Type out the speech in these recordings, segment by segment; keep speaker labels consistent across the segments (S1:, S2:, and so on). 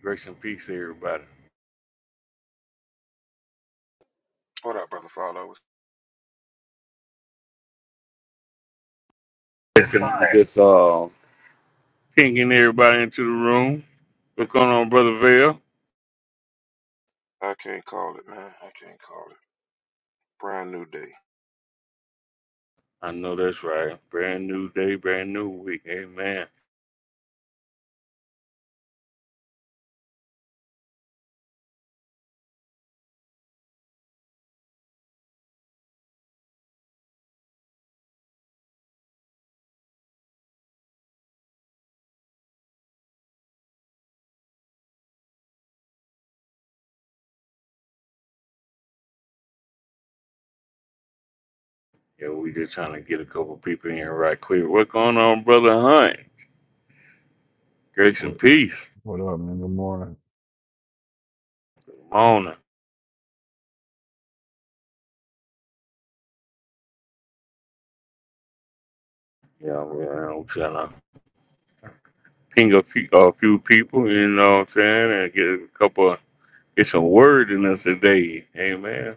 S1: Grace and peace, to everybody.
S2: What up, brother Follow?
S1: just uh, pinging everybody into the room. What's going on, brother Vale?
S2: I can't call it, man. I can't call it. Brand new day.
S1: I know that's right. Brand new day, brand new week. Amen. Yeah, we just trying to get a couple people in here right quick. What's going on, brother Hunt? Grace and
S3: What
S1: peace.
S3: what up, man? Good morning.
S1: Good morning. Yeah, we're, uh, trying to ping a few, a few people. You know what I'm saying? And get a couple. of, get some word in us today. Amen.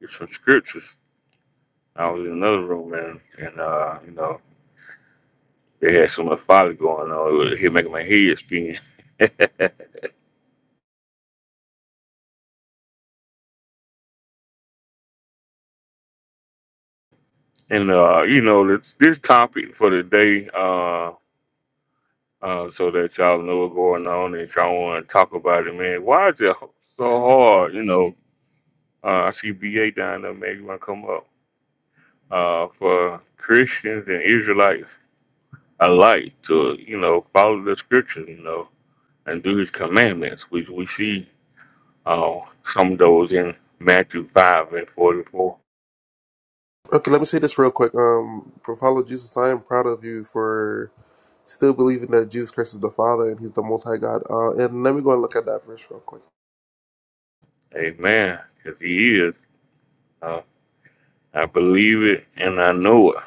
S1: Get some scriptures. I was in another room, man, and uh, you know. They had so much folly going on. It was- It making my head spin. and uh, you know, this, this topic for the day, uh, uh, so that y'all know what's going on and y'all want to talk about it, man. Why is it so hard? You know, uh, I see BA down there, maybe want to come up uh, for Christians and Israelites alike to, you know, follow the scriptures, you know, and do His commandments. We we see uh, some of those in Matthew five and forty four
S4: Okay, let me say this real quick. Um, for follow Jesus, I am proud of you for still believing that Jesus Christ is the Father and He's the Most High God. Uh, and let me go and look at that verse real quick.
S1: Amen. Because he is. Uh, I believe it and I know it.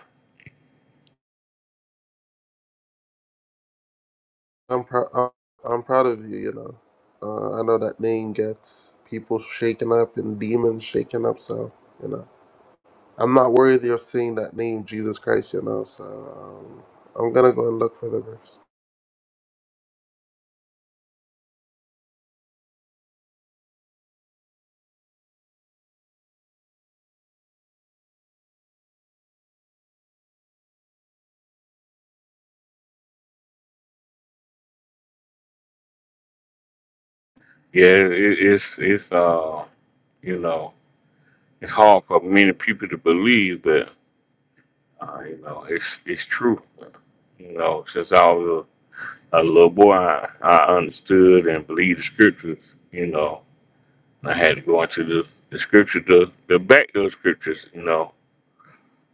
S4: I'm proud. I'm I'm proud of you. You know, uh, I know that name gets people shaken up and demons shaken up. So you know, I'm not worthy of seeing that name, Jesus Christ. You know, so um, I'm gonna go and look for the verse.
S1: Yeah, it, it's it's uh you know it's hard for many people to believe, but uh, you know it's it's true. You know, since I was a, a little boy, I, I understood and believed the scriptures. You know, I had to go into the the scripture to to back those scriptures. You know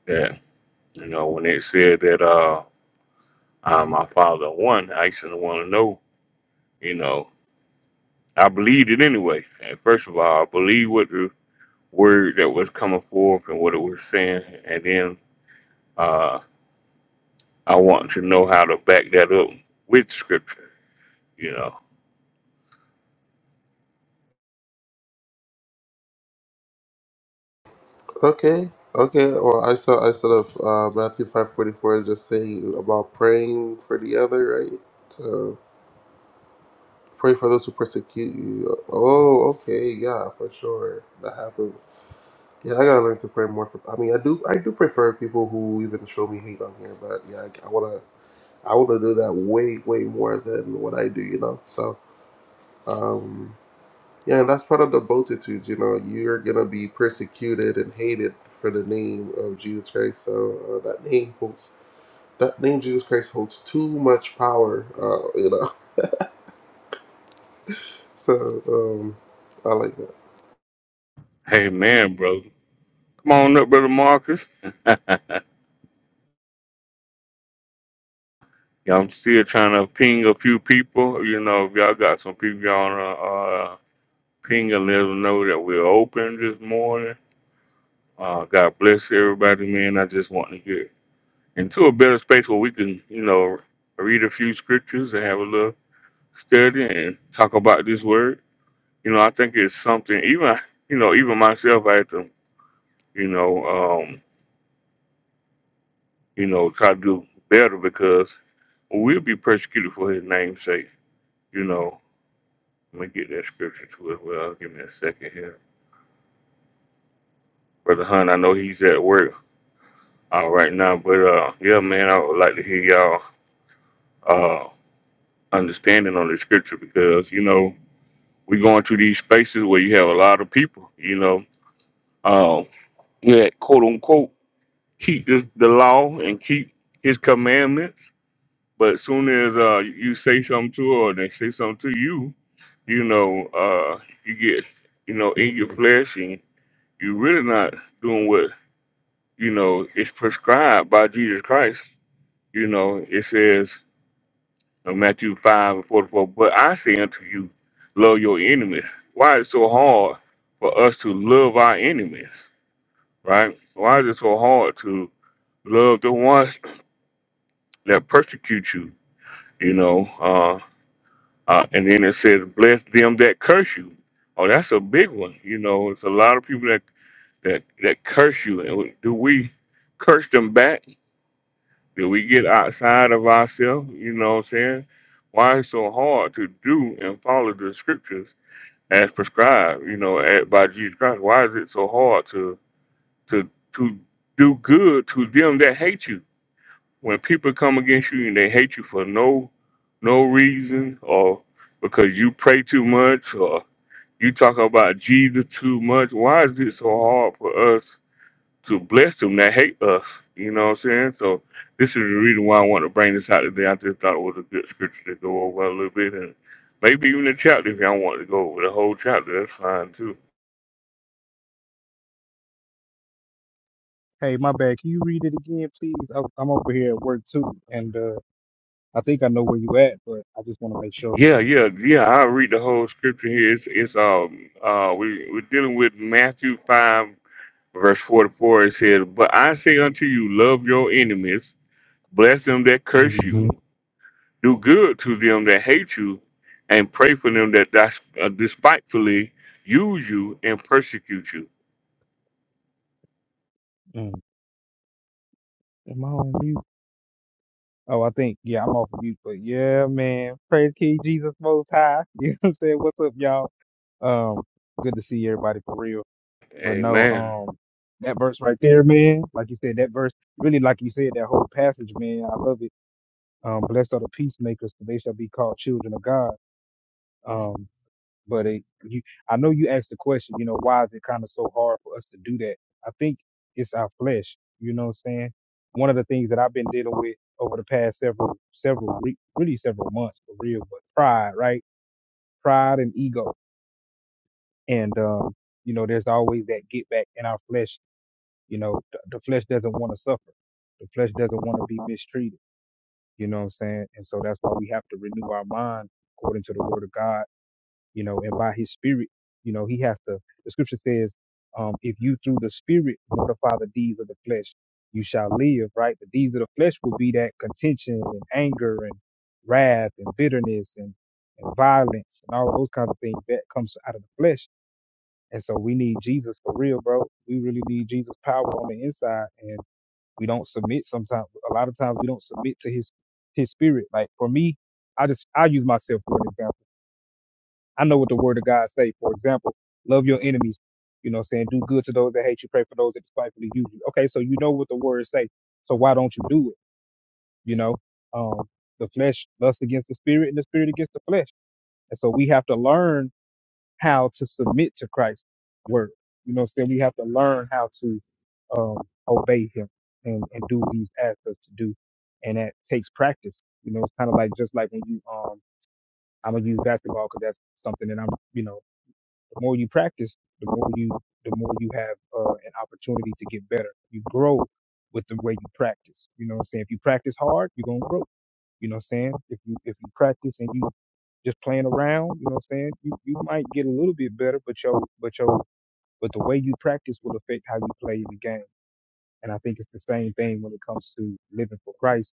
S1: that you know when it said that uh, uh my father won, I used to want to know. You know I believed it anyway. And first of all, I believed what the word that was coming forth and what it was saying, and then uh, I wanted to know how to back that up with scripture. You know,
S4: Okay, okay. Well, I saw I saw of uh, Matthew five forty four just saying about praying for the other, right? So pray for those who persecute you. Oh, okay, yeah, for sure, that happened. Yeah, I gotta learn to pray more for. I mean, I do I do prefer people who even show me hate on here, but yeah, I, I wanna I wanna do that way way more than what I do, you know. So. Um, Yeah, and that's part of the multitudes. You know, you're gonna be persecuted and hated for the name of Jesus Christ. So uh, that name holds that name Jesus Christ holds too much power. Uh, you know, so um, I like that.
S1: hey man, brother, come on up, brother Marcus. Yeah, I'm still trying to ping a few people. You know, if y'all got some people y'all wanna uh, ping and let them know that we're open this morning. Uh, God bless everybody, man. I just want to hear into a better space where we can, you know, read a few scriptures and have a little study and talk about this word. You know, I think it's something even you know, even myself I have to, you know, um, you know, try to do better because we'll be persecuted for his name's sake. You know, let me get that scripture to it. Well, give me a second here. Brother Hunt, I know he's at work uh, right now, but uh yeah man, I would like to hear y'all uh understanding on the scripture because, you know, we going to these spaces where you have a lot of people, you know, uh, that quote unquote keep this, the law and keep his commandments. But as soon as uh, you say something to her or they say something to you, you know, uh, you get, you know, in your flesh and you're really not doing what, you know, is prescribed by Jesus Christ. You know, it says No Matthew 5 and 44. But I say unto you, love your enemies. Why is it so hard for us to love our enemies? Right? Why is it so hard to love the ones that persecute you? You know, uh, uh, and then it says, bless them that curse you. Oh, that's a big one. You know, it's a lot of people that that, that curse you. And do we curse them back? Did we get outside of ourselves? You know what I'm saying? Why it's so hard to do and follow the scriptures as prescribed, you know, at, by Jesus Christ? Why is it so hard to to to do good to them that hate you? When people come against you and they hate you for no no reason or because you pray too much or you talk about Jesus too much, why is it so hard for us to bless them that hate us. You know what I'm saying? So this is the reason why I want to bring this out today. I just thought it was a good scripture to go over a little bit and maybe even a chapter if y'all want to go over the whole chapter, that's fine too.
S5: Hey, my bad. Can you read it again, please? I'm I'm over here at work too, and uh, I think I know where you at, but I just want to make sure.
S1: Yeah, yeah, yeah. I'll read the whole scripture here. It's, it's um uh we we're dealing with Matthew five verse forty four. It says, But I say unto you, love your enemies, bless them that curse
S5: Mm-hmm.
S1: you, Do good to them that hate you, and pray for them that dis- uh, despitefully use you and persecute you.
S5: Mm. Am I on mute? Oh, I think yeah, I'm off mute. But yeah, man, praise King Jesus Most High. You know what I'm saying? What's up, y'all? Um, good to see everybody for real. But no,
S1: Amen.
S5: um, that verse right there, man. Like you said, that verse really, like you said, that whole passage, man. I love it. Um, blessed are the peacemakers, for they shall be called children of God. Um. But it, you, I know you asked the question, you know, why is it kind of so hard for us to do that? I think it's our flesh. You know what I'm saying? One of the things that I've been dealing with over the past several, several, re- really several months for real, but pride, right? Pride and ego. And, um, you know, there's always that get back in our flesh. You know, th- the flesh doesn't want to suffer. The flesh doesn't want to be mistreated. You know what I'm saying? And so that's why we have to renew our mind according to the word of God you know, and by his spirit, you know, he has to, the scripture says, um, if you through the spirit mortify the deeds of the flesh, you shall live, right? The deeds of the flesh will be that contention and anger and wrath and bitterness and, and violence and all those kinds of things that comes out of the flesh. And so we need Jesus for real, bro. We really need Jesus' power on the inside. And we don't submit sometimes. A lot of times we don't submit to his, his spirit. Like for me, I just, I use myself for an example I know what the word of God say. For example, love your enemies. You know what I'm saying? Do good to those that hate you, pray for those that despitefully use you. Okay, so you know what the word say. So why don't you do it? You know? Um the flesh lusts against the spirit and the spirit against the flesh. And so we have to learn how to submit to Christ's word. You know what I'm saying? We have to learn how to um obey him and, and do what he's asked us to do. And that takes practice. You know, it's kind of like just like when you um I'm gonna use basketball because that's something that I'm, you know, the more you practice, the more you the more you have uh, an opportunity to get better. You grow with the way you practice. You know what I'm saying? If you practice hard, you're gonna grow. You know what I'm saying? If you if you practice and you just playing around, you know what I'm saying? You you might get a little bit better, but your but your but the way you practice will affect how you play in the game. And I think it's the same thing when it comes to living for Christ.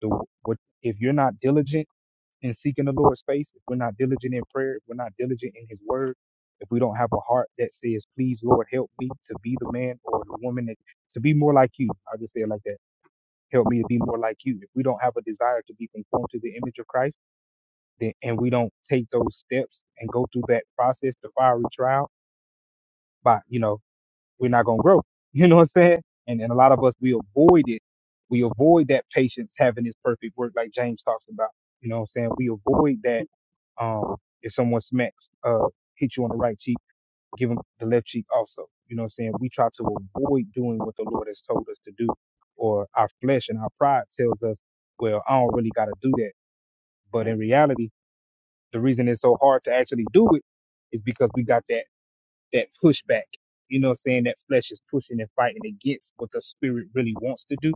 S5: The what if you're not diligent in seeking the Lord's face, if we're not diligent in prayer, if we're not diligent in His Word, if we don't have a heart that says, "Please, Lord, help me to be the man or the woman that to be more like You," I will just say it like that. Help me to be more like You. If we don't have a desire to be conformed to the image of Christ, then and we don't take those steps and go through that process, the fiery trial, by you know we're not going to grow. You know what I'm saying? And, and a lot of us, we avoid it. We avoid that patience having this perfect work, like James talks about. You know what I'm saying? We avoid that. Um, if someone smacks, uh, hits you on the right cheek, give them the left cheek also. You know what I'm saying? We try to avoid doing what the Lord has told us to do, or our flesh and our pride tells us, well, I don't really got to do that. But in reality, the reason it's so hard to actually do it is because we got that that pushback. You know what I'm saying? That flesh is pushing and fighting against what the spirit really wants to do,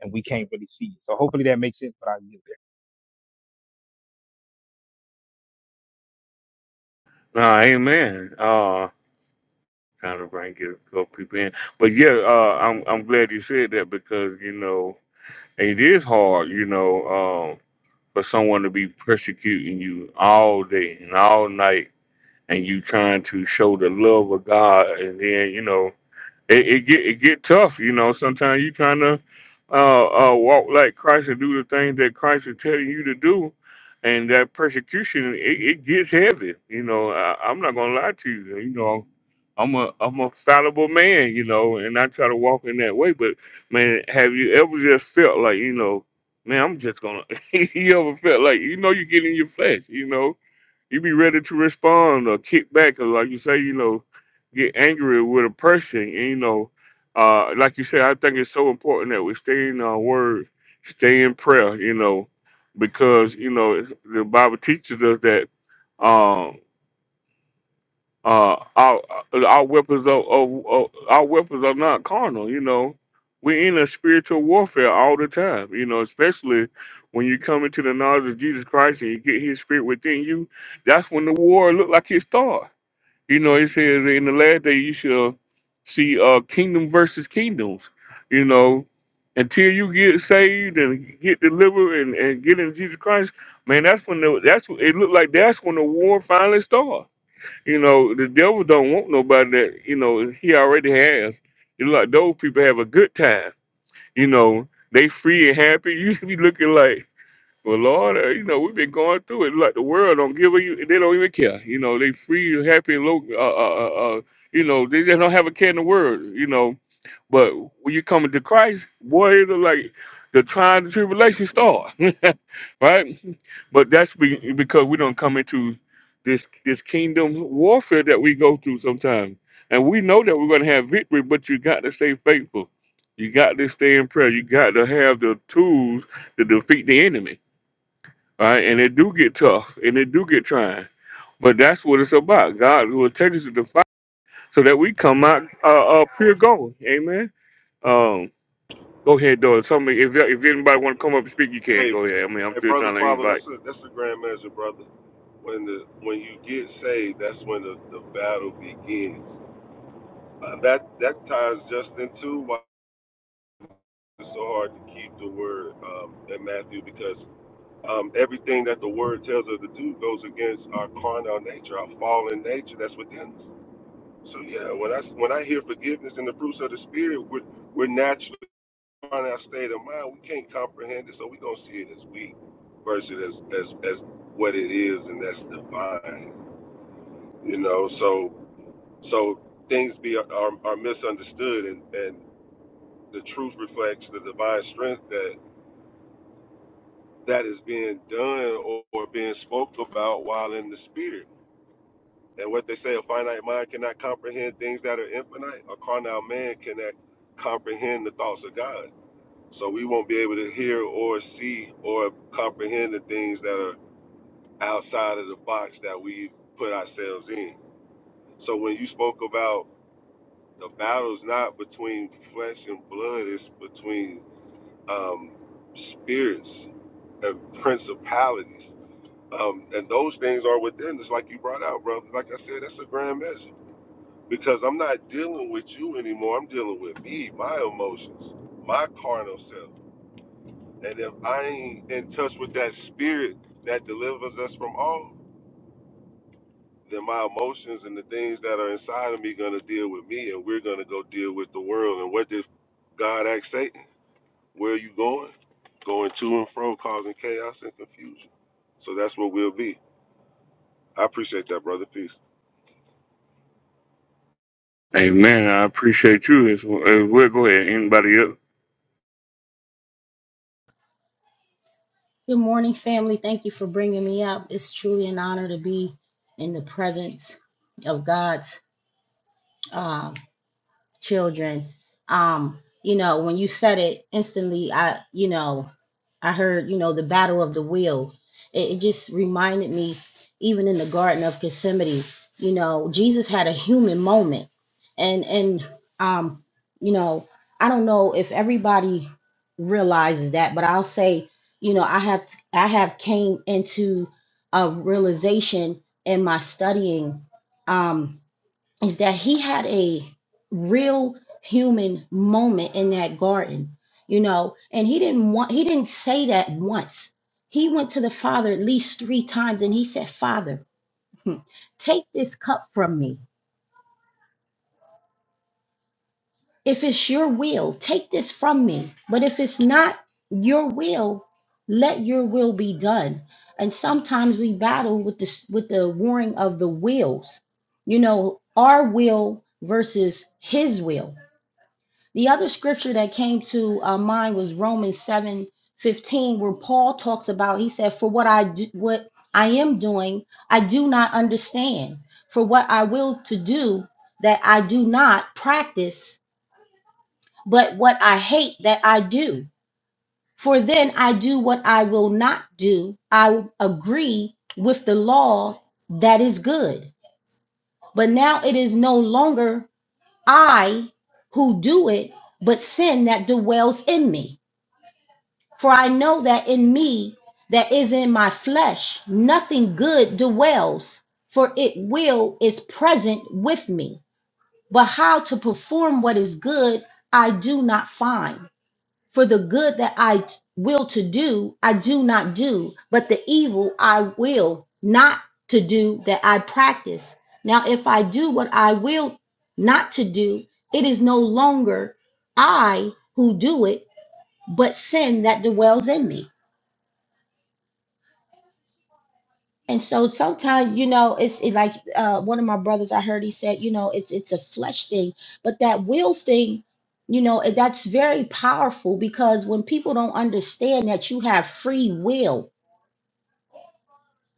S5: and we can't really see it. So hopefully that makes sense, but I'll get
S1: Nah, amen. Uh, trying to bring it so people in, but yeah, uh, I'm I'm glad you said that because you know it is hard, you know, um, for someone to be persecuting you all day and all night, and you trying to show the love of God, and then you know it, it get it get tough, you know. Sometimes you trying to uh, uh, walk like Christ and do the things that Christ is telling you to do, and that persecution it, it gets heavy. You know, I, I'm not gonna lie to you. You know, I'm a I'm a fallible man, you know, and I try to walk in that way. But man, have you ever just felt like you know, man, I'm just gonna? you ever felt like you know you get in your flesh, you know? you be ready to respond or kick back, or like you say, you know, get angry with a person. And, you know, uh, like you said, I think it's so important that we stay in our word, stay in prayer. You know, because you know the Bible teaches us that. um, uh, our uh, our weapons are, are, are our weapons are not carnal. You know, we're in a spiritual warfare all the time. You know, especially when you come into the knowledge of Jesus Christ and you get His Spirit within you. That's when the war look like it starts. You know, it says in the last day you shall see uh kingdom versus kingdoms. You know, until you get saved and get delivered and, and get in Jesus Christ, man, that's when the, that's it looked like that's when the war finally starts you know, the devil don't want nobody that, you know, he already has. You know, like those people have a good time. You know, they free and happy. You be looking like well, Lord, uh, you know we've been going through it. Like the world don't give a you, they don't even care. You know they free, happy, low. Uh, uh, uh, uh, you know they just don't have a care in the world. You know, but when you come into Christ, boy, it's like the trying the tribulation start, right? But that's be, because we don't come into this this kingdom warfare that we go through sometimes, and we know that we're going to have victory. But you got to stay faithful. You got to stay in prayer. You got to have the tools to defeat the enemy all right, and it do get tough, and it do get trying. But that's what it's about. God will take us to the fight so that we come out uh, uh pure gold. Amen. Um, go ahead, though. Somebody, if if anybody want to come up and speak, you can
S6: Hey,
S1: go ahead. I mean, I'm
S6: hey,
S1: still
S6: brother,
S1: trying to
S6: father, that's
S1: invite.
S6: a that's a grand measure, brother. When the when you get saved, that's when the, the battle begins. Uh, that that ties just into why it's so hard to keep the word um, in Matthew because um, everything that the word tells us to do goes against our carnal nature, our fallen nature that's within us. So yeah, when I when I hear forgiveness and the fruits of the spirit, we're we're naturally find our state of mind, we can't comprehend it, so we're gonna see it as weak versus as as as what it is, and that's divine. You know, so so things be are, are misunderstood, and and the truth reflects the divine strength that that is being done or, or being spoke about while in the spirit. And what they say, a finite mind cannot comprehend things that are infinite. A carnal man cannot comprehend the thoughts of God. So we won't be able to hear or see or comprehend the things that are outside of the box that we put ourselves in. So when you spoke about the battle's not between flesh and blood, it's between um, spirits and principalities. Um, and those things are within us, like you brought out, bro. Like I said, that's a grand measure. Because I'm not dealing with you anymore. I'm dealing with me, my emotions, my carnal self. And if I ain't in touch with that spirit that delivers us from all, then my emotions and the things that are inside of me gonna deal with me, and we're gonna go deal with the world. And what did God ask Satan? Where are you going? Going to and fro, causing chaos and confusion. So that's what we'll be. I appreciate that, brother. Peace.
S1: Amen. I appreciate you as well. As well. Go ahead. Anybody else?
S7: Good morning, family. Thank you for bringing me up. It's truly an honor to be in the presence of God's. uh, children. Um, you know, when you said it instantly, I, you know, I heard, you know, the battle of the wheels. It, it just reminded me, even in the Garden of Gethsemane, you know, Jesus had a human moment, and and um, you know, I don't know if everybody realizes that, but I'll say, you know, I have t- I have came into a realization in my studying. Um, is that he had a real human moment in that garden, you know, and he didn't want he didn't say that once. He went to the Father at least three times and he said, Father, take this cup from me. If it's your will, take this from me. But if it's not your will, let your will be done. And sometimes we battle with the with the warring of the wills, you know, our will versus his will The other scripture that came to uh, mind was Romans seven fifteen, where Paul talks about, he said, For what I do, what I am doing, I do not understand. For what I will to do, that I do not practice, but what I hate, that I do. For then I do what I will not do. I agree with the law that is good. But now it is no longer I who do it, but sin that dwells in me. For I know that in me, that is in my flesh, nothing good dwells, for it will is present with me. But how to perform what is good, I do not find. For the good that I t- will to do, I do not do, but the evil I will not to do that I practice. Now, if I do what I will not to do, it is no longer I who do it, but sin that dwells in me. And so sometimes, you know, it's it like uh, one of my brothers I heard he said, you know, it's it's a flesh thing, but that will thing, you know, and that's very powerful because when people don't understand that you have free will,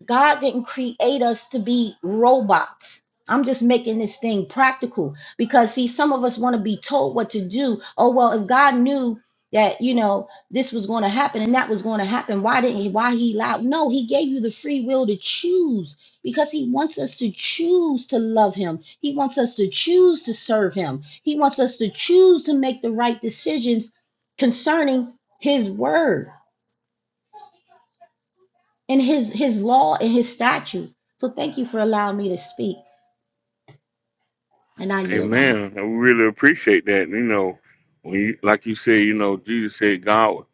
S7: God didn't create us to be robots. I'm just making this thing practical because see, some of us want to be told what to do. Oh well, if God knew that you know this was going to happen and that was going to happen, why didn't he? Why he allowed? No, he gave you the free will to choose because he wants us to choose to love him. He wants us to choose to serve him. He wants us to choose to make the right decisions concerning his word and his his law and his statutes. So thank you for allowing me to speak. And I
S1: Hey
S7: yield my mind.
S1: man, I really appreciate that. You know, when you like you said, you know, Jesus said, God,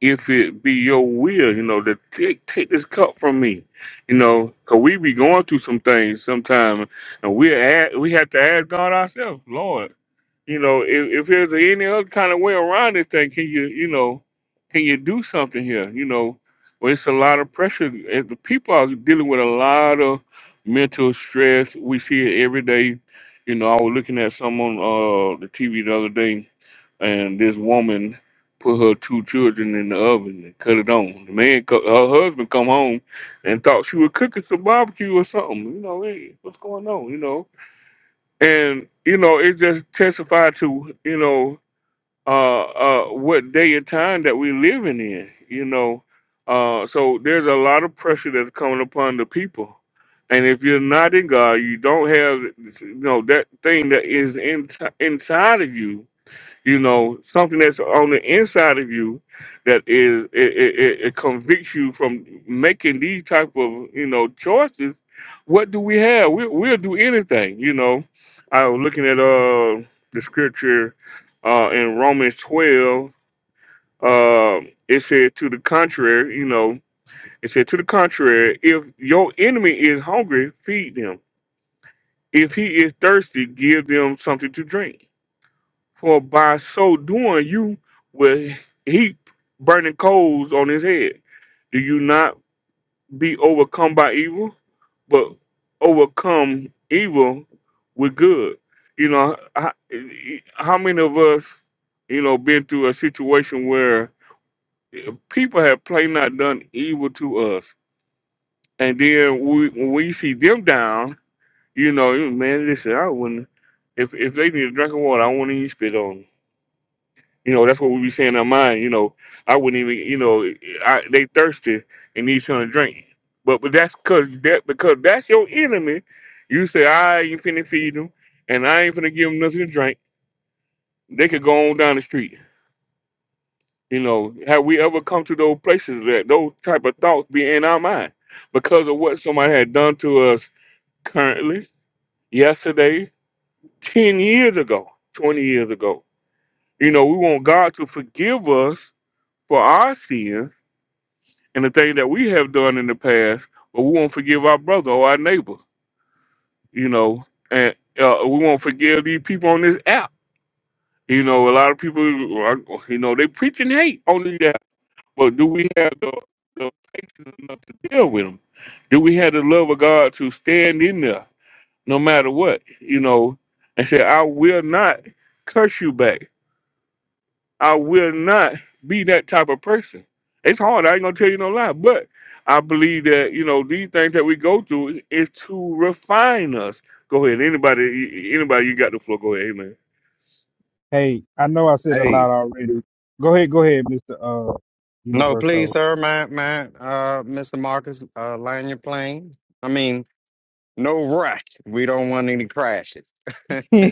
S1: if it be your will, you know, to take take this cup from me. You know, 'cause we be going through some things sometimes and we ask, we have to ask God ourselves, Lord, you know, if, if there's any other kind of way around this thing, can you, you know, can you do something here? You know, well, it's a lot of pressure. If the people are dealing with a lot of mental stress. We see it every day. You know, I was looking at someone uh the TV the other day, and this woman put her two children in the oven and cut it on. The man, co- her husband, come home and thought she was cooking some barbecue or something. You know, hey, what's going on? You know and you know it just testified to you know uh uh what day and time that we living in you know uh so there's a lot of pressure that's coming upon the people and if you're not in god you don't have you know that thing that is in, inside of you you know something that's on the inside of you that is it, it, it it convicts you from making these type of you know choices what do we have we, we'll do anything you know i was looking at uh the scripture uh in romans 12 uh it said to the contrary you know it said to the contrary if your enemy is hungry feed them if he is thirsty give them something to drink for by so doing, you will heap burning coals on his head. Do you not be overcome by evil, but overcome evil with good? You know, how, how many of us, you know, been through a situation where people have plain not done evil to us, and then we, when we see them down, you know, man, listen, I wouldn't. If if they need a drink of water, I wouldn't even spit on 'em. You know, that's what we be saying in our mind. You know, I wouldn't even, you know, I, they thirsty and need something to drink. But but that's cause that because that's your enemy. You say I ain't finna feed them, and I ain't finna give them nothing to drink. They could go on down the street. You know, have we ever come to those places that those type of thoughts be in our mind because of what somebody had done to us currently, yesterday, ten years ago, twenty years ago? You know, we want God to forgive us for our sins and the thing that we have done in the past, but we won't forgive our brother or our neighbor, you know, and uh, we won't forgive these people on this app. You know, a lot of people, are- you know, they preaching hate on the app, but do we have the, the patience enough to deal with them? Do we have the love of God to stand in there no matter what, you know, and say, I will not curse you back. I will not be that type of person. It's hard. I ain't gonna tell you no lie, but I believe that you know these things that we go through is to refine us. Go ahead, anybody, anybody, you got the floor. Go ahead, amen.
S5: there. Hey, I know I said a
S8: Hey,
S5: lot already. Go ahead, go ahead, Mister uh,
S8: no, please,
S5: Universo.
S8: sir, man, man, uh, Mr. Marcus, uh, land your plane. I mean, no rush. We don't want any crashes.
S5: no,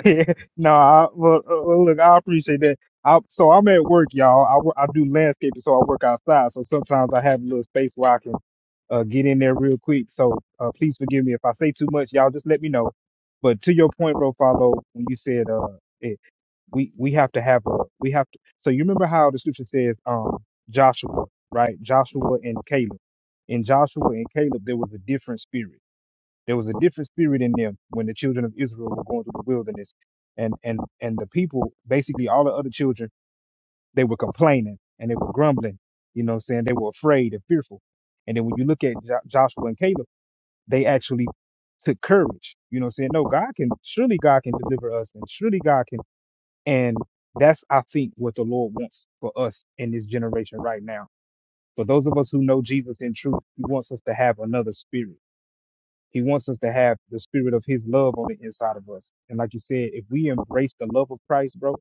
S5: I, well, uh, well, look, I appreciate that. I, so I'm at work, y'all. I, wo- I do landscaping, so I work outside. So sometimes I have a little space where I can uh, get in there real quick. So uh, please forgive me if I say too much. Y'all just let me know. But to your point, Rofalo, when you said uh, we we have to have we have to so you remember how the scripture says um joshua right joshua and caleb in joshua and caleb there was a different spirit there was a different spirit in them when the children of israel were going through the wilderness and and and the people basically all the other children they were complaining and they were grumbling you know what i'm saying they were afraid and fearful and then when you look at jo- joshua and caleb they actually took courage you know what i'm saying no god can surely god can deliver us and surely god can and that's, I think, what the Lord wants for us in this generation right now. For those of us who know Jesus in truth, He wants us to have another spirit. He wants us to have the spirit of His love on the inside of us. And like you said, if we embrace the love of Christ, bro,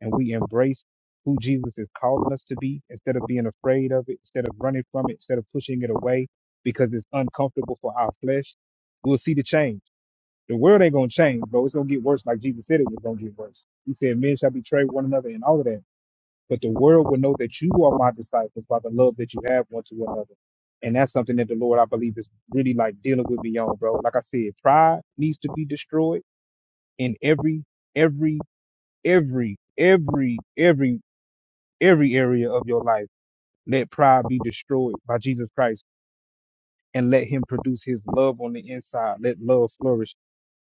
S5: and we embrace who Jesus is calling us to be, instead of being afraid of it, instead of running from it, instead of pushing it away because it's uncomfortable for our flesh, we'll see the change. The world ain't gonna change, bro. It's gonna get worse, like Jesus said it was gonna get worse. He said, "Men shall betray one another," and all of that. But the world will know that you are my disciples by the love that you have one to another. And that's something that the Lord, I believe, is really like dealing with me on, bro. Like I said, pride needs to be destroyed in every, every, every, every, every, every area of your life. Let pride be destroyed by Jesus Christ and let Him produce His love on the inside. Let love flourish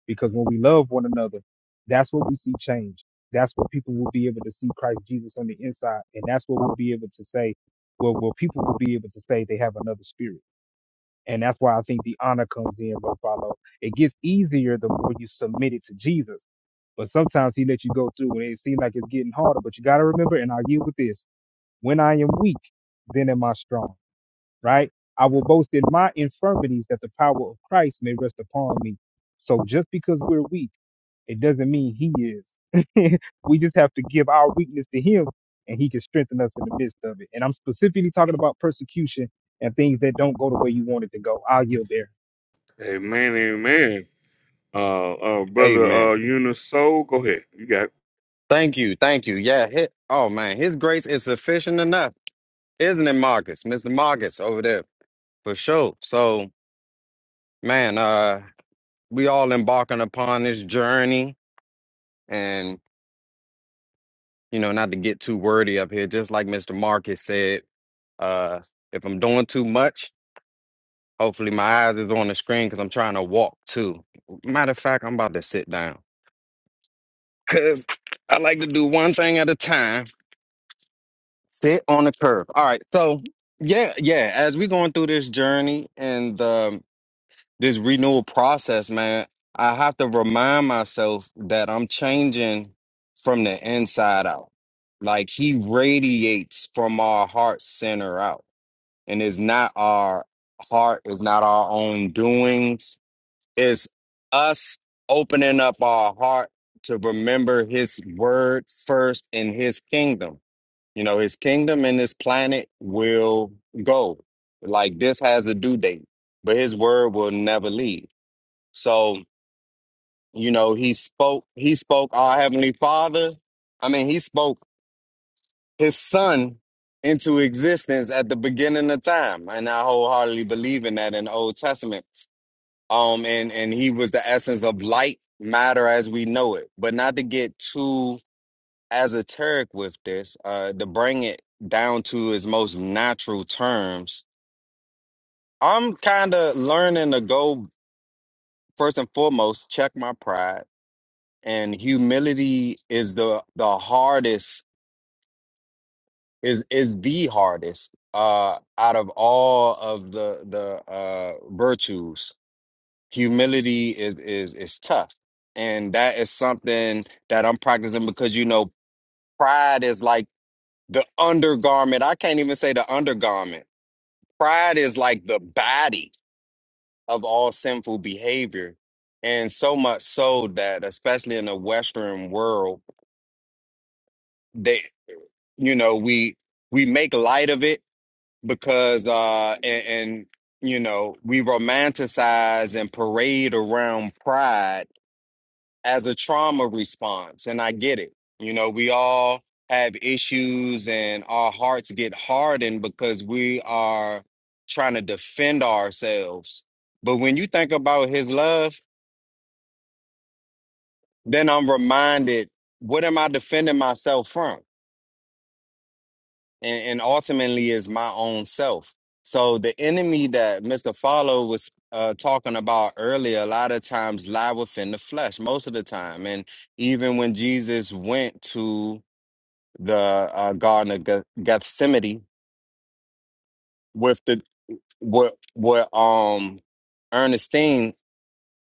S5: Because when we love one another, that's what we see change. That's what people will be able to see Christ Jesus on the inside. And that's what we'll be able to say, well, well, people will be able to say they have another spirit. And that's why I think the honor comes in, bro, follow. It gets easier the more you submit it to Jesus. But sometimes he lets you go through and it seems like it's getting harder. But you got to remember, and I yield with this when I am weak, then am I strong right? I will boast in my infirmities that the power of Christ may rest upon me. So just because we're weak, it doesn't mean he is. we just have to give our weakness to him and he can strengthen us in the midst of it. And I'm specifically talking about persecution and things that don't go the way you want it to go. I'll yield there.
S1: Amen, amen. Uh, uh brother,
S8: Amen.
S1: uh, Unisoul, go ahead. You got, it.
S8: Thank you, thank you. Yeah, hit. Oh man, His grace is sufficient enough, isn't it, Marcus? Mr. Marcus over there for sure. So, man, uh, we all embarking upon this journey, and you know, not to get too wordy up here. Just like Mr. Marcus said, uh, if I'm doing too much. Hopefully, my eyes is on the screen because I'm trying to walk too. Matter of fact, I'm about to sit down because I like to do one thing at a time. Sit on the curb. All right, so yeah, yeah. As we going through this journey and um, this renewal process, man, I have to remind myself that I'm changing from the inside out. Like he radiates from our heart center out, and it's not our heart, it's not our own doings is us opening up our heart to remember his word first in his kingdom. You know, his kingdom and his planet will go. Like this has a due date, but his word will never leave. So, you know, he spoke, he spoke our heavenly father. I mean, he spoke his son into existence at the beginning of time. And I wholeheartedly believe in that in the Old Testament um and and he was the essence of light matter as we know it but not to get too esoteric with this uh to bring it down to its most natural terms i'm kind of learning to go first and foremost check my pride and humility is the the hardest is is the hardest uh out of all of the the uh virtues humility is is is tough and that is something that i'm practicing because you know pride is like the undergarment i can't even say the undergarment pride is like the body of all sinful behavior and so much so that especially in the western world they you know we we make light of it because uh and, and you know we romanticize and parade around pride as a trauma response. And I get it. You know, we all have issues and our hearts get hardened because we are trying to defend ourselves. But when you think about his love, then I'm reminded what am I defending myself from? And, and ultimately is my own self. So the enemy that Mr. Follow was uh, talking about earlier, a lot of times lie within the flesh, most of the time. And even when Jesus went to the uh, Garden of Geth- Gethsemane with the with with um Ernestine,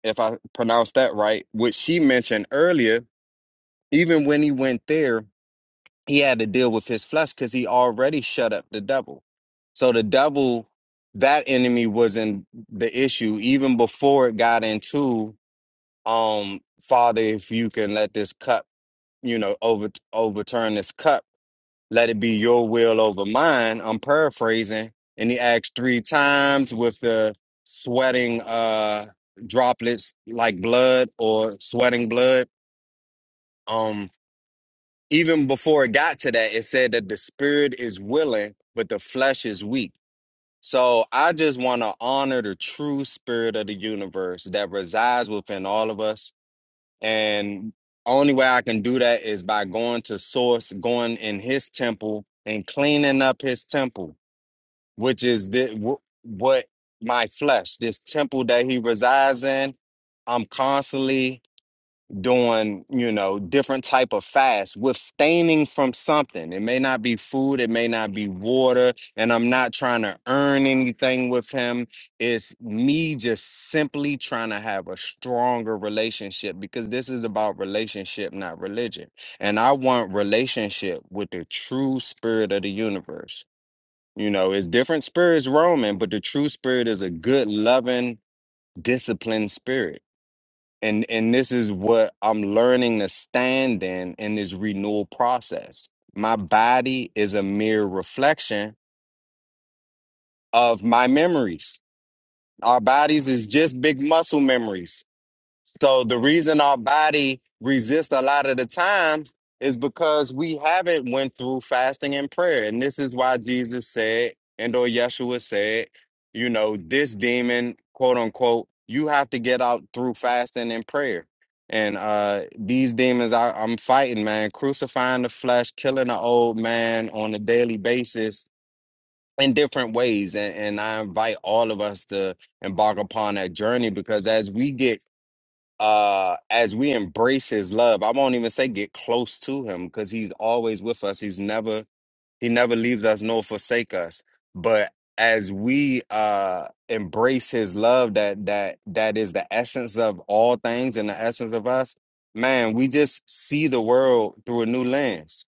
S8: if I pronounced that right, which she mentioned earlier. Even when he went there, he had to deal with his flesh because he already shut up the devil. So the devil, that enemy, was in the issue even before it got into um Father, if you can let this cup, you know, over overturn this cup let it be your will over mine. I'm paraphrasing. And he asked three times with the sweating uh droplets like blood or sweating blood. Um even before it got to that, it said that the spirit is willing, but the flesh is weak. So I just want to honor the true spirit of the universe that resides within all of us. And only way I can do that is by going to source, going in his temple and cleaning up his temple which is the, wh- what my flesh, this temple that he resides in. I'm constantly doing, you know, different type of fast, abstaining from something. It may not be food, it may not be water, and I'm not trying to earn anything with him. It's me just simply trying to have a stronger relationship because this is about relationship, not religion. And I want relationship with the true spirit of the universe you know, it's different spirits roaming, but the true spirit is a good, loving, disciplined spirit. And and this is what I'm learning to stand in in this renewal process. My body is a mere reflection of my memories. Our bodies is just big muscle memories So the reason our body resists a lot of the time is because we haven't went through fasting and prayer. And this is why Jesus said, and or Yeshua said, you know, this demon, quote unquote, you have to get out through fasting and prayer. And uh these demons I, I'm fighting, man, crucifying the flesh, killing the old man on a daily basis in different ways. And, and I invite all of us to embark upon that journey because as we get uh as we embrace his love i won't even say get close to him because he's always with us he's never he never leaves us nor forsake us but as we uh embrace his love that that that is the essence of all things and the essence of us man we just see the world through a new lens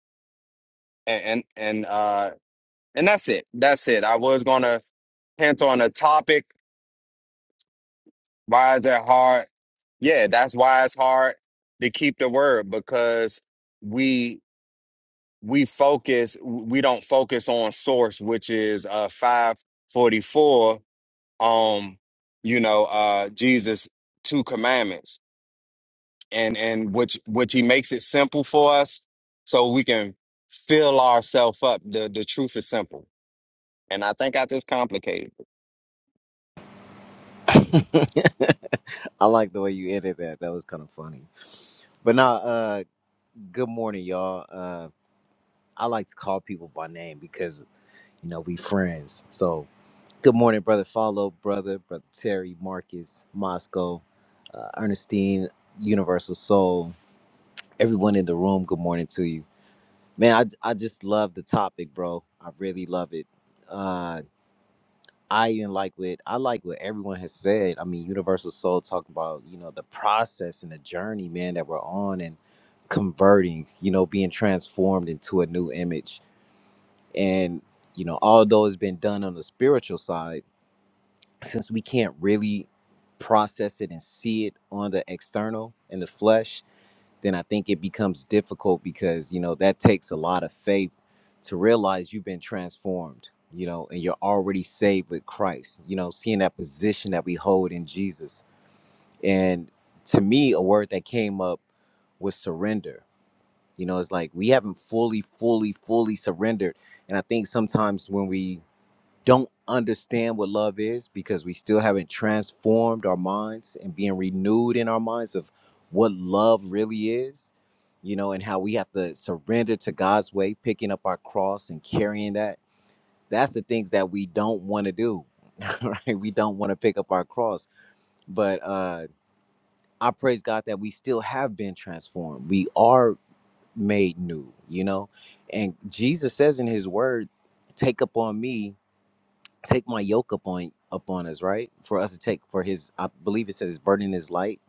S8: and and, and uh and that's it that's it i was gonna hint on a topic Why is that hard? Yeah, that's why it's hard to keep the word because we we focus we don't focus on source, which is uh 544 um you know uh Jesus two commandments and and which which he makes it simple for us so we can fill ourselves up. The the truth is simple. And I think I just complicated.
S9: I like the way you ended that. That was kind of funny. But now, uh, good morning, y'all. Uh, I like to call people by name because you know we friends. So, good morning, brother. Follow, brother, brother Terry, Marcus, Moscow, uh, Ernestine, Universal Soul. Everyone in the room. Good morning to you, man. I I just love the topic, bro. I really love it. Uh, I even like what I like what everyone has said. I mean, Universal Soul talking about you know the process and the journey, man, that we're on and converting, you know, being transformed into a new image. And you know, although it's been done on the spiritual side, since we can't really process it and see it on the external in the flesh, then I think it becomes difficult because, you know, that takes a lot of faith to realize you've been transformed, you know, and you're already saved with Christ, you know, seeing that position that we hold in Jesus. And to me, a word that came up was surrender. You know, it's like we haven't fully, fully, fully surrendered. And I think sometimes when we don't understand what love is because we still haven't transformed our minds and being renewed in our minds of what love really is, you know, and how we have to surrender to God's way, picking up our cross and carrying that. That's the things that we don't want to do, right? We don't want to pick up our cross. But uh, I praise God that we still have been transformed. We are made new, you know, and Jesus says in his word, take up on me take my yoke up on up on us, right? For us to take for his I believe it says his burden is light.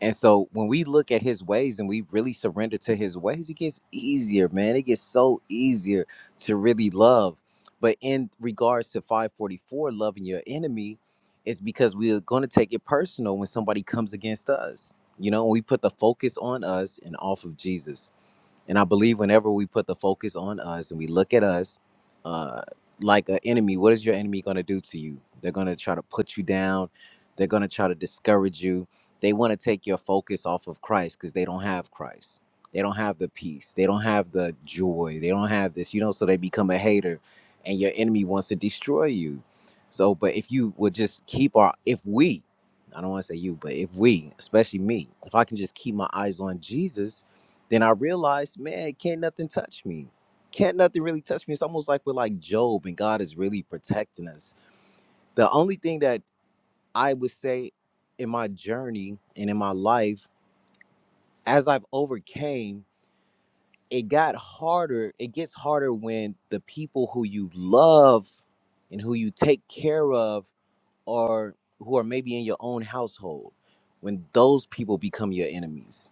S9: And so when we look at his ways and we really surrender to his ways, it gets easier, man. It gets so easier to really love. But in regards to 544, loving your enemy, it's because we're gonna take it personal when somebody comes against us. You know, we put the focus on us and off of Jesus. And I believe whenever we put the focus on us and we look at us, uh, like an enemy, what is your enemy going to do to you? They're going to try to put you down. They're going to try to discourage you. They want to take your focus off of Christ because they don't have Christ. They don't have the peace. They don't have the joy. They don't have this, you know, so they become a hater and your enemy wants to destroy you. So, but if you would just keep our, if we, I don't want to say you, but if we, especially me, if I can just keep my eyes on Jesus, then I realized, man, can't nothing touch me. Can't nothing really touch me. It's almost like we're like Job and God is really protecting us. The only thing that I would say in my journey and in my life, as I've overcame, it got harder. It gets harder when the people who you love and who you take care of are who are maybe in your own household, when those people become your enemies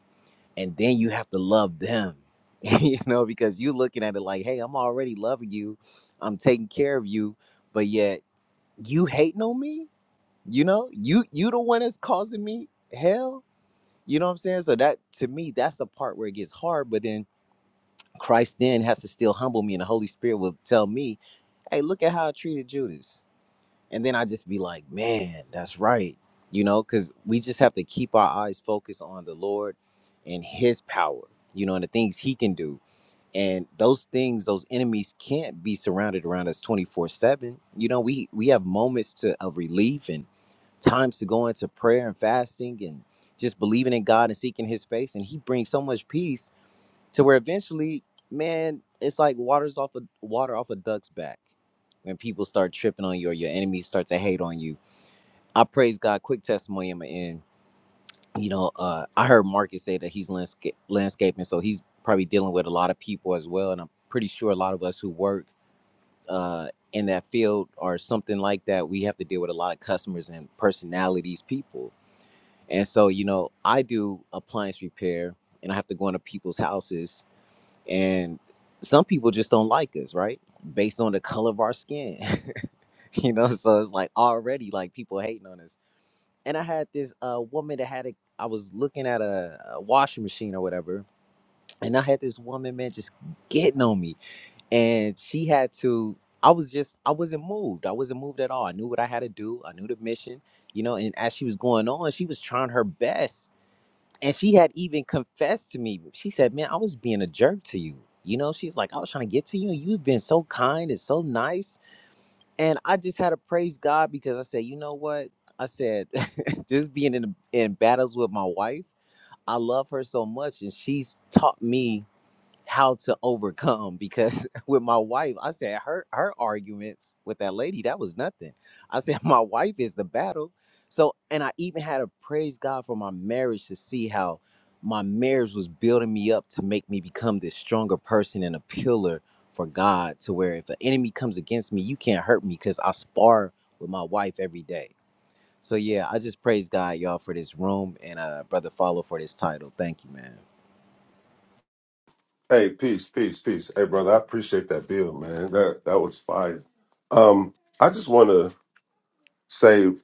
S9: and then you have to love them you know because you are looking at it like hey i'm already loving you i'm taking care of you but yet you hating on me you know you you the one that's causing me hell you know what i'm saying so that to me that's the part where it gets hard but then christ then has to still humble me and the holy spirit will tell me hey look at how i treated judas and then I just be like, man, that's right, you know, because we just have to keep our eyes focused on the Lord and His power, you know, and the things He can do. And those things, those enemies can't be surrounded around us twenty four seven. You know, we we have moments to of relief and times to go into prayer and fasting and just believing in God and seeking His face, and He brings so much peace to where eventually, man, it's like water's off a water off a duck's back. When people start tripping on you or your enemies start to hate on you, I praise God. Quick testimony, I'm gonna end. You know, uh, I heard Marcus say that he's landscape landscaping, so he's probably dealing with a lot of people as well. And I'm pretty sure a lot of us who work uh, in that field or something like that, we have to deal with a lot of customers and personalities, people. And so, you know, I do appliance repair, and I have to go into people's houses and some people just don't like us right based on the color of our skin you know so it's like already like people hating on us and i had this uh woman that had a i was looking at a, a washing machine or whatever and i had this woman man just getting on me and she had to i was just i wasn't moved i wasn't moved at all i knew what i had to do i knew the mission you know and as she was going on she was trying her best and she had even confessed to me. She said, "Man, I was being a jerk to you." You know, she's like, "I was trying to get to you. and You've been so kind and so nice." And I just had to praise God because I said, "You know what?" I said, "Just being in in battles with my wife, I love her so much, and she's taught me." how to overcome because with my wife i said her her arguments with that lady that was nothing i said my wife is the battle so and i even had to praise god for my marriage to see how my marriage was building me up to make me become this stronger person and a pillar for god to where if an enemy comes against me you can't hurt me because i spar with my wife every day so yeah i just praise god y'all for this room and uh brother follow for this title thank you man
S6: Hey, peace, peace, peace. Hey, brother, I appreciate that bill, man. That that was fire. Um, I just want to say, you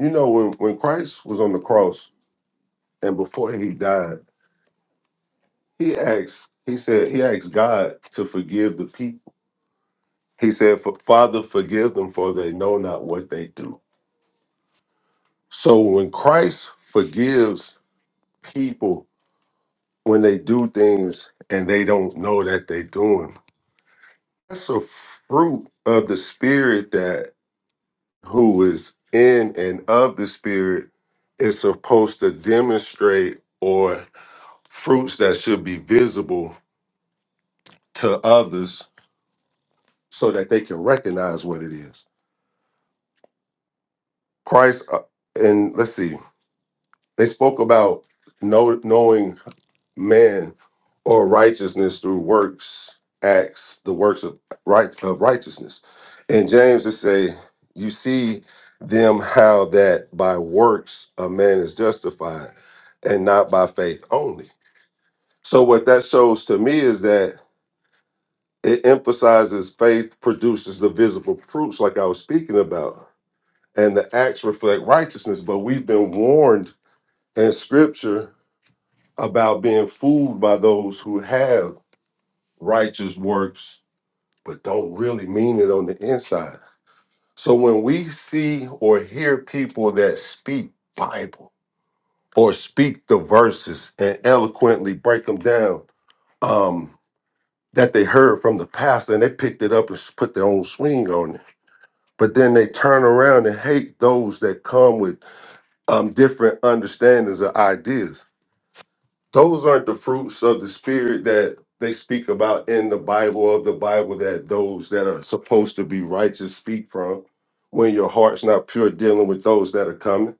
S6: know, when when Christ was on the cross and before he died. He asked, he said, he asked God to forgive the people. He said, "For- Father, forgive them, for they know not what they do. So when Christ forgives people when they do things and they don't know that they're doing, that's a fruit of the spirit that who is in and of the spirit is supposed to demonstrate or fruits that should be visible to others so that they can recognize what it is. Christ, uh, and let's see, they spoke about know, knowing man or righteousness through works, acts, the works of right of righteousness. And James would say, you see them how that by works a man is justified and not by faith only. So what that shows to me is that it emphasizes faith produces the visible fruits like I was speaking about and the acts reflect righteousness but we've been warned in scripture about being fooled by those who have righteous works but don't really mean it on the inside. So when we see or hear people that speak Bible or speak the verses and eloquently break them down, um, that they heard from the pastor and they picked it up and s- put their own swing on it. But then they turn around and hate those that come with um, different understandings of ideas those aren't the fruits of the spirit that they speak about in the Bible of the Bible that those that are supposed to be righteous speak from when your heart's not pure dealing with those that are coming.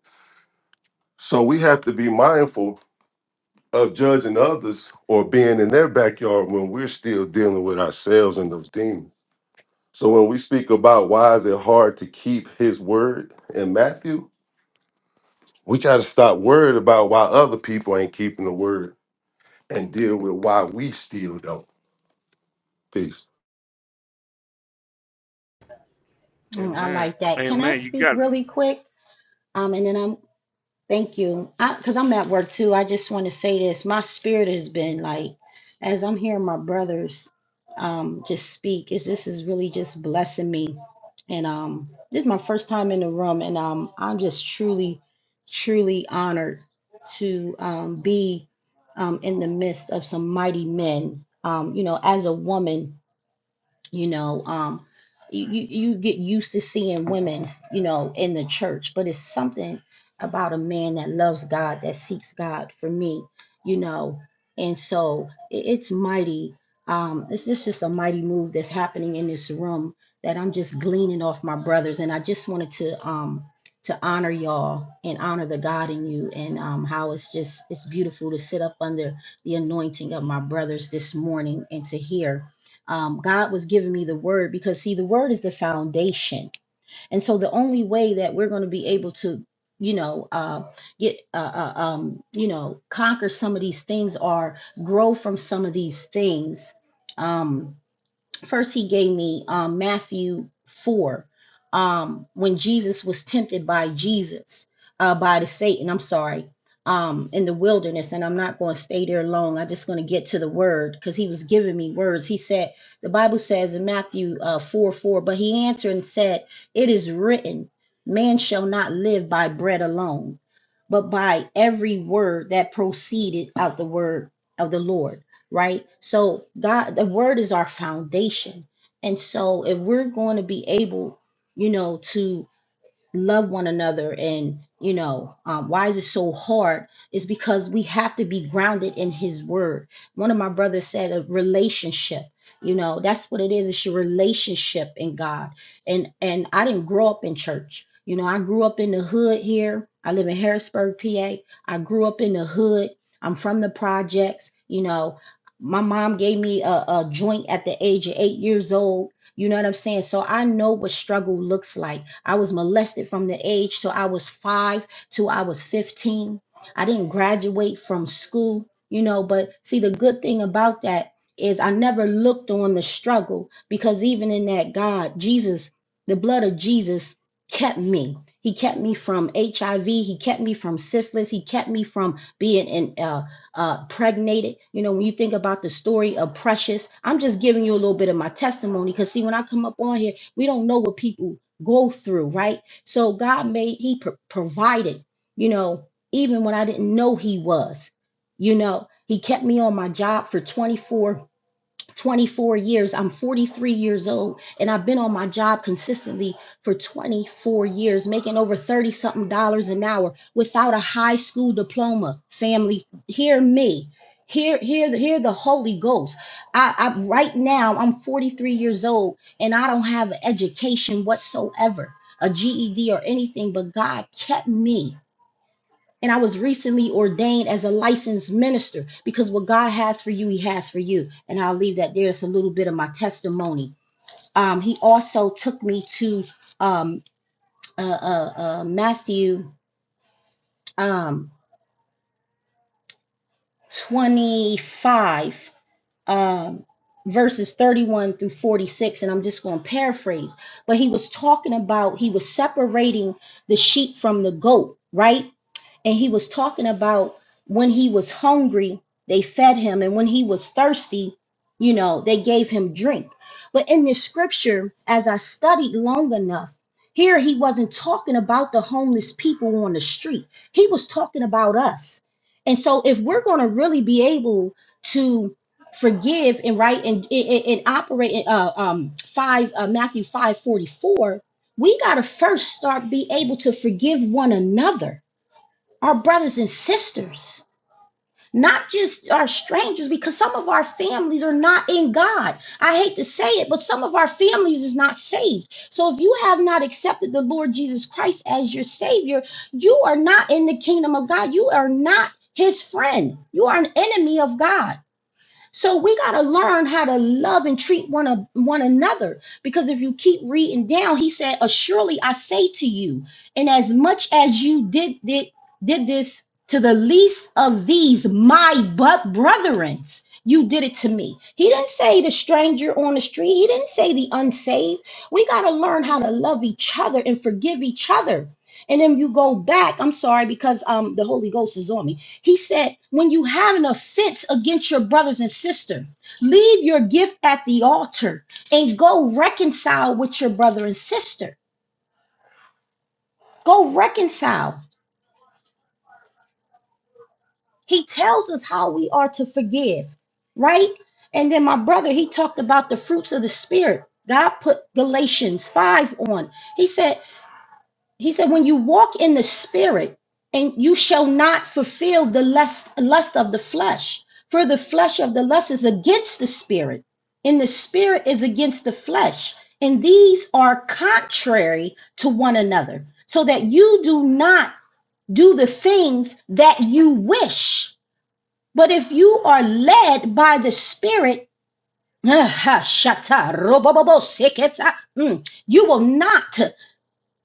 S6: So we have to be mindful of judging others or being in their backyard when we're still dealing with ourselves and those demons. So when we speak about why is it hard to keep his word in Matthew, we got to stop worried about why other people ain't keeping the word and deal with why we still don't. Peace.
S7: Mm, I
S1: amen,
S7: like that. Can I
S1: amen. You
S7: speak
S1: got it.
S7: really quick? Um, and then I'm Thank you. Because I'm at work too. I just want to say this. My spirit has been like, as I'm hearing my brothers um, just speak, it's, this is really just blessing me. And um, this is my first time in the room, and um, I'm just truly, truly honored to um, be um, in the midst of some mighty men. Um, you know, as a woman, you know um you, you you get used to seeing women you know in the church but it's something about a man that loves god that seeks god for me you know and so i- it's mighty um this this is just a mighty move that's happening in this room that i'm just gleaning off my brothers and i just wanted to um to honor y'all and honor the god in you and um how it's just it's beautiful to sit up under the anointing of my brothers this morning and to hear um, God was giving me the word because, see, the word is the foundation. And so the only way that we're going to be able to, you know, uh, get, uh, uh, um, you know, conquer some of these things or grow from some of these things. Um, first he gave me um, matthew 4 um, when jesus was tempted by jesus uh, by the satan i'm sorry um, in the wilderness and i'm not going to stay there long i'm just going to get to the word because he was giving me words he said the bible says in matthew uh, 4 4 but he answered and said it is written man shall not live by bread alone but by every word that proceeded out the word of the lord right? So God, the word is our foundation. And so if we're going to be able, you know, to love one another and you know um, why is it so hard is because we have to be grounded in his word one of my brothers said a relationship you know that's what it is it's your relationship in god and and i didn't grow up in church you know i grew up in the hood here i live in harrisburg pa i grew up in the hood i'm from the projects you know my mom gave me a, a joint at the age of eight years old you know what I'm saying? So I know what struggle looks like. I was molested from the age till I was five till I was 15. I didn't graduate from school, you know, but see, the good thing about that is I never looked on the struggle because even in that, God, Jesus, the blood of Jesus kept me. He kept me from HIV. He kept me from syphilis. He kept me from being in uh, uh, pregnated. You know, when you think about the story of Precious, I'm just giving you a little bit of my testimony because, see, when I come up on here, we don't know what people go through, right? So God made, He pro- provided, you know, even when I didn't know He was, you know, He kept me on my job for 24 24 years. I'm 43 years old and I've been on my job consistently for 24 years, making over 30 something dollars an hour without a high school diploma. Family, hear me. Hear, hear, hear the Holy Ghost. I, I, right now, I'm 43 years old and I don't have an education whatsoever, a GED or anything, but God kept me and I was recently ordained as a licensed minister because what God has for you, He has for you. And I'll leave that there. It's a little bit of my testimony. Um, he also took me to um, uh, uh, uh, Matthew um, 25, um, verses 31 through 46. And I'm just going to paraphrase. But he was talking about, he was separating the sheep from the goat, right? and he was talking about when he was hungry they fed him and when he was thirsty you know they gave him drink but in this scripture as i studied long enough here he wasn't talking about the homeless people on the street he was talking about us and so if we're going to really be able to forgive and right and, and, and operate in uh, um, 5 uh, matthew five forty four, we got to first start be able to forgive one another our brothers and sisters, not just our strangers, because some of our families are not in God. I hate to say it, but some of our families is not saved. So if you have not accepted the Lord Jesus Christ as your Savior, you are not in the kingdom of God. You are not His friend. You are an enemy of God. So we got to learn how to love and treat one, of, one another. Because if you keep reading down, he said, Assuredly I say to you, and as much as you did, did, did this to the least of these, my but brethren, you did it to me. He didn't say the stranger on the street, he didn't say the unsaved. We got to learn how to love each other and forgive each other. And then you go back. I'm sorry because um the Holy Ghost is on me he said, when you have an offense against your brothers and sisters, leave your gift at the altar and go reconcile with your brother and sister. Go reconcile. He tells us how we are to forgive, right? And then my brother, he talked about the fruits of the spirit. God put Galatians 5 on. He said, He said, when you walk in the spirit, and you shall not fulfill the lust, lust of the flesh, for the flesh of the lust is against the spirit, and the spirit is against the flesh. And these are contrary to one another, so that you do not do the things that you wish. But if you are led by the spirit, you will not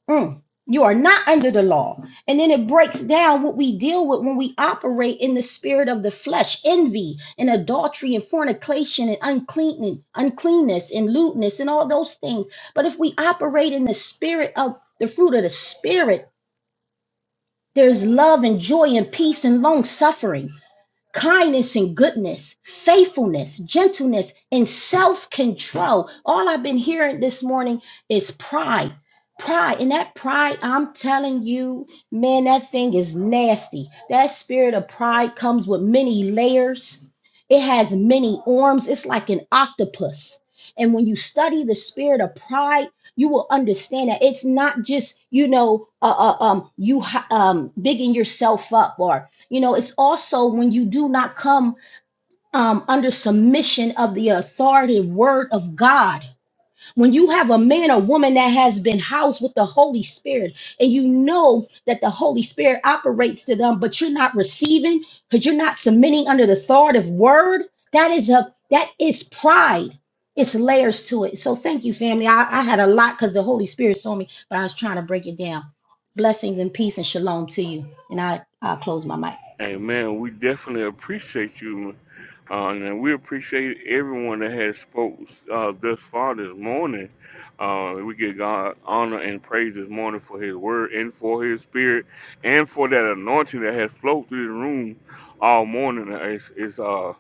S7: Mm. You are not under the law. And then it breaks down what we deal with when we operate in the spirit of the flesh envy and adultery and fornication and unclean, uncleanness and lewdness and all those things. But if we operate in the spirit of the fruit of the spirit, there's love and joy and peace and long suffering kindness and goodness, faithfulness, gentleness, and self control. All I've been hearing this morning is pride. Pride. And that pride, I'm telling you, man, that thing is nasty. That spirit of pride comes with many layers, it has many arms. It's like an octopus. And when you study the spirit of pride, you will understand that it's not just, you know, uh, uh, um, you um, bigging yourself up or you know, it's also when you do not come um, under submission of the authority word of God. When you have a man or woman that has been housed with the Holy Spirit and you know that the Holy Spirit operates to them, but you're not receiving because you're not submitting under the authoritative word, that is a that is pride. It's layers to it. So thank you, family. I, I had a lot because the Holy Spirit saw me, but I was trying to break it down. Blessings and peace and shalom to you. And I, I'll close my mic.
S1: Amen. We definitely appreciate you, uh, and we appreciate everyone that has spoke uh, thus far this morning. Uh, we give God honor and praise this morning for His word and for His spirit and for that anointing that has flowed through the room all morning. It's, it's uh,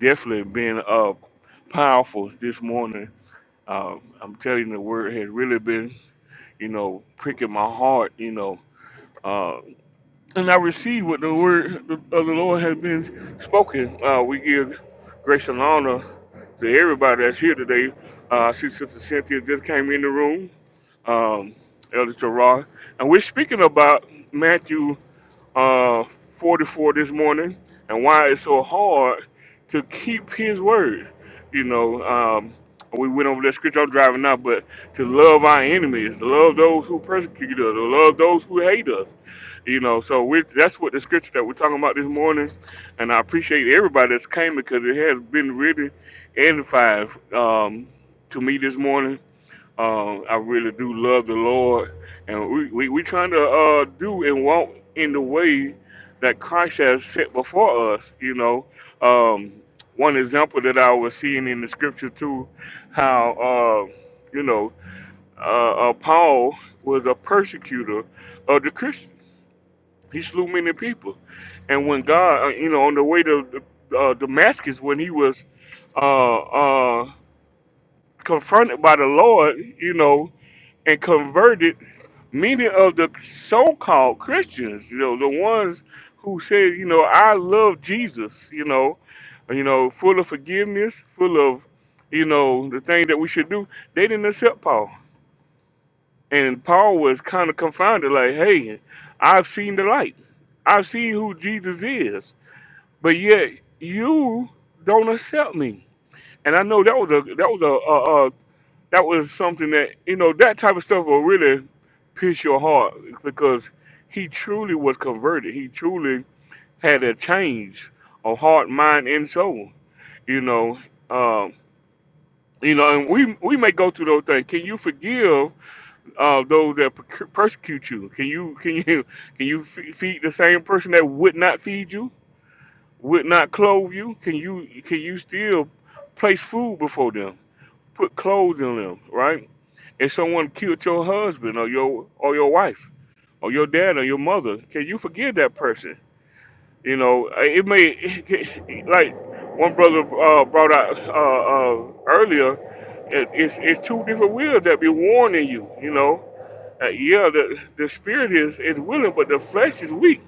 S1: definitely been uh, powerful this morning. Uh, I'm telling you, the word has really been, you know, pricking my heart, you know. uh, and I receive what the word of the Lord has been spoken. Uh, we give grace and honor to everybody that's here today. Uh, I see Sister Cynthia just came in the room, um, Elder Gerard, and we're speaking about Matthew uh, 44 this morning and why it's so hard to keep his word. You know, um, we went over that scripture I'm driving now, but to love our enemies, to love those who persecute us, to love those who hate us. You know, so we, that's what the scripture that we're talking about this morning. And I appreciate everybody that's came because it has been really edifying um, to me this morning um, I really do love the Lord, and we we we trying to uh, do and walk in the way that Christ has set before us. You know, um, one example that I was seeing in the scripture too, how uh, you know uh, uh, Paul was a persecutor of the Christians. He slew many people, and when God, uh, you know, on the way to uh, Damascus, when he was uh, uh, confronted by the Lord, you know and converted many of the so-called Christians, you know, the ones who said, you know, I love Jesus, you know, you know, full of forgiveness, full of, you know, the thing that we should do. They didn't accept Paul, and Paul was kind of confounded, like, hey, I've seen the light, I've seen who Jesus is, but yet you don't accept me. And I know that was a that was that was something that you know that type of stuff will really pierce your heart because he truly was converted. He truly had a change of heart, mind, and soul. You know, um, you know, and we we may go through those things. Can you forgive uh, those that per- persecute you? Can you can you can you fe- feed the same person that would not feed you, would not clothe you? Can you can you still place food before them, put clothes on them, right? If someone killed your husband or your or your wife or your dad or your mother, can you forgive that person? You know, uh, it may like one brother uh, brought out uh, uh, earlier. It, it's it's two different wills that be warning you. You know, uh, yeah, the the spirit is is willing, but the flesh is weak.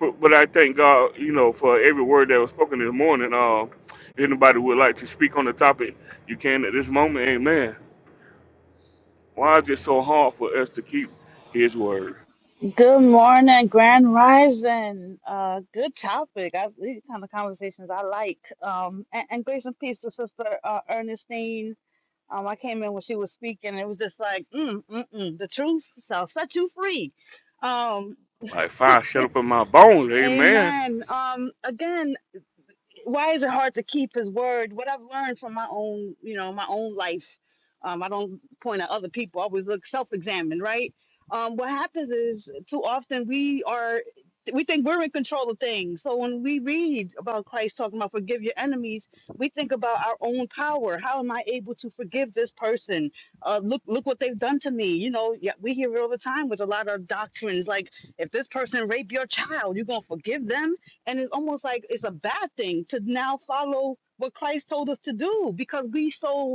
S1: But, but I thank God, you know, for every word that was spoken this morning. Uh, if anybody would like to speak on the topic, you can at this moment. Amen. Why is it so hard for us to keep his word?
S10: Good morning, Grand Rising. Uh, good topic. I, these kind of conversations I like. Um, and, and grace and peace to Sister uh, Ernestine. Um, I came in when she was speaking. and It was just like, mm, mm, mm, the truth shall set you free. Um,
S1: Like fire shut up in my bones, amen.
S10: amen. Um, again why is it hard to keep his word? What I've learned from my own, you know, my own life. Um, I don't point at other people. I always look self-examined, right? Um, what happens is too often we are we think we're in control of things. So when we read about Christ talking about forgive your enemies, we think about our own power. How am I able to forgive this person? Uh, look, look what they've done to me. You know, yeah, we hear it all the time with a lot of doctrines like if this person raped your child, you're gonna forgive them and it's almost like it's a bad thing to now follow what Christ told us to do because we so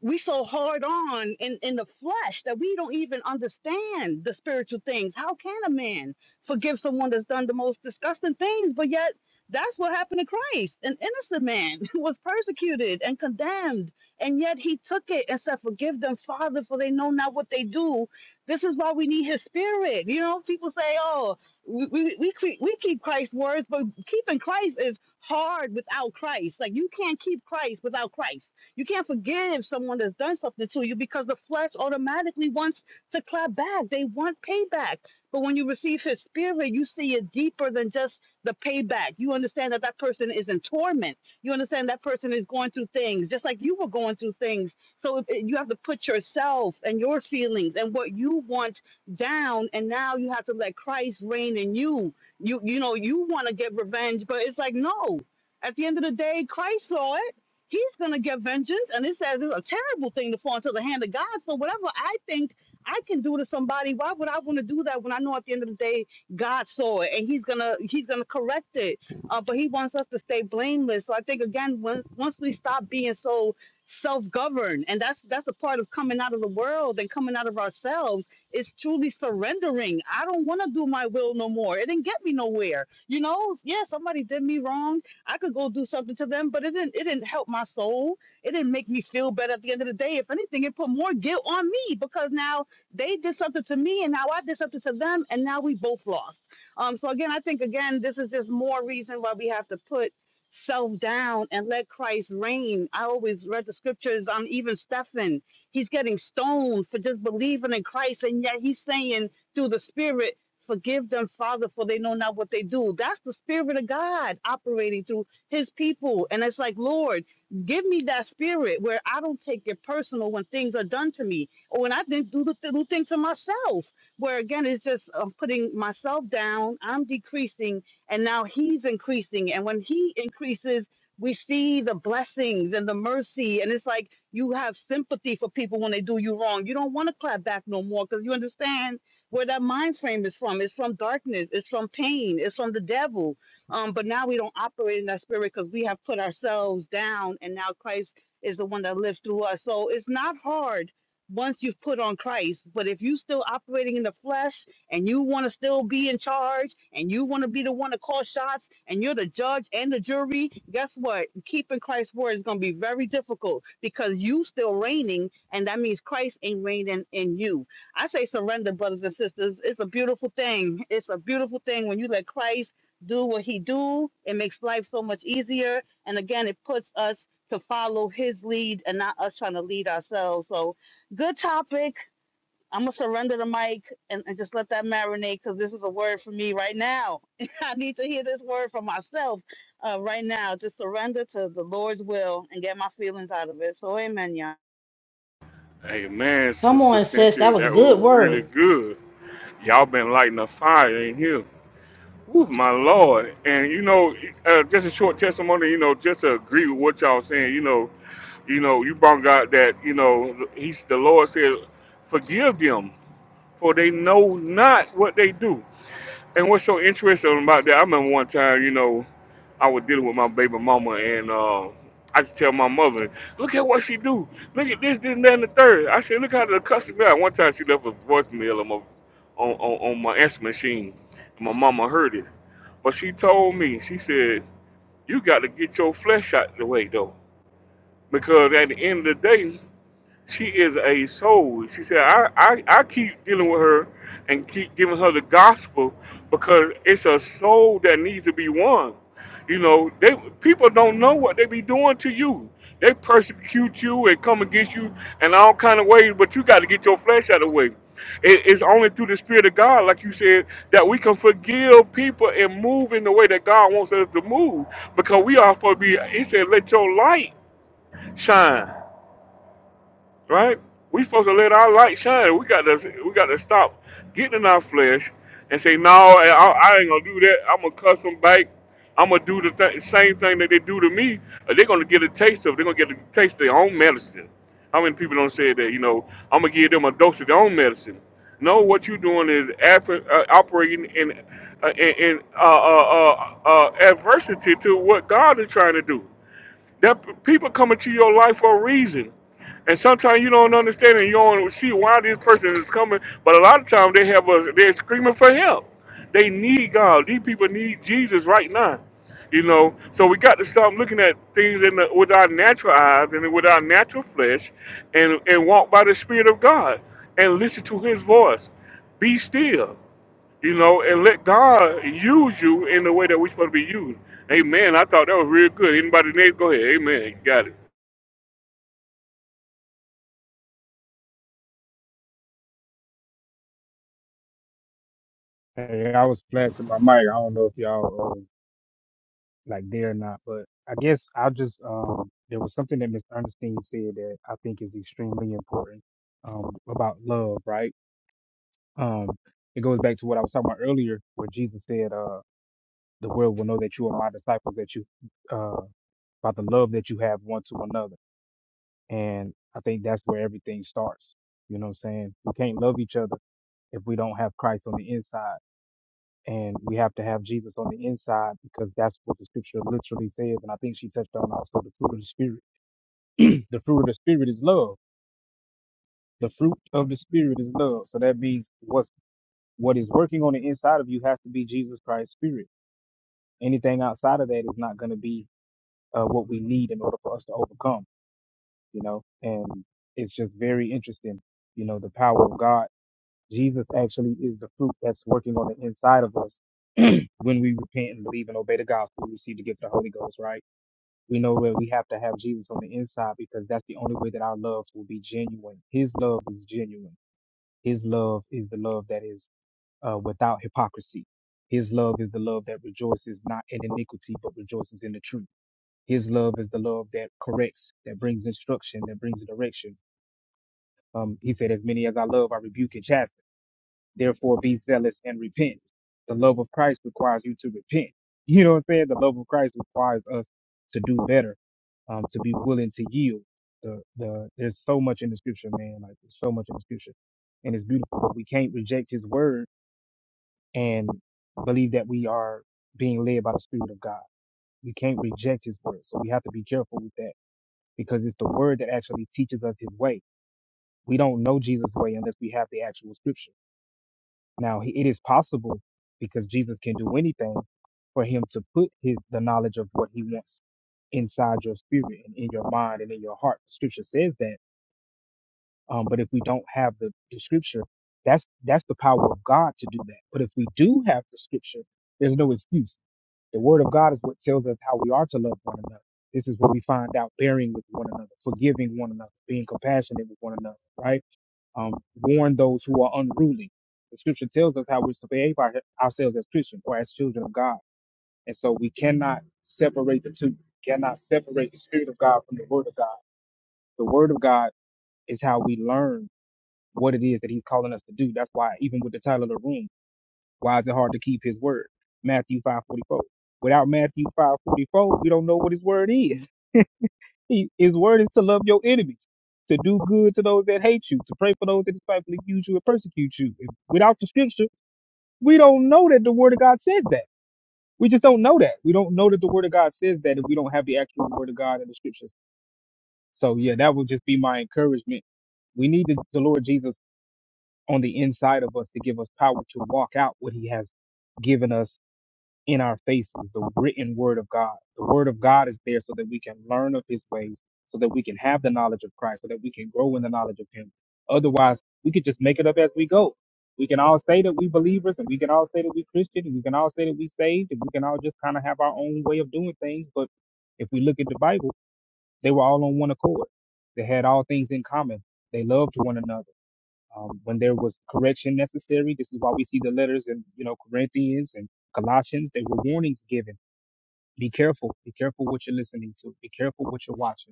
S10: we so hard on in, in the flesh that we don't even understand the spiritual things. How can a man forgive someone that's done the most disgusting things? But yet that's what happened to Christ. An innocent man was persecuted and condemned, and yet he took it and said, Forgive them, Father, for they know not what they do. This is why we need his spirit. You know, people say, Oh, we, we, we, cre- we keep Christ's words, but keeping Christ is hard without Christ. Like you can't keep Christ without Christ you can't forgive someone that's done something to you because the flesh automatically wants to clap back. They want payback. But when you receive his spirit, you see it deeper than just the payback. You understand that that person is in torment. You understand that person is going through things just like you were going through things. So if, you have to put yourself and your feelings and what you want down. And now you have to let Christ reign in you. You, you know, you want to get revenge, but it's like, no. At the end of the day, Christ saw it he's going to get vengeance. And it says it's a terrible thing to fall into the hand of God. So whatever I think I can do to somebody, why would I want to do that when I know at the end of the day God saw it and He's gonna He's gonna correct it. Uh, but He wants us to stay blameless. So I think again, when, once we stop being so self-governed, and that's that's a part of coming out of the world and coming out of ourselves. is truly surrendering. I don't want to do my will no more. It didn't get me nowhere. You know, yeah, somebody did me wrong I could go do something to them, but it didn't it didn't help my soul. It didn't make me feel better at the end of the day. If anything, it put more guilt on me because now they did something to me and now I did something to them and now we both lost. Um so again, I think again this is just more reason why we have to put self down and let Christ reign. I always read the scriptures on even Stephen. He's getting stoned for just believing in Christ and yet he's saying through the spirit Forgive them, Father, for they know not what they do. That's the Spirit of God operating through His people. And it's like, Lord, give me that spirit where I don't take it personal when things are done to me or when I didn't do the do things to myself. Where again, it's just I'm putting myself down, I'm decreasing, and now He's increasing. And when He increases, we see the blessings and the mercy. And it's like you have sympathy for people when they do you wrong. You don't want to clap back no more because you understand where that mind frame is from. It's from darkness. It's from pain. It's from the devil. Um, but now we don't operate in that spirit because we have put ourselves down, and now Christ is the one that lives through us. So it's not hard once you've put on Christ. But if you are still operating in the flesh and you want to still be in charge and you want to be the one to call shots and you're the judge and the jury, guess what? Keeping Christ's word is going to be very difficult because you still reigning, and that means Christ ain't reigning in you. I say surrender, brothers and sisters. It's a beautiful thing. It's a beautiful thing when you let Christ do what he do. It makes life so much easier. And again, it puts us to follow his lead and not us trying to lead ourselves. So good topic. I'm gonna surrender the mic and, and just let that marinate because this is a word for me right now. I need to hear this word for myself uh, right now. Just surrender to the Lord's will and get my feelings out of it. So amen, y'all.
S1: Amen,
S7: Come
S1: Sister
S7: on, sis.
S1: Cynthia,
S7: That was a
S1: that
S7: good
S1: was really
S7: word.
S1: good. Y'all been lighting a fire in here. Woo, my Lord. And you know, uh, just a short testimony, you know, just to agree with what y'all saying, you know, you know, you brought out that, you know, he's the Lord said, forgive them, for they know not what they do. And what's so interesting about that, I remember one time, you know, I was dealing with my baby mama, and uh, I just tell my mother, "Look at what she do. Look at this, this, and that, and the third. I said, "Look how the customer." One time, she left a voicemail on my on, on, on my answer machine. My mama heard it, but she told me, she said, "You got to get your flesh out the way, though, because at the end of the day." She is a soul. She said, I, I, I keep dealing with her and keep giving her the gospel because it's a soul that needs to be won. You know, they people don't know what they be doing to you. They persecute you and come against you in all kind of ways, but you got to get your flesh out of the way. It, it's only through the Spirit of God, like you said, that we can forgive people and move in the way that God wants us to move. Because we are supposed to be, He said, let your light shine right? We supposed to let our light shine. We got to we got to stop getting in our flesh and say, no, I, I ain't gonna do that. I'm gonna cuss them back. I'm gonna do the th- same thing that they do to me. Uh, They're gonna get a taste of. They're gonna get a taste of their own medicine. How many people don't say that? You know, I'm gonna give them a dose of their own medicine. No, what you're doing is ap- uh, operating in uh, in, in uh, uh, uh, uh, adversity to what God is trying to do. That people come into your life for a reason. And sometimes you don't understand and you don't see why this person is coming. But a lot of times they have us they're screaming for help. They need God. These people need Jesus right now. You know, so we got to stop looking at things in the, with our natural eyes and with our natural flesh, and and walk by the Spirit of God and listen to His voice. Be still you know, and let God use you in the way that we're supposed to be used. Amen. I thought that was real good. Anybody next? Go ahead. Amen. You got it.
S5: Hey, I was flashing my mic. I don't know if y'all uh, like there or not, but I guess I'll just, um, there was something that Miss Ernestine said that I think is extremely important um, about love, right? Um, it goes back to what I was talking about earlier, where Jesus said, uh, the world will know that you are my disciples, that you, uh, by the love that you have one to another. And I think that's where everything starts. You know what I'm saying? We can't love each other if we don't have Christ on the inside. And we have to have Jesus on the inside because that's what the scripture literally says. And I think she touched on also the fruit of the spirit. the fruit of the spirit is love. The fruit of the spirit is love. So that means what's what is working on the inside of you has to be Jesus Christ's spirit anything outside of that is not going to be uh, what we need in order for us to overcome, you know. And it's just very interesting, you know, the power of God. Jesus actually is the fruit that's working on the inside of us when we repent and believe and obey the gospel. We receive the gift of the Holy Ghost, right? We know that we have to have Jesus on the inside because that's the only way that our love will be genuine. His love is genuine. His love is the love that is uh, without hypocrisy. His love is the love that rejoices not in iniquity, but rejoices in the truth. His love is the love that corrects, that brings instruction, that brings direction. Um, he said, As many as I love, I rebuke and chasten. Therefore, be zealous and repent. The love of Christ requires you to repent. You know what I'm saying? The love of Christ requires us to do better, um, to be willing to yield. The, the, there's so much in the scripture, man. Like, there's so much in the scripture. And it's beautiful, but we can't reject his word and believe that we are being led by the Spirit of God. We can't reject his word. So we have to be careful with that because it's the word that actually teaches us his way. We don't know Jesus' way unless we have the actual scripture. Now, he- it is possible because Jesus can do anything for him to put his, the knowledge of what he wants inside your spirit and in your mind and in your heart. Scripture says that. Um, but if we don't have the, the scripture, that's that's the power of God to do that. But if we do have the scripture, there's no excuse the word of God is what tells us how we are to love one another. This is what we find out bearing with one another, forgiving one another, being compassionate with one another, right? Um, warn those who are unruly. The scripture tells us how we're to behave our, ourselves as Christians or as children of God. And so we cannot separate the two, cannot separate the spirit of God from the word of God. The word of God is how we learn what it is that he's calling us to do. That's why even with the title of the room, why is it hard to keep his word? Matthew 5:44. Without Matthew 5:44, we don't know what his word is. He, his word is to love your enemies, to do good to those that hate you, to pray for those that despitefully use you and persecute you. And Without the scripture, we don't know that the word of God says that. We just don't know that. We don't know that the word of God says that if we don't have the actual word of God in the scriptures. So yeah, that would just be my encouragement. We need the, the Lord Jesus on the inside of us to give us power to walk out what he has given us in our faces, the written word of God. The word of God is there so that we can learn of his ways, so that we can have the knowledge of Christ, so that we can grow in the knowledge of him. Otherwise, we could just make it up as we go. We can all say that we believers and we can all say that we Christian and we can all say that we saved and we can all just kind of have our own way of doing things. But if we look at the Bible, they were all on one accord. They had all things in common. They loved one another um, when there was correction necessary. This is why we see the letters in you know Corinthians and Colossians. They were warnings given. Be careful. Be careful what you're listening to. Be careful what you're watching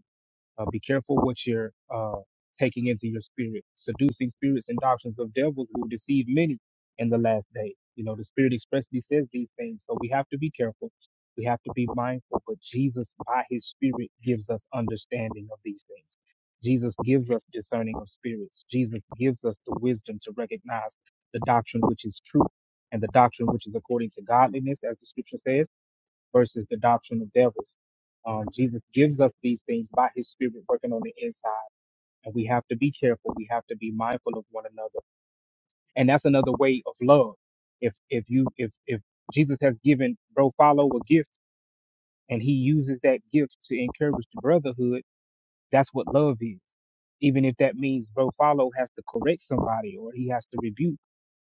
S5: uh, be careful what you're uh, taking into your spirit. Seducing spirits and doctrines of devils will deceive many in the last day. You know, the Spirit expressly says these things. So we have to be careful. We have to be mindful. But Jesus, by His Spirit, gives us understanding of these things. Jesus gives us discerning of spirits. Jesus gives us the wisdom to recognize the doctrine which is true and the doctrine which is according to godliness, as the scripture says versus the doctrine of devils. Um, Jesus gives us these things by his spirit working on the inside. And we have to be careful. We have to be mindful of one another. And that's another way of love. If, if you, if, if Jesus has given bro follow a gift and he uses that gift to encourage the brotherhood, that's what love is. Even if that means bro follow has to correct somebody or he has to rebuke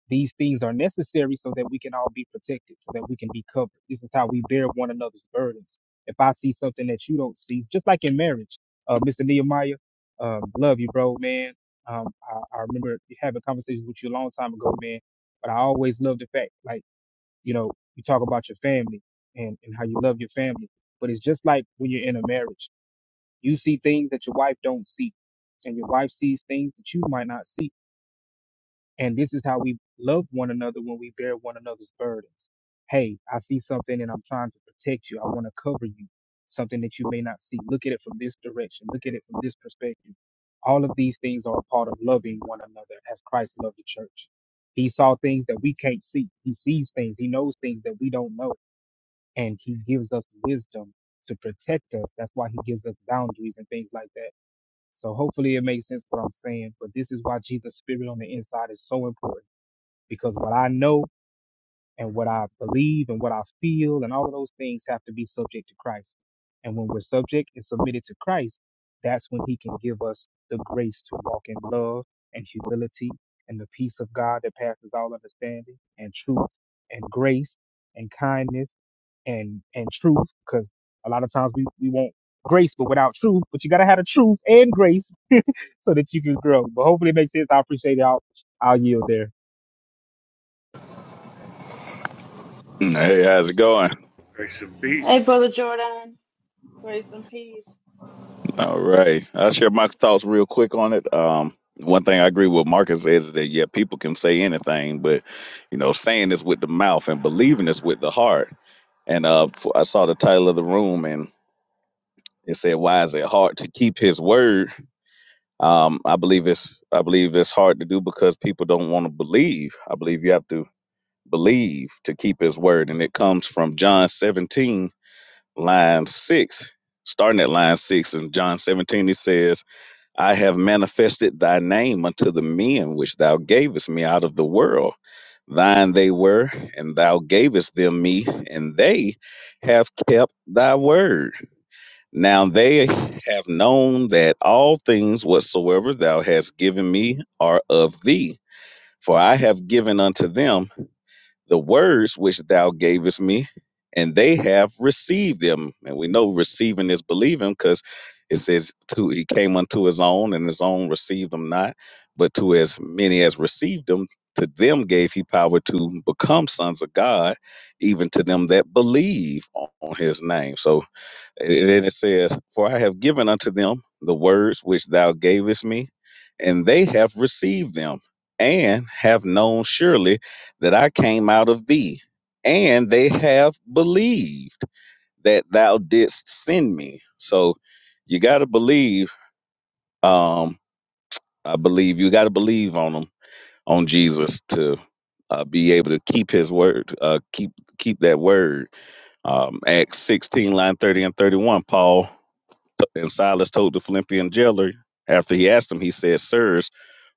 S5: these things are necessary so that we can all be protected, so that we can be covered. This is how we bear one another's burdens. If I see something that you don't see, just like in marriage, uh, Mr. Nehemiah, um, love you, bro, man. Um, I, I remember having conversations with you a long time ago, man. But I always love the fact, like, you know, you talk about your family and, and how you love your family. But it's just like when you're in a marriage, you see things that your wife don't see, and your wife sees things that you might not see and this is how we love one another when we bear one another's burdens. Hey, I see something and I'm trying to protect you. I want to cover you. Something that you may not see. Look at it from this direction. Look at it from this perspective. All of these things are a part of loving one another as Christ loved the church. He saw things that we can't see. He sees things. He knows things that we don't know. And he gives us wisdom to protect us. That's why he gives us boundaries and things like that. So hopefully it makes sense what I'm saying. But this is why Jesus' spirit on the inside is so important because what I know and what I believe and what I feel and all of those things have to be subject to Christ. And when we're subject and submitted to Christ, that's when He can give us the grace to walk in love and humility and the peace of God that passes all understanding and truth and grace and kindness and and truth. Because a lot of times we, we want grace but without truth, but you gotta have the truth and grace so that you can grow. But hopefully it makes sense. I appreciate y'all. I'll I'll yield there.
S11: Hey, how's it going?
S1: Grace and
S10: Hey,
S1: peace.
S10: brother Jordan, grace and peace.
S11: All right. I'll share my thoughts real quick on it. Um, one thing I agree with Marcus is that, yeah, people can say anything, but, you know, saying this with the mouth and believing this with the heart. And uh, f- I saw the title of the room and it said, why is it hard to keep his word? Um, I believe it's I believe it's hard to do because people don't want to believe. I believe you have to believe to keep his word. And it comes from John 17 line six, starting at line six in John 17, he says, I have manifested thy name unto the men which thou gavest me out of the world. Thine they were, and thou gavest them me, and they have kept thy word. Now they have known that all things whatsoever thou hast given me are of thee. For I have given unto them the words which thou gavest me, and they have received them. And we know receiving is believing because it says to he came unto his own, and his own received them not, but to as many as received them, to them gave he power to become sons of God, even to them that believe on on his name. So and then it says, For I have given unto them the words which thou gavest me, and they have received them, and have known surely that I came out of thee, and they have believed that thou didst send me. So you got to believe, um, I believe, you got to believe on them, on Jesus to. Uh, be able to keep his word, uh, keep keep that word. Um, Acts sixteen, line thirty and thirty one. Paul and Silas told the Philippian jailer, after he asked him, he said, Sirs,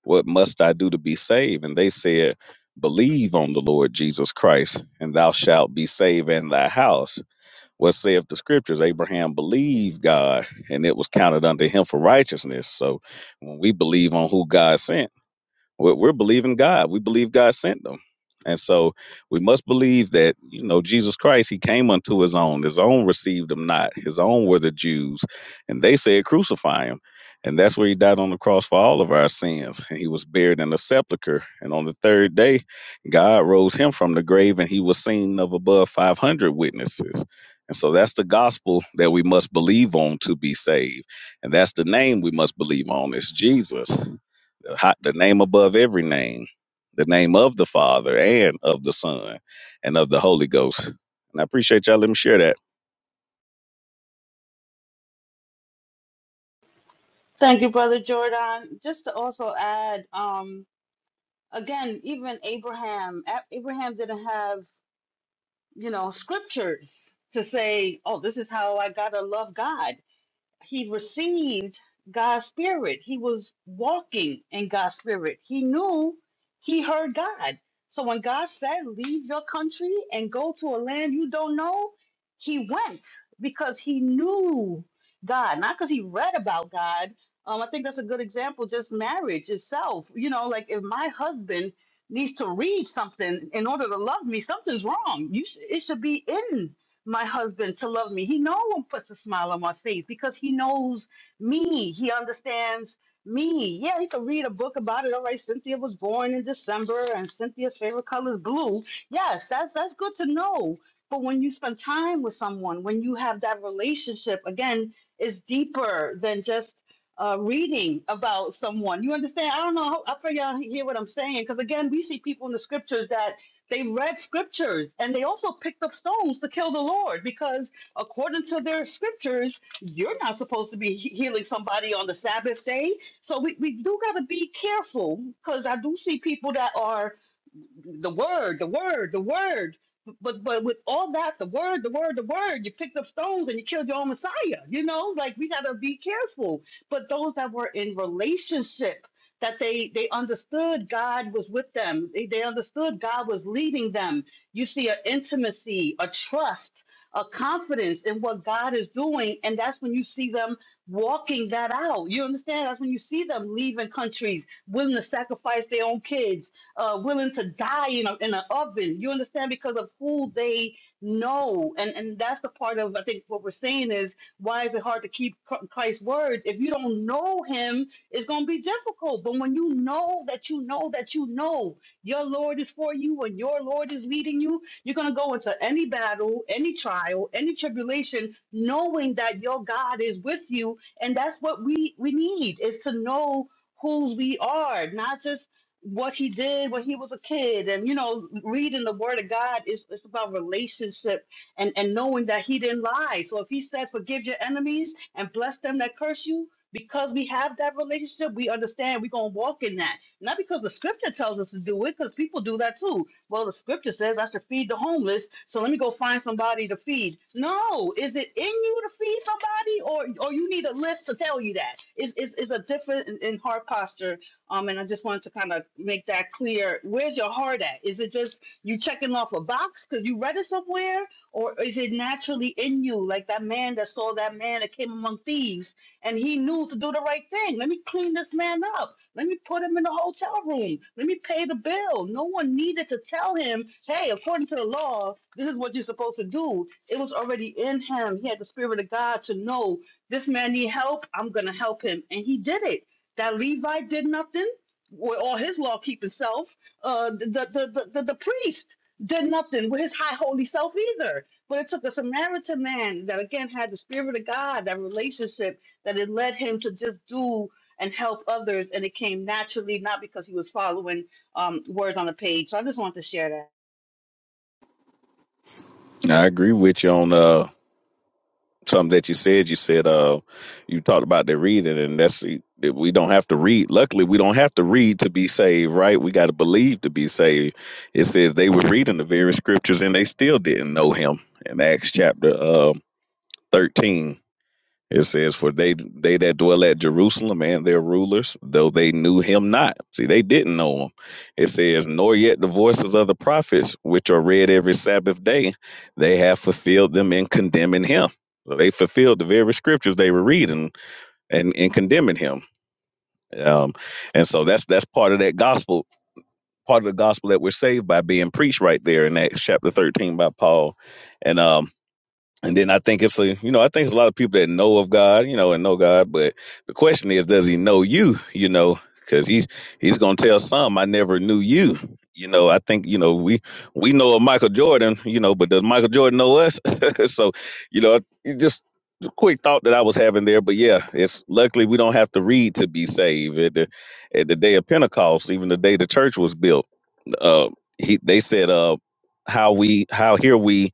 S11: what must I do to be saved? And they said, Believe on the Lord Jesus Christ, and thou shalt be saved in thy house. What saith the scriptures? Abraham believed God, and it was counted unto him for righteousness. So when we believe on who God sent, we're, we're believing God. We believe God sent them. And so we must believe that, you know, Jesus Christ, he came unto his own. His own received him not. His own were the Jews. And they said, crucify him. And that's where he died on the cross for all of our sins. And he was buried in a sepulchre. And on the third day, God rose him from the grave and he was seen of above 500 witnesses. And so that's the gospel that we must believe on to be saved. And that's the name we must believe on. It's Jesus the name above every name, the name of the Father and of the Son and of the Holy Ghost. And I appreciate y'all. Let me share that.
S10: Thank you, Brother Jordan. Just to also add, um, again, even Abraham, A- Abraham didn't have, you know, scriptures to say, oh, this is how I gotta love God he received God's spirit. He was walking in God's spirit. He knew he heard God. So when God said, Leave your country and go to a land you don't know, he went because he knew God, not because he read about God. Um, I think that's a good example, just marriage itself. You know, like if my husband needs to read something in order to love me, something's wrong. You sh- it should be in my husband to love me. He no one puts a smile on my face because he knows me. He understands me. Yeah, he could read a book about it. All right, Cynthia was born in December and Cynthia's favorite color is blue. Yes, that's that's good to know. But when you spend time with someone, when you have that relationship, again, is deeper than just uh, reading about someone. You understand? I don't know. I pray y'all hear what I'm saying. Because again, we see people in the scriptures that they read scriptures and they also picked up stones to kill the Lord because, according to their scriptures, you're not supposed to be he- healing somebody on the Sabbath day. So, we, we do got to be careful because I do see people that are the word, the word, the word. But but with all that, the word, the word, the word, you picked up stones and you killed your own Messiah. You know, like we gotta be careful. But those that were in relationship, that they they understood God was with them. They, they understood God was leading them. You see, a intimacy, a trust, a confidence in what God is doing, and that's when you see them walking that out. You understand? That's when you see them leaving countries, willing to sacrifice their own kids uh, willing to die in, a, in an oven. You understand? Because of who they know. And, and that's the part of, I think, what we're seeing is why is it hard to keep Chr- Christ's words? If you don't know him, it's going to be difficult. But when you know that you know that you know your Lord is for you and your Lord is leading you, you're going to go into any battle, any trial, any tribulation, knowing that your God is with you. And that's what we, we need is to know whose we are, not just what he did when he was a kid and you know reading the word of god is it's about relationship and and knowing that he didn't lie so if he said forgive your enemies and bless them that curse you because we have that relationship we understand we're going to walk in that not because the scripture tells us to do it because people do that too well the scripture says i should feed the homeless so let me go find somebody to feed no is it in you to feed somebody or or you need a list to tell you that is is is a different in, in heart posture um, and I just wanted to kind of make that clear. Where's your heart at? Is it just you checking off a box because you read it somewhere, or is it naturally in you, like that man that saw that man that came among thieves and he knew to do the right thing? Let me clean this man up. Let me put him in the hotel room. Let me pay the bill. No one needed to tell him, hey, according to the law, this is what you're supposed to do. It was already in him. He had the spirit of God to know this man need help. I'm gonna help him, and he did it that Levi did nothing with all his law keeping self. Uh, the, the, the, the, the priest did nothing with his high holy self either. But it took a Samaritan man that again had the spirit of God, that relationship that it led him to just do and help others. And it came naturally, not because he was following um, words on a page. So I just wanted to share that.
S11: I agree with you on uh, something that you said. You said uh, you talked about the reading, and that's that we don't have to read. Luckily, we don't have to read to be saved, right? We got to believe to be saved. It says they were reading the very scriptures and they still didn't know Him in Acts chapter uh, thirteen It says, "For they they that dwell at Jerusalem and their rulers, though they knew him not." See, they didn't know him. It says, "Nor yet the voices of the prophets, which are read every Sabbath day, they have fulfilled them in condemning him." So they fulfilled the very scriptures they were reading and in condemning him. Um, and so that's that's part of that gospel, part of the gospel that we're saved by being preached right there in that chapter thirteen by Paul. And um, and then I think it's a, you know, I think it's a lot of people that know of God, you know, and know God. But the question is, does he know you? You know, because he's he's gonna tell some, I never knew you. You know, I think you know we we know of Michael Jordan, you know, but does Michael Jordan know us? so, you know, it just a quick thought that I was having there. But yeah, it's luckily we don't have to read to be saved. At the, at the day of Pentecost, even the day the church was built uh, he they said uh how we how hear we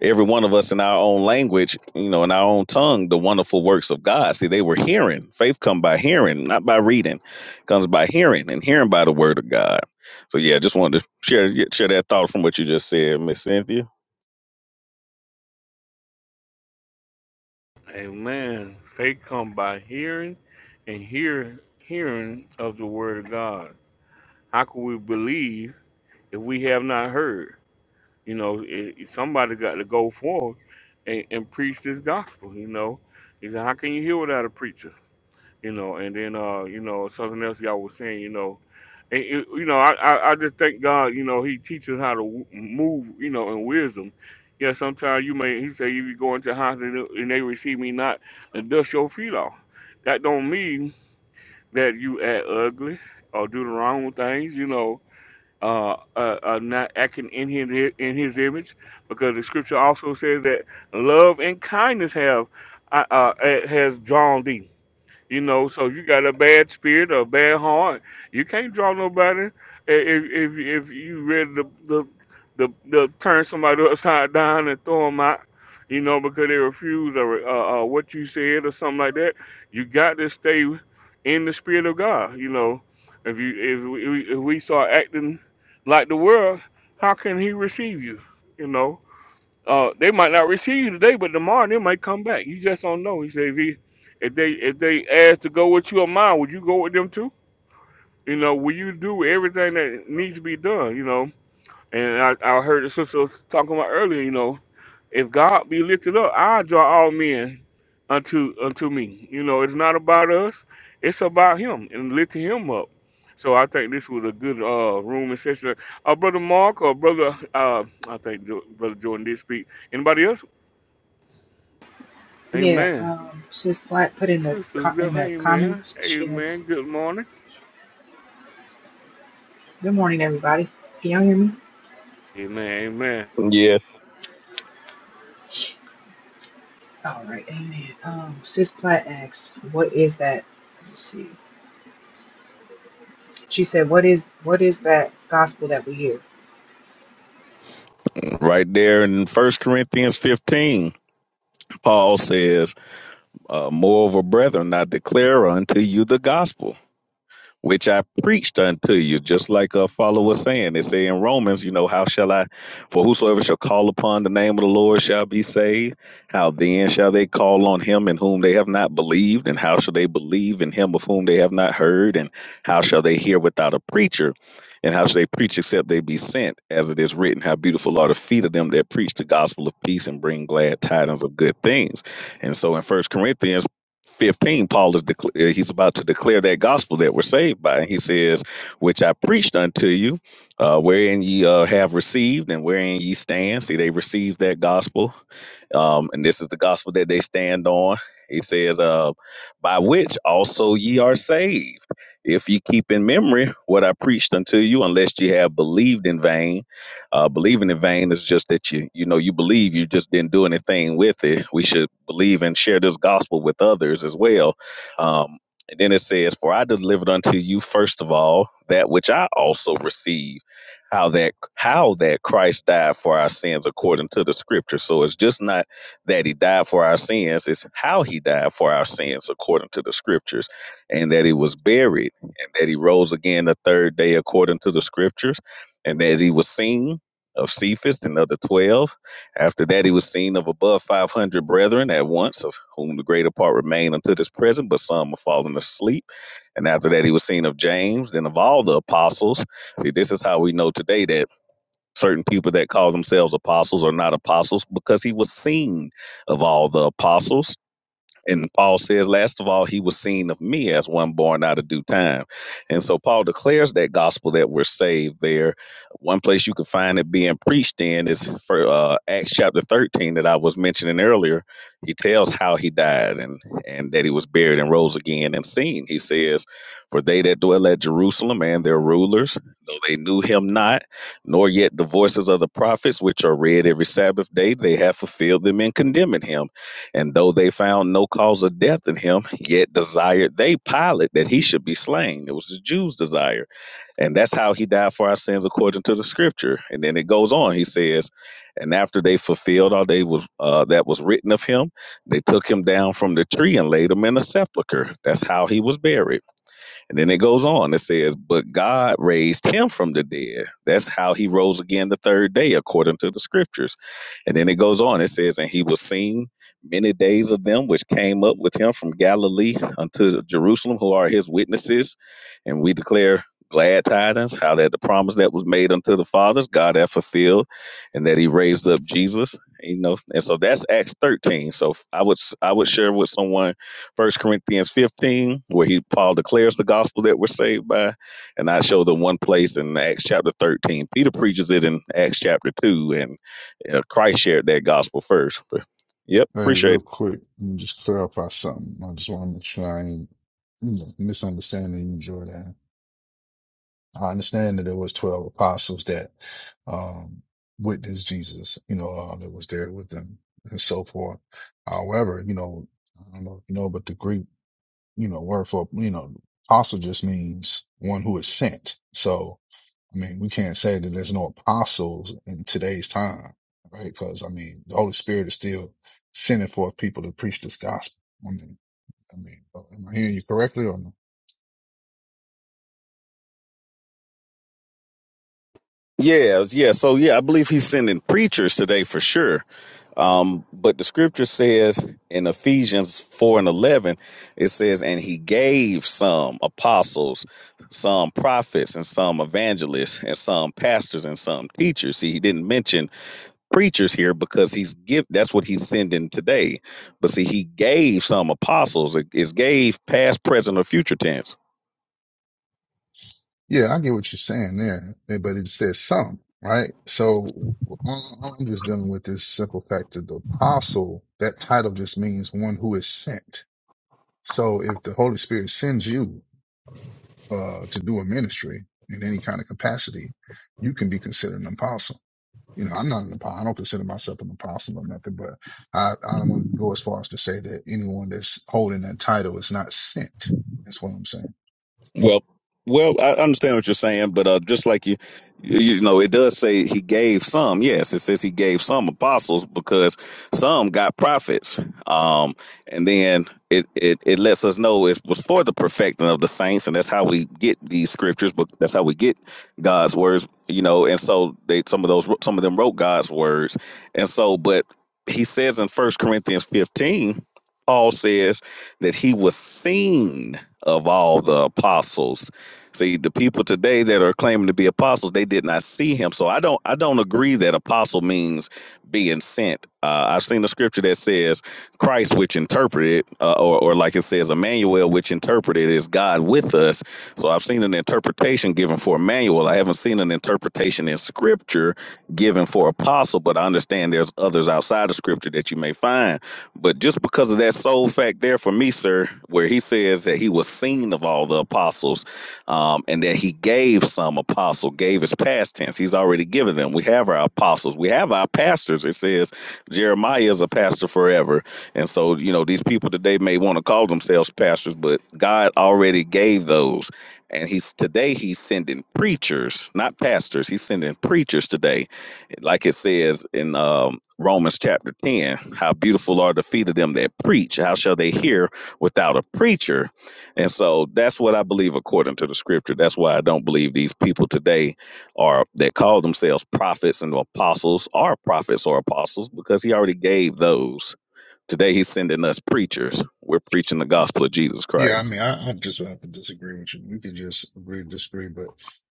S11: every one of us in our own language you know in our own tongue the wonderful works of god see they were hearing faith come by hearing not by reading comes by hearing and hearing by the word of god so yeah just wanted to share yeah, share that thought from what you just said miss cynthia
S1: Amen. Faith come by hearing, and hear hearing of the word of God. How can we believe if we have not heard? You know, it, it- somebody got to go forth and, and preach this gospel. You know, he said, "How can you hear without a preacher?" you know, and then uh, you know, something else y'all was saying, you know, and it, you know, I, I I just thank God, you know, He teaches how to w- move, you know, in wisdom. Yeah, sometimes you may He say if you go into house and, and they receive me not, and dust your feet off. That don't mean that you act ugly or do the wrong things, you know. Uh, uh, uh, not acting in his in his image, because the scripture also says that love and kindness have uh, uh, has drawn thee. You know, so you got a bad spirit or a bad heart, you can't draw nobody. I- If if if you ready to the the, the turn somebody upside down and throw them out, you know, because they refuse or uh, uh, what you said or something like that, you got to stay in the spirit of God. You know, if you if we, if we start acting like the world, how can He receive you? You know. Uh, they might not receive you today, but tomorrow they might come back. You just don't know. He said, if, he, if they if they ask to go with you or mine, would you go with them too? You know, will you do everything that needs to be done? You know, and I, I heard the sister was talking about earlier. You know, if God be lifted up, I draw all men unto unto me. You know, it's not about us; it's about Him and lifting Him up. So I think this was a good uh, room and session. Uh, brother Mark or brother, uh, I think Jo- brother Jordan did speak. Anybody else?
S12: Yeah,
S1: Amen.
S12: um, Sis Black put in the
S1: Sister
S12: co- in
S1: Zell,
S12: the
S1: amen.
S12: comments. She
S1: Amen.
S12: has
S1: Good morning.
S12: good morning, everybody. Can y'all hear me?
S1: Amen. Amen.
S11: Yeah,
S12: All right, amen. Um, Sis Platt asked, "What is that?" Let's see. She said, "What is what is that gospel that we hear?"
S11: right there in first corinthians 15 Paul says, uh, Moreover, brethren, I declare unto you the gospel which I preached unto you, just like a follower saying. It say in Romans, you know, how shall I, for whosoever shall call upon the name of the Lord shall be saved. How then shall they call on him in whom they have not believed? And how shall they believe in him of whom they have not heard? And how shall they hear without a preacher? And how shall they preach except they be sent? As it is written, how beautiful are the feet of them that preach the gospel of peace and bring glad tidings of good things. And so in First Corinthians, 15, Paul is decla- uh, he's about to declare that gospel that we're saved by. He says, "Which I preached unto you, uh, wherein ye uh, have received, and wherein ye stand." See, they received that gospel um, and this is the gospel that they stand on. He says, uh, "By which also ye are saved, if ye keep in memory what I preached unto you, unless ye have believed in vain." Uh, believing in vain is just that you you know you believe, you just didn't do anything with it. We should believe and share this gospel with others as well. Um, and then it says, "For I delivered unto you first of all that which I also received, how that." how that Christ died for our sins according to the scripture. So it's just not that he died for our sins, it's how he died for our sins according to the scriptures, and that he was buried, and that he rose again the third day according to the scriptures, and that he was seen of Cephas and other 12. After that, he was seen of above 500 brethren at once, of whom the greater part remain unto this present, but some are fallen asleep. And after that, he was seen of James, then of all the apostles. See, this is how we know today that certain people that call themselves apostles are not apostles because he was seen of all the apostles and Paul says, last of all, he was seen of me as one born out of due time. And so Paul declares that gospel that we're saved there. One place you can find it being preached in is for uh, Acts chapter 13 that I was mentioning earlier. He tells how he died and, and that he was buried and rose again and seen. He says, For they that dwell at Jerusalem and their rulers, though they knew him not, nor yet the voices of the prophets, which are read every Sabbath day, they have fulfilled them in condemning him. And though they found no cause of death in him, yet desired they Pilate that he should be slain. It was the Jews' desire. And that's how he died for our sins according to the scripture. And then it goes on, he says, and after they fulfilled all they was uh, that was written of him, they took him down from the tree and laid him in a sepulchre. That's how he was buried. And then it goes on. It says, But God raised him from the dead. That's how he rose again the third day, according to the scriptures. And then it goes on. It says, And he was seen many days of them which came up with him from Galilee unto Jerusalem, who are his witnesses. And we declare glad tidings, how that the promise that was made unto the fathers, God hath fulfilled, and that he raised up Jesus. You know, and so that's Acts 13. So I would I would share with someone First Corinthians 15, where he Paul declares the gospel that we're saved by. And I show them one place in Acts chapter 13. Peter preaches it in Acts chapter 2, and uh, Christ shared that gospel first. But, yep,
S3: Hey,
S11: appreciate
S3: real
S11: it.
S3: quick, let me just clarify something. I just want to make sure I ain't you know, misunderstanding you, Jordan. I understand that there was twelve apostles that um witnessed Jesus, you know, um, that was there with them and so forth. However, you know, I don't know if you know, but the Greek, you know, word for you know, apostle just means one who is sent. So I mean, we can't say that there's no apostles in today's time, right? Because I mean, the Holy Spirit is still sending forth people to preach this gospel. I mean, I mean, uh, am I hearing you correctly or no?
S11: Yeah, yeah. So yeah, I believe he's sending preachers today for sure. Um, but the scripture says in Ephesians four and eleven, it says, "And he gave some apostles, some prophets, and some evangelists, and some pastors, and some teachers." See, he didn't mention preachers here because he's give. That's what he's sending today. But see, he gave some apostles. It is gave past, present, or future tense
S3: Yeah, I get what you're saying there, eh, but it says some, right? So w- w- all- I'm just dealing with this simple fact that the apostle, that title just means one who is sent. So if the Holy Spirit sends you, uh, to do a ministry in any kind of capacity, you can be considered an apostle You know, I'm not an apostle. I don't consider myself an apostle or nothing, but I, I don't want to go as far as to say that anyone that's holding that title is not sent. That's what I'm saying.
S11: Well, well, I understand what you're saying, but uh, just like you, you you know, it does say he gave some. Yes, it says he gave some apostles because some got prophets. Um, and then it, it it lets us know it was for the perfecting of the saints, and that's how we get these scriptures. But that's how we get God's words, you know. And so they some of those some of them wrote God's words, and so but he says in First Corinthians 15, Paul says that he was seen of all the apostles. See, the people today that are claiming to be apostles, they did not see him. So I don't I don't agree that apostle means being sent. Uh, I've seen a scripture that says Christ, which interpreted, uh, or, or like it says Emmanuel, which interpreted is God with us. So I've seen an interpretation given for Emmanuel. I haven't seen an interpretation in scripture given for apostle, but I understand there's others outside of scripture that you may find. But just because of that sole fact there for me, sir, where he says that he was seen of all the apostles um, and that he gave some apostle, gave his past tense. He's already given them. We have our apostles, we have our pastors. It says Jeremiah is a pastor forever. And so, you know, these people today may want to call themselves pastors, but God already gave those. And he's today he's sending preachers, not pastors. He's sending preachers today. Like it says in um Romans chapter 10. How beautiful are the feet of them that preach. How shall they hear without a preacher? And so that's what I believe according to the scripture. That's why I don't believe these people today are that call themselves prophets and apostles are prophets or apostles because he already gave those. Today he's sending us preachers. We're preaching the gospel of Jesus Christ.
S3: Yeah, I mean, I, I just have to disagree with you. We could just agree, to disagree, but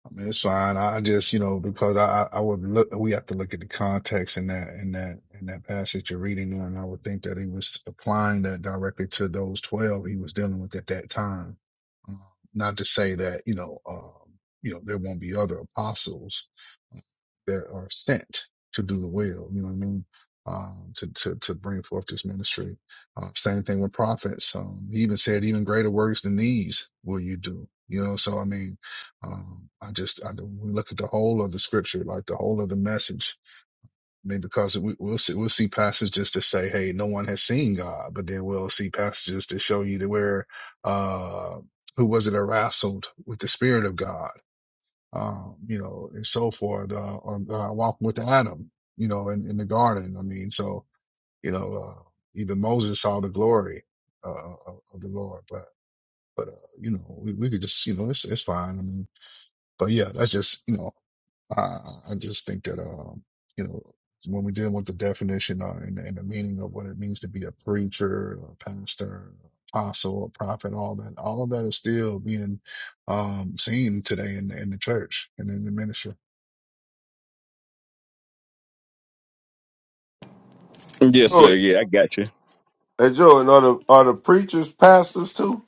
S3: I mean, it's fine. I just, you know, because I, I I would look, we have to look at the context in that, in that, in that passage you're reading there. And I would think that he was applying that directly to those 12 he was dealing with at that time. Um, not to say that, you know, um, you know, there won't be other apostles that are sent to do the will. You know what I mean? Um, to, to, to bring forth this ministry. Um, same thing with prophets. Um, he even said, even greater works than these will you do. You know, so I mean, um, I just, I, when we look at the whole of the scripture, like the whole of the message. I mean, because we, we'll see, we'll see passages that say, Hey, no one has seen God, but then we'll see passages that show you that where, uh, who was it that wrestled with the spirit of God? um, you know, and so forth, uh, on, uh, walking with Adam, you know, in, in the garden. I mean, so, you know, uh, even Moses saw the glory, uh, of, of the Lord, but, but, uh, you know, we, we could just, you know, it's, it's fine. I mean, but yeah, that's just, you know, I, I I just think that, um, you know, when we deal with the definition uh, and, and the meaning of what it means to be a preacher, a pastor, apostle, a prophet, all that, all of that is still being, um, seen today in, in the church and in the ministry.
S11: Yes,
S6: Joe,
S11: sir. Yeah, I got you.
S6: hey Joe, and are the are the preachers pastors too?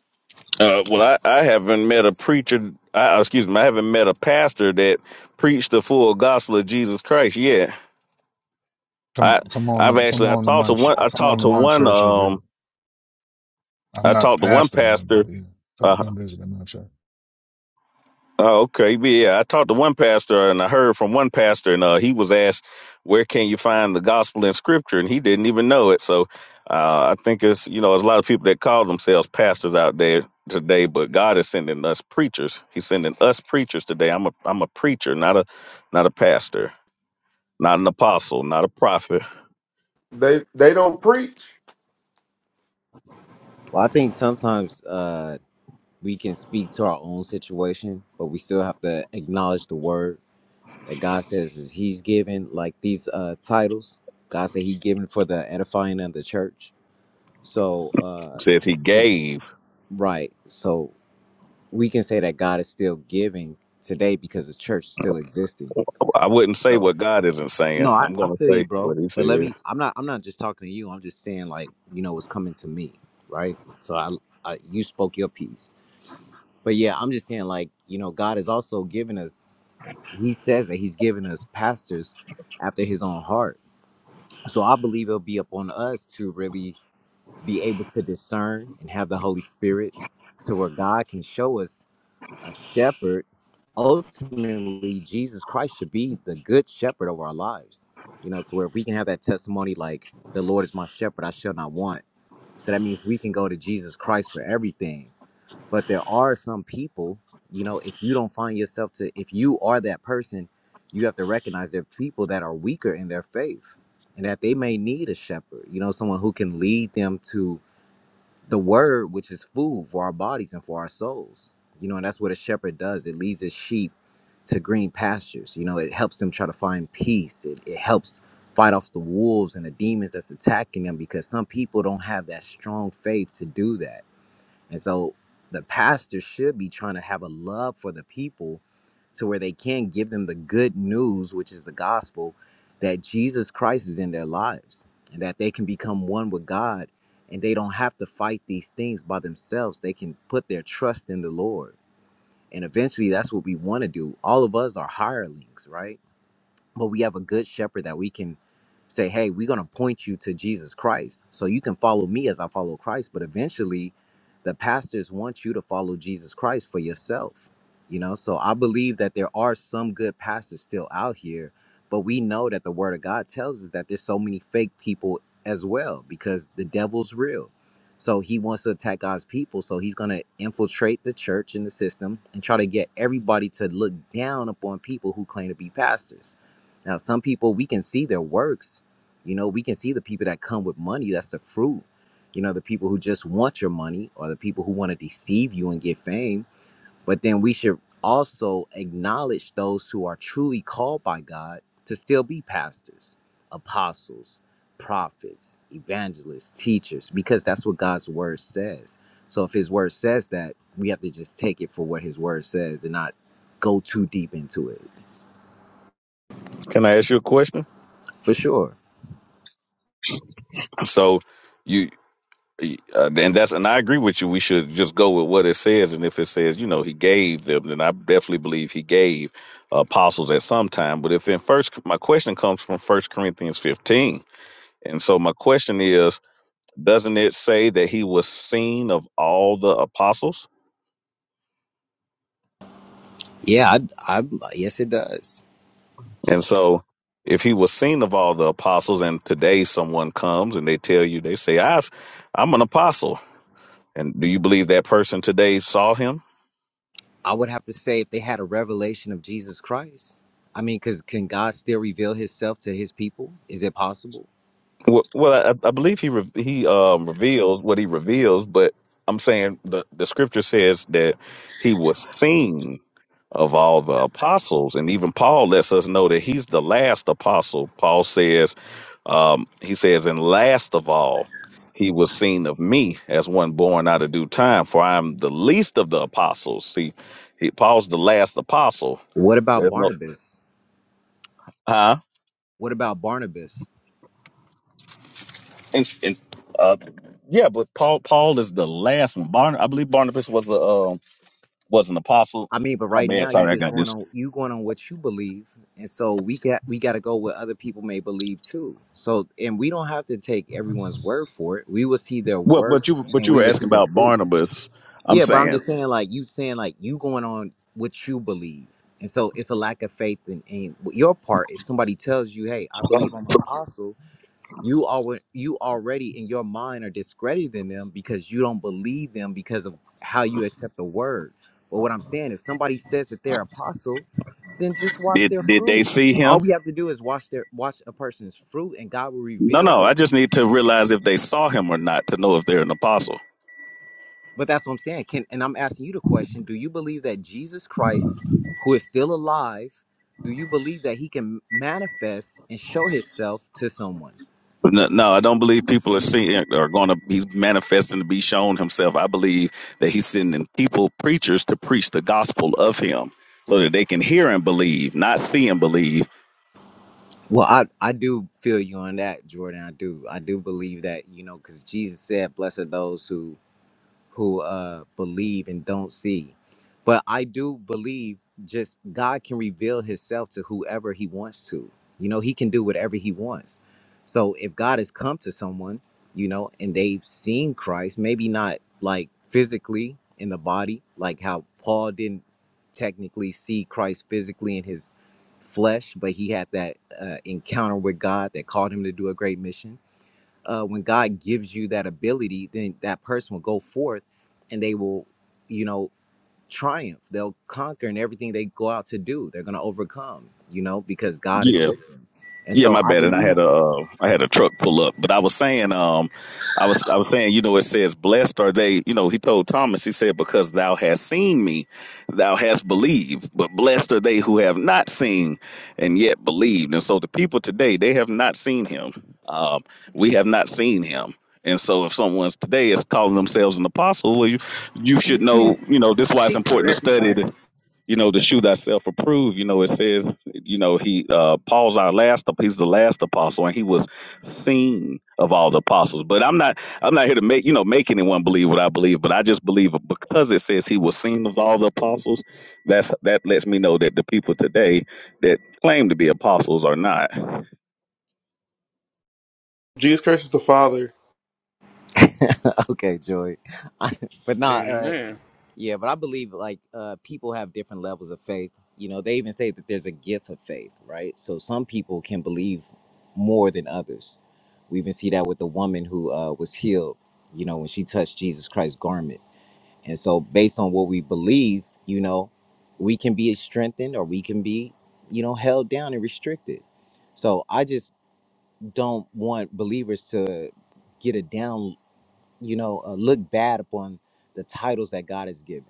S11: Uh, well, I, I haven't met a preacher. I, uh, excuse me, I haven't met a pastor that preached the full gospel of Jesus Christ yet.
S3: Come,
S11: I
S3: come
S11: I've
S3: on, come
S11: actually I
S3: on to
S11: talked to
S3: my, ch-
S11: one. I
S3: come on
S11: talked
S3: to
S11: to
S3: my
S11: one.
S3: church. A
S11: Um,
S3: bit. I'm
S11: I
S3: not the
S11: talked to one
S3: pastor in it, but
S11: pastor.
S3: you come,
S11: Uh,
S3: come visit in my church.
S11: oh, okay, yeah. I talked to one pastor, and I heard from one pastor, and uh, he was asked, "Where can you find the gospel in Scripture?" And he didn't even know it. So, uh, I think it's you know, there's a lot of people that call themselves pastors out there today, but God is sending us preachers. He's sending us preachers today. I'm a I'm a preacher, not a not a pastor, not an apostle, not a prophet.
S6: They they don't preach.
S9: well, I think sometimes uh, we can speak to our own situation, but we still have to acknowledge the word that God says is He's given, like these uh, titles. God said He given for the edifying of the church. So, uh,
S11: Says he
S9: if,
S11: gave.
S9: right. So we can say that God is still giving today because the church is still existing.
S11: I wouldn't say
S9: So
S11: what God isn't saying.
S9: no, I,
S11: I'm
S9: I
S11: going to
S9: feel you,
S11: say
S9: bro.
S11: what He
S9: But let
S11: said.
S9: me. I'm not. I'm not just talking to you. I'm just saying, like you know, what's coming to me, right? So I, I you spoke your piece but yeah i'm just saying like you know god has also given us He says that he's given us pastors after his own heart. So I believe it'll be up on us to really be able to discern and have the Holy Spirit to where God can show us a shepherd. Ultimately, Jesus Christ should be the good shepherd of our lives. You know, to where if we can have that testimony like, the Lord is my shepherd, I shall not want. So that means we can go to Jesus Christ for everything but there are some people you know if you don't find yourself to if you are that person you have to recognize there are people that are weaker in their faith and that they may need a shepherd you know someone who can lead them to the word which is food for our bodies and for our souls you know and that's what a shepherd does it leads his sheep to green pastures you know it helps them try to find peace it, it helps fight off the wolves and the demons that's attacking them because some people don't have that strong faith to do that and so the pastor should be trying to have a love for the people to where they can give them the good news, which is the gospel, that Jesus Christ is in their lives and that they can become one with God and they don't have to fight these things by themselves. They can put their trust in the Lord. And eventually that's what we want to do. All of us are hirelings, right? but we have a good shepherd that we can say hey we're going to point you to jesus christ so you can follow me as i follow christ but eventually the pastors want you to follow jesus christ for yourself you know so i believe that there are some good pastors still out here but we know that the word of god tells us that there's so many fake people as well because the devil's real so he wants to attack god's people so he's going to infiltrate the church and the system and try to get everybody to look down upon people who claim to be pastors now, some people we can see their works. You know, we can see the people that come with money. That's the fruit. You know, the people who just want your money or the people who want to deceive you and get fame. But then we should also acknowledge those who are truly called by God to still be pastors, apostles, prophets, evangelists, teachers, because that's what God's word says. So if his word says that, we have to just take it for what his word says and not go too deep into it.
S11: Can I ask you a question?
S9: For sure.
S11: So you uh, and that's and I agree with you. We should just go with what it says, and if it says you know he gave them, then I definitely believe he gave apostles at some time. But if in first, my question comes from First Corinthians fifteen, and so my question is, doesn't it say that he was seen of all the apostles?
S9: Yeah, I, I, yes, it does.
S11: And so. If he was seen of all the apostles, and today someone comes and they tell you, they say, "I've, I'm an apostle," and do you believe that person today saw him?
S9: I would have to say if they had a revelation of Jesus Christ. I mean, because can God still reveal Himself to His people? Is it possible?
S11: Well, well, I, I believe he re- he um, revealed what he reveals, but I'm saying the the scripture says that he was seen of all the apostles, and even Paul lets us know that he's the last apostle. Paul says, um, he says, and last of all, he was seen of me as one born out of due time, for I am the least of the apostles. See, he, Paul's the last apostle.
S9: What about
S11: There's no,
S9: Barnabas?
S11: huh?
S9: What about Barnabas?
S11: and, and uh, yeah, but Paul Paul is the last one. Barn, I believe Barnabas was a um, was an apostle.
S9: I mean, but
S11: My
S9: right
S11: bad.
S9: now you
S11: Sorry, I
S9: just
S11: got
S9: going
S11: this.
S9: on you going on what you believe, and so we got we got to go what other people may believe too. So, and we don't have to take everyone's word for it. We will see their
S11: Well, but you
S9: works,
S11: but
S9: and
S11: you
S9: we
S11: were
S9: will see
S11: asking
S9: their
S11: about
S9: fruit.
S11: Barnabas. I'm
S9: Yeah, but I'm
S11: saying,
S9: just saying, like you saying, like you going on what you believe, and so it's a lack of faith in, in your part. If somebody tells you, "Hey, I believe I'm an apostle," you already you already in your mind are discrediting them because you don't believe them because of how you accept the word. But what I'm saying, if somebody says that they're apostle, then just watch
S11: did
S9: their
S11: did they
S9: fruit.
S11: see
S9: All we
S11: him?
S9: have to do is watch their watch a person's fruit, and God will
S11: No,
S9: reveal.
S11: no. I just need to realize if they saw him or not to know if they're an apostle.
S9: But that's what I'm saying. Can and I'm asking you the question: Do you believe that Jesus Christ, who is still alive, do you believe that he can manifest and show himself to someone?
S11: But No, no, I don't believe people are seeing are going to be manifesting to be shown himself. I believe that he's sending people, preachers, to preach the gospel of him, so that they can hear and believe, not see and believe.
S9: Well, I I do feel you on that, Jordan. I do. I do believe that you know because Jesus said, "Blessed are those who." who uh believe and don't see but i do believe just god can reveal himself to whoever he wants to you know he can do whatever he wants so if god has come to someone you know and they've seen christ maybe not like physically in the body like how paul didn't technically see christ physically in his flesh but he had that uh, encounter with god that called him to do a great mission uh, when God gives you that ability, then that person will go forth and they will, you know, triumph. They'll conquer in everything they go out to do. They're going to overcome, you know, because God
S11: Yeah.
S9: is with them. And
S11: Yeah,
S9: so
S11: my
S9: I,
S11: bad.
S9: be-
S11: And I had a uh, I had a truck pull up, but I was saying, um, I was I was saying, you know, it says, "Blessed are they." You know, he told Thomas, he said, "Because thou hast seen me, thou hast believed." But blessed are they who have not seen and yet believed. And so, the people today, they have not seen him. Um, we have not seen him. And so, if someone's today is calling themselves an apostle, well, you you should
S12: You
S11: know.
S12: can't
S11: You know, this is why it's
S12: speak for
S11: important to study
S12: everybody.
S11: you know, the shoe thyself approved. You know, it says, you know, he uh Paul's our last he's the last apostle and he was seen of all the apostles. But I'm not I'm not here to make you know make anyone believe what I believe, but I just believe because it says he was seen of all the apostles, that's that lets me know that the people today that claim to be apostles are not.
S4: Jesus Christ is the Father,
S9: okay, Joy, I, but not, uh,
S1: Amen.
S9: yeah, but I believe like uh, people have different levels of faith. You know, they even say that there's a gift of faith, right? So some people can believe more than others. We even see that with the woman who uh, was healed, you know, when she touched Jesus Christ's garment And so, based on what we believe, you know, we can be strengthened or we can be, you know, held down and restricted. So, I just don't want believers to get a down, you know, uh, look bad upon the titles that God has given.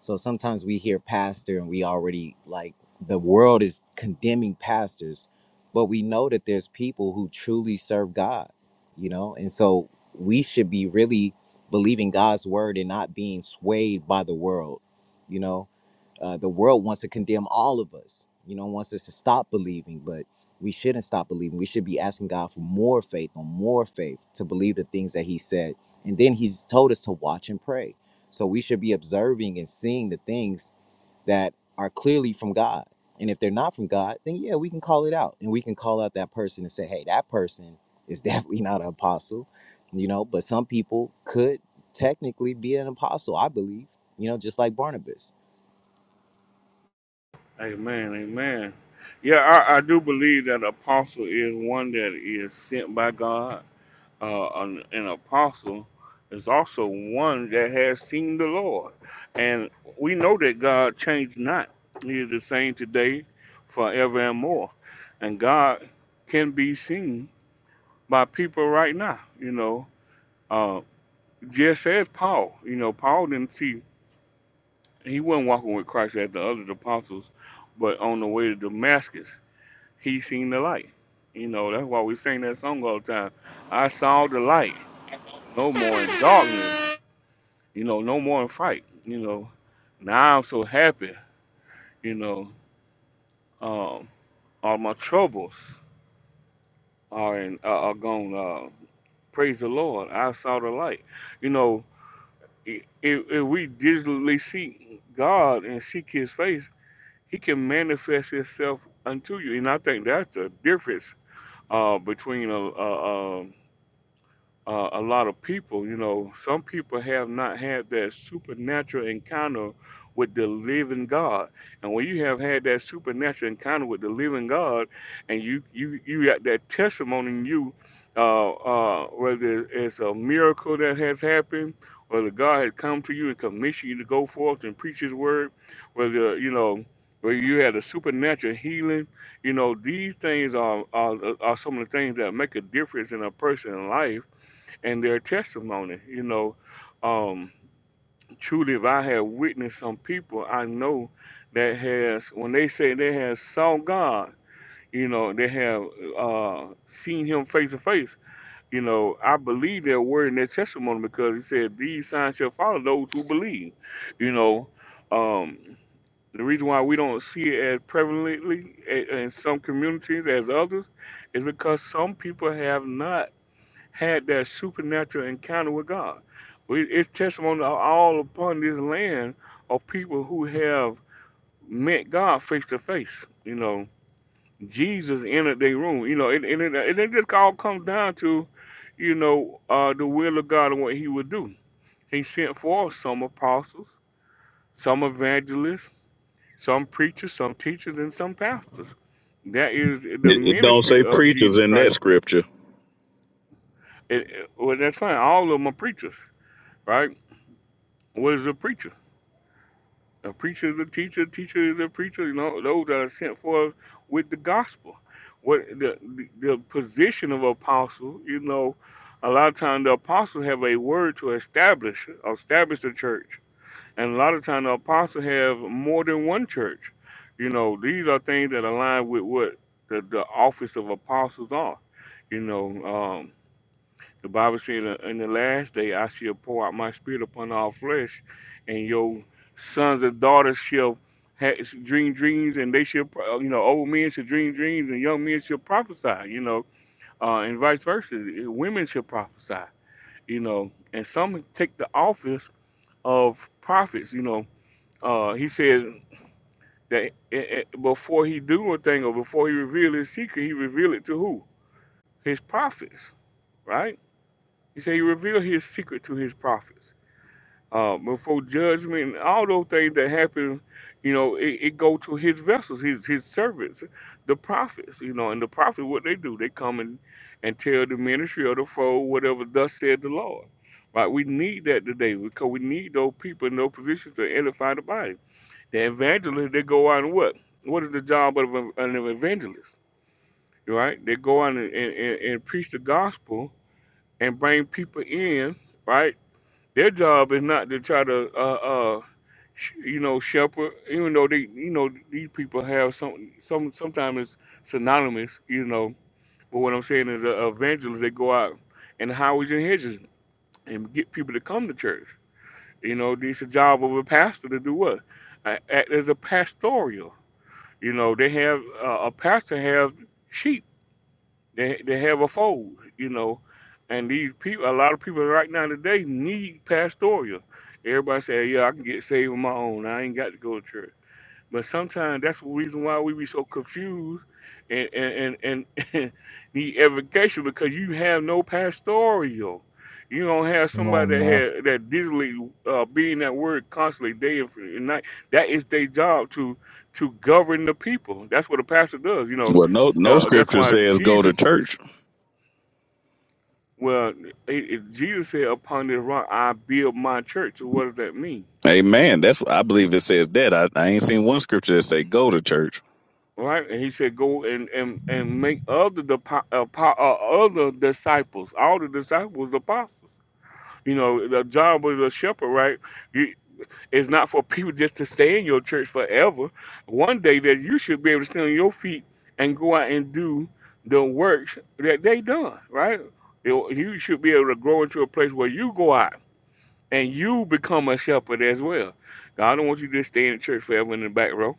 S9: So sometimes we hear pastor and we already like the world is condemning pastors, but we know that there's people who truly serve God, you know? And so we should be really believing God's word and not being swayed by the world, you know? Uh, the world wants to condemn all of us, you know, wants us to stop believing, but we shouldn't stop believing. We should be asking God for more faith, on more faith to believe the things that He said. And then He's told us to watch and pray so we should be observing and seeing the things that are clearly from God. And if they're not from God, then yeah, we can call it out and we can call out that person and say, hey, that person is definitely not an apostle, you know, but some people could technically be an apostle, I believe, you know, just like Barnabas.
S1: Amen. Amen. Yeah, I, I do believe that apostle is one that is sent by God. Uh, an, an apostle is also one that has seen the Lord. And we know that God changed not. He is the same today, forever and more. And God can be seen by people right now, you know. Uh, just as Paul. You know, Paul didn't see he wasn't walking with Christ as the other apostles, but on the way to Damascus, he seen the light. You know, that's why we sing that song all the time. I saw the light, no more in darkness, you know, no more in fright, you know. Now I'm so happy, you know, um, all my troubles are in, are are gone. Uh, praise the Lord, I saw the light. You know, i- if, if we diligently seek God and seek His face, He can manifest Himself unto you, and I think that's the difference uh, between a, a, a uh, a lot of people. You know, some people have not had that supernatural encounter with the living God. And when you have had that supernatural encounter with the living God, and you you you got that testimony in you, uh, uh, whether it's a miracle that has happened, whether God has come to you and commissioned you to go forth and preach His word, whether you know. whether you had a supernatural healing, you know these things are, are are some of the things that make a difference in a person's life and their testimony. You know, um, truly, if I have witnessed some people I know that has, when they say they have saw God, you know, they have uh, seen Him face to face. You know, I believe their word and their testimony because He said, "These signs shall follow those who believe." You know, um, the reason why we don't see it as prevalently i- in some communities as others is because some people have not had that supernatural encounter with God. We, it's testimony all upon this land of people who have met God face to face. You know, Jesus entered their room. You know, and, and, it, and it just all comes down to, you know, uh, the will of God and what He would do. He sent forth some apostles, some evangelists, some preachers, some teachers, and some pastors. That is the
S11: It, it don't
S1: ministry
S11: say
S1: of
S11: preachers
S1: Jesus
S11: in that
S1: Christ.
S11: scripture.
S1: it- well, that's fine. All of them are preachers, right? What is a preacher? A preacher is a teacher. A teacher is a preacher. You know, those that are sent forth with the gospel. What the, the the position of apostle? You know, a lot of times the apostle have a word to establish establish the church, and a lot of times the apostle have more than one church. You know, these are things that align with what the, the office of apostles are. You know, um, the Bible said, "Uh, "In the last day I shall pour out my spirit upon all flesh, and your sons and daughters shall ha dream dreams, and they shall, pro- uh, you know, old men shall dream dreams, and young men shall prophesy, you know, uh, and vice versa. Uh, Women shall prophesy, you know, and some take the office of prophets, you know. Uh, he says that eh, eh, before he do a thing or before he reveal his secret, he reveal it to who? His prophets, right? He said he revealed his secret to his prophets. uh, before judgment, all those things that happen, you know, it, it go to his vessels, his his servants, the prophets, you know, and the prophets what they do, they come and and tell the ministry of the fold whatever thus said the Lord. Right, we need that today because we need those people in those positions to edify the body. The evangelists, they go out and what? What is the job of an an evangelist? Right, they go out and, and, and, and preach the gospel and bring people in. Right, their job is not to try to, uh, uh, sh- you know, shepherd. Even though they, you know, these people have some, some, sometimes it's synonymous, you know. But what I'm saying is, uh, evangelists they go out in the highways and hedges and get people to come to church. You know, it's a job of a pastor to do what? Uh, act as a pastoral. You know, they have uh, a pastor have sheep they they have a fold, you know. And these people, a lot of people right now today need pastoral. Everybody say, yeah, I can get saved on my own. I ain't got to go to church. But sometimes that's the reason why we be so confused and and and, and need education because you have no pastoral. You don't have
S3: Come
S1: somebody
S3: on,
S1: that
S3: love.
S1: had that digitally uh, being that word constantly day and night. That is their job to to govern the people. That's what a pastor does. You know,
S11: Well, no, no
S1: uh, that's
S11: scripture
S1: why
S11: says go
S1: Jesus.
S11: to church.
S1: Well, it, it, Jesus said, "Upon this rock I build my church." So what does that mean,
S11: Amen. That's what I believe it says that. I, I ain't seen one scripture that say go to church.
S1: right? And he said, "Go and and, and make other depo- uh, po- uh, other disciples. All the disciples apostles. You know, the job of a shepherd, right? You, it's not for people just to stay in your church forever. One day that you should be able to stand on your feet and go out and do the works that they done, right? You you should be able to grow into a place where you go out." and you become a shepherd as well. God don't want you to just stay in the church forever in the back row.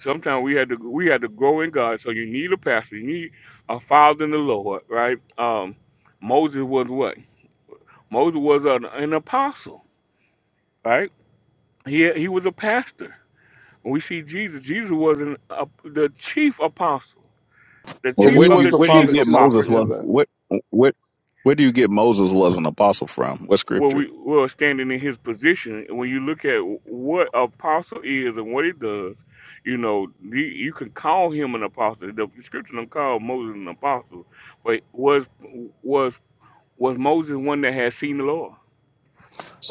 S1: Sometimes we had to we had to grow in God. So you need a pastor, you need a father in the Lord, right? Um, Moses was what? Moses was an, an apostle, right? He he was a pastor. we see Jesus, Jesus was an, a, the chief apostle, the
S11: Well,
S4: and
S1: chief
S4: He
S11: where do
S1: of
S11: you
S4: was
S1: the
S4: the
S11: where do you
S1: chief
S4: Father
S11: get
S4: too. Don't
S11: Moses
S1: apostles.
S4: forget
S11: was
S4: that.
S11: what what where do you get Moses was an apostle from? What
S1: well,
S11: scripture?
S1: we were standing in his position. and When you look at what apostle is and what he does, you know you, you can call him an apostle. The scripture don't call Moses an apostle, but was was was Moses one that had seen the Lord?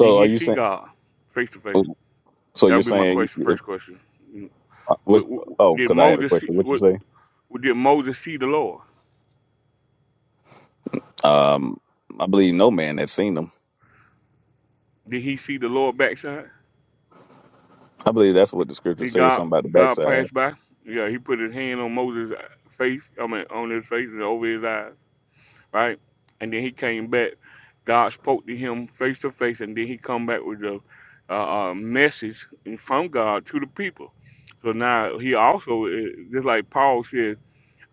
S1: Did
S11: are
S1: he
S11: you
S1: see
S11: saying?
S1: God face to face?
S11: So
S1: That
S11: you're
S1: would be my
S11: saying
S1: question.
S11: if
S1: First question:
S11: uh, what? Oh,
S1: Did
S11: because I had a
S1: Moses see?
S11: question. What you
S1: What,
S11: say?
S1: did Moses see the Lord?
S11: Um, I believe no man has seen them.
S1: Did he see the Lord backside?
S11: I believe that's what the scripture
S1: Did
S11: says.
S1: God
S11: Something about the
S1: God
S11: backside.
S1: pass by? Yeah, he put his hand on Moses' face, I mean on his face and over his eyes, right? And then he came back. God spoke to him face to face, and then he come back with a, uh, uh message from God to the people. So now he also, uh, just like Paul says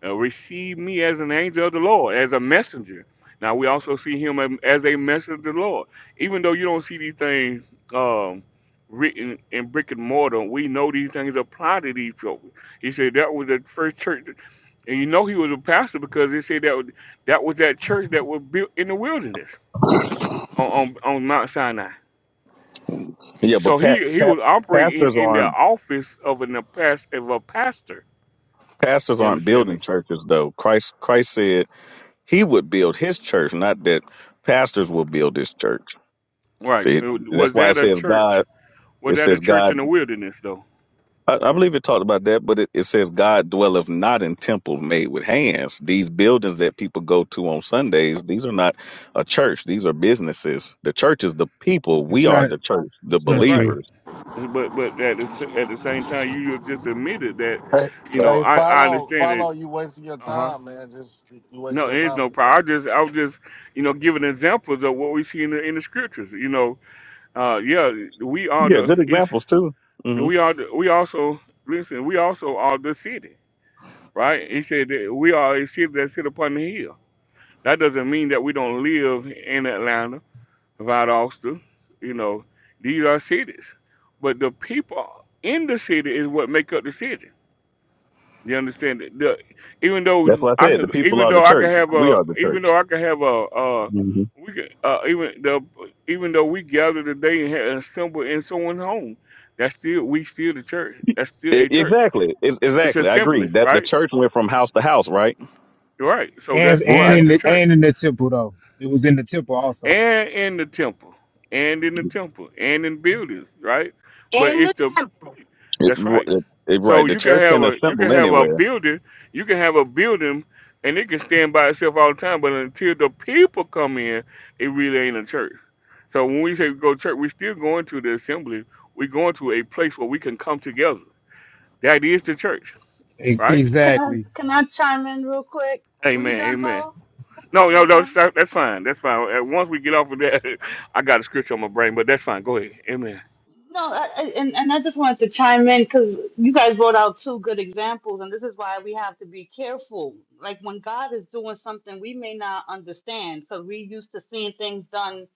S1: uh, receive me as an angel of the Lord, as a messenger. Now we also see him am- as a messenger of the Lord. Even though you don't see these things um, written in brick and mortar, we know these things apply to these people. He said that was the first church, and you know he was a pastor because he said that was, that was that church that was built in the wilderness on on, on Mount Sinai.
S11: Yeah, but
S1: So
S11: pat,
S1: he he
S11: pat,
S1: was operating in,
S11: pastors
S1: in the
S11: aren't
S1: office of an of a pastor.
S11: pastors
S1: You
S11: aren't
S1: understand
S11: building
S1: me?
S11: churches though. Christ Christ said he would build his church, not that pastors will build this church.
S1: Right?
S11: See,
S1: Uh,
S11: that's
S1: Was
S11: why it
S1: that a
S11: says
S1: church?
S11: God.
S1: Was
S11: It
S1: that a
S11: says
S1: church in
S11: God.
S1: the wilderness, though.
S11: I, I believe it talked about that, but it, it says God dwelleth not in temples made with hands. These buildings that people go to on Sundays, these are not a church. These are businesses. The church is the people.
S5: It's
S11: We are
S5: not.
S11: the church, the
S5: It's not
S1: That's right.
S5: true.
S11: believers.
S1: But but at the s- at the same time, you just admitted that,
S13: Hey,
S1: you know,
S13: hey,
S1: I I
S13: follow,
S1: understand it.
S13: follow. You wasting your
S1: Uh huh.
S13: time, man. Just you wasting
S1: No,
S13: your
S1: there's
S13: time.
S1: no
S13: with that.
S1: problem. I just I was just you know giving examples of what we see in the in the scriptures. You know, uh, yeah, we are
S11: Yeah, good
S1: the it's
S11: examples too. hmm
S1: we are the, we also listen. We also are the city, right? He said that we are a city that sit upon the hill. That doesn't mean that we don't live in Atlanta Valdosta, you know, these are cities. But the people in the city is what make up the city. You understand? that The, even
S11: That's
S1: though
S11: what I
S1: I
S11: said. The
S1: can,
S11: people
S1: even
S11: are the
S1: though I can
S11: church.
S1: have
S11: We
S1: a,
S11: are the
S1: even
S11: church.
S1: though I can have a, uh,
S11: hmm
S1: we can uh, even the, even though we gather today and have assemble in someone's home, that's still we still the church.
S11: E-
S1: That's still a church.
S11: Exactly. Ex-
S1: It's
S11: Exactly. I agree
S1: assembly,
S11: that the
S1: right?
S11: church went from house to house, right?
S1: Right. So that's
S5: And and
S11: Right.
S5: in
S1: that's the
S5: the
S1: church,
S5: and in the temple though. It was in the temple also.
S1: and in the temple, and in the temple, and in buildings, right? But it's the
S11: It-
S1: That's right.
S11: it-
S1: So
S11: right. The
S1: you can
S11: church
S1: have
S11: can
S1: a you can
S11: assemble
S1: have a
S11: anywhere.
S1: building, you can have a building, and it can stand by itself all the time. But until the people come in, it really ain't a church. So when we say go to church, we still going to the assembly. we are going to a place where we can come together. That is the church,
S5: E-
S1: right?
S10: Can I,
S5: Exactly.
S10: can I chime in real quick? Were you
S1: Amen.
S10: done,
S1: Amen.
S10: Bo?
S1: No,
S10: Were
S1: no,
S10: you
S1: no.
S10: done?
S1: That's that's fine. That's fine. Uh, Once we get off of that, I got a scripture on my brain, but that's fine. Go ahead. Amen.
S10: No, I, I- and and I just wanted to chime in because you guys brought out two good examples, and this is why we have to be careful. Like when God is doing something, we may not understand because we're used to seeing things done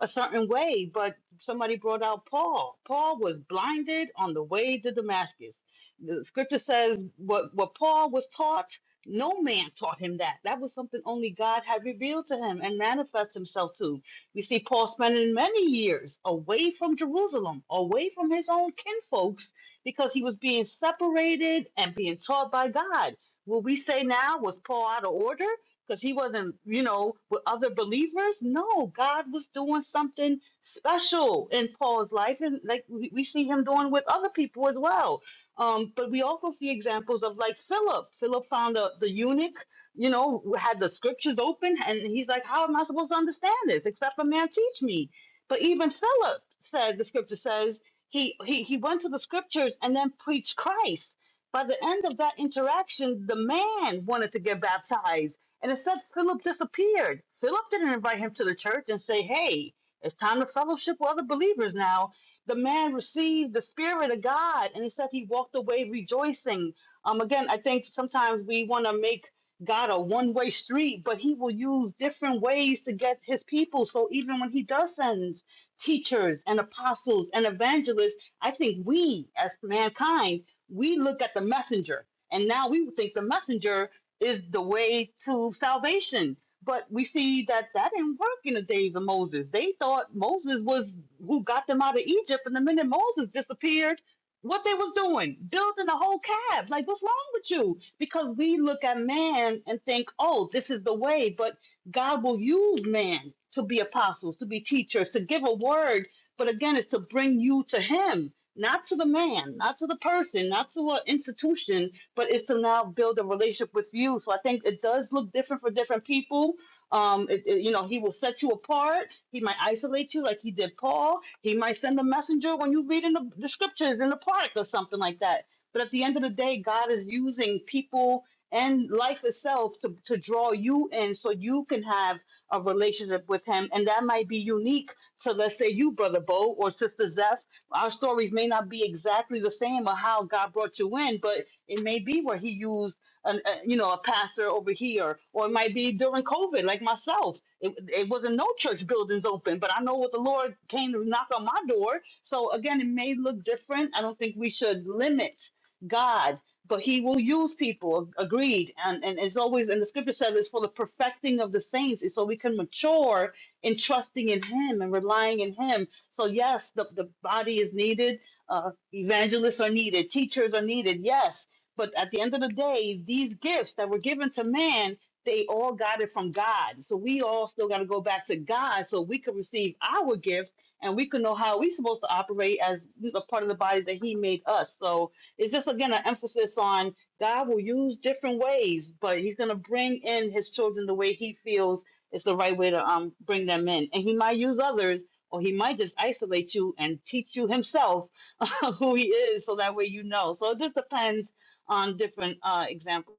S10: a certain way. But somebody brought out Paul. Paul was blinded on the way to Damascus. The scripture says what what Paul was taught, no man taught him that. That was something only God had revealed to him and manifest himself to. We see Paul spending many years away from Jerusalem, away from his own kinfolks, because he was being separated and being taught by God. Will we say now, was Paul out of order? Because he wasn't, you know, with other believers? No, God was doing something special in Paul's life, and like we we see him doing with other people as well. Um, but we also see examples of like Philip. Philip found the, the eunuch you know, had the scriptures open, and he's like, How am I supposed to understand this except a man teach me? But even Philip said, the scripture says, he, he, he went to the scriptures and then preached Christ. By the end of that interaction, the man wanted to get baptized. And it said Philip disappeared. Philip didn't invite him to the church and say, Hey, it's time to fellowship with other believers now. The man received the Spirit of God, and he said he walked away rejoicing um, again, I think sometimes we want to make God a one way street, but he will use different ways to get his people. So even when he does send teachers and apostles and evangelists, I think we as mankind, we look at the messenger and now we would think the messenger is the way to salvation. But we see that that didn't work in the days of Moses. They thought Moses was who got them out of Egypt, and the minute Moses disappeared, what they was doing? Building a whole calf. Like what's with you? Because we look at man and think, oh, this is the way, but God will use man to be apostles, to be teachers, to give a word. But again, it's to bring you to him, not to the man, not to the person, not to an institution, but it's to now build a relationship with you. So I think it does look different for different people. Um, it, it- you know, he will set you apart. He might isolate you like he did Paul. He might send a messenger when you read in the, the scriptures in the park or something like that. But at the end of the day, God is using people and life itself to, to draw you in so you can have a relationship with Him. And that might be unique to, let's say, you, Brother Bo or Sister Zeph. Our stories may not be exactly the same or how God brought you in, but it may be where He used. An, a, you know, a pastor over here, or it might be during COVID, like myself. It, it wasn't no church buildings open, but I know what the Lord came to knock on my door. So again, it may look different. I don't think we should limit God, but he will use people, ag- agreed. And, and it's always, and the scripture says it's for the perfecting of the saints, it's so we can mature in trusting in him and relying in him. So, yes, the, the body is needed, uh, evangelists are needed, teachers are needed, yes. But at the end of the day, these gifts that were given to man, they all got it from God. So we all still got to go back to God so we can receive our gift and we can know how we're supposed to operate as a part of the body that He made us. So, it's just again an emphasis on God will use different ways, but He's gonna bring in His children the way He feels is the right way to um bring them in, and He might use others, or He might just isolate you and teach you Himself who He is, so that way you know. So it just depends on different uh examples.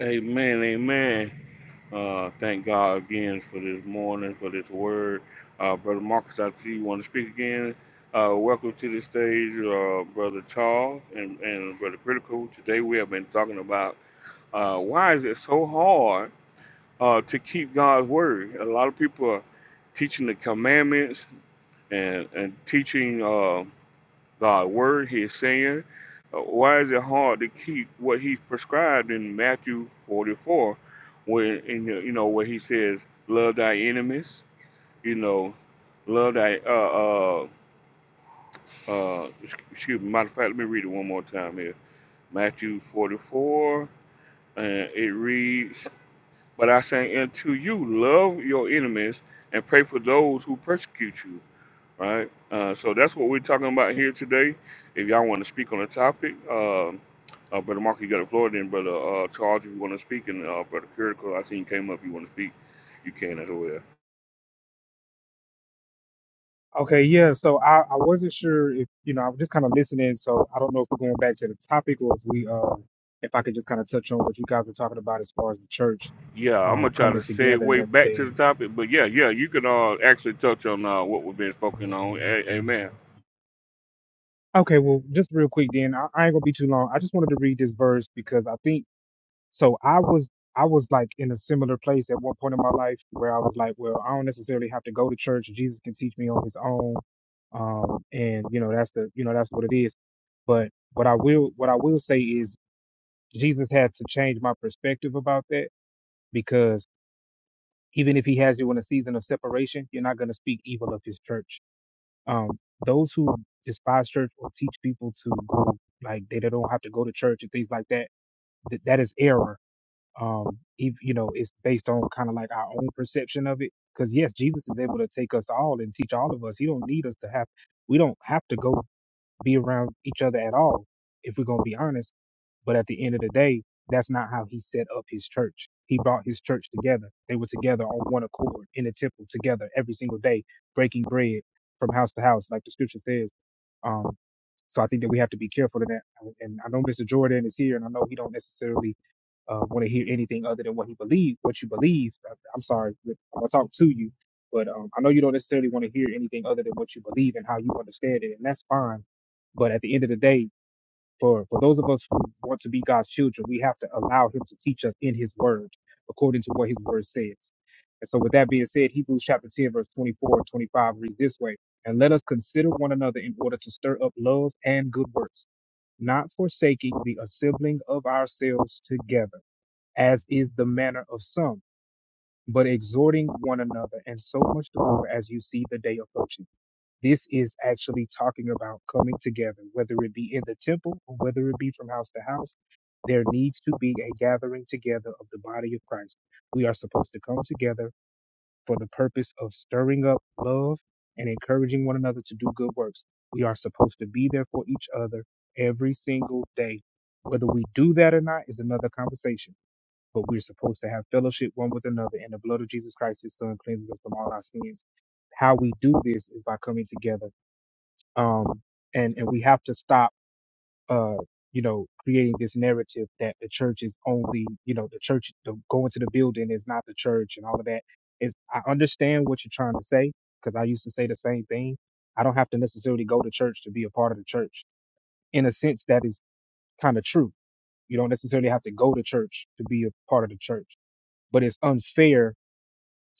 S1: Amen. Amen. Uh, thank God again for this morning, for this word. Uh, Brother Marcus, I see you want to speak again. Uh, welcome to the stage, uh, Brother Charles and, and Brother Critical. Today we have been talking about uh, why is it so hard uh, to keep God's word? A lot of people are teaching the commandments and, and teaching. uh, God's word, his saying. Uh, Why is it hard to keep what he prescribed in Matthew 44, where in, the- you know where he says, "Love thy enemies," you know, love thy uh uh uh. Excuse me. Matter of fact, let me read it one more time here. Matthew 44, and it reads, "But I say unto you, love your enemies and pray for those who persecute you." All right? Uh, so that's what we're talking about here today. If y'all want to speak on the topic, uh, uh, Brother Mark, you got the floor. Then Brother uh, Charles, if you want to speak, and uh, Brother Critical, I seen you came up. You want to speak, you can as well.
S5: Okay, yeah, so I, I wasn't sure if you know, I was just kind of listening, so I don't know if we're going back to the topic or if we uh if I could just kind of touch on what you guys were talking about as far as the church
S1: Yeah, I'm
S5: um
S1: gonna try to
S5: coming together and
S1: segue back to the
S5: everything.
S1: topic, but yeah, yeah, you can uh, actually touch on uh, what we've been focusing on. A- amen.
S5: Okay, well just real quick then, I, I ain't gonna be too long. I just wanted to read this verse because I think So I was I was like in a similar place at one point in my life where I was like, well, I don't necessarily have to go to church. Jesus can teach me on his own. Um, and you know, that's the you know, that's what it is. But what I will what I will say is Jesus had to change my perspective about that because even if he has you in a season of separation, you're not going to speak evil of his church. Um, those who despise church or teach people to go like they they don't have to go to church and things like that, th- that is error um if you know it's based on kind of like our own perception of it because yes jesus is able to take us all and teach all of us he don't need us to have we don't have to go be around each other at all, if we're going to be honest. But at the end of the day, that's not how he set up his church. He brought his church together. They were together on one accord in a temple together every single day, breaking bread from house to house, like the scripture says. Um, so I think that we have to be careful of that. And I know Mr. Jordan is here, and I know he don't necessarily uh, want to hear anything other than what he believes, what you believe. I- I'm sorry, I'm gonna talk to you, but um, I know you don't necessarily want to hear anything other than what you believe and how you understand it, and that's fine. But at the end of the day, for, for those of us who want to be God's children, we have to allow Him to teach us in His Word, according to what His Word says. And so, with that being said, Hebrews chapter 10, verse 24 and 25 reads this way And let us consider one another in order to stir up love and good works, not forsaking the assembling of ourselves together, as is the manner of some, but exhorting one another, and so much the more as you see the day approaching. This is actually talking about coming together, whether it be in the temple or whether it be from house to house. There needs to be a gathering together of the body of Christ. We are supposed to come together for the purpose of stirring up love and encouraging one another to do good works. We are supposed to be there for each other every single day. Whether we do that or not is another conversation, but we're supposed to have fellowship one with another, and the blood of Jesus Christ, his son, cleanses us from all our sins how we do this is by coming together um, and and we have to stop, uh, you know, creating this narrative that the church is only, you know, the church the, going to the building is not the church and all of that. Is I understand what you're trying to say because I used to say the same thing. I don't have to necessarily go to church to be a part of the church. In a sense, that is kind of true. You don't necessarily have to go to church to be a part of the church, but it's unfair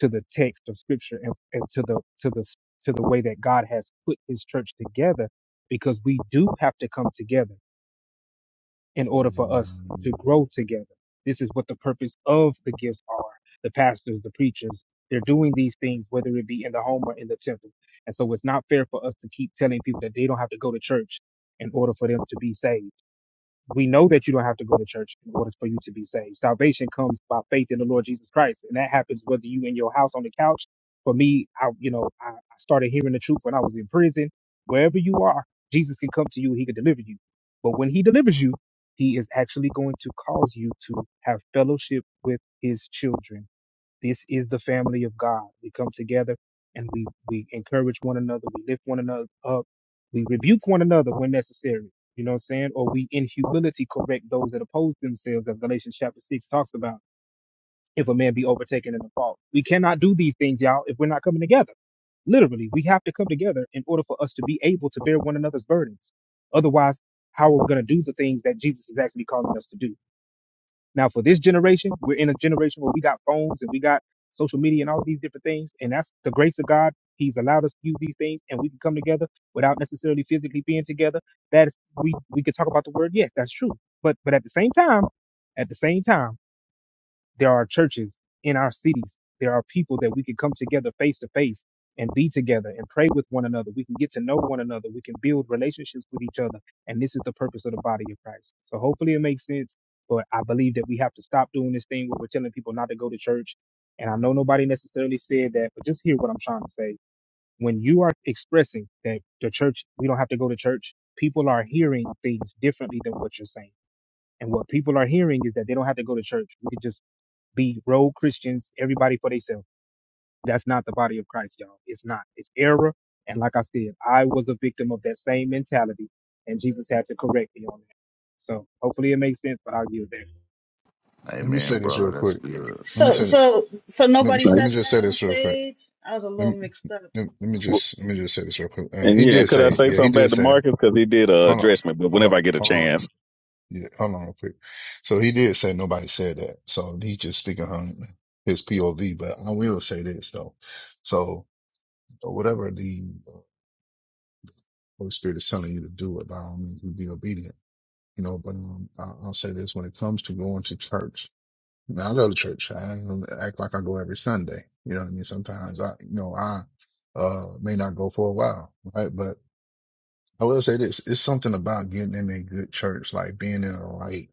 S5: to the text of scripture and, and to the to the to the way that God has put his church together because we do have to come together in order for us to grow together. This is what the purpose of the gifts are. The pastors, the preachers, they're doing these things whether it be in the home or in the temple. And so it's not fair for us to keep telling people that they don't have to go to church in order for them to be saved we know that you don't have to go to church in order for you to be saved. Salvation comes by faith in the Lord Jesus Christ, and that happens whether you in your house on the couch. For me, I you know I I started hearing the truth when I was in prison. Wherever you are, Jesus can come to you. He can deliver you. But when He delivers you, He is actually going to cause you to have fellowship with His children this is the family of God. We come together and we, we encourage one another. We lift one another up. We rebuke one another when necessary. You know what I'm saying? Or we in humility correct those that oppose themselves, as Galatians chapter 6 talks about, if a man be overtaken in a fault. We cannot do these things, y'all, if we're not coming together. Literally, we have to come together in order for us to be able to bear one another's burdens. Otherwise, how are we going to do the things that Jesus is actually calling us to do? Now, for this generation, we're in a generation where we got phones and we got social media and all these different things. And that's the grace of God. He's allowed us to use these things and we can come together without necessarily physically being together. That is, we, we can talk about the word. Yes, that's true. But, but at the same time, at the same time, there are churches in our cities. There are people that we can come together face to face and be together and pray with one another. We can get to know one another. We can build relationships with each other. And this is the purpose of the body of Christ. So hopefully it makes sense. But I believe that we have to stop doing this thing where we're telling people not to go to church. And I know nobody necessarily said that, but just hear what I'm trying to say. When you are expressing that the church, we don't have to go to church, people are hearing things differently than what you're saying and what people are hearing is that they don't have to go to church. We can just be rogue Christians, everybody for themselves. That's not the body of Christ, y'all. It's not. It's error. And like I said, I was a victim of that same mentality, and Jesus had to correct me on that. So hopefully it makes sense, but I'll give that.
S3: Let me
S14: Amen,
S3: say this
S14: brother.
S3: real
S14: That's
S3: quick.
S14: good.
S3: Let me
S10: So
S3: say
S14: Amen.
S3: that.
S10: so so
S3: Let me,
S10: nobody
S3: let me
S11: Right.
S10: said
S3: just say
S10: that on
S3: this real quick.
S10: stage. I was a
S3: Let
S10: little
S3: me,
S10: mixed up.
S3: let, let me just, let me just say this real quick. And
S11: And
S3: he
S11: yeah,
S3: did
S11: could I
S3: say, it.
S11: say
S3: yeah, he
S11: something back
S3: did
S11: to
S3: say, it.
S11: Marcus because he did uh,
S3: hold on,
S11: address me? But
S3: hold on,
S11: whenever I get a
S3: hold on,
S11: chance,
S3: yeah, hold on real quick. So he did say nobody said that. So he's just speaking on his POV, but I will say this though. So whatever the Holy Spirit is telling you to do, by all means, you be obedient You know, but um, I- I'll say this when it comes to going to church. Now I go to church. I don't act like I go every Sunday. You know what I mean? Sometimes I, you know, I, uh, may not go for a while, right? But I will say this, it's something about getting in a good church, like being in the right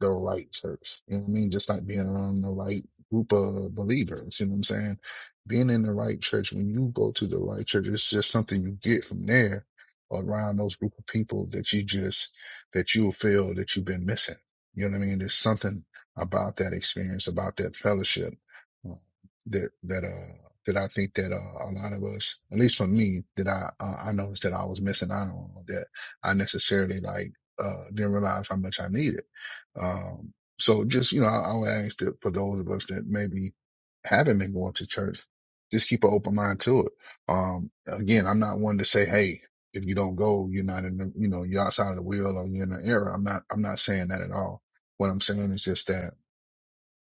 S3: the right church. You know what I mean? Just like being around the right group of believers. You know what I'm saying? Being in the right church, when you go to the right church, it's just something you get from there around those group of people that you just, that you'll feel that you've been missing. You know what I mean? There's something about that experience, about that fellowship uh, that, that, uh, that I think that uh, a lot of us, at least for me, that I uh, I noticed that I was missing out on that I necessarily like uh, didn't realize how much I needed. Um, so just, you know, I, I would ask that for those of us that maybe haven't been going to church, just keep an open mind to it. Um, again, I'm not one to say, Hey, if you don't go, you're not in the, you know, you're outside of the will or you're in the error. I'm not, I'm not saying that at all. What I'm saying is just that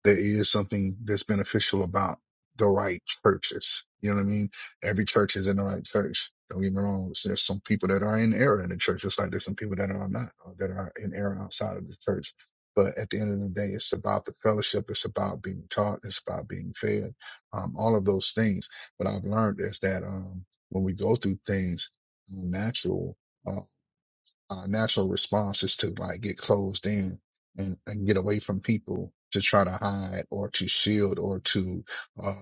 S3: there is something that's beneficial about the right churches. You know what I mean? Every church is in the right church. Don't get me wrong. There's some people that are in error in the church, just like there's some people that are not, or that are in error outside of the church. But at the end of the day, it's about the fellowship. It's about being taught. It's about being fed. Um, all of those things. What I've learned is that, um, when we go through things um, natural, uh, our natural response is to like get closed in and, and get away from people to try to hide or to shield or to uh,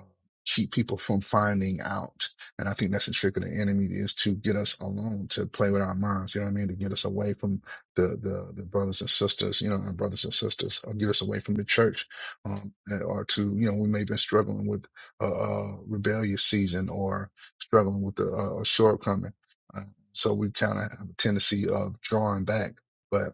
S3: keep people from finding out. And I think that's the trick of the enemy is to get us alone, to play with our minds. You know what I mean? To get us away from the the, the brothers and sisters, you know, our brothers and sisters, or get us away from the church, um, or to you know we may be struggling with a, a rebellious season or struggling with a, a shortcoming so we kind of have a tendency of drawing back. But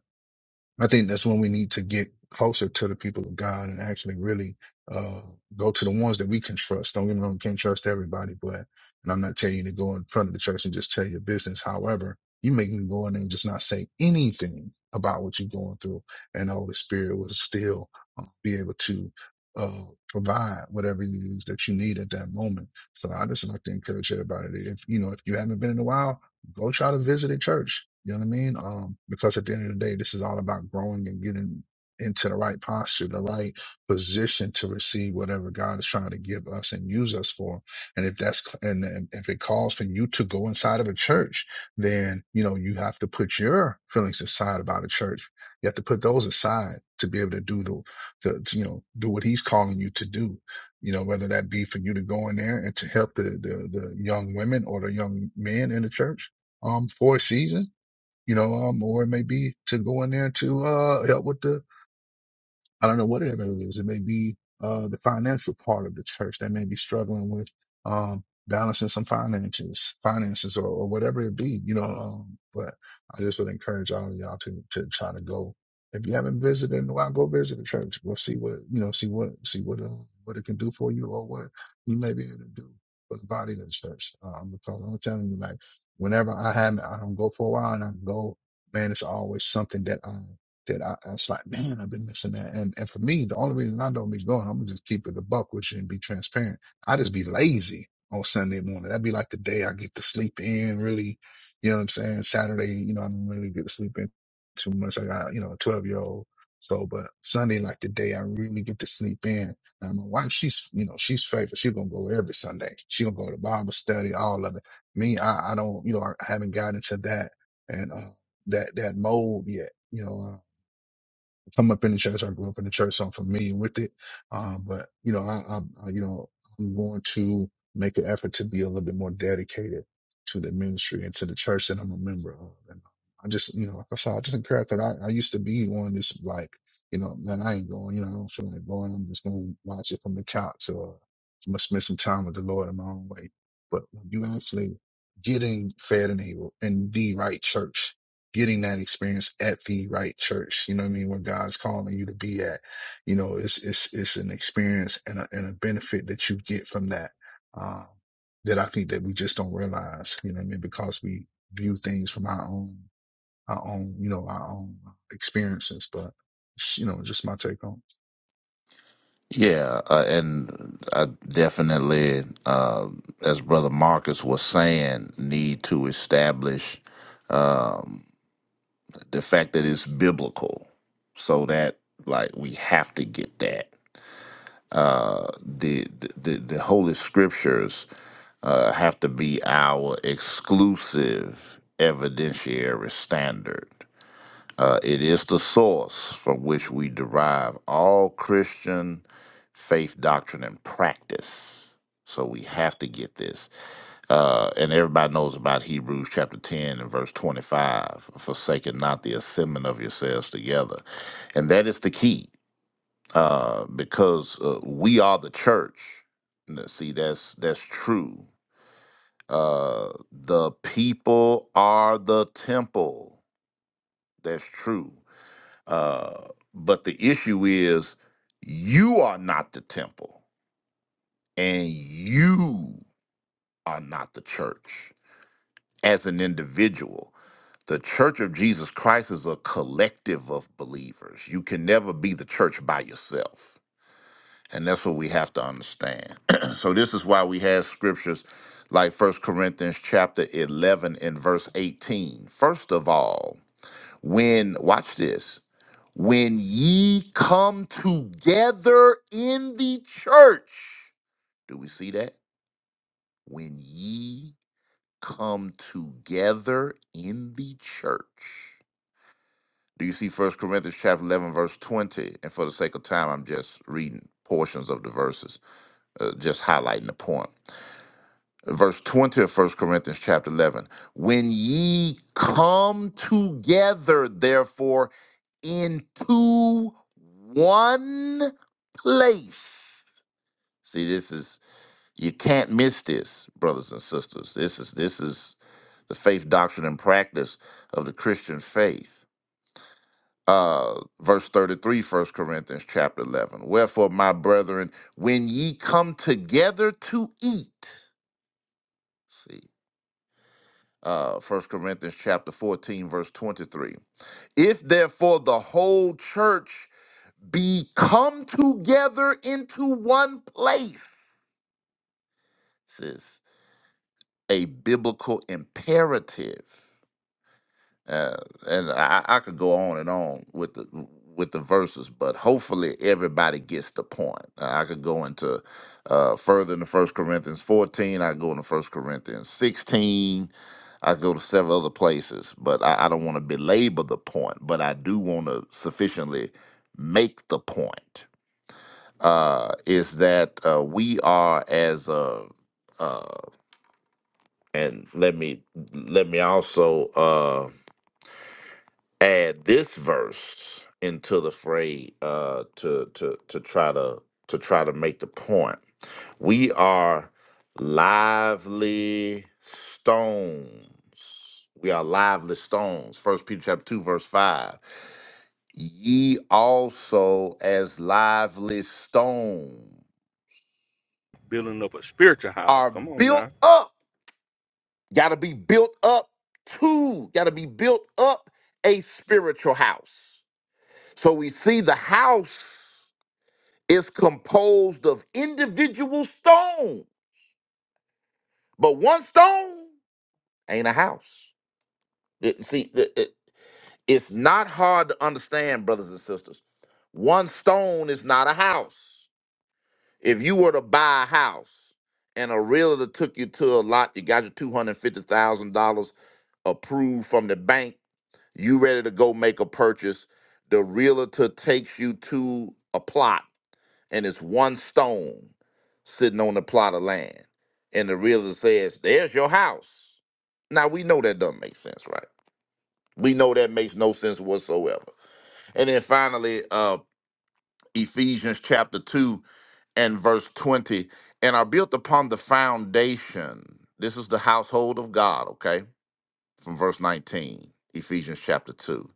S3: I think that's when we need to get closer to the people of God and actually really uh, go to the ones that we can trust. Don't get me wrong, we can't trust everybody, but, and I'm not telling you to go in front of the church and just tell your business. However, you may can go in there and just not say anything about what you're going through and the Holy Spirit will still uh, be able to uh, provide whatever it is that you need at that moment. So I just like to encourage everybody to, if, you know, if you haven't been in a while, go try to visit a church. You know what I mean? Um, because at the end of the day, this is all about growing and getting into the right posture, the right position to receive whatever God is trying to give us and use us for. And if that's, and, and if it calls for you to go inside of a church, then, you know, you have to put your feelings aside about a church. You have to put those aside to be able to do the, the, to, you know, do what he's calling you to do you know, whether that be for you to go in there and to help the, the, the young women or the young men in the church um, for a season, you know, um, or it may be to go in there to uh, help with the I don't know what it may is. It may be uh, the financial part of the church that may be struggling with um, balancing some finances, finances, or, or whatever it be. You know, um, but I just would encourage all of y'all to to try to go. If you haven't visited in a while, go visit the church. We'll see what you know, see what see what uh, what it can do for you, or what you may be able to do for the body of the church. Um, because I'm telling you, like whenever I haven't, I don't go for a while, and I go, man, it's always something that I that I, I was like, man, I've been missing that. And and for me, the only reason I don't be going, I'm gonna just keep it a buck with you and be transparent. I just be lazy on Sunday morning. That'd be like the day I get to sleep in really, you know what I'm saying? Saturday, you know, I don't really get to sleep in too much. I got, you know, a 12 year old. So, but Sunday, like the day I really get to sleep in. Now my wife, she's, you know, she's faithful. She's going to go every Sunday. She going to go to Bible study, all of it. Me, I, I don't, you know, I haven't gotten into that and, uh, that, that mold yet. You know, come up in the church. I grew up in the church, so I'm familiar with it. Um, but you know, I, I, I you know, I'm going to make an effort to be a little bit more dedicated to the ministry and to the church that I'm a member of. And I just, you know, like I said, I just encourage that I, I used to be on this like, you know, man, I ain't going, you know, I don't feel like going. I'm just going to watch it from the couch or I'm going to spend some time with the Lord in my own way. But when you actually getting fed in the, in the right church, getting that experience at the right church. You know what I mean? Where God's calling you to be at, you know, it's, it's, it's an experience and a, and a benefit that you get from that. Um, that I think that we just don't realize, you know what I mean? Because we view things from our own, our own, you know, our own experiences, but you know, just my take on.
S14: Yeah, uh, and I definitely, uh, as Brother Marcus was saying, need to establish the fact that it's biblical, so that like we have to get that. Uh, the the the Holy Scriptures uh, have to be our exclusive evidentiary standard. Uh, it is the source from which we derive all Christian faith doctrine and practice. So we have to get this. Uh, and everybody knows about Hebrews chapter 10 and verse 25 forsaken not the assembling of yourselves together. And that is the key uh, because uh, we are the church. Now, See, that's that's true. Uh, the people are the temple. That's true. Uh, but the issue is you are not the temple and you are not the church as an individual. The church of Jesus Christ is a collective of believers. You can never be the church by yourself. And that's what we have to understand. so this is why we have scriptures like First Corinthians chapter 11 and verse 18. First of all, When, watch this, when ye come together in the church, do we see that? When ye come together in the church. Do you see First Corinthians chapter 11, verse 20? And for the sake of time, I'm just reading portions of the verses, uh, just highlighting the point. Verse 20 of First Corinthians chapter 11. When ye come together, therefore, into one place. See, this is you can't miss this, brothers and sisters. This is this is the faith doctrine and practice of the Christian faith. Uh, verse 33, First Corinthians chapter 11. Wherefore, my brethren, when ye come together to eat, see, uh, 1 Corinthians chapter 14, verse 23. If therefore the whole church be come together into one place. This is a biblical imperative, uh, and I, I could go on and on with the with the verses, but hopefully everybody gets the point. Uh, I could go into uh, further into First Corinthians fourteen. I could go into First Corinthians sixteen. I could go to several other places, but I, I don't want to belabor the point. But I do want to sufficiently make the point uh, is that uh, we are as a, uh, and let me let me also uh, add this verse into the fray uh, to to to try to to try to make the point. We are lively stones. We are lively stones. First Peter chapter two verse five. Ye also as lively stones
S1: Building up a spiritual house.
S14: are
S1: Come on
S14: built
S1: now.
S14: up Got to be built up to, got to be built up a spiritual house. So we see the house is composed of individual stones, but one stone ain't a house. It- see, it- it- it's not hard to understand, brothers and sisters. One stone is not a house. If you were to buy a house and a realtor took you to a lot, you got your $250,000 approved from the bank You ready to go make a purchase. The realtor takes you to a plot and it's one stone sitting on the plot of land. And the realtor says, There's your house. Now we know that doesn't make sense, right? We know that makes no sense whatsoever. And then finally, uh Ephesians chapter 2 and verse 20. And are built upon the foundation. This is the household of God, okay? From verse 19, Ephesians chapter 2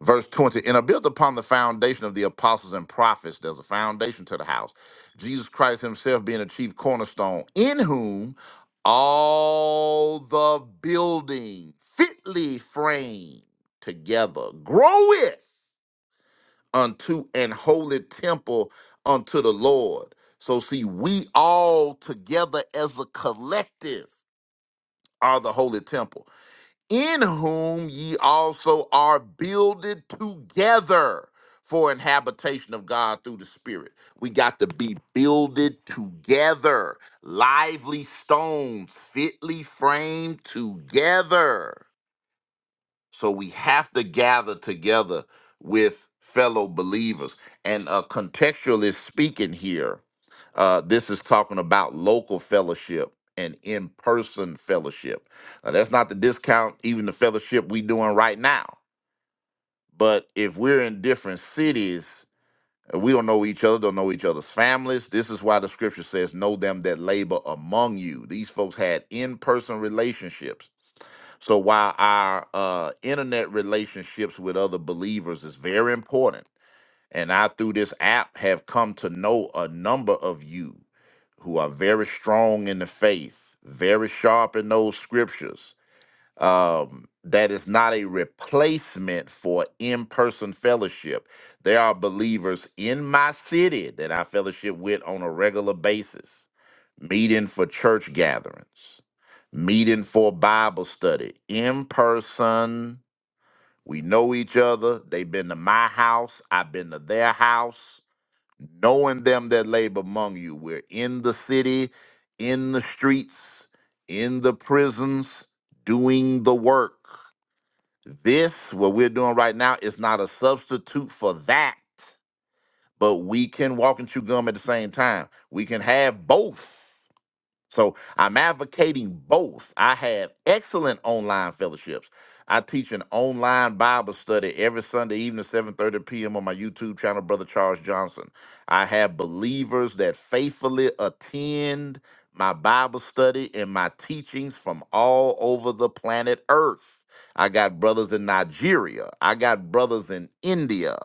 S14: Verse 20, and are built upon the foundation of the apostles and prophets. There's a foundation to the house. Jesus Christ himself being a chief cornerstone, in whom all the building fitly framed together groweth unto an holy temple unto the Lord. So, see, we all together as a collective are the holy temple in whom ye also are builded together for an habitation of God through the Spirit. We got to be builded together, lively stones, fitly framed together. So we have to gather together with fellow believers. And uh, contextually speaking, here, uh, this is talking about local fellowship and in person fellowship. Now, that's not to discount even the fellowship we doing right now. But if we're in different cities, and we don't know each other, don't know each other's families. This is why the scripture says, Know them that labor among you. These folks had in person relationships so while our uh, internet relationships with other believers is very important, and I through this app have come to know a number of you who are very strong in the faith, very sharp in those scriptures. Um, that is not a replacement for in person fellowship. There are believers in my city that I fellowship with on a regular basis, meeting for church gatherings meeting for Bible study in person. We know each other. They've been to my house. I've been to their house. Knowing them that labor among you. We're in the city, in the streets, in the prisons, doing the work. This, what we're doing right now, is not a substitute for that, but we can walk and chew gum at the same time. We can have both. So I'm advocating both. I have excellent online fellowships. I teach an online Bible study every Sunday evening, 7:30 p.m. on my YouTube channel, Brother Charles Johnson. I have believers that faithfully attend my Bible study and my teachings from all over the planet Earth. I got brothers in Nigeria. I got brothers in India.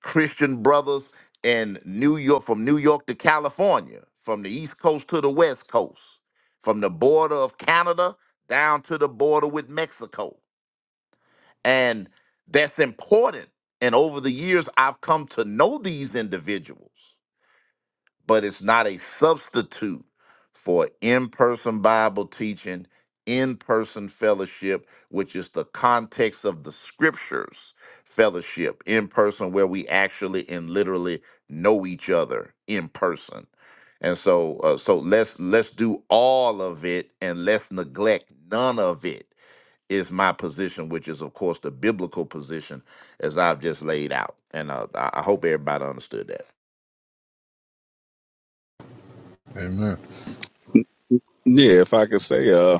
S14: Christian brothers in New York, from New York to California, from the East Coast to the West Coast, from the border of Canada down to the border with Mexico. And that's important. And over the years, I've come to know these individuals but it's not a substitute for in person Bible teaching, in person fellowship, which is the context of the scriptures fellowship, in person, where we actually and literally know each other in person. And so, uh, so let's let's do all of it, and let's neglect none of it. Is my position, which is of course the biblical position, as I've just laid out, and uh, I I hope everybody understood that.
S3: it. Amen.
S11: yeah, if I could say, uh,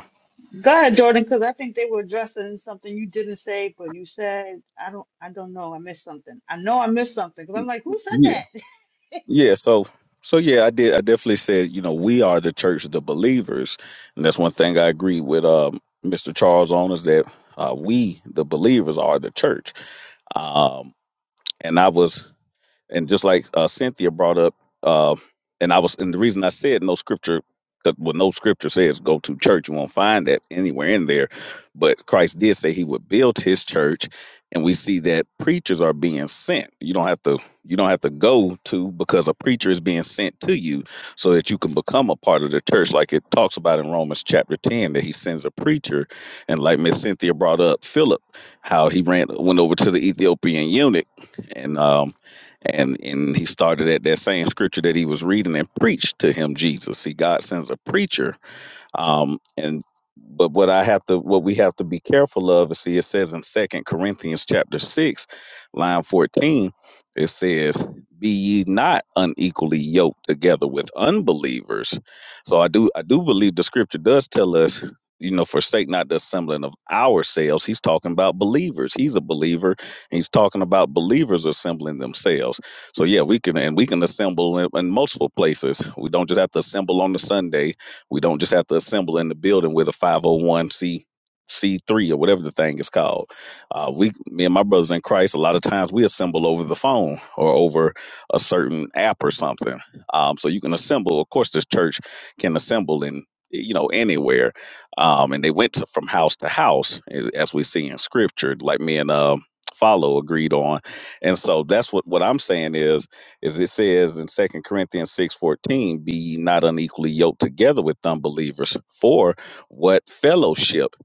S10: Go ahead, Jordan, because I think they were addressing something you didn't say, but you said I don't. I don't know. I missed something. I know I missed something because I'm like, who said
S11: yeah,
S10: that?
S11: yeah. So, so yeah, I did. I definitely said, you know, we are the church of the believers, and that's one thing I agree with um, Mr. Charles on is that uh, we, the believers, are the church. Um, and I was and just like uh, Cynthia brought up, uh, and I was, and the reason I said no scripture, because well, no scripture says go to church. You won't find that anywhere in there. But Christ did say He would build His church, and we see that preachers are being sent. You don't have to, you don't have to go to because a preacher is being sent to you, so that you can become a part of the church, like it talks about in Romans chapter ten that He sends a preacher, and like Miss Cynthia brought up Philip, how he ran went over to the Ethiopian eunuch, and um and and he started at that same scripture that he was reading and preached to him Jesus. See, God sends a preacher um and but what i have to what we have to be careful of is see it says in second corinthians chapter 6 line 14 it says be ye not unequally yoked together with unbelievers so i do i do believe the scripture does tell us you know forsake not the assembling of ourselves he's talking about believers he's a believer and he's talking about believers assembling themselves so yeah we can and we can assemble in, in multiple places we don't just have to assemble on the sunday we don't just have to assemble in the building with a 501c C3 or whatever the thing is called. Uh, we, me and my brothers in Christ, a lot of times we assemble over the phone or over a certain app or something. Um, so you can assemble. Of course, this church can assemble in you know anywhere. Um, and they went to, from house to house, a- as we see in Scripture, like me and um Follow agreed on. And so that's what what I'm saying is as it says in Second Corinthians 6:14, be ye not unequally yoked together with unbelievers. For what fellowship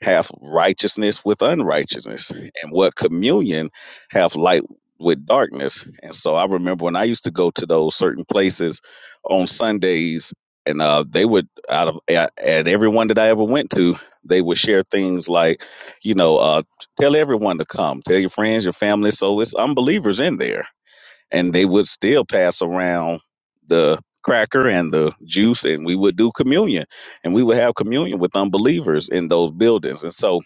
S11: hath righteousness with unrighteousness? And what communion hath light with darkness? And so I remember when I used to go to those certain places on Sundays, and uh, they would out of at, at everyone that I ever went to, they would share things like, you know, uh, tell everyone to come, tell your friends, your family. So it's unbelievers in there and they would still pass around the cracker and the juice and we would do communion and we would have communion with unbelievers in those buildings and so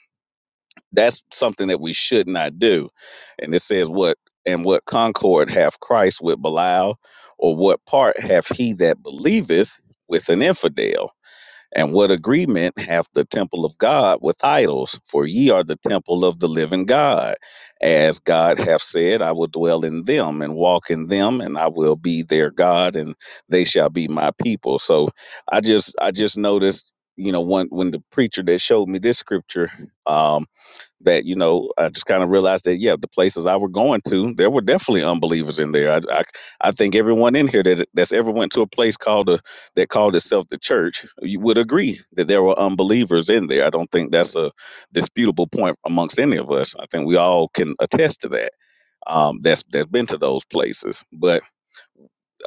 S11: that's something that we should not do and it says what and what concord hath christ with belial or what part hath he that believeth with an infidel and what agreement hath the temple of God with idols? For ye are the temple of the living God. As God hath said, I will dwell in them and walk in them, and I will be their God, and they shall be my people. So I just I just noticed, you know, when when the preacher that showed me this scripture, um, that you know I just kind of realized that yeah, the places I were going to, there were definitely unbelievers in there. I I, I think everyone in here that that's ever went to a place called a that called itself the church, you would agree that there were unbelievers in there. I don't think that's a disputable point amongst any of us. I think we all can attest to that. Um, that's that's been to those places, but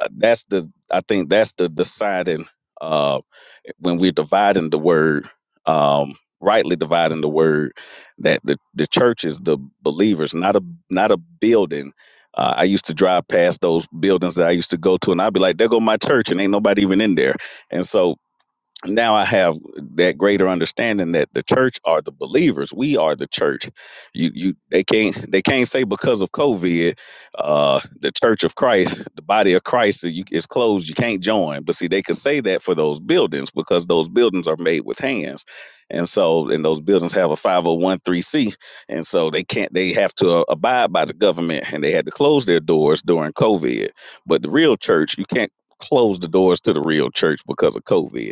S11: uh, that's the I think that's the deciding uh, when we're dividing the word, um, rightly dividing the word, that the the church is the believers, not a not a building. Uh, I used to drive past those buildings that I used to go to, and I'd be like, "There go my church," and ain't nobody even in there. And so now I have that greater understanding that the church are the believers. We are the church. You you they can't they can't say because of COVID, uh, the church of Christ, the body of Christ so you, is closed. You can't join. But see, they could say that for those buildings because those buildings are made with hands, and so and those buildings have a five hundred one three c, and so they can't they have to uh, abide by the government, and they had to close their doors during COVID. But the real church, you can't close the doors to the real church because of COVID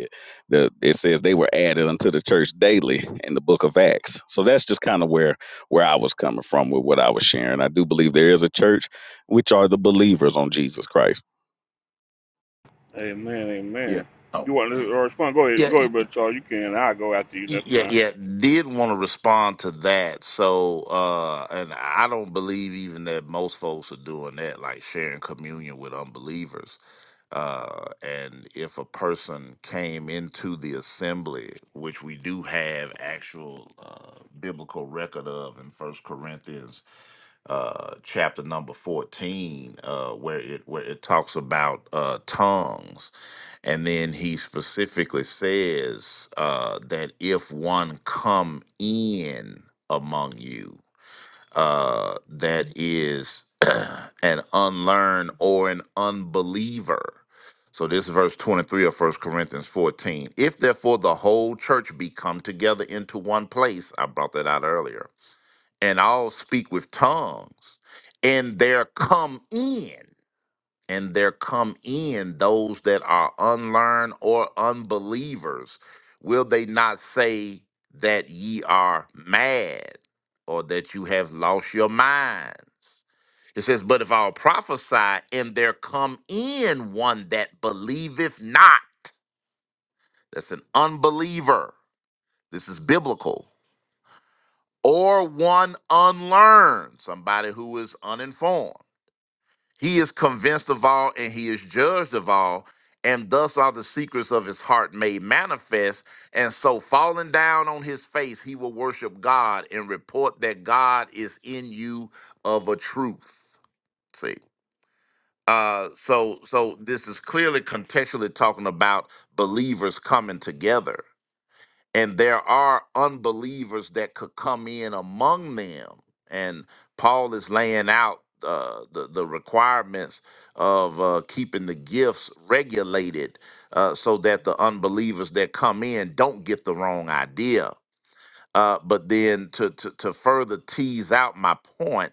S11: the it says they were added unto the church daily in the book of acts so that's just kind of where where i was coming from with what i was sharing i do believe there is a church which are the believers on jesus christ
S1: Amen.
S14: Yeah.
S1: Amen.
S14: Oh.
S1: You want to respond? Go ahead.
S14: Yeah.
S1: Go ahead, Brother Charles. You can. I'll go after you. That's
S14: Yeah,
S1: fine.
S14: yeah, did want to respond to that. So, uh, and I don't believe even that most folks are doing that, like sharing communion with unbelievers. Uh, and if a person came into the assembly, which we do have actual uh, biblical record of in First Corinthians, uh, chapter number fourteen, uh, where it where it talks about uh, tongues and then he specifically says uh, that if one come in among you, uh, that is an unlearned or an unbeliever. So this is verse 23 of First Corinthians 14. If therefore the whole church be come together into one place, I brought that out earlier, and all speak with tongues, and there come in and there come in those that are unlearned or unbelievers, will they not say that ye are mad or that you have lost your minds? It says, But if I'll prophesy and there come in one that believeth not, that's an unbeliever. This is biblical. Or one unlearned, somebody who is uninformed He is convinced of all and he is judged of all, and thus are the secrets of his heart made manifest. And so, falling down on his face, he will worship God and report that God is in you of a truth. See. Uh, so so this is clearly contextually talking about believers coming together and there are unbelievers that could come in among them and paul is laying out uh, the, the requirements of uh, keeping the gifts regulated uh, so that the unbelievers that come in don't get the wrong idea uh, but then to, to, to further tease out my point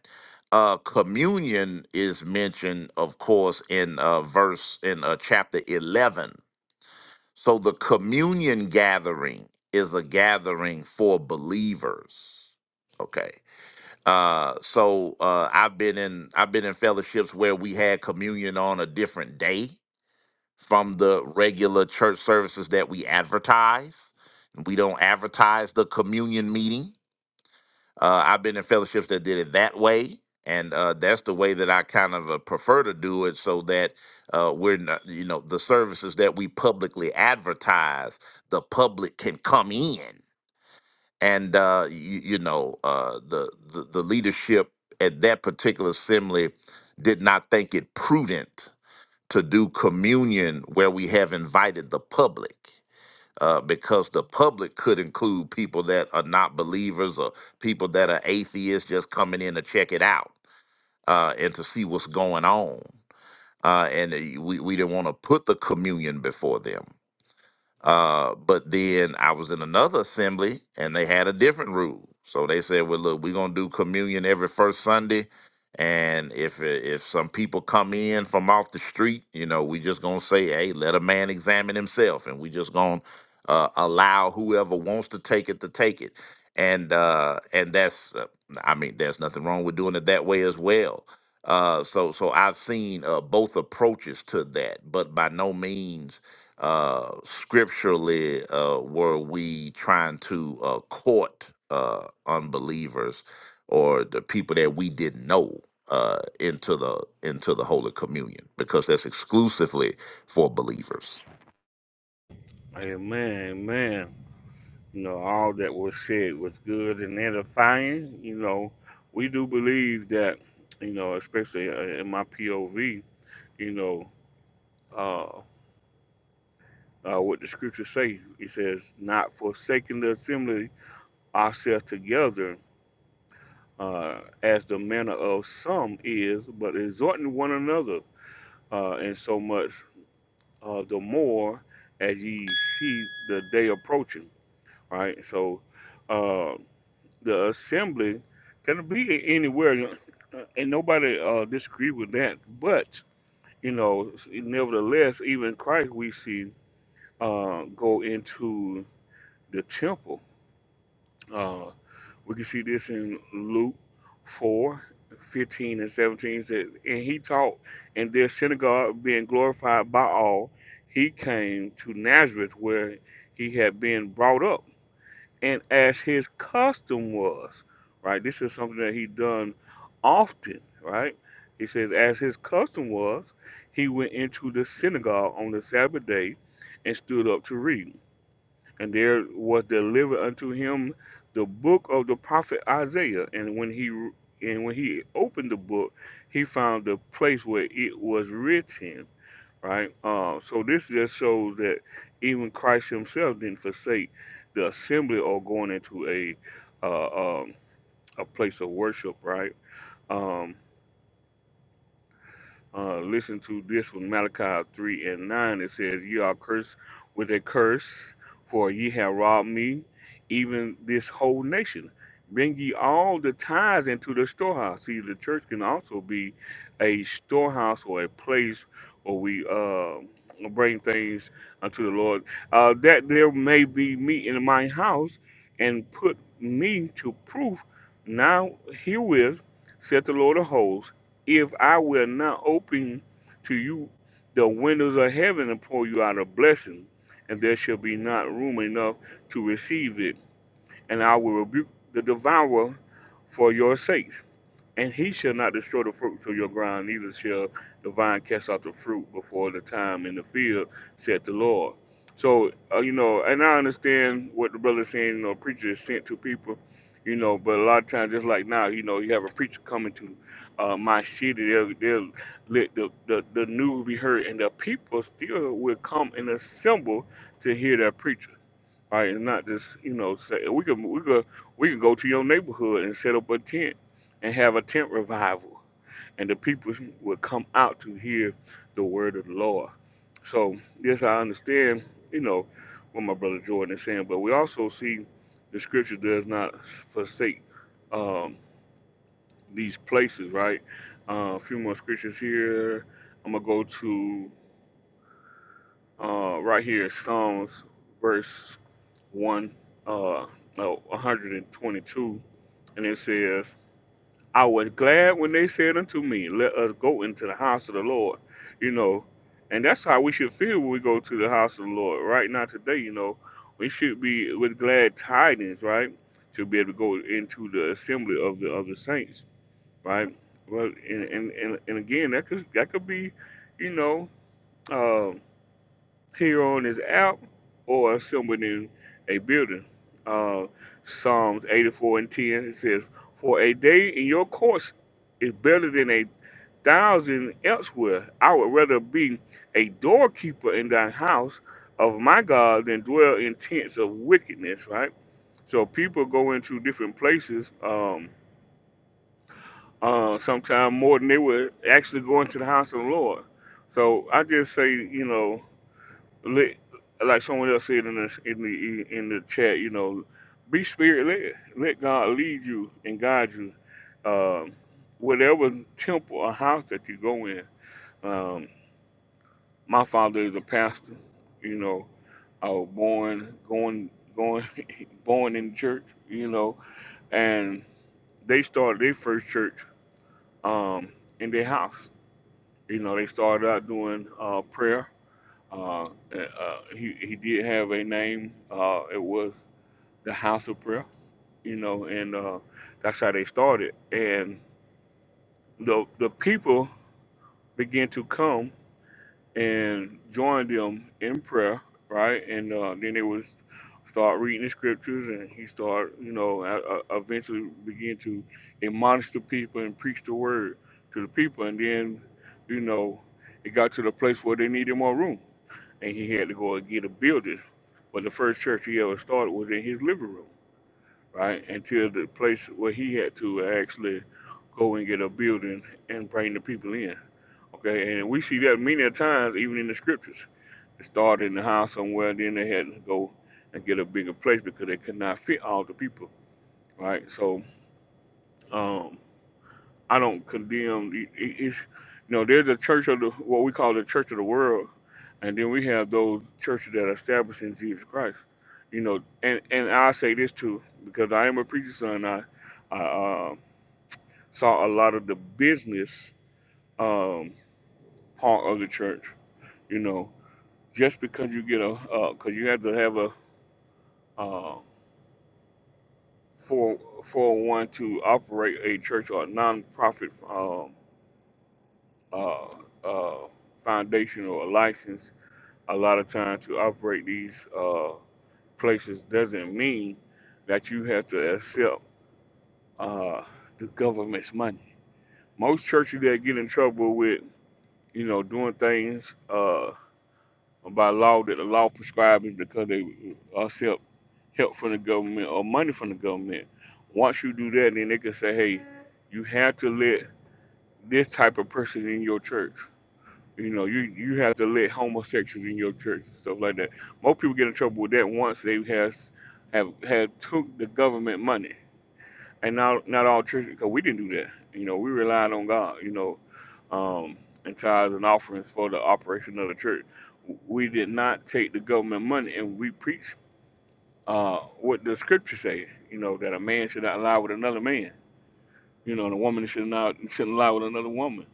S14: uh, communion is mentioned of course in uh, verse in uh, chapter 11 so the communion gathering is a gathering for believers. Okay. Uh so uh I've been in I've been in fellowships where we had communion on a different day from the regular church services that we advertise. We don't advertise the communion meeting. Uh, I've been in fellowships that did it that way, and uh, that's the way that I kind of uh, prefer to do it, so that uh, we're not, you know, the services that we publicly advertise, the public can come in, and uh, you, you know, uh, the, the the leadership at that particular assembly did not think it prudent to do communion where we have invited the public uh, because the public could include people that are not believers or people that are atheists just coming in to check it out uh, and to see what's going on. Uh, and uh, we, we didn't want to put the communion before them. Uh, but then I was in another assembly and they had a different rule. So they said, "Well, look, we're gonna do communion every first Sunday, and if if some people come in from off the street, you know, we just gonna say, hey, let a man examine himself, and we just gonna uh, allow whoever wants to take it to take it." And uh, and that's, uh, I mean, there's nothing wrong with doing it that way as well. Uh, so so I've seen uh, both approaches to that, but by no means uh, scripturally uh, were we trying to uh, court uh, unbelievers or the people that we didn't know uh, into the into the Holy Communion because that's exclusively for believers.
S1: Amen. Amen. You know, all that was said was good and edifying. You know, we do believe that, you know, especially uh, in my POV, you know, uh, uh, what the scriptures say, it says, not forsaking the assembly ourselves together, uh, as the manner of some is, but exhorting one another, uh, and so much uh, the more as ye see the day approaching, right? So, uh, the assembly can be anywhere, uh, and nobody uh, disagree with that. But you know, nevertheless, even Christ we see uh, go into the temple. Uh, we can see this in Luke 4:15 and 17 It says, and he taught in their synagogue, being glorified by all. He came to Nazareth where he had been brought up and as his custom was, right? This is something that he done often, right? He says, as his custom was, he went into the synagogue on the Sabbath day and stood up to read. And there was delivered unto him the book of the prophet Isaiah. And when he and when he opened the book, he found the place where it was written right? Uh, so this just shows that even Christ Himself didn't forsake the assembly or going into a uh, um, a place of worship, right? Um, uh, listen to this one, Malachi 3 and 9. It says, Ye are cursed with a curse, for ye have robbed me, even this whole nation. Bring ye all the tithes into the storehouse. See, the church can also be a storehouse or a place where we uh, bring things unto the Lord. Uh, that there may be meat in my house, and put me to proof. Now herewith, saith the Lord of hosts if I will not open to you the windows of heaven and pour you out a blessing, and there shall be not room enough to receive it, and I will rebuke the devourer for your sakes. And he shall not destroy the fruit from your ground, neither shall the vine cast out the fruit before the time in the field, said the Lord. So, uh, you know, and I understand what the brother's saying, you know, preacher is sent to people, you know, but a lot of times, just like now, you know, you have a preacher coming to uh, my city, they'll, they'll let the, the, the news be heard, and the people still will come and assemble to hear that preacher right? And not just you know say we could we could we could go to your neighborhood and set up a tent and have a tent revival, and the people will come out to hear the word of the Lord. So yes, I understand you know what my brother Jordan is saying, but we also see the scripture does not forsake um, these places, right? Uh, a few more scriptures here. I'm gonna go to uh, right here Psalms verse 1, uh, no, 122, and it says, I was glad when they said unto me, Let us go into the house of the Lord. You know, and that's how we should feel when we go to the house of the Lord. Right now, today, you know, we should be with glad tidings, right? To be able to go into the assembly of the of the saints, right? Well, and and and, and again, that could that could be, you know, uh here on this app or assembled in a building. Uh, Psalms 84 and 10 it says, For a day in your courts is better than a thousand elsewhere. I would rather be a doorkeeper in thy house of my God than dwell in tents of wickedness, right? So people go into different places, um, uh, sometimes more than they would actually go into the house of the Lord. So I just say, you know, let, like someone else said in the in the in the chat, you know, be spirit led. Let God lead you and guide you. Um, whatever temple or house that you go in. Um, my father is a pastor. You know, I was born going going born in church. You know, and they started their first church um, in their house. You know, they started out doing uh, prayer. Uh, uh, he he did have a name. Uh, it was the house of prayer, you know, and uh, that's how they started. And the the people began to come and join them in prayer, right? And uh, then they would start reading the scriptures, and he started, you know, uh, uh, eventually begin to admonish the people and preach the word to the people. And then, you know, it got to the place where they needed more room, and he had to go and get a building. But the first church he ever started was in his living room right? Until the place where he had to actually go and get a building and bring the people in. Okay, and we see that many a times even in the scriptures. It started in the house somewhere, then they had to go and get a bigger place because they could not fit all the people, right? So um, I don't condemn. It, it, it's you know there's a church of the what we call the church of the world, and then we have those churches that are established in Jesus Christ. You know, and and I say this too because I am a preacher son. I I uh, saw a lot of the business um, part of the church. You know, just because you get a, because you have to have a uh, four four hundred one to operate a church or a nonprofit um, uh, uh, foundation or a license. A lot of times to operate these uh, places doesn't mean that you have to accept uh, the government's money. Most churches that get in trouble with you know doing things. Uh, by law that the law prescribes because they accept help from the government or money from the government. Once you do that, then they can say, hey, you have to let this type of person in your church. You know, you, you have to let homosexuals in your church, stuff like that. Most people get in trouble with that once they has have have took the government money. And not not all churches, because we didn't do that. You know, we relied on God. You know, um, and tithes and offerings for the operation of the church. We did not take the government money, and we preached uh, what the scripture say. You know that a man should not lie with another man. You know, and a woman should not shouldn't lie with another woman.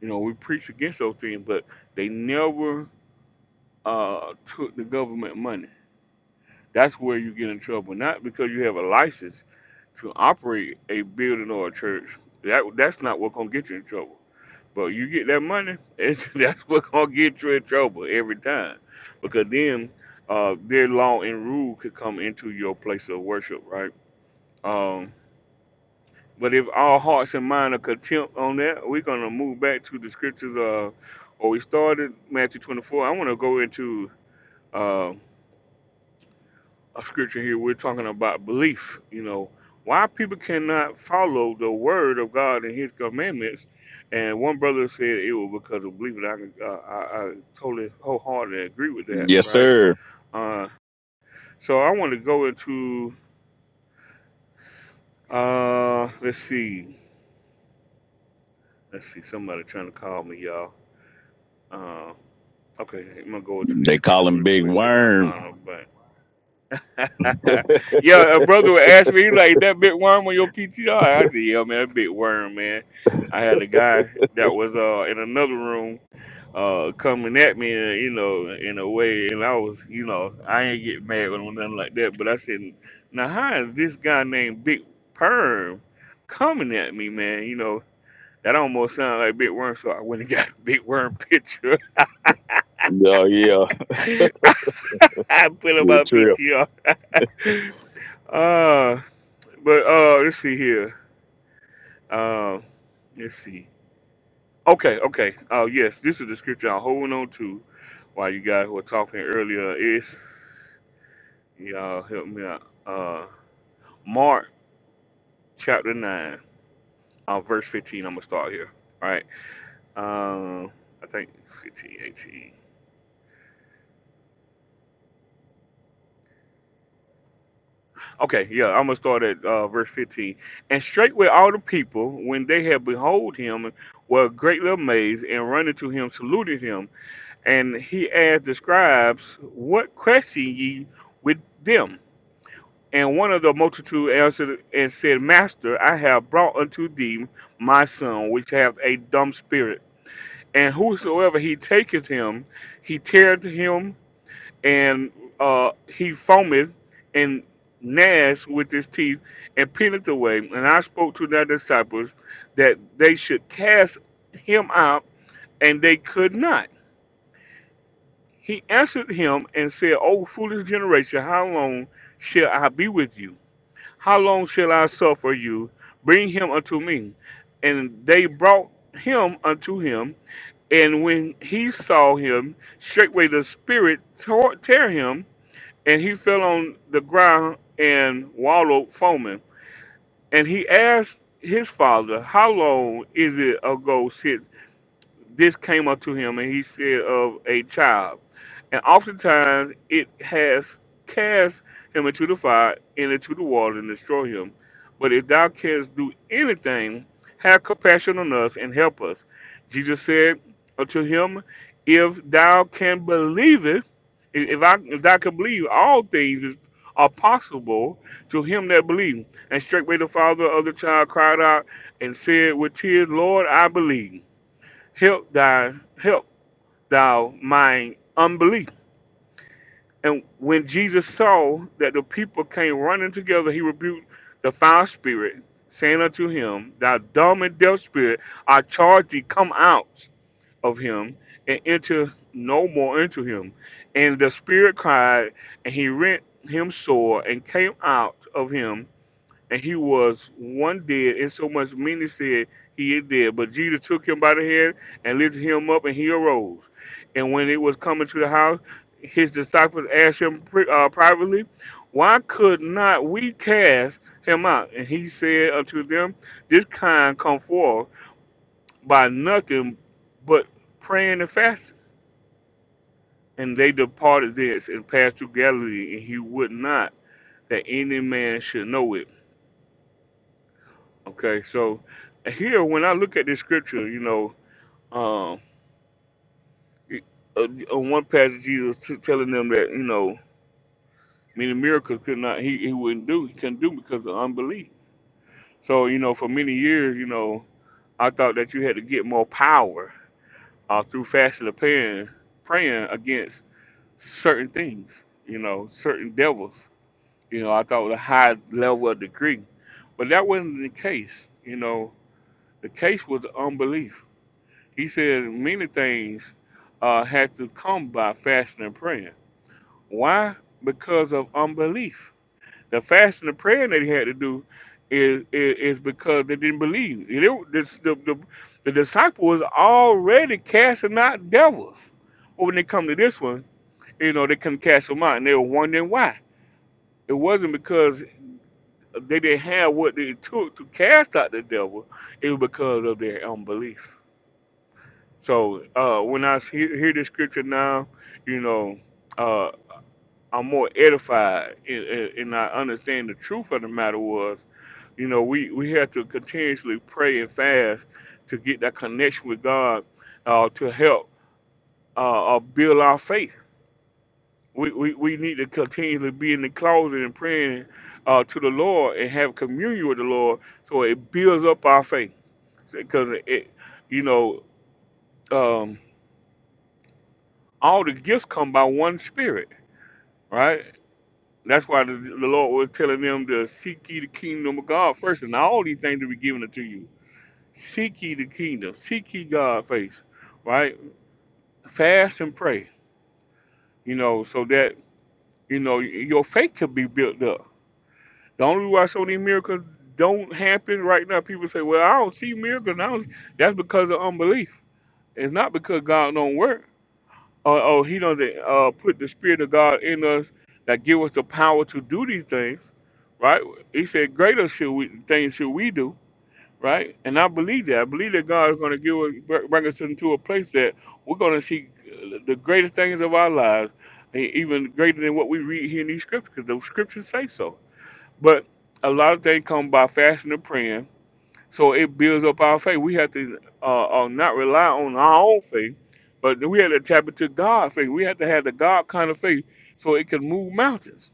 S1: You know, we preach against those things, but they never uh, took the government money. That's where you get in trouble, not because you have a license to operate a building or a church. That that's not what's gonna get you in trouble But you get that money, it's, that's what's gonna get you in trouble every time, because then uh, their law and rule could come into your place of worship, right? Um, but if our hearts and mind are contempt on that, we're gonna move back to the scriptures. Uh, or we started Matthew 24. I want to go into uh, a scripture here. We're talking about belief. You know, why people cannot follow the word of God and His commandments. And one brother said it was because of belief, and I can- uh, I, I totally wholeheartedly agree with that.
S11: yes
S1: Right.
S11: sir
S1: Uh, so I want to go into uh, let's see, let's see, somebody trying to call me, y'all. Uh, okay, I'm gonna go into this
S11: they call
S1: scripture
S11: him
S1: real
S11: big
S1: quick, and I'll
S11: worm
S1: call them back. yeah, a brother would ask me, he like, that big worm on your PTR? I said, yeah, man, that big worm, man. I had a guy that was uh, in another room uh, coming at me, uh, you know, in a way, and I was, you know, I ain't get mad with him or nothing like that, but I said, now how is this guy named Big Perm coming at me, man? You know, that almost sounded like Big Worm, so I went and got a Big Worm picture. I
S11: oh yeah
S1: put him
S11: good
S1: on
S11: trip
S1: PTR. uh, but uh, let's see here. Um, let's see. Okay, okay. Uh, yes, this is the scripture I'm holding on to while you guys were talking earlier. It's y'all help me out. Uh, Mark chapter nine, uh, verse fifteen. I'm gonna start here. All right. Um, I think 15, 18. Okay, yeah, I'm gonna start at uh, verse 15. And straightway all the people, when they had behold him, were greatly amazed, and running to him saluted him. And he asked the scribes, What question ye with them? And one of the multitude answered and said, Master, I have brought unto thee my son, which hath a dumb spirit. And whosoever he taketh him, he teareth him and uh, he foamed and gnashed with his teeth and peeled away. And I spoke to their disciples that they should cast him out, and they could not. He answered him and said, O foolish generation, how long shall I be with you? How long shall I suffer you? Bring him unto me. And they brought him unto him. And when he saw him, straightway the spirit tore, tear him and he fell on the ground and wallowed foaming. And he asked his father, How long is it ago since this came up to him and he said of a child. And oftentimes it has cast him into the fire and into the water and destroy him. But if thou canst do anything, have compassion on us and help us. Jesus said unto him, If thou can believe it, if I if thou can believe, all things is, are possible to him that believe. And straightway the father of the child cried out and said with tears, Lord, I believe help thy help thou mine unbelief. And when Jesus saw that the people came running together, he rebuked the foul spirit, saying unto him, Thou dumb and deaf spirit, I charge thee, come out of him and enter no more into him. And the spirit cried, and he rent him sore and came out of him and he was one dead, and so much many said he is dead. But Jesus took him by the hand and lifted him up, and he arose. And when it was coming to the house, his disciples asked him pri- uh, privately, Why could not we cast him out? And he said unto them, This kind come forth by nothing but praying and fasting. And they departed thence and passed through Galilee, and he would not that any man should know it. Okay, so here when I look at this scripture, you know, um, it- uh, on one passage Jesus t- telling them that you know many miracles could not he, he wouldn't do he couldn't do because of unbelief. So you know for many years you know I thought that you had to get more power uh, through fasting and praying praying against certain things, you know, certain devils. You know I thought with a high level of degree, but that wasn't the case. You know the case was unbelief He says many things uh, have to come by fasting and praying. Why? Because of unbelief. The fasting and praying that he had to do is is, is because they didn't believe. You know, this- the, the, the disciple was already casting out devils. But when they come to this one, you know, they couldn't cast them out, and they were wondering why. It wasn't because they didn't have what they took to cast out the devil. It was because of their unbelief. So uh, when I s- hear, hear the scripture now, you know, uh, I'm more edified and, and and I understand the truth of the matter was, you know, we, we have to continuously pray and fast to get that connection with God uh, to help uh, uh, build our faith. We, we, we need to continually be in the closet and praying uh, to the Lord and have communion with the Lord so it builds up our faith. Because, it, you know, um, all the gifts come by one spirit Right? That's why the, the Lord was telling them to seek ye the kingdom of God first, and all these things will be given unto you. Seek ye the kingdom, seek ye God face, right? Fast and pray, you know, so that you know your faith can be built up. The only reason why so many miracles don't happen right now, people say, "Well, I don't see miracles." I don't. see. That's because of unbelief. It's not because God don't work. Oh, oh, he done uh, put the spirit of God in us that give us the power to do these things, right? He said, "Greater should we things should we do, right?" And I believe that. I believe that God is going to give us, br- bring us into a place that we're going to see uh, the greatest things of our lives, e- even greater than what we read here in these scriptures, because those scriptures say so. But a lot of things come by fasting and praying, so it builds up our faith. We have to uh, uh, not rely on our own faith, but we have to tap into God's faith. We have to have the God kind of faith so it can move mountains.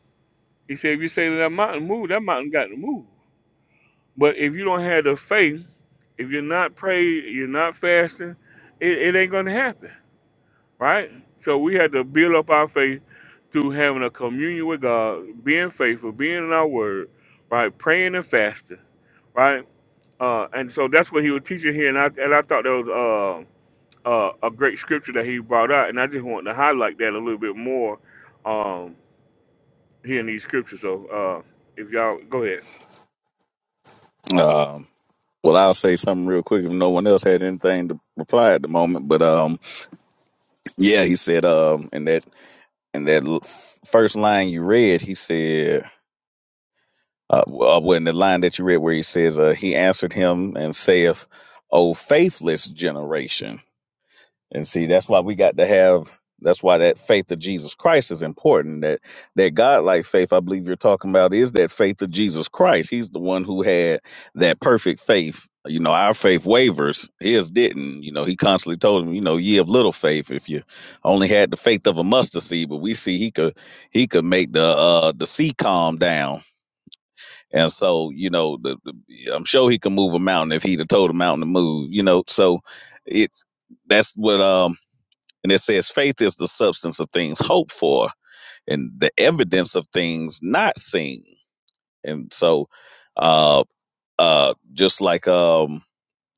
S1: He said, if you say to that mountain, move, that mountain got to move. But if you don't have the faith, if you're not praying, you're not fasting, it, it ain't going to happen, right? So we have to build up our faith through having a communion with God, being faithful, being in our word, right? Praying and fasting, right? Uh, and so that's what he was teaching here, and I and I thought that was uh, uh, a great scripture that he brought out, and I just wanted to highlight that a little bit more um, here in these scriptures. So uh, if y'all go ahead,
S11: um well, I'll say something real quick if no one else had anything to reply at the moment. But um, yeah, he said um, in that in that first line you read, he said Uh, well, in the line that you read where he says, uh, he answered him and saith, O faithless generation. And see, that's why we got to have, that's why that faith of Jesus Christ is important. That, that God-like faith, I believe you're talking about, is that faith of Jesus Christ. He's the one who had that perfect faith. You know, our faith wavers, his didn't. You know, he constantly told him, you know, ye of little faith, if you only had the faith of a mustard seed, but we see he could, he could make the, uh, the sea calm down and so, you know, the, the, I'm sure he could move a mountain if he'd have told a mountain to move, you know. So it's that's what um and it says faith is the substance of things hoped for and the evidence of things not seen. And so uh uh just like um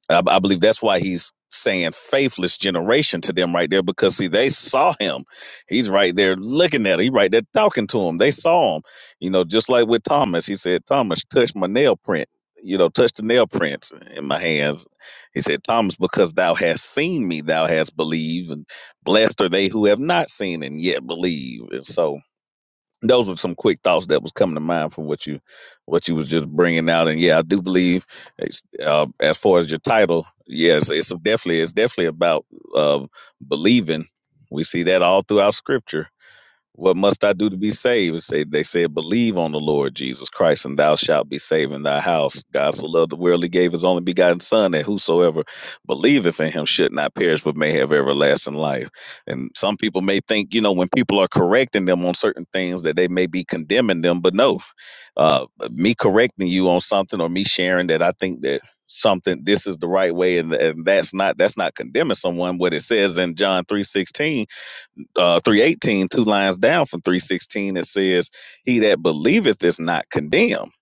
S11: I, I believe that's why he's saying faithless generation to them right there because see they saw him he's right there looking at him he right there talking to him they saw him you know just like with thomas he said thomas touch my nail print you know touch the nail prints in my hands he said thomas because thou hast seen me thou hast believed and blessed are they who have not seen and yet believe and so those were some quick thoughts that was coming to mind from what you what you was just bringing out and yeah i do believe it's, uh, as far as your title yes it's definitely it's definitely about uh, believing we see that all throughout scripture what must I do to be saved? It Say they said, believe on the Lord Jesus Christ, and thou shalt be saved in thy house. God so loved the world, he gave his only begotten Son, that whosoever believeth in him should not perish, but may have everlasting life. And some people may think, you know, when people are correcting them on certain things, that they may be condemning them, but no, uh, me correcting you on something or me sharing that I think that something this is the right way and, and that's not that's not condemning someone what it says in john 3:16 uh, 318, lines down from 316, it says, He that believeth is not condemned.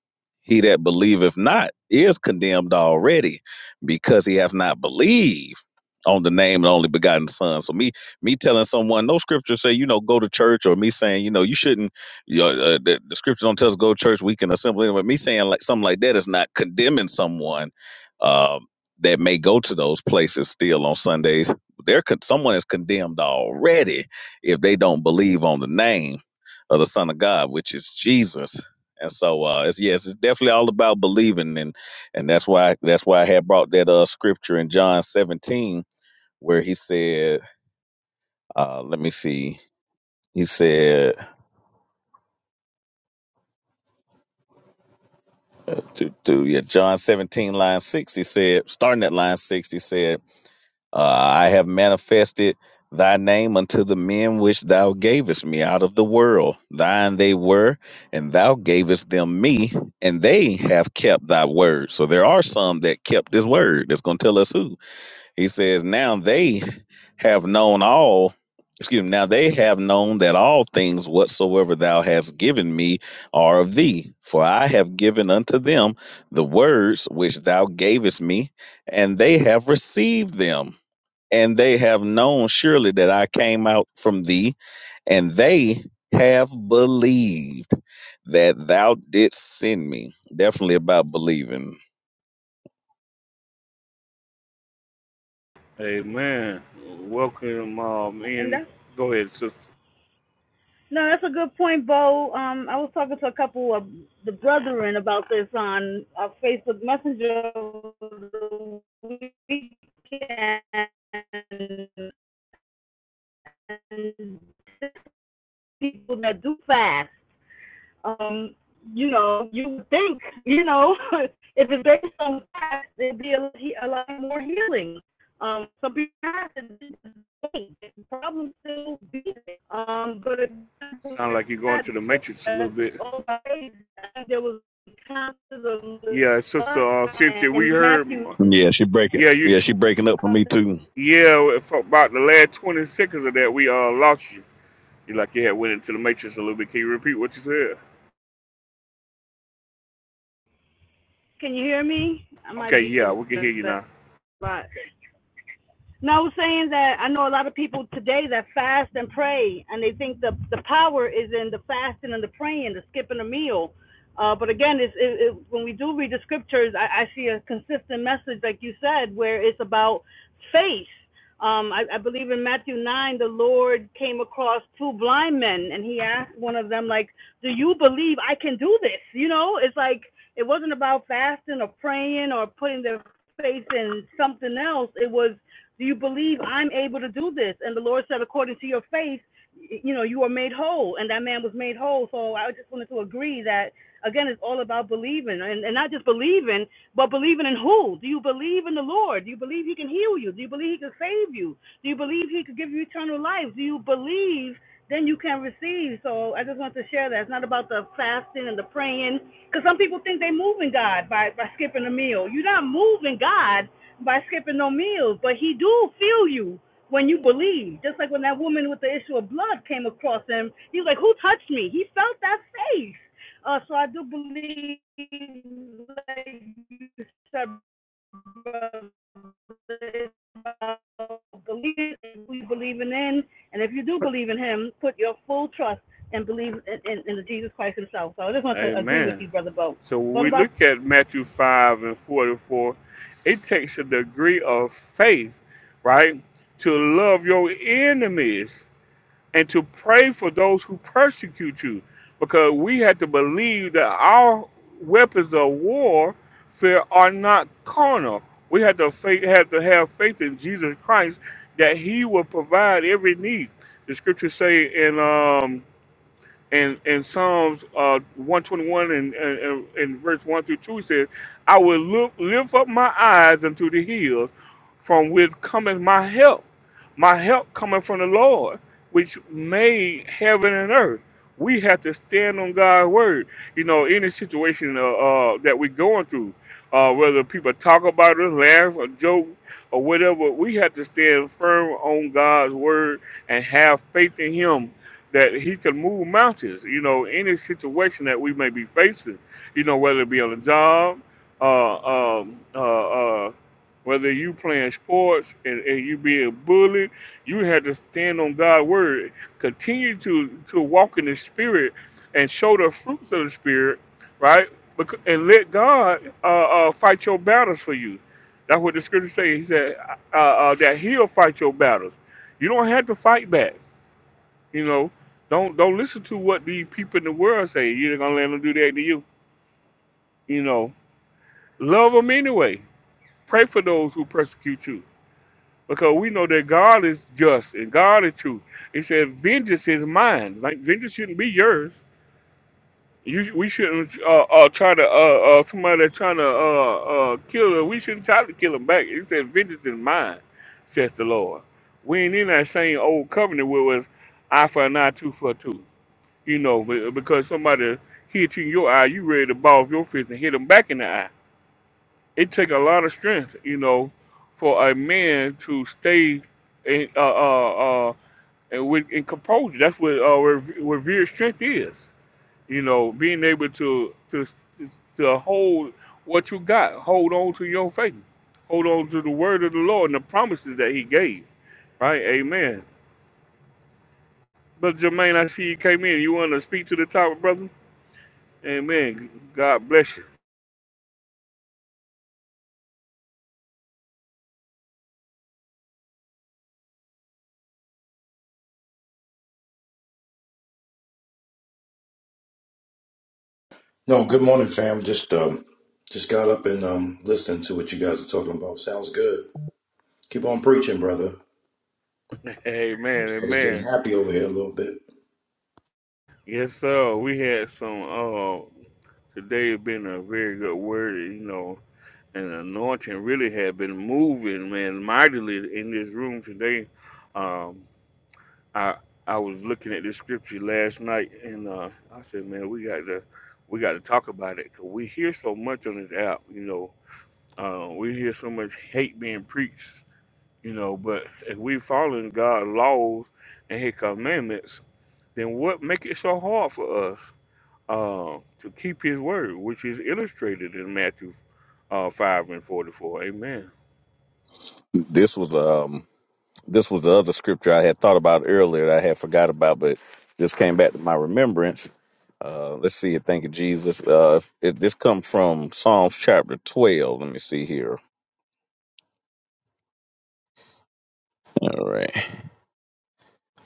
S11: He that believeth not is condemned already because he hath not believed on the name of the only begotten son. So me me telling someone no scripture say, you know, go to church or me saying, you know, you shouldn't you know, uh, the, the scripture don't tell us go to church, we can assemble but Me saying like something like that is not condemning someone um, that may go to those places still on Sundays. They're con- someone is condemned already if they don't believe on the name of the Son of God, which is Jesus. And so, uh, it's, yes, it's definitely all about believing, and and that's why that's why I had brought that uh scripture in John 17 where he said, uh, let me see, he said, uh, to, to yeah, John 17 line six, he said, starting at line six, he said. Uh, I have manifested thy name unto the men which thou gavest me out of the world. Thine they were, and thou gavest them me, and they have kept thy word. So there are some that kept his word. That's going to tell us who. He says, Now they have known all. Excuse me. Now they have known that all things whatsoever thou hast given me are of thee. For I have given unto them the words which thou gavest me, and they have received them and they have known surely that I came out from thee, and they have believed that thou didst send me. Definitely about believing.
S1: Amen. Welcome um,
S10: And
S1: in.
S10: that's
S1: Go ahead. So
S10: no, that's a good point, Bo. Um, I was talking to a couple of the brethren about this on uh, Facebook Messenger over the weekend. And people that do fast. um, you know, you would think, you know, if it's based on facts, it'd be a, a lot more healing. Um, so be honest, and this the problem still be there. Um, but if
S1: sound like you're going to the matrix a little
S10: it's
S1: bit.
S10: all about faith, there was constant of
S1: Yeah, sister uh,
S10: line
S1: Cynthia, we
S10: in
S1: heard.
S10: Matthew.
S11: Yeah, she breaking.
S1: Yeah, you.
S11: Yeah, she breaking up for me too.
S1: Yeah, for about the last 20 seconds of that, we uh lost you. You like you had went into the matrix a little bit. Can you repeat what you said?
S10: Can you hear me? I might
S1: Okay,
S10: be
S1: yeah,
S10: in
S1: we can
S10: a
S1: hear you
S10: bad
S1: now.
S10: spot. No, I was saying that I know a lot of people today that fast and pray, and they think the the power is in the fasting and the praying, the skipping a meal. Uh, but again, it's, it, it, when we do read the scriptures, I, I see a consistent message, like you said, where it's about faith. Um, I, I believe in Matthew 9, the Lord came across two blind men and he asked one of them, like, do you believe I can do this? You know, it's like, it wasn't about fasting or praying or putting their faith in something else. It was, do you believe I'm able to do this? And the Lord said, according to your faith, you know, you are made whole, and that man was made whole. So I just wanted to agree that again, it's all about believing, and, and not just believing, but believing in who? Do you believe in the Lord? Do you believe He can heal you? Do you believe He can save you? Do you believe He could give you eternal life? Do you believe? Then you can receive. So I just want to share that it's not about the fasting and the praying, because some people think they're moving God by by skipping a meal. You're not moving God by skipping no meals, but He do feel you when you believe. Just like when that woman with the issue of blood came across him, he was like, Who touched me? He felt that faith. Uh, so I do believe, like you said, brother, it's about believing who you believing in. And if you do believe in him, put your full trust and believe in, in, in Jesus Christ himself. So I just want to agree with
S1: Amen.
S10: you, Brother Bo.
S1: So when
S10: What
S1: we
S10: about
S1: look at Matthew 5 and 44, it takes a degree of faith, right, to love your enemies and to pray for those who persecute you. Because we have to believe that our weapons of war fear are not carnal. We have to faith, have to have faith in Jesus Christ that He will provide every need. The scriptures say in um, and in Psalms uh, 121 and, and, and and verse 1 through 2 he says, I will look, lift up my eyes unto the hills, from which cometh my help. My help cometh from the Lord, which made heaven and earth. We have to stand on God's word. You know, any situation uh, uh, that we're going through uh, whether people talk about us, laugh, or joke, or whatever, we have to stand firm on God's word and have faith in Him that He can move mountains. You know, any situation that we may be facing, you know, whether it be on a job, uh, um, uh, uh, whether you playing sports and, and you being bullied, you have to stand on God's word. Continue to to walk in the Spirit and show the fruits of the Spirit right? Bec- And let God uh, uh, fight your battles for you. That's what the scripture says. He said uh, uh, that He'll fight your battles. You don't have to fight back. You know, don't don't listen to what the people in the world say. You're gonna let them do that to you. You know, love them anyway. Pray for those who persecute you, because we know that God is just and God is true. He said, "Vengeance is mine. Like vengeance shouldn't be yours. You sh- we shouldn't uh, uh try to uh, uh somebody that's trying to uh uh kill her. We shouldn't try to kill him back. He said, "Vengeance is mine," says the Lord. We ain't in that same old covenant where it was eye for an eye, tooth for a tooth. You know, be- because somebody hit you in your eye, you ready to ball off your fist and hit them back in the eye. It take a lot of strength, you know, for a man to stay in uh uh uh and with in composure. That's what uh where, where real strength is you know, being able to to to hold what you got, hold on to your faith, hold on to the word of the Lord and the promises that He gave. Right, Amen. But Jermaine, I see you came in. You want to speak to the topic, brother? Amen. God bless you.
S15: No, good morning, fam. Just um, just got up and um, listening to what you guys are talking about. Sounds good. Keep on preaching, brother. I
S1: Amen.
S15: was getting
S1: Amen.
S15: happy over here a little bit.
S1: Yes, sir. We had some. Uh, today has been a very good word. You know, and anointing really had been moving, man, mightily in this room today. Um, I I was looking at this scripture last night, and uh, I said, man, we got to we got to talk about it 'cause we hear so much on this app. You know, uh, we hear so much hate being preached. You know, but if we following God's laws and His commandments, then what make it so hard for us uh, to keep His word, which is illustrated in Matthew uh, five and forty four? Amen.
S11: This was um this was the other scripture I had thought about earlier that I had forgot about, but just came back to my remembrance. Uh, let's see it. Thank you, Jesus. Uh, it, this comes from Psalms chapter 12. Let me see here. All right.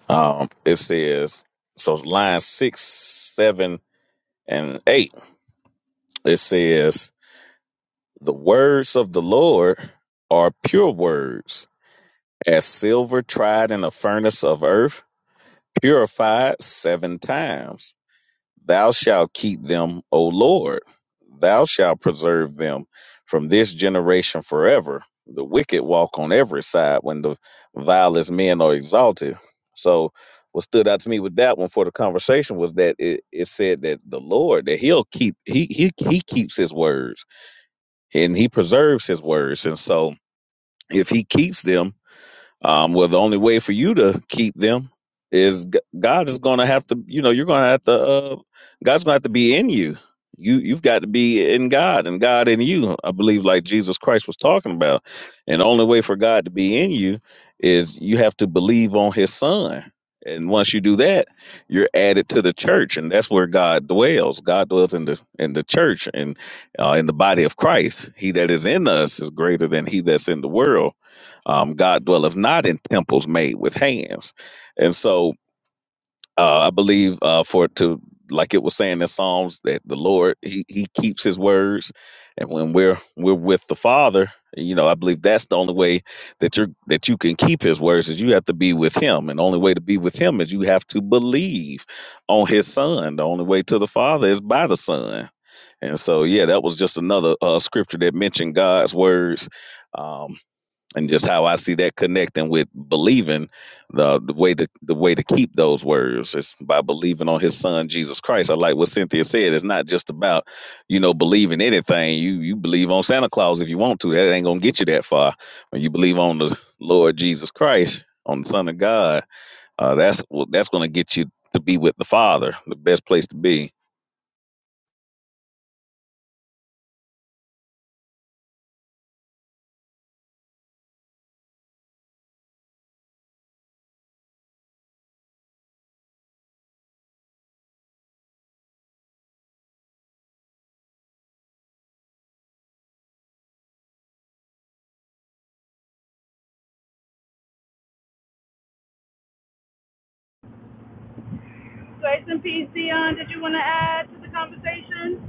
S11: Um, it says, so line six, seven, and eight. It says, the words of the Lord are pure words, as silver tried in a furnace of earth, purified seven times. Thou shalt keep them, O Lord. Thou shalt preserve them from this generation forever. The wicked walk on every side when the vilest men are exalted. So, what stood out to me with that one for the conversation was that it, it said that the Lord that He'll keep He He He keeps His words and He preserves His words, and so if He keeps them um, well, the only way for you to keep them is G- God is going to have to, you know, you're going to have to, uh, God's going to have to be in you. You, you've got to be in God and God in you. I believe like Jesus Christ was talking about. And the only way for God to be in you is you have to believe on his son. And once you do that, you're added to the church, and that's where God dwells. God dwells in the in the church and uh, in the body of Christ. He that is in us is greater than he that's in the world um, God dwelleth not in temples made with hands. And so uh, I believe uh, for it to, like it was saying in Psalms, that the Lord, he, he keeps his words. And when we're we're with the Father, you know, I believe that's the only way that you're that you can keep his words is you have to be with him. And the only way to be with him is you have to believe on his son. The only way to the Father is by the Son. And so, yeah, that was just another uh, scripture that mentioned God's words. Um, and just how I see that connecting with believing the the way to the way to keep those words is by believing on his son Jesus Christ. I like what Cynthia said. It's not just about, you know, believing anything. You you believe on Santa Claus if you want to. That ain't gonna get you that far. When you believe on the Lord Jesus Christ, on the Son of God, uh, that's what that's gonna get you to be with the Father, the best place to be.
S10: grace and peace, Dion? Did you want to add to the conversation?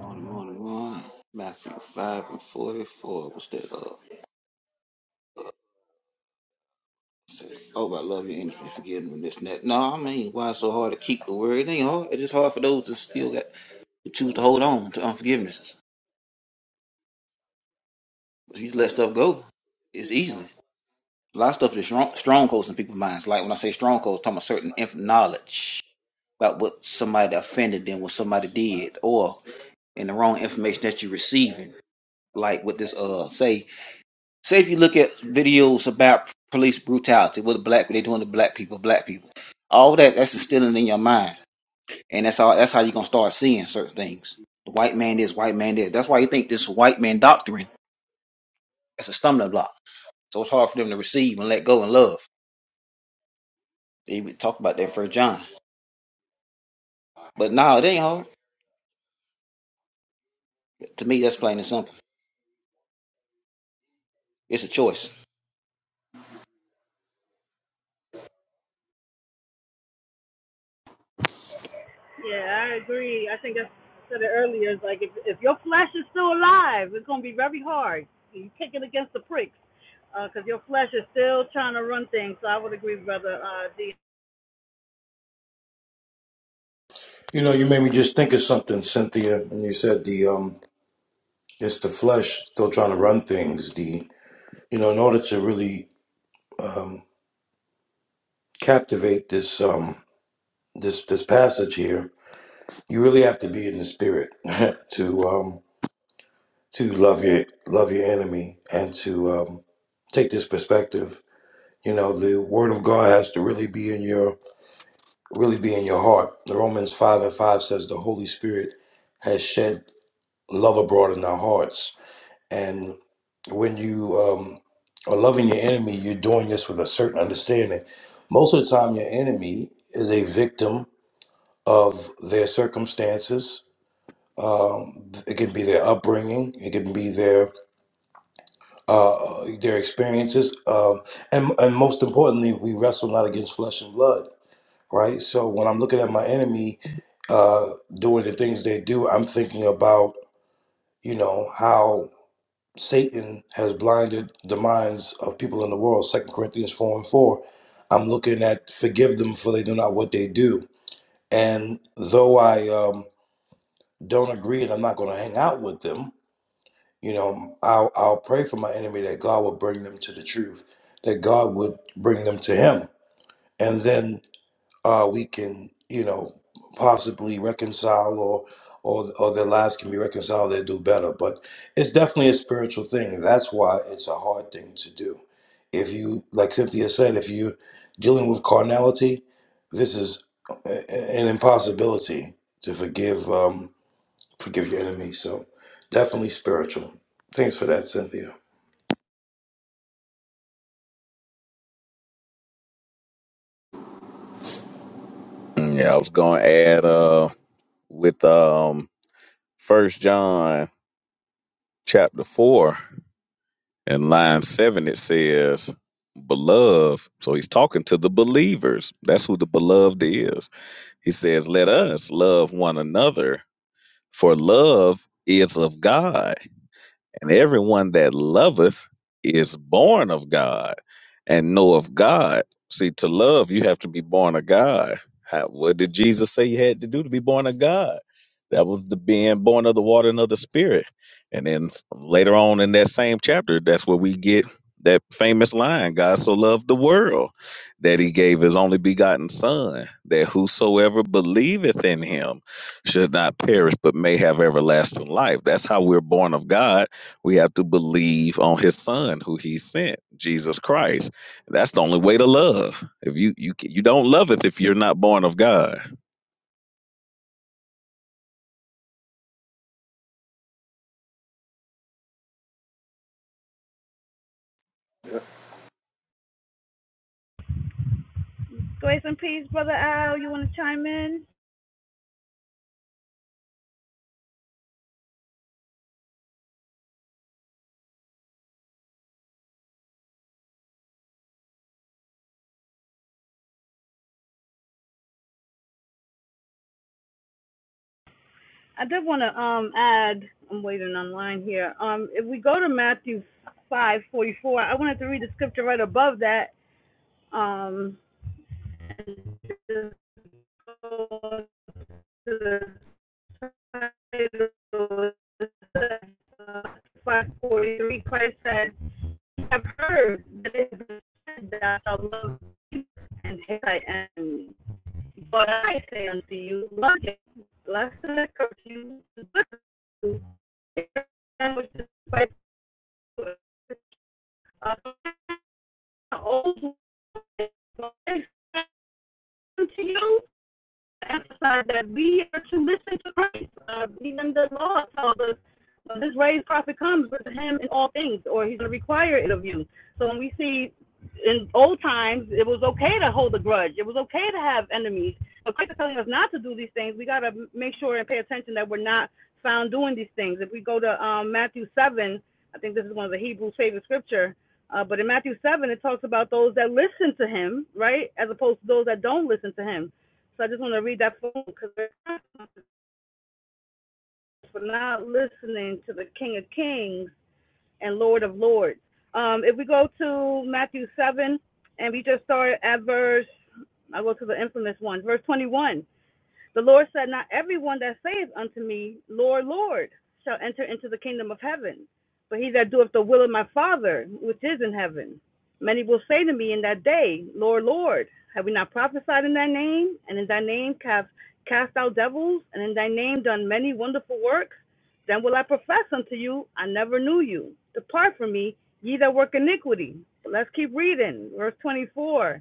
S16: On and on and on. Matthew 5 and 44. What's that? Uh, say, oh, but I love your enemies, forgive them, this and that. No, I mean, why it's so hard to keep the word? It ain't hard. It's just hard for those that still got who choose to hold on to unforgivenesses. If you let stuff go, it's easily. A lot of stuff is strong, strongholds in people's minds. Like when I say strongholds, I'm talking about certain inf- knowledge about what somebody offended them, what somebody did, or in the wrong information that you're receiving. Like with this, uh, say Say if you look at videos about police brutality, what the black what they doing to black people, black people, all that that's instilling in your mind, and that's all. That's how you're gonna start seeing certain things. The white man is white man is. That's why you think this white man doctrine that's a stumbling block. So it's hard for them to receive and let go and love. They would talk about that first John, but no, it ain't hard. To me, that's plain and simple. It's a choice.
S10: Yeah, I agree. I think I said it earlier. It's like if if your flesh is still alive, it's gonna be very hard. You kick it against the pricks, because uh, your flesh is still trying to run things. So I would agree, brother uh, D.
S15: You know, you made me just think of something, Cynthia. And you said the um, it's the flesh still trying to run things. The you know, in order to really um, captivate this um, this this passage here, you really have to be in the spirit to um, to love your love your enemy and to um, take this perspective You know, the word of God has to really be in your really be in your heart. Romans five and five says the Holy Spirit has shed love abroad in our hearts. And when you um, are loving your enemy, you're doing this with a certain understanding. Most of the time, your enemy is a victim of their circumstances. Um, it can be their upbringing. It can be their uh, their experiences. Um, and and most importantly, we wrestle not against flesh and blood right? So when I'm looking at my enemy uh, doing the things they do, I'm thinking about, you know, how Satan has blinded the minds of people in the world. Second Corinthians 4 and 4. I'm looking at forgive them for they do not what they do. And though I um, don't agree and I'm not going to hang out with them, you know, I'll, I'll pray for my enemy that God would bring them to the truth, that God would bring them to Him. And then uh, we can, you know, possibly reconcile or or or their lives can be reconciled, they do better. But it's definitely a spiritual thing. and That's why it's a hard thing to do. If you, like Cynthia said, if you're dealing with carnality, this is a- an impossibility to forgive um, forgive your enemy. So definitely spiritual. Thanks for that, Cynthia.
S11: Mm, Yeah, I was gonna add uh with um first John chapter four. In line seven, it says, Beloved. So he's talking to the believers. That's who the beloved is. He says, Let us love one another, for love is of God. And everyone that loveth is born of God and knoweth God. See, to love, you have to be born of God. How, what did Jesus say you had to do to be born of God? That was the being born of the water and of the spirit. And then later on in that same chapter, that's where we get that famous line God so loved the world that he gave his only begotten Son, that whosoever believeth in him should not perish but may have everlasting life. That's how we're born of God we have to believe on his son who he sent, Jesus Christ. That's the only way to love. If you you you don't love it if you're not born of God.
S10: Grace and peace, brother Al. You want to chime in? I did want to um add. I'm waiting online here. Um, if we go to Matthew five forty four, I wanted to read the scripture right above that. Um, five forty three. Christ said, have heard that it is said that I love and hate and what I say unto you, love him, less the curfew, and which is faithful, uh, old, unto you, emphasize that we are to listen to Christ. Uh, even the law tells us well, this raised prophet comes with him in all things, or he's going to require it of you. So when we see in old times, it was okay to hold a grudge. It was okay to have enemies. But Christ is telling us not to do these things. We got to make sure and pay attention that we're not found doing these things. If we go to um, Matthew 7, I think this is one of the Hebrews' favorite scripture. Uh, but in Matthew 7, it talks about those that listen to him, right, as opposed to those that don't listen to him. So I just want to read that for them because they're for not listening to the King of Kings and Lord of Lords. Um, if we go to Matthew 7 and we just start at verse, I go to the infamous one, verse 21. The Lord said, Not everyone that saith unto me, Lord, Lord, shall enter into the kingdom of heaven, but he that doeth the will of my Father which is in heaven. Many will say to me in that day, Lord, Lord, have we not prophesied in thy name, and in thy name have cast out devils, and in thy name done many wonderful works? Then will I profess unto you, I never knew you. Depart from me, ye that work iniquity. Let's keep reading. Verse 24.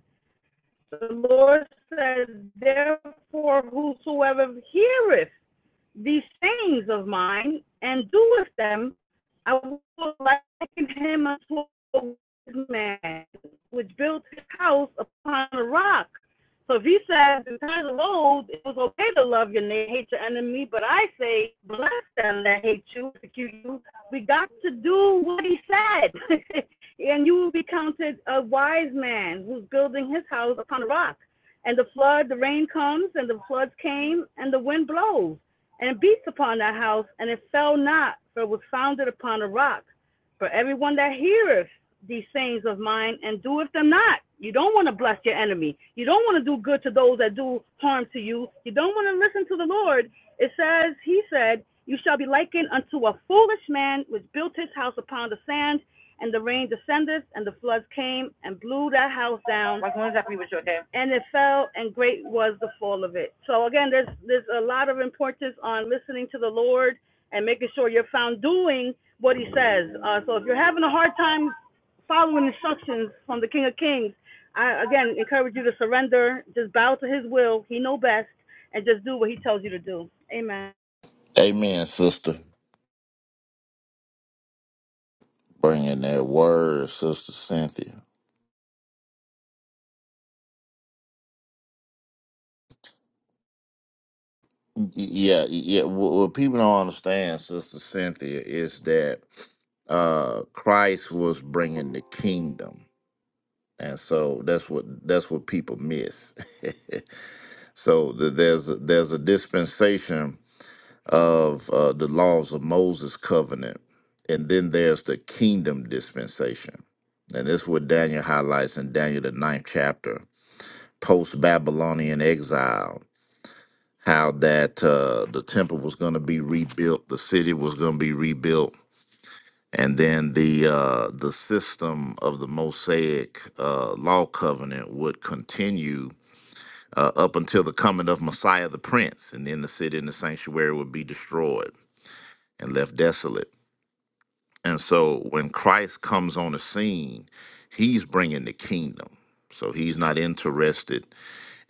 S10: The Lord said, Therefore, whosoever heareth these sayings of mine and do with them, I will liken him unto a wise man, which built his house upon a rock. So if he says in times of old it was okay to love your neighbor, hate your enemy, but I say bless them that hate you, persecute you. We got to do what he said, and you will be counted a wise man who's building his house upon a rock. And the flood, the rain comes, and the floods came, and the wind blows and beats upon that house, and it fell not, for it was founded upon a rock. For everyone that heareth these sayings of mine and doeth them not, you don't want to bless your enemy. You don't want to do good to those that do harm to you. You don't want to listen to the Lord. It says, He said, You shall be likened unto a foolish man which built his house upon the sand, and the rain descended, and the floods came and blew that house down, and it fell and great was the fall of it so again there's there's a lot of importance on listening to the lord and making sure you're found doing what he says uh, so if you're having a hard time following instructions from the king of kings i again encourage you to surrender just bow to his will he know best and just do what he tells you to do amen
S14: Amen, sister. Bringing that word, sister Cynthia. Y- Yeah, yeah. What, what people don't understand, sister Cynthia, is that uh, Christ was bringing the kingdom. and so that's what that's what people miss. so the, there's a, there's a dispensation of uh, the laws of Moses covenant, and then there's the kingdom dispensation, and this is what Daniel highlights in Daniel the ninth chapter, post Babylonian exile, how that uh, the temple was going to be rebuilt, the city was going to be rebuilt. And then the uh, the system of the Mosaic uh, law covenant would continue uh, up until the coming of Messiah the Prince, and then the city and the sanctuary would be destroyed and left desolate. And so when Christ comes on the scene, he's bringing the kingdom. So he's not interested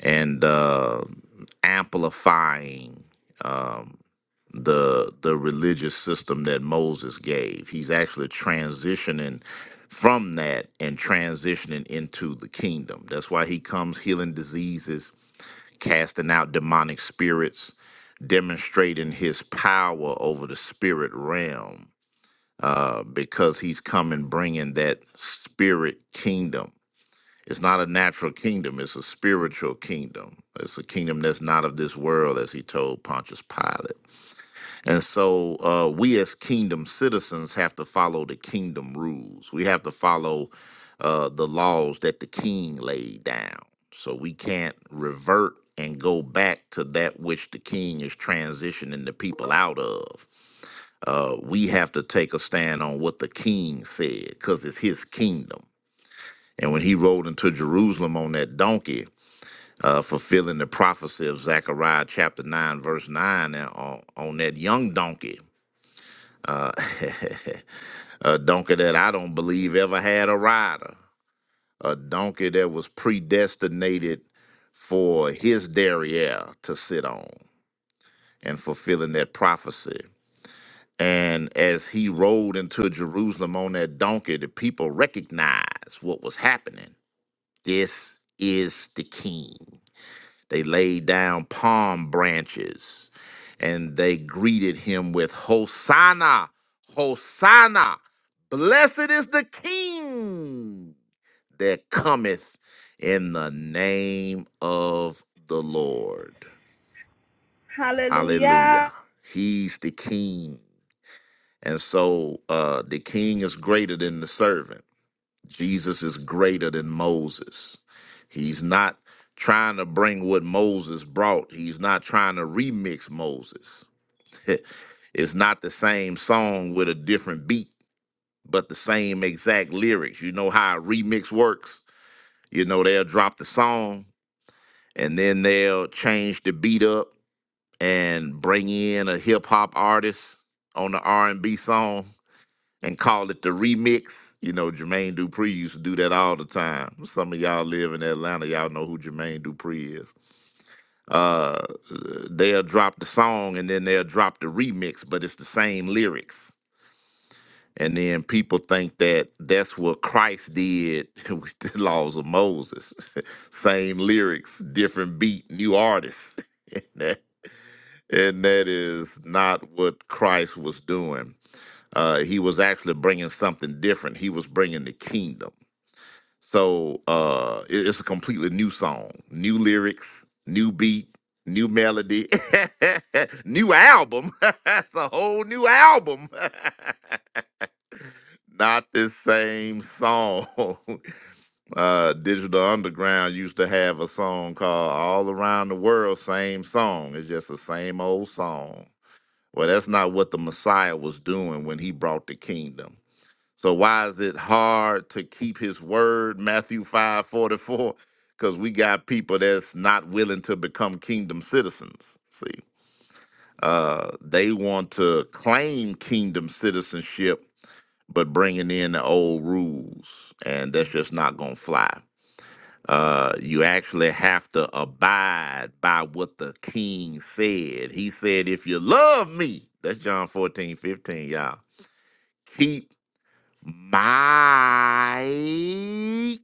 S14: in uh, amplifying um, the the religious system that Moses gave. He's actually transitioning from that and transitioning into the kingdom. That's why he comes healing diseases, casting out demonic spirits, demonstrating his power over the spirit realm uh, because he's come and bringing that spirit kingdom. It's not a natural kingdom, it's a spiritual kingdom. It's a kingdom that's not of this world, as he told Pontius Pilate. And so uh, we as kingdom citizens have to follow the kingdom rules. We have to follow uh, the laws that the king laid down. So we can't revert and go back to that which the king is transitioning the people out of. Uh, we have to take a stand on what the king said because it's his kingdom. And when he rode into Jerusalem on that donkey, uh, fulfilling the prophecy of Zechariah chapter 9, verse 9, uh, on, on that young donkey, a donkey that I don't believe ever had a rider, a donkey that was predestinated for his derriere to sit on and fulfilling that prophecy. And as he rode into Jerusalem on that donkey, the people recognized what was happening. This is the king. They laid down palm branches and they greeted him with Hosanna, Hosanna. Blessed is the King that cometh in the name of the Lord.
S10: hallelujah
S14: Hallelujah. He's the King. And so uh, the King is greater than the servant. Jesus is greater than Moses. He's not trying to bring what Moses brought, he's not trying to remix Moses. it's not the same song with a different beat, but the same exact lyrics. You know how a remix works? You know, they'll drop the song and then they'll change the beat up and bring in a hip hop artist on the R&B song and call it the remix. You know, Jermaine Dupri used to do that all the time. Some of y'all live in Atlanta, y'all know who Jermaine Dupri is. Uh, they'll drop the song and then they'll drop the remix, but it's the same lyrics. And then people think that that's what Christ did with the laws of Moses. same lyrics, different beat, new artist. and that is not what Christ was doing. Uh, he was actually bringing something different. He was bringing the kingdom So uh it- it's a completely new song, new lyrics, new beat, new melody, new album. it's a whole new album. Not the same song. uh Digital Underground used to have a song called All Around the World, same song. It's just the same old song. Well, that's not what the Messiah was doing when he brought the kingdom. So why is it hard to keep his word? Matthew 5 44? Because we got people that's not willing to become kingdom citizens. See, uh, they want to claim kingdom citizenship, but bringing in the old rules, and that's just not going to fly. Uh, you actually have to abide by what the king said. He said, If you love me, that's John fourteen fifteen, y'all, keep my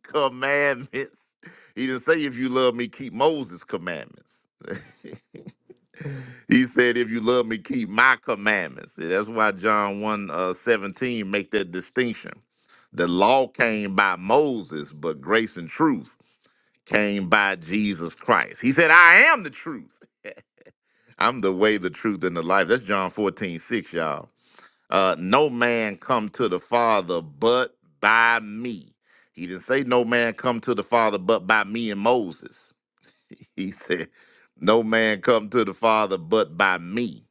S14: commandments. He didn't say, if you love me, keep Moses' commandments. he said, if you love me, keep my commandments. That's why John 1 uh, 17 make that distinction. The law came by Moses, but grace and truth came by Jesus Christ. He said, I am the truth. I'm the way, the truth, and the life. That's John fourteen six, y'all. Uh, no man come to the Father but by me. He didn't say no man come to the Father but by me and Moses. He said no man come to the Father but by me.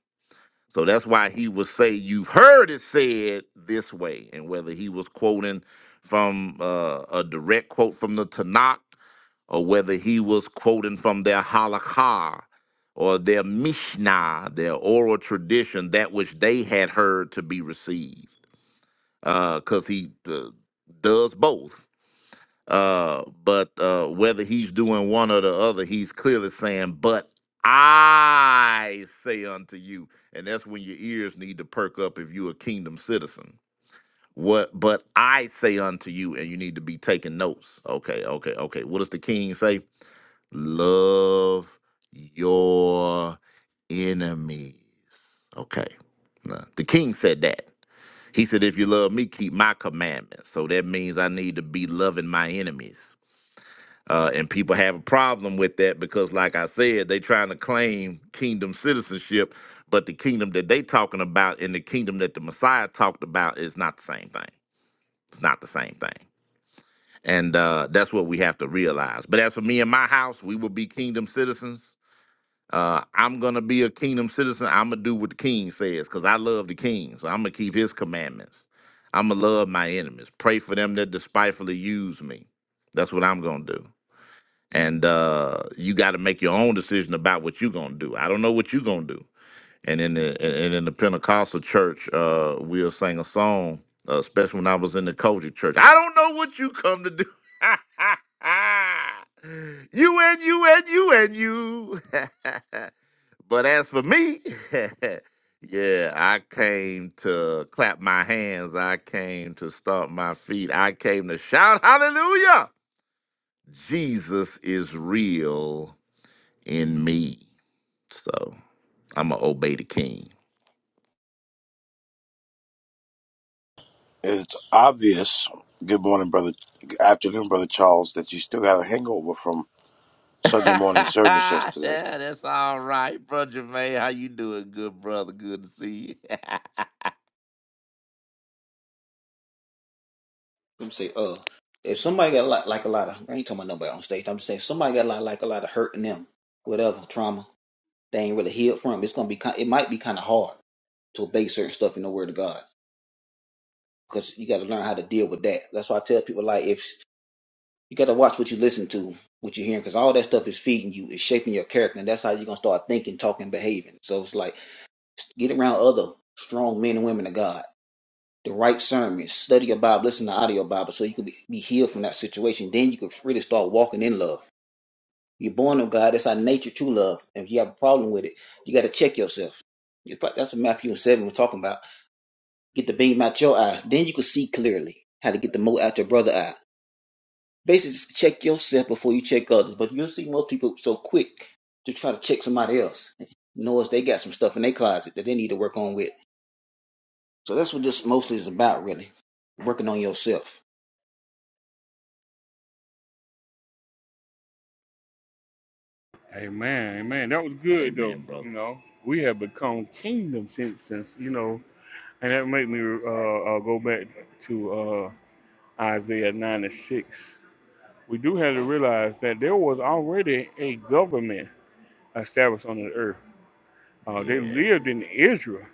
S14: So that's why he would say, You've heard it said this way. And whether he was quoting from uh, a direct quote from the Tanakh or whether he was quoting from their halakha or their mishnah, their oral tradition, that which they had heard to be received because he uh, does both. Uh, but uh, whether he's doing one or the other, he's clearly saying, "But I say unto you," and that's when your ears need to perk up if you're a kingdom citizen. What? But I say unto you, and you need to be taking notes. Okay, okay, okay. What does the king say? Love your enemies. Okay, Nah, the king said that. He said, If you love me, keep my commandments. So that means I need to be loving my enemies. Uh, and people have a problem with that because, like I said, they trying to claim kingdom citizenship, but the kingdom that they talking about and the kingdom that the Messiah talked about is not the same thing. It's not the same thing. And uh, that's what we have to realize. But as for me and my house, we will be kingdom citizens uh, I'm gonna be a kingdom citizen. I'm gonna do what the king says because I love the king, so I'm gonna keep his commandments. I'm gonna love my enemies, pray for them that despitefully use me. That's what I'm gonna do. And uh, you got to make your own decision about what you're gonna do. I don't know what you're gonna do. And in the and in the Pentecostal church, uh, we'll sing a song, uh, especially when I was in the Kojic church. I don't know what you come to do. you and you and you and you. But as for me, yeah, I came to clap my hands. I came to stomp my feet. I came to shout hallelujah. Jesus is real in me. So I'm going to obey the king.
S15: It's obvious. Good morning, brother. afternoon, brother Charles. That you still got a hangover from in service
S14: yeah,
S15: yesterday.
S14: that's all right, brother Jermaine. How you doing, good brother? Good to see you.
S16: Let me say, uh, if somebody got a lot like a lot of, I ain't talking about nobody on stage. I'm just saying, if somebody got a lot like a lot of hurt in them, whatever trauma. they ain't really healed from. It's gonna be kind, it might be kind of hard to obey certain stuff in the Word of God because you got to learn how to deal with that. That's why I tell people like if you got to watch what you listen to, what you're hearing, because all that stuff is feeding you, is shaping your character, and that's how you're gonna start thinking, talking, behaving. So it's like get around other strong men and women of God. The right sermons, study your Bible, listen to audio Bible, so you can be, be healed from that situation. Then you can really start walking in love. You're born of God. That's our nature to love. And if you have a problem with it, you got to check yourself. It's like- That's what Matthew and 7 we're talking about Get the beam out your eyes. Then you can see clearly how to get the mote out your brother's eyes. Basically, just check yourself before you check others. But you'll see most people so quick to try to check somebody else. Notice they got some stuff in their closet that they need to work on with. So that's what this mostly is about, really. Working on yourself.
S1: Amen. Amen. That was good though.
S14: Amen, brother.
S1: You know, we have become kingdom citizens. You know And that make me uh, uh, go back to uh, Isaiah 9 and 6. We do have to realize that there was already a government established on the earth. Uh, they
S14: Yeah.
S1: lived in Israel,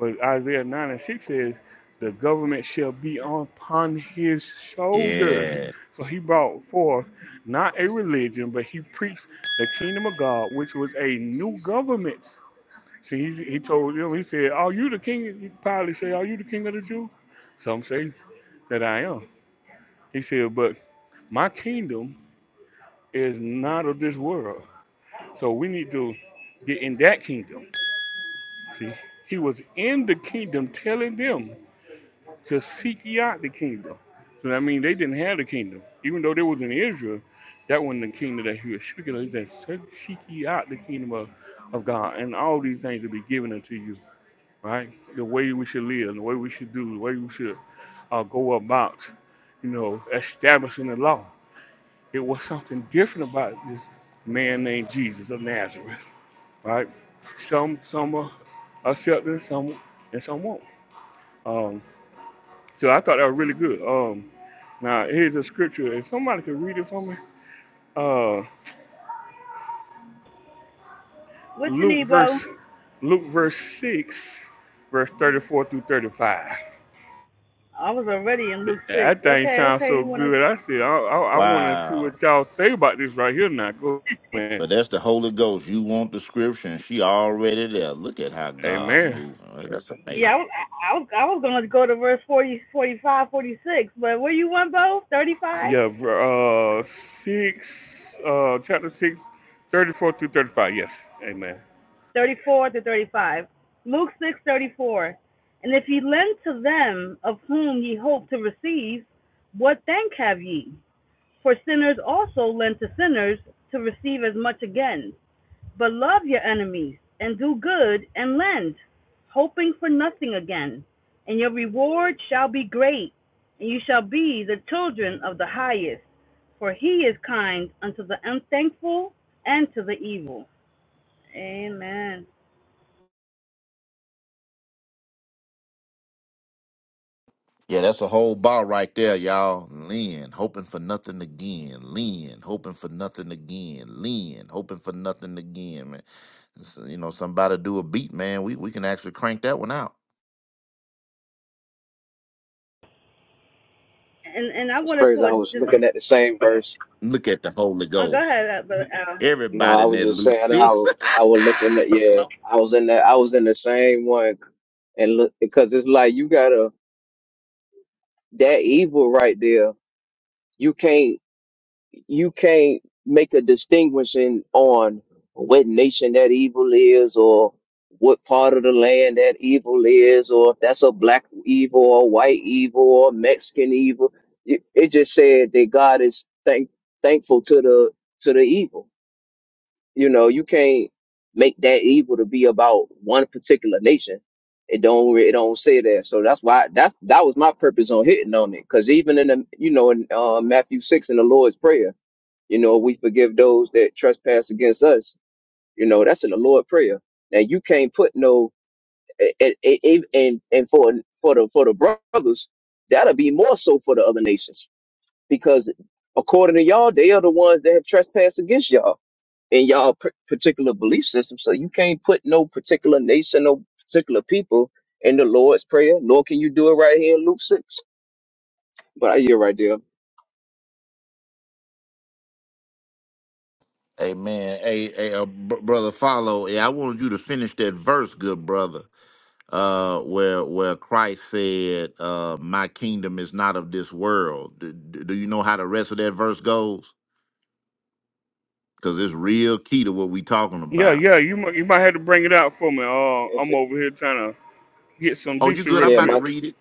S1: but Isaiah 9 and 6 says, the government shall be upon his shoulders.
S14: Yeah.
S1: So he brought forth not a religion, but he preached the kingdom of God, which was a new government. See, he, he told them, he said, Are you the king? He probably said, Are you the king of the Jews? Some say that I am. He said, But my kingdom is not of this world. So we need to get in that kingdom. See, he was in the kingdom telling them to seek ye out the kingdom. So I mean, they didn't have the kingdom. Even though they was in Israel, that wasn't the kingdom that he was speaking of. He said, "Seek seek ye out the kingdom of, of God, and all these things will be given unto you, right? The way we should live, the way we should do, the way we should uh, go about, you know, establishing the law. It was something different about this man named Jesus of Nazareth, right? Some some are accepted, some and some won't. Um, so I thought that was really good. Um, now here's a scripture. If somebody could read it for me, uh,
S10: what you
S1: Luke
S10: need
S1: verse
S10: bro
S1: Luke verse six, verse thirty-four through thirty-five.
S10: i was already in luke 6
S1: That thing
S10: okay
S1: sounds
S10: okay
S1: so
S10: you want to
S1: good. I said I I, I want to see
S14: Wow.
S1: what y'all say about this right here. Now go man.
S14: But that's the Holy Ghost. You want the scripture, and she already there. Look at how God
S1: Amen.
S14: moving. Right? That's
S10: Yeah, I,
S14: amazing.
S10: was- I, was- I was going to go to verse 40, 45, 46. but where you want, both? 35,
S1: Yeah, ver- uh, six, uh, chapter six, thirty-four through thirty-five. Yes, amen.
S10: 34 to 35. Luke 6 34, And if ye lend to them of whom ye hope to receive, what thank have ye? For sinners also lend to sinners to receive as much again. But love your enemies, and do good, and lend, hoping for nothing again. And your reward shall be great, and you shall be the children of the highest For he is kind unto the unthankful and to the evil. Amen.
S14: Yeah, that's a whole bar right there, y'all. Lean, hoping for nothing again. Lean, hoping for nothing again. Lean, hoping for nothing again, man. So, you know, somebody do a beat, man. We we can actually crank that one out.
S10: And and I
S17: That's
S10: wanted
S17: crazy. I
S10: to
S17: was
S10: just
S17: looking at the same verse.
S14: Look at the Holy
S10: oh, go
S14: Ghost.
S10: ahead, but uh, Brother Al.
S17: No,
S14: Everybody
S17: I
S14: in
S17: was
S14: that
S17: just
S14: Luke
S17: saying I
S14: six.
S17: w- I was looking at yeah.
S14: Amen.
S17: I was in that I was in the same one and look because it's like you gotta that evil right there. You can't you can't make a distinguishing on what nation that evil is or what part of the land that evil is or if that's a black evil or white evil or Mexican evil. It, it just said that God is thank, thankful to the to the evil. You know, you can't make that evil to be about one particular nation. It don't re- it don't say that. So that's why that that was my purpose on hitting on it. Because even in the you know in uh, Matthew six in the Lord's prayer, you know we forgive those that trespass against us. You know that's in the Lord's prayer. Now you can't put no and and and and for for the for the brothers that'll be more so for the other nations because according to y'all they are the ones that have trespassed against y'all in y'all par- particular belief system. So you can't put no particular nation, no particular people in the Lord's Prayer, nor can you do it right here in Luke 6. But I hear right there.
S14: Hey, man, hey, hey uh, br- brother, follow. Yeah, I wanted you to finish that verse, good brother. uh, where where Christ said, uh, "My kingdom is not of this world." Do, do do you know how the rest of that verse goes? Because it's real key to what we talking
S1: Yeah,
S14: about.
S1: yeah, you might, you might have to bring it out for me. Uh,
S17: If
S1: I'm
S17: it,
S1: over here trying to get some
S14: Oh, you
S1: decent
S14: good?
S1: real
S14: I'm
S17: yeah,
S14: about to
S1: quick.
S17: my,
S14: read it.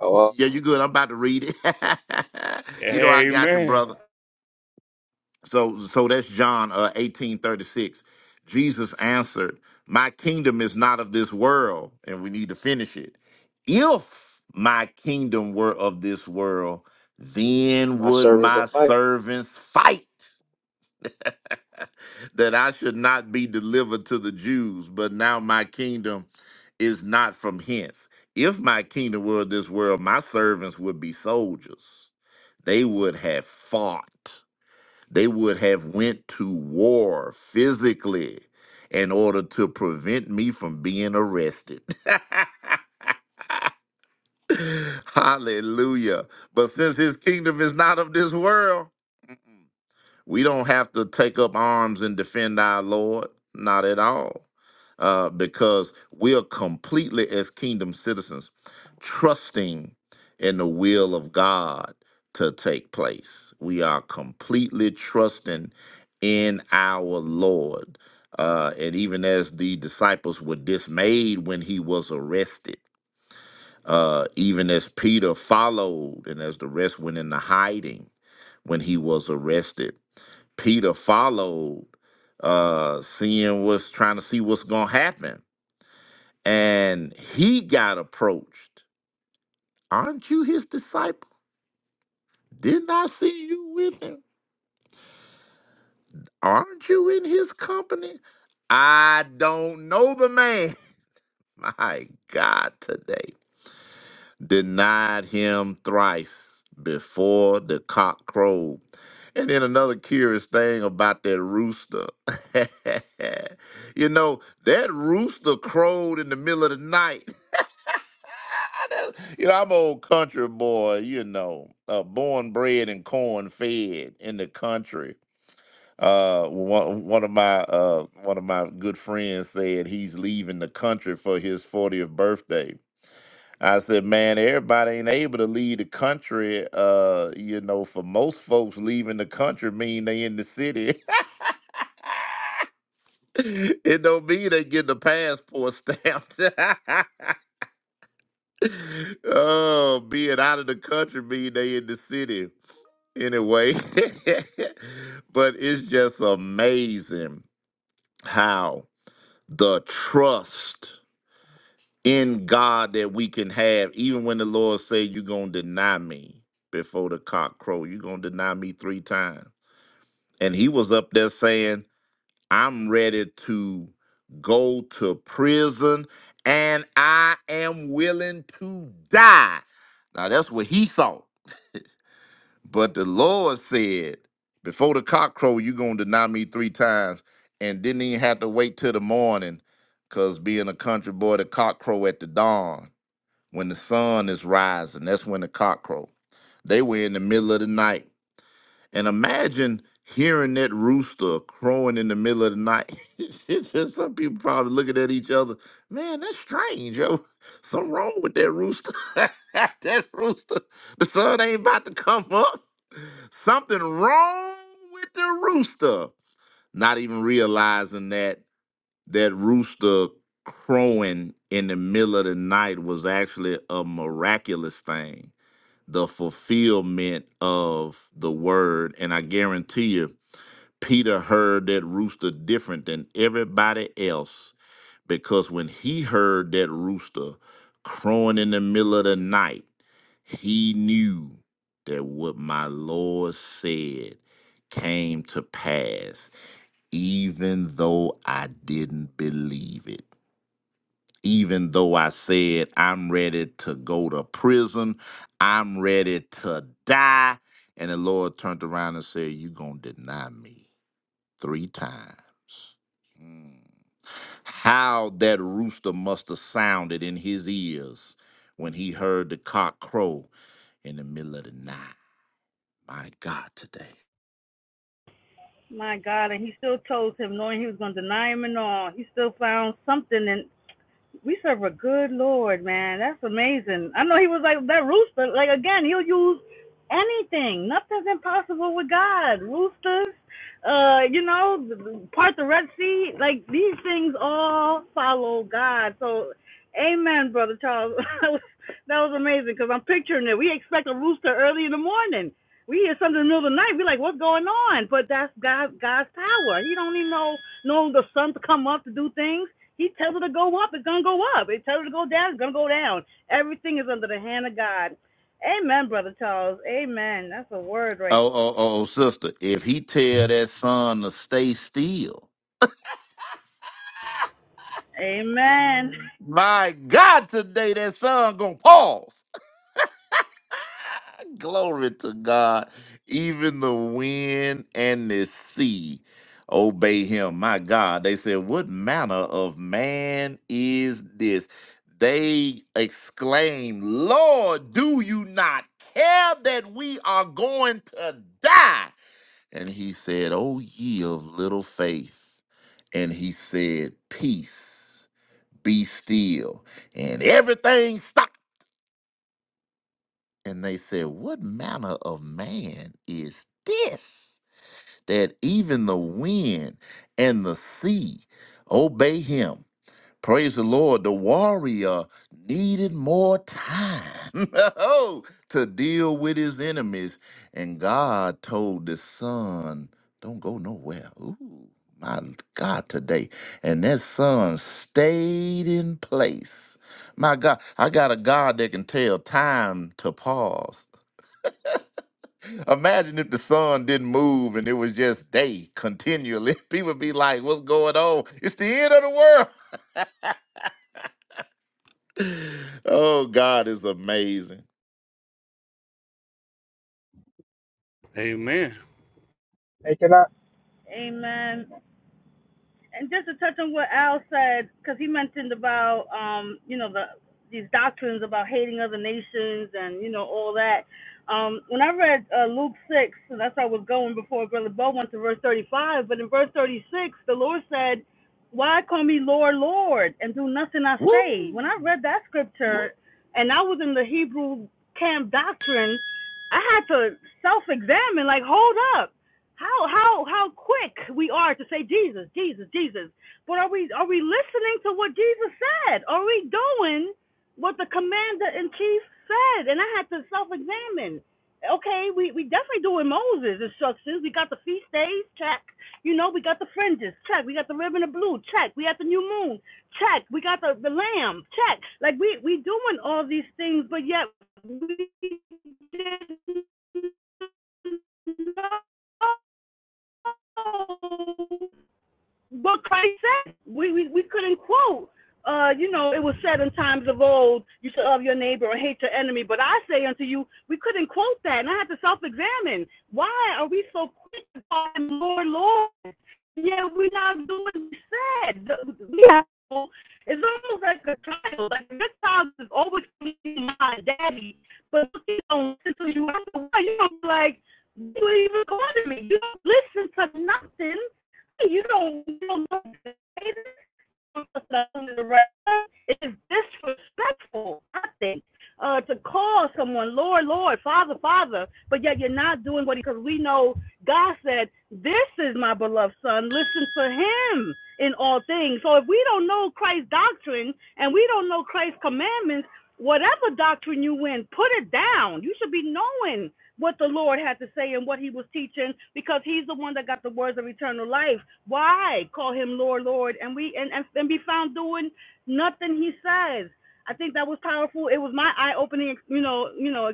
S17: oh,
S14: Yeah, you good? I'm about to read it. you know, I got you,
S1: Amen,
S14: brother. So so that's John uh, 1836. Jesus answered, "My kingdom is not of this world." And we need to finish it. If my kingdom were of this world, then
S17: my
S14: would
S17: servants are
S14: my
S17: fighting.
S14: servants fight that I should not be delivered to the Jews, but now my kingdom is not from hence. If my kingdom were of this world, my servants would be soldiers. They would have fought they would have went to war physically in order to prevent me from being arrested. Hallelujah. But since his kingdom is not of this world, we don't have to take up arms and defend our Lord. Not at all. uh, because we are completely, as kingdom citizens, trusting in the will of God to take place. We are completely trusting in our Lord. Uh, and even as the disciples were dismayed when he was arrested, uh, even as Peter followed and as the rest went into hiding when he was arrested, Peter followed, uh, seeing what's trying to see what's going to happen and he got approached. Aren't you his disciple? Didn't I see you with him? Aren't you in his company? I don't know the man. My God, today denied him thrice before the cock crowed. And then another curious thing about that rooster. you know, that rooster crowed in the middle of the night. You know, I'm old country boy, you know, uh, born, bred, and corn fed in the country. Uh, one, one of my uh, one of my good friends said he's leaving the country for his 40th birthday. I said, man, everybody ain't able to leave the country. Uh, you know, for most folks, leaving the country mean they in the city. it don't mean they get the passport stamped. oh, being out of the country mean they in the city. anyway, but it's just amazing how the trust in God that we can have, even when the Lord say you're gonna deny me before the cock crow, you're gonna deny me three times. And he was up there saying, I'm ready to go to prison and I am willing to die. Now that's what he thought. But the Lord said, before the cock crow, you going to deny me three times. And didn't even have to wait till the morning, because being a country boy, the cock crow at the dawn, when the sun is rising, that's when the cock crow. They were in the middle of the night. And imagine hearing that rooster crowing in the middle of the night. It's just Some people probably looking at each other. Man, that's strange, yo. Something wrong with that rooster. that rooster, the sun ain't about to come up. Something wrong with the rooster. Not even realizing that that rooster crowing in the middle of the night was actually a miraculous thing the fulfillment of the word. And I guarantee you, Peter heard that rooster different than everybody else because when he heard that rooster crowing in the middle of the night, he knew that what my Lord said came to pass, even though I didn't believe it even though I said, I'm ready to go to prison, I'm ready to die. And the Lord turned around and said, You're going to deny me three times. Mm. How that rooster must have sounded in his ears when he heard the cock crow in the middle of the night. My God, today.
S10: my God, and he still chose him, knowing he was going to deny him and all. He still found something in We serve a good Lord, man. That's amazing. I know he was like that rooster. Like again, he'll use anything. Nothing's impossible with God. Roosters, uh, you know, part the Red Sea. Like these things all follow God. So, Amen, brother Charles. that was that was amazing because I'm picturing it. We expect a rooster early in the morning. We hear something in the middle of the night. We're like, what's going on? But that's God, God's power. He don't even know know the sun to come up to do things he tells it to go up, it's gonna go up. He tells it to go down, it's gonna go down. Everything is under the hand of God. Amen, brother Charles. Amen. That's a word right.
S14: Oh, oh, oh, oh, sister, if he tell that son to stay still,
S10: there. Amen.
S14: my God, today that son gonna pause. Glory to God. Even the wind and the sea obey him. My God. They said, What manner of man is this? They exclaim, Lord, do you not care that we are going to die? And he said, O ye of little faith. And he said, Peace, be still. And everything stopped and they said, What manner of man is this that even the wind and the sea obey him? Praise the Lord. The warrior needed more time oh, to deal with his enemies. And God told the son, Don't go nowhere. Ooh, my God, today. And that son stayed in place. My God, I got a God that can tell time to pause Imagine if the sun didn't move and it was just day continually. People be like, what's going on? It's the end of the world. Oh, God is amazing.
S1: amen,
S5: Hey, can I?
S10: Amen. And just to touch on what Al said, because he mentioned about um, you know the these doctrines about hating other nations and you know all that. Um, when I read uh, Luke six, and that's how I was going before Brother Bo went to verse thirty five. But in verse thirty six, the Lord said, "Why call me Lord, Lord, and do nothing I
S14: Woo!
S10: say?" When I read that scripture, and I was in the Hebrew camp doctrine, I had to self examine. Like, hold up how how how quick we are to say Jesus, Jesus, Jesus. But are we are we listening to what Jesus said? Are we doing what the commander in chief said? And I had to self examine. Okay, we, we definitely doing Moses instructions. We got the feast days, check. You know, we got the fringes, check. We got the ribbon of blue, check. We got the new moon, check. We got the, the lamb, check. Like we we doing all these things, but yet we didn't know Oh what Christ said. We, we, we couldn't quote. Uh, you know, it was said in times of old, you should love your neighbor and hate your enemy. But I say unto you, we couldn't quote that. And I had to self examine. Why are we so quick to call him Lord, Lord? Yeah, we're not doing what he said. The- We have, it's almost like a child. Like, this child is always pleasing my daddy. But you don't listen to you. why. You don't like, you even calling me. You don't listen to nothing you don't, you don't know the it is disrespectful, I think, uh, to call someone Lord, Lord, Father, Father, but yet you're not doing what he, because we know God said, This is my beloved son. Listen to him in all things. So if we don't know Christ's doctrine and we don't know Christ's commandments, whatever doctrine you win, put it down. You should be knowing what the Lord had to say and what he was teaching because he's the one that got the words of eternal life. Why call him Lord, Lord, and we and, and, and be found doing nothing he says. I think that was powerful. It was my eye-opening, you know, you know,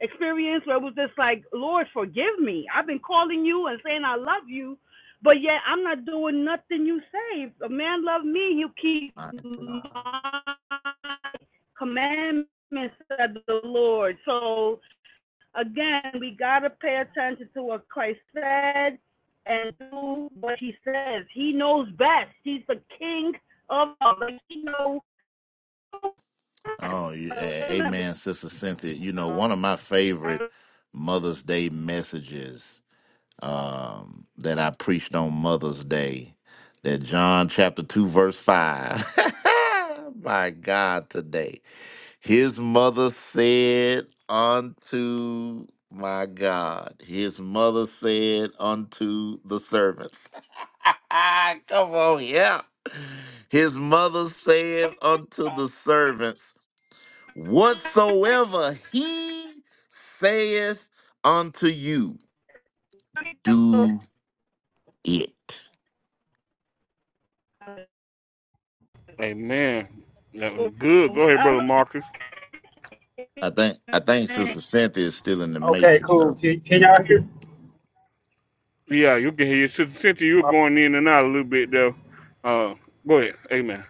S10: experience where it was just like, Lord, forgive me. I've been calling you and saying I love you, but yet I'm not doing nothing you say. If a man love me, he'll keep
S14: My God.
S10: my commandments, said the Lord. So again, we gotta pay attention to what Christ said and do what he says. He knows best. He's the king of all. He knows best.
S14: Oh, you-
S10: So
S14: a-
S10: amen.
S14: amen, Sister Cynthia. You know, one of my
S10: I
S14: favorite Mother's Day messages um, that I preached on Mother's Day, that John chapter 2, verse 5. My God, today. His mother said unto my God, his mother said unto the servants, Come on, yeah. His mother said unto the servants, Whatsoever he saith unto you, do it.
S1: amen. That was good. Go ahead, brother Marcus.
S14: I think I think Sister Cynthia is still in the
S5: Okay,
S14: matrix
S5: cool.
S14: though.
S5: Can, can y'all hear?
S1: Yeah, you can hear your sister Cynthia. You were
S5: My,
S1: going in and out a little bit there. Uh, go ahead, amen.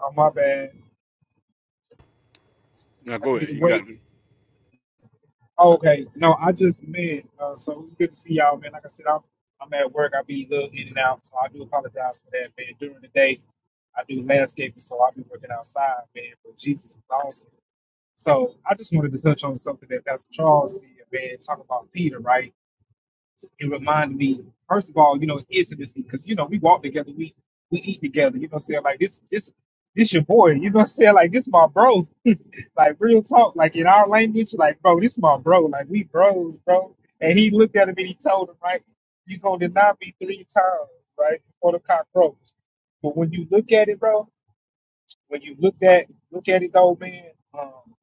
S5: oh, my bad.
S1: Now go
S5: I need
S1: ahead.
S5: to
S1: You got
S5: wait.
S1: it,
S5: Oh, okay. No, I just meant, uh, so it was good to see y'all, man. Like I said, I'm, I'm at work. I be a little in and out, so I do apologize for that, man. During the day, I do landscaping, so i be working outside, man. But Jesus is awesome. So I just wanted to touch on something that Pastor Charles said, man, talk about Peter, right? it reminded me, first of all, you know, it's intimacy because you know we walk together, we we eat together. You know, what I'm saying like this, this, this your boy. You know, what I'm saying like this my bro. like real talk, like in our language, like bro, this my bro. Like we bros, bro. And he looked at him and he told him, right, you gonna deny me three times, right, before the cockroach. But when you look at it, bro, when you look at look at it, old man. um,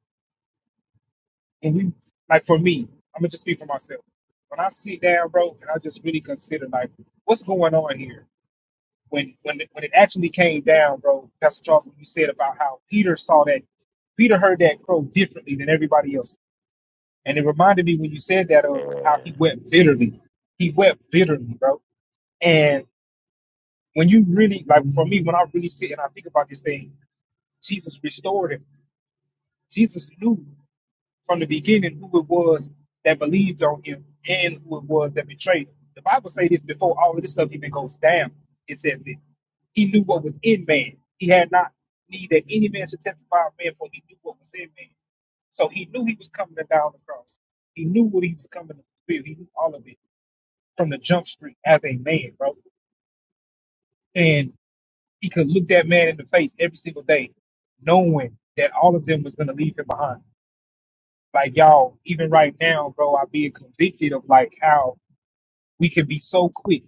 S5: and you, like for me, I'm gonna just speak for myself. When I sit down, bro, and I just really consider like what's going on here. When when when it actually came down, bro, Pastor Charles, when you said about how Peter saw that, Peter heard that crow differently than everybody else, and it reminded me when you said that of how
S14: Yeah,
S5: he wept bitterly. He wept bitterly, bro. And when you really, like for me, when I really sit and I think about this thing, Jesus restored him. Jesus knew. from the beginning who it was that believed on him and who it was that betrayed him. The Bible says this before all of this stuff even goes down. It says that he knew what was in man. He had not need that any man should testify of man, for he knew what was in man. So he knew he was coming to die on the cross. He knew what he was coming to fulfill. He knew all of it from the jump street as a man, bro. And he could look that man in the face every single day, knowing that all of them was going to leave him behind. Like y'all, even right now, bro, I'm being convicted of like how we can be so quick,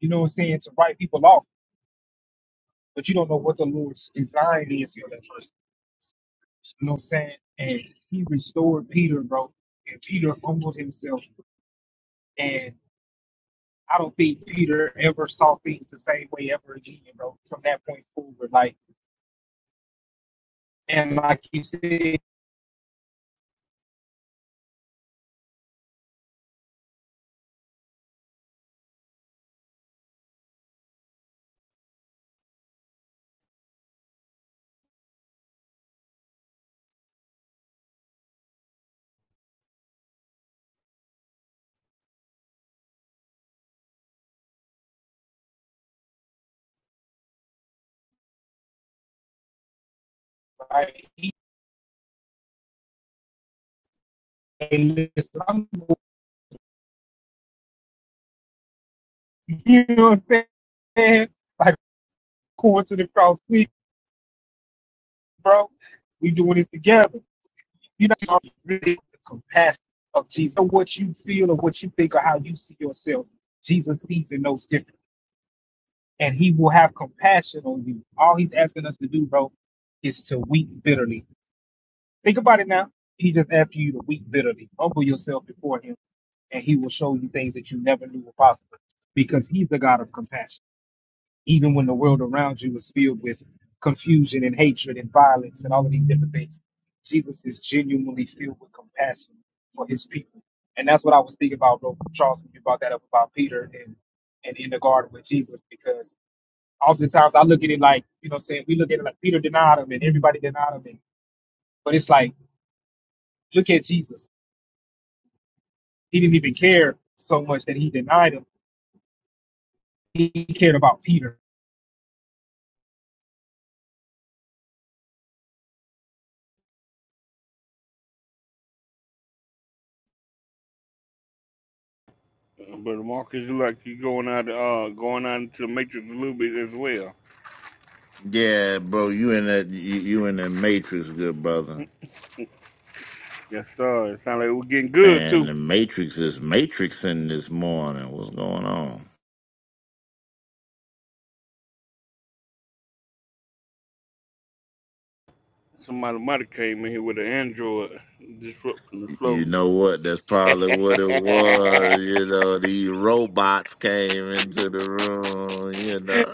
S5: you know what I'm saying, to write people off, but you don't know what the Lord's design is for that person. You know what I'm saying? And he restored Peter, bro. And Peter humbled himself. And I don't think Peter ever saw things the same way ever again, bro, from that point forward. Like and like you said, like he hey, listen, I'm, you know what I'm saying? Like going to the cross quick bro. We doing this together. You know, really the compassion of Jesus. So What you feel or what you think or how you see yourself, Jesus sees and knows different. And he will have compassion on you. All he's asking us to do, bro, is to weep bitterly. Think about it now. He just asking you to weep bitterly. Humble yourself before him, and he will show you things that you never knew were possible because he's the God of compassion even when the world around you is filled with confusion and hatred and violence and all of these different things. Jesus is genuinely filled with compassion for his people. And that's what I was thinking about, bro, Charles, when you brought that up about Peter and, and in the garden with Jesus, because oftentimes I look at it like, you know, what I'm saying we look at it like Peter denied him and everybody denied him. And, but it's like, look at Jesus. He didn't even care so much that he denied him. He cared about Peter
S1: uh, brother Marcus. You like you going out, uh, going out into the matrix a little bit as well.
S14: yeah bro, you in that you, you in that matrix, good brother.
S1: Yes, sir. It sounds like we're getting good
S14: Man,
S1: too.
S14: the Matrix is matrixing this morning. What's going on?
S1: Somebody might have came in here with an android disrupting the
S14: Y- You
S1: flow.
S14: know what? That's probably what it was. You know, these robots came into the room. You know,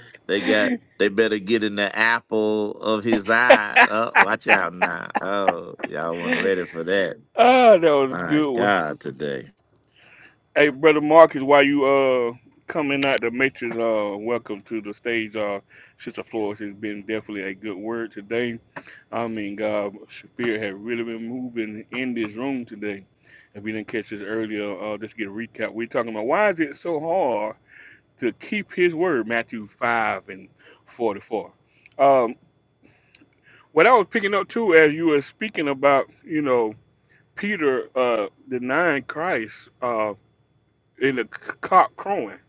S14: they got they better get in the apple of his eye. Oh, watch out now! Oh, y'all weren't ready for that.
S1: Ah, that was a
S14: My
S1: good one.
S14: God, today.
S1: Hey, brother Marcus, while you uh coming out the matrix, uh, welcome to the stage. Uh, Sister Flores has been definitely a good word today. I mean, God, Spirit has really been moving in this room today. If you didn't catch this earlier, uh, just get a recap. We're talking about why is it so hard to keep His word, Matthew five and forty-four. Um. what I was picking up too, as you were speaking about, you know, Peter uh, denying Christ uh, in the c- cock crowing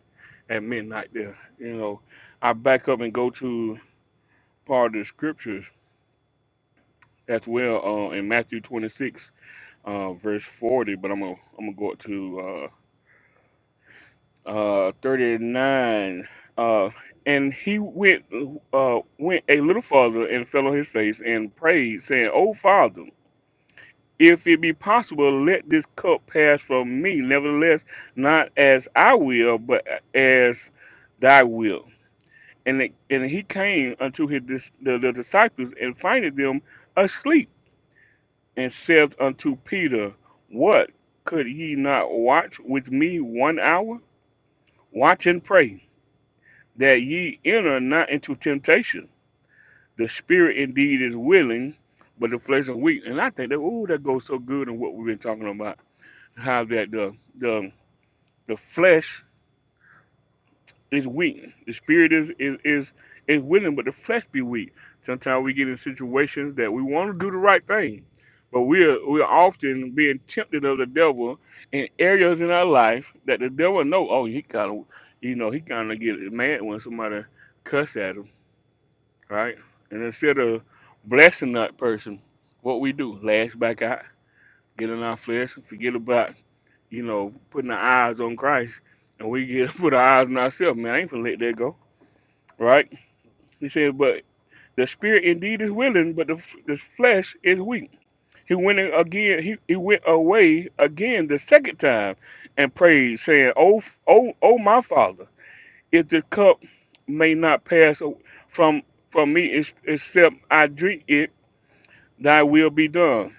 S1: at midnight. There, you know, I back up and go to part of the scriptures as well uh, in Matthew 26, uh, verse 40. But I'm gonna I'm gonna go up to uh, uh, 39. Uh, and he went uh, went a little farther and fell on his face and prayed, saying, "O Father." If it be possible, let this cup pass from me. Nevertheless, not as I will, but as thy will. And, it, and he came unto his dis- the, the disciples and finding them asleep, and saith unto Peter, What could ye not watch with me one hour? Watch and pray, that ye enter not into temptation. The spirit indeed is willing, but the flesh is weak. And I think that oh, that goes so good in what we've been talking about how that the the the flesh is weak. The spirit is is is is willing, but the flesh be weak. Sometimes we get in situations that we want to do the right thing, but we're we're often being tempted of the devil in areas in our life that the devil know. Oh, he kind of you know he kind of get mad when somebody cuss at him, right? And instead of blessing that person, what we do lash back out, get in our flesh, and forget about you know, putting our eyes on Christ and we get to put our eyes on ourselves, man, I ain't finna let that go, right? He said, but the spirit indeed is willing, but the, the flesh is weak. He went in again, he, he went away again the second time and prayed, saying, Oh, oh, oh, my father, if the cup may not pass a- from from me ex- except I drink it, thy will be done.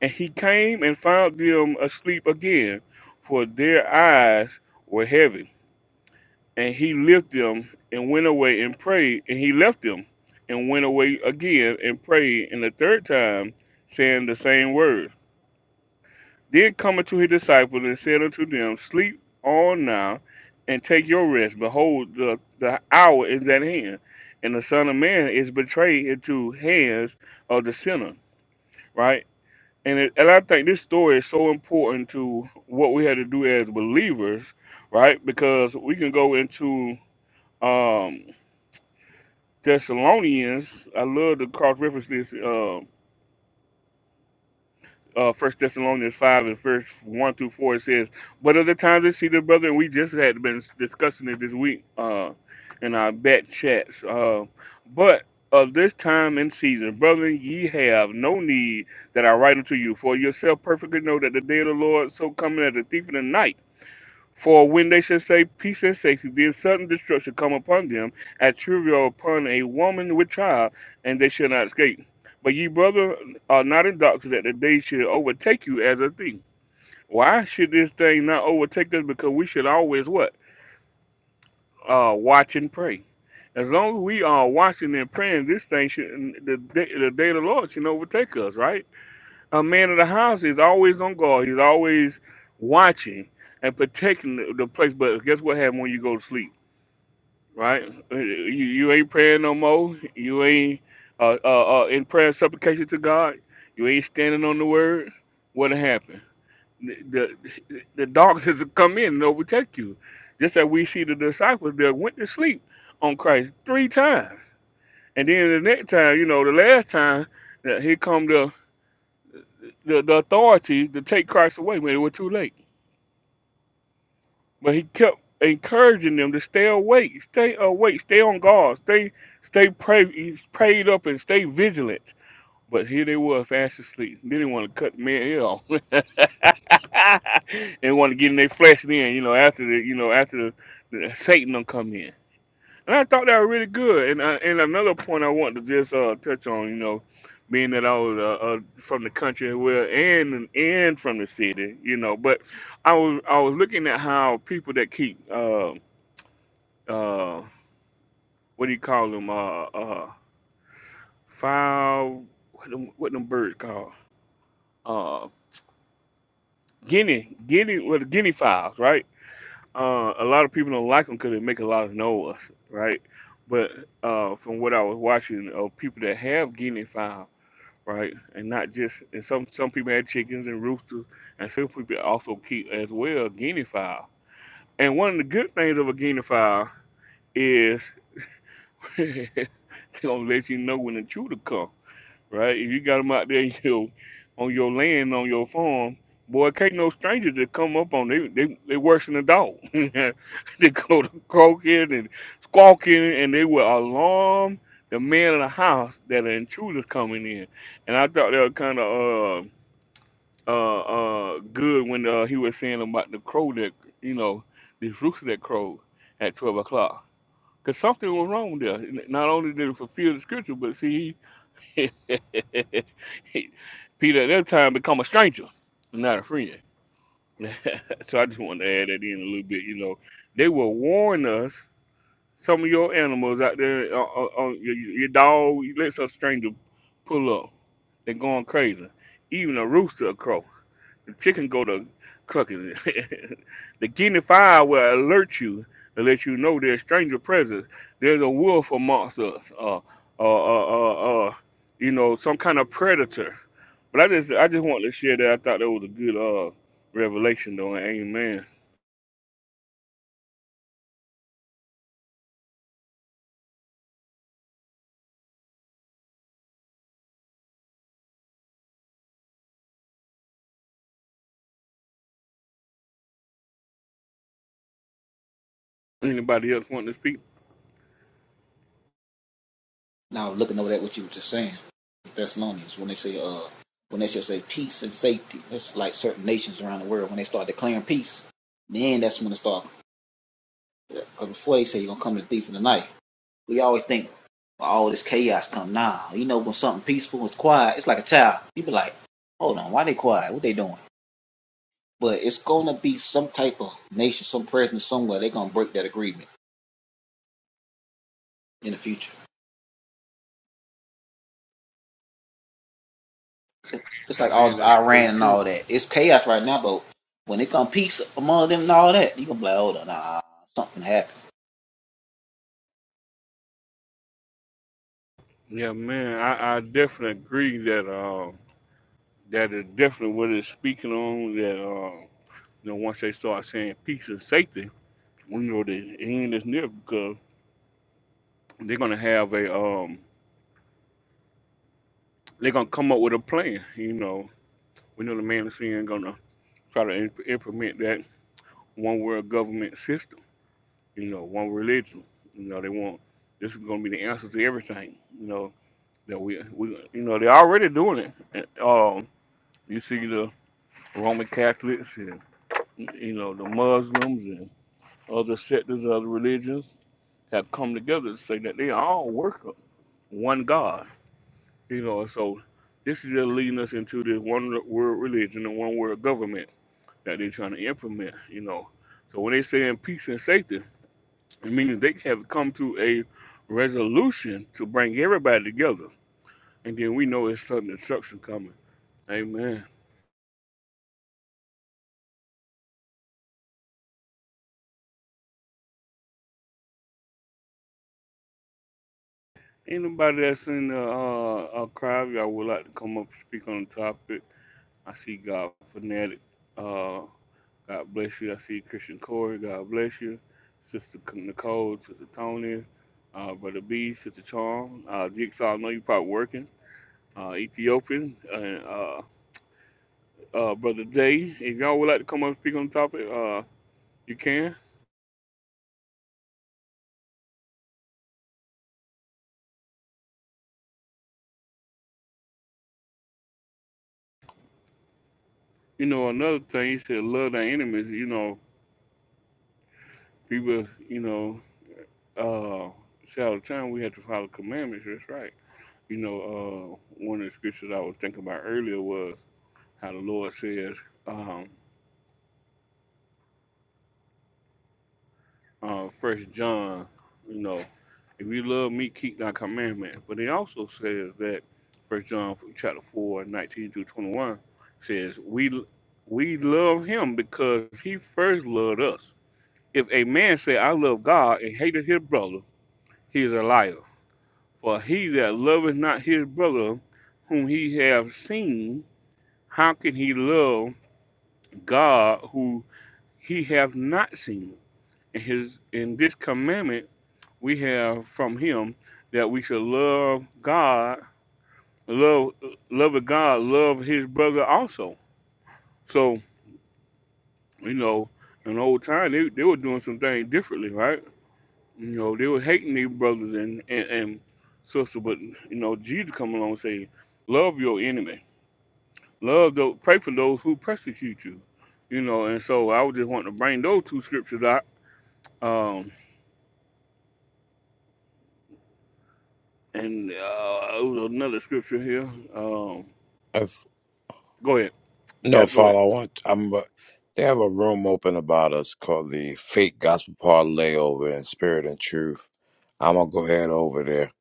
S1: And he came and found them asleep again, for their eyes were heavy and he left them and went away and prayed, and he left them and went away again and prayed, and the third time, saying the same words. Then cometh to his disciples and said unto them, Sleep on now and take your rest. Behold, the, the hour is at hand, and the Son of Man is betrayed into hands of the sinner. Right? And, it, and I think this story is so important to what we had to do as believers, right? Because we can go into um, Thessalonians, I love to cross reference this. Uh, uh, First Thessalonians five and verse one through four. It says, "But other times I see the brother, and we just had been discussing it this week uh, in our bat chats. Uh, but of this time and season, brethren, ye have no need that I write unto you, for yourself perfectly know that the day of the Lord so coming as a thief in the night." For when they shall say peace and safety, then sudden destruction come upon them, as trivial upon a woman with child, and they shall not escape. But ye, brother, are not in doctrine that the day should overtake you as a thief. Why should this thing not overtake us? Because we should always what? Uh, watch and pray. As long as we are watching and praying, this thing should the day, the day of the Lord should overtake us, right? A man of the house is always on guard. He's always watching and protecting the, the place. But guess what happens when you go to sleep? right? Uh, You you ain't praying no more. You ain't uh, uh, uh, in prayer and supplication to God. You ain't standing on the word. What happened? The, the the darkness will come in and overtake you, just as we see the disciples that went to sleep on Christ three times, and then the next time, you know, the last time, that here come the the, the authority to take Christ away when it was too late. But he kept encouraging them to stay awake, stay awake, stay on guard, stay stay pray, prayed up and stay vigilant. But here they were fast asleep. They didn't want to cut the man ear off. they want to get in their flesh then, you know, after the you know, after the, the Satan done come in. And I thought they were really good. And uh, and another point I want to just uh, touch on, you know, being that I was uh, uh, from the country, as well, and and from the city, you know, but I was I was looking at how people that keep uh uh what do you call them uh uh fowl what them what them birds called uh guinea guinea well guinea fowls right uh a lot of people don't like them because they make a lot of noise right but uh, from what I was watching of people that have guinea fowls right? And not just and some some people had chickens and roosters, and some people also keep as well guinea fowl. And one of the good things of a guinea fowl is they gonna let you know when the intruder come, right? If you got them out there, you know, on your land, on your farm, boy, can't no strangers that come up on they they they worse than a dog. they go to croaking and squawking, and they will alarm the man in the house that an intruder's coming in. And I thought that was kind of uh uh, uh, good when uh, he was saying about the crow that you know this rooster that crowed at twelve o'clock. Cause something was wrong there. N- Not only did it fulfill the scripture, but see, he, Peter at that time become a stranger, not a friend. so I just wanted to add that in a little bit. You know, they will warn us. Some of your animals out there, uh, uh, uh, your, your dog, you let some stranger pull up. They're going crazy. Even a rooster will crow. The chicken go to cooking. the guinea fire will alert you and let you know there's stranger presence. There's a wolf amongst us, uh, uh, uh, uh, uh, you know, some kind of predator. But I just, I just wanted to share that. I thought that was a good uh, revelation, though. Amen. Anybody else want to speak?
S16: Now looking over that what you were just saying, Thessalonians, when they say uh when they just say peace and safety, that's like certain nations around the world when they start declaring peace. Then that's when it start. Because before they say you're gonna come to the thief in the night, We always think "Well, all this chaos come now. Nah, you know, when something peaceful is quiet, it's like a child. You be like, hold on, why they quiet? What they doing? But it's gonna be some type of nation, some president somewhere. They gonna break that agreement in the future. It's like all
S1: Man,
S16: this
S1: that's so
S16: Iran and
S1: true.
S16: all that. It's chaos right now, but when it come peace among them and all that, you gonna be like, hold on, nah, something happened.
S1: Yeah, man, I, I definitely agree that uh, that is definitely what it's speaking on. That uh, you know, once they start saying peace and safety, We know the end is near because they're gonna have a um they're gonna come up with a plan. You know, we know the man is seeing gonna try to imp- implement that one world government system. You know, one religion. You know, they want this is gonna be the answer to everything. You know that we we you know they're already doing it. And, Um, you see the Roman Catholics and you know the Muslims and other sectors of the religions have come together to say that they all worship one God You know, so this is just leading us into this one world religion and one world government that they're trying to implement, you know. So when they say in peace and safety, it means they have come to a resolution to bring everybody together. And then we know it's sudden destruction coming. Amen. Anybody that's in the uh, uh, crowd, y'all would like to come up and speak on the topic. I see God fanatic. Uh, God bless you. I see Christian Corey. God bless you. Sister Nicole, Sister Tony, uh, Brother B, Sister Charm. Uh, Jigsaw, I know you're probably working. Uh, Ethiopian, and uh, uh, Brother Day. If y'all would like to come up and speak on the topic, uh, you can. You know, another thing, you said love thy enemies. You know, people, you know, uh, say all the time we have to follow commandments. That's right. You know, uh, one of the scriptures I was thinking about earlier was how the Lord says, um, uh, First John, you know, if you love me, keep thy commandments. But it also says that First John chapter four, nineteen 19 through 21 says, we, we love him because he first loved us. If a man say, I love God and hated his brother, he is a liar. For he that loveth not his brother whom he hath seen, how can he love God who he hath not seen? And his in this commandment we have from him that we should love God, love love God, love his brother also. So, you know, in the old time they, they were doing some things differently, right? You know, they were hating their brothers and, and, and sisters, but you know, Jesus come along and say, Love your enemy. Love those pray for those who persecute you. You know, and so I would just want to bring those two scriptures out. Um and uh it was another scripture here. Um
S15: If,
S1: go ahead. You got
S15: no,
S1: to go ahead.
S15: Father, I want. I'm. uh, They have a room open about us called the Fake Gospel Parlay Over in Spirit and Truth. I'm gonna go ahead over there.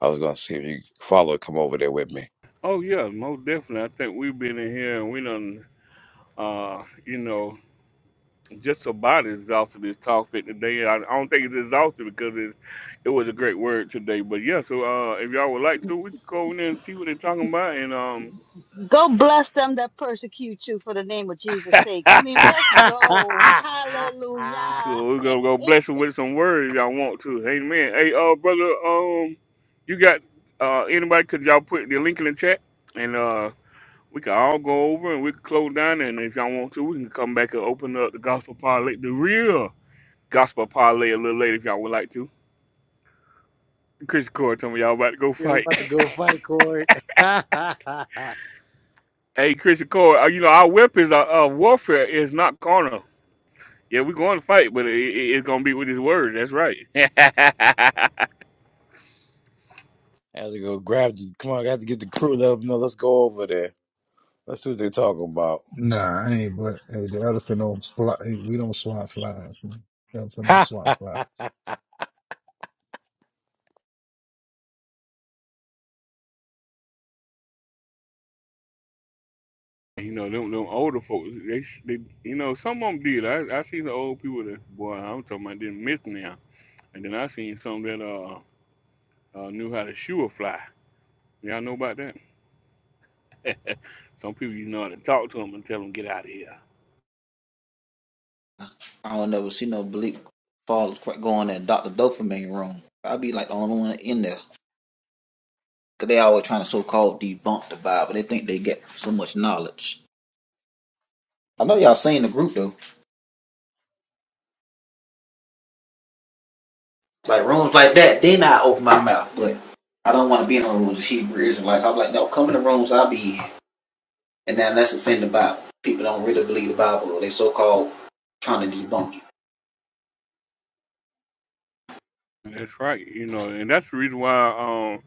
S15: I was gonna see if you follow. Come over there with me.
S1: Oh yeah, most definitely. I think we've been in here and we done, uh, you know, just about exhausted this topic today. I, I don't think it's exhausted because it it was a great word today. But yeah, so uh, if y'all would like to, we can go in there and see what they're talking about, and um,
S10: Go bless them that persecute you for the name of Jesus' sake. I mean, let's go. Hallelujah.
S1: cool. We're gonna go bless them with some words if y'all want to. Amen. Hey, uh, brother, um, you got uh anybody? Could y'all put the link in the chat? And uh, We can all go over and we can close down, and if y'all want to, we can come back and open up the gospel parlay, the real gospel parlay, a little later if y'all would like to. Chris Core told me y'all about to go
S15: Yeah, we
S1: fight.
S15: about to go fight, Corey. yeah, I
S1: hey, Chris Core, uh, you know our weapons, our uh, uh, warfare is not carnal. Yeah, we're going to fight, but it, it, it's gonna be with His word. That's right.
S15: had to go grab. The, come on, I got to get the crew. Let them know. Let's go over there. Let's see what they're talking about.
S3: Nah, I ain't, but hey, the elephant don't fly. Hey, we don't swat flies, man. The elephant don't
S15: Ha!
S3: swat flies.
S1: you know them, them older folks. They, they, you know, some of them did. I, I seen the old people that boy. I'm talking about didn't miss now. And then I seen some that uh, uh knew how to shoe a fly. Y'all know about that? Some people you know how to talk to them and tell them get out of here.
S16: I don't never see no bleak fathers quite going in Doctor Dopamine room. I'd be like the only one in there. 'Cause they always trying to so called debunk the Bible. They think they get so much knowledge I know y'all seen the group though. Like rooms like that, then I open my mouth. But I don't want to be in no rooms with Hebrew Israelites. I'm like, no, come in the rooms I'll be in. And then let's offend the Bible. People don't really believe the Bible. or They so called trying to debunk it.
S1: That's right. You know, and that's the reason why um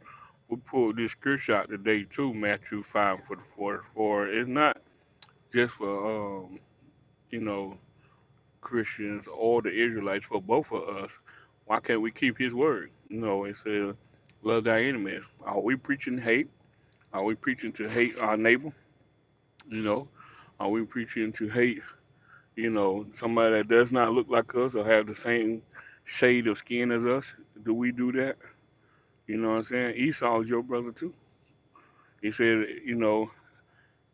S1: we pulled this scripture out today too, Matthew five for the forty four. It's not just for um, you know, Christians or the Israelites, for both of us. Why can't we keep his word? You know, it says love thy enemies. Are we preaching hate? Are we preaching to hate our neighbor? You know? Are we preaching to hate you know, somebody that does not look like us or have the same shade of skin as us, do we do that? You know what I'm saying? Esau is your brother too. He said, you know,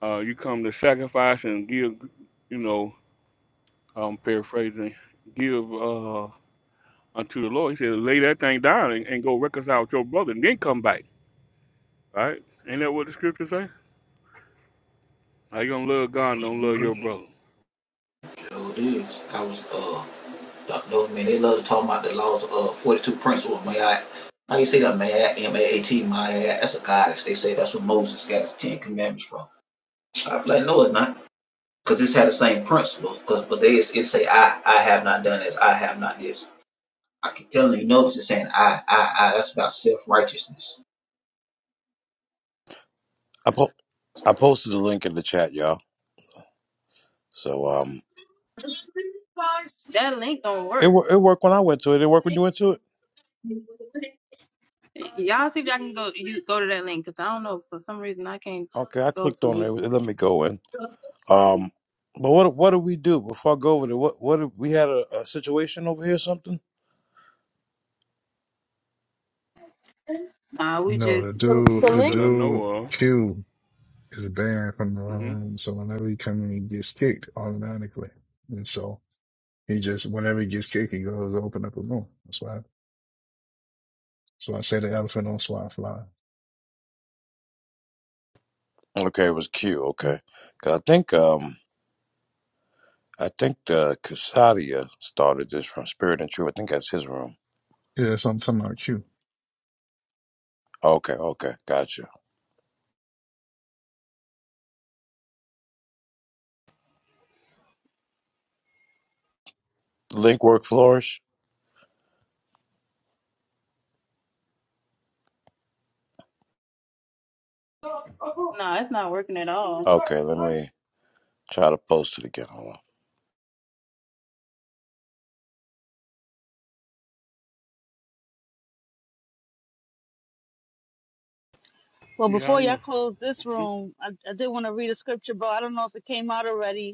S1: uh, you come to sacrifice and give, you know, um, paraphrasing, give uh, unto the Lord. He said, lay that thing down and, and go reconcile with your brother and then come back. Right? Ain't that what the scripture say? How you gonna love God and don't love your brother?
S16: You know, it is. I was uh Dr. man, they love to talk about the laws of uh, forty two principles, may I how you say that, man? M A A T, my I. that's a goddess. They say that's where Moses got his Ten Commandments from. I am like, no, it's not, because it's had the same principle. Cause, but they it say, I, I have not done this, I have not this. I can tell in the notes it's saying I, I, I. That's about self righteousness.
S15: I po- I posted the link in the chat, y'all. So um,
S18: That link don't
S15: it
S18: work.
S15: wo- it worked when I went to it. It worked when you went to it.
S18: Y'all see if y'all can go you go to that link because I don't know for some reason I can't
S15: Okay, I
S18: go
S15: clicked
S18: to
S15: on it.
S18: it.
S15: It let me go in. Um, but what what did we do before I go over there? What what did, we had a, a situation over here, or something?
S18: Nah, we
S3: No,
S18: just
S3: the
S10: the, the
S3: dude, the
S1: Not that
S10: link.
S1: I know
S3: dude,
S1: of.
S3: Q. is banned from the
S1: hmm
S3: line. So whenever he comes in, he gets kicked automatically. And so he just, whenever he gets kicked, he goes to open up a room. That's why, so I say the elephant don't swat fly.
S15: Okay, it was Q. Okay, 'Cause I think um I think the Casadia started this from Spirit and Truth. I think that's his room.
S3: Yeah, so I'm talking about you.
S15: Okay, okay, gotcha. Link work flourish.
S18: nah, it's not working at all.
S15: Okay, let me try to post it again. Hold on.
S10: Well,
S1: Yeah, I
S10: before
S1: don't
S10: y'all
S1: know.
S10: close this
S1: Hmm?
S10: room, I, I did want to read a scripture, but I don't know if it came out already.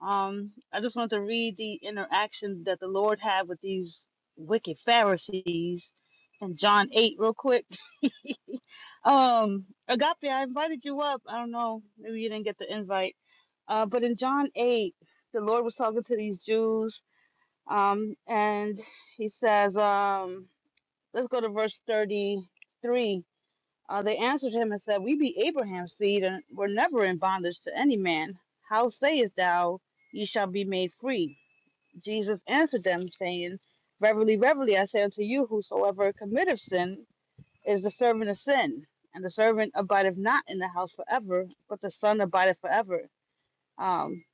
S10: Um, I just wanted to read the interaction that the Lord had with these wicked Pharisees in John 8 real quick. um, Agape, I invited you up. I don't know, maybe you didn't get the invite. Uh, but in John 8, the Lord was talking to these Jews, um, and he says, um, let's go to verse 33. Uh, they answered him and said, We be Abraham's seed, and were never in bondage to any man. How sayest thou, Ye shall be made free? Jesus answered them, saying, Verily, verily, I say unto you, whosoever committeth sin is the servant of sin. And the servant abideth not in the house forever, but the Son abideth forever. Um,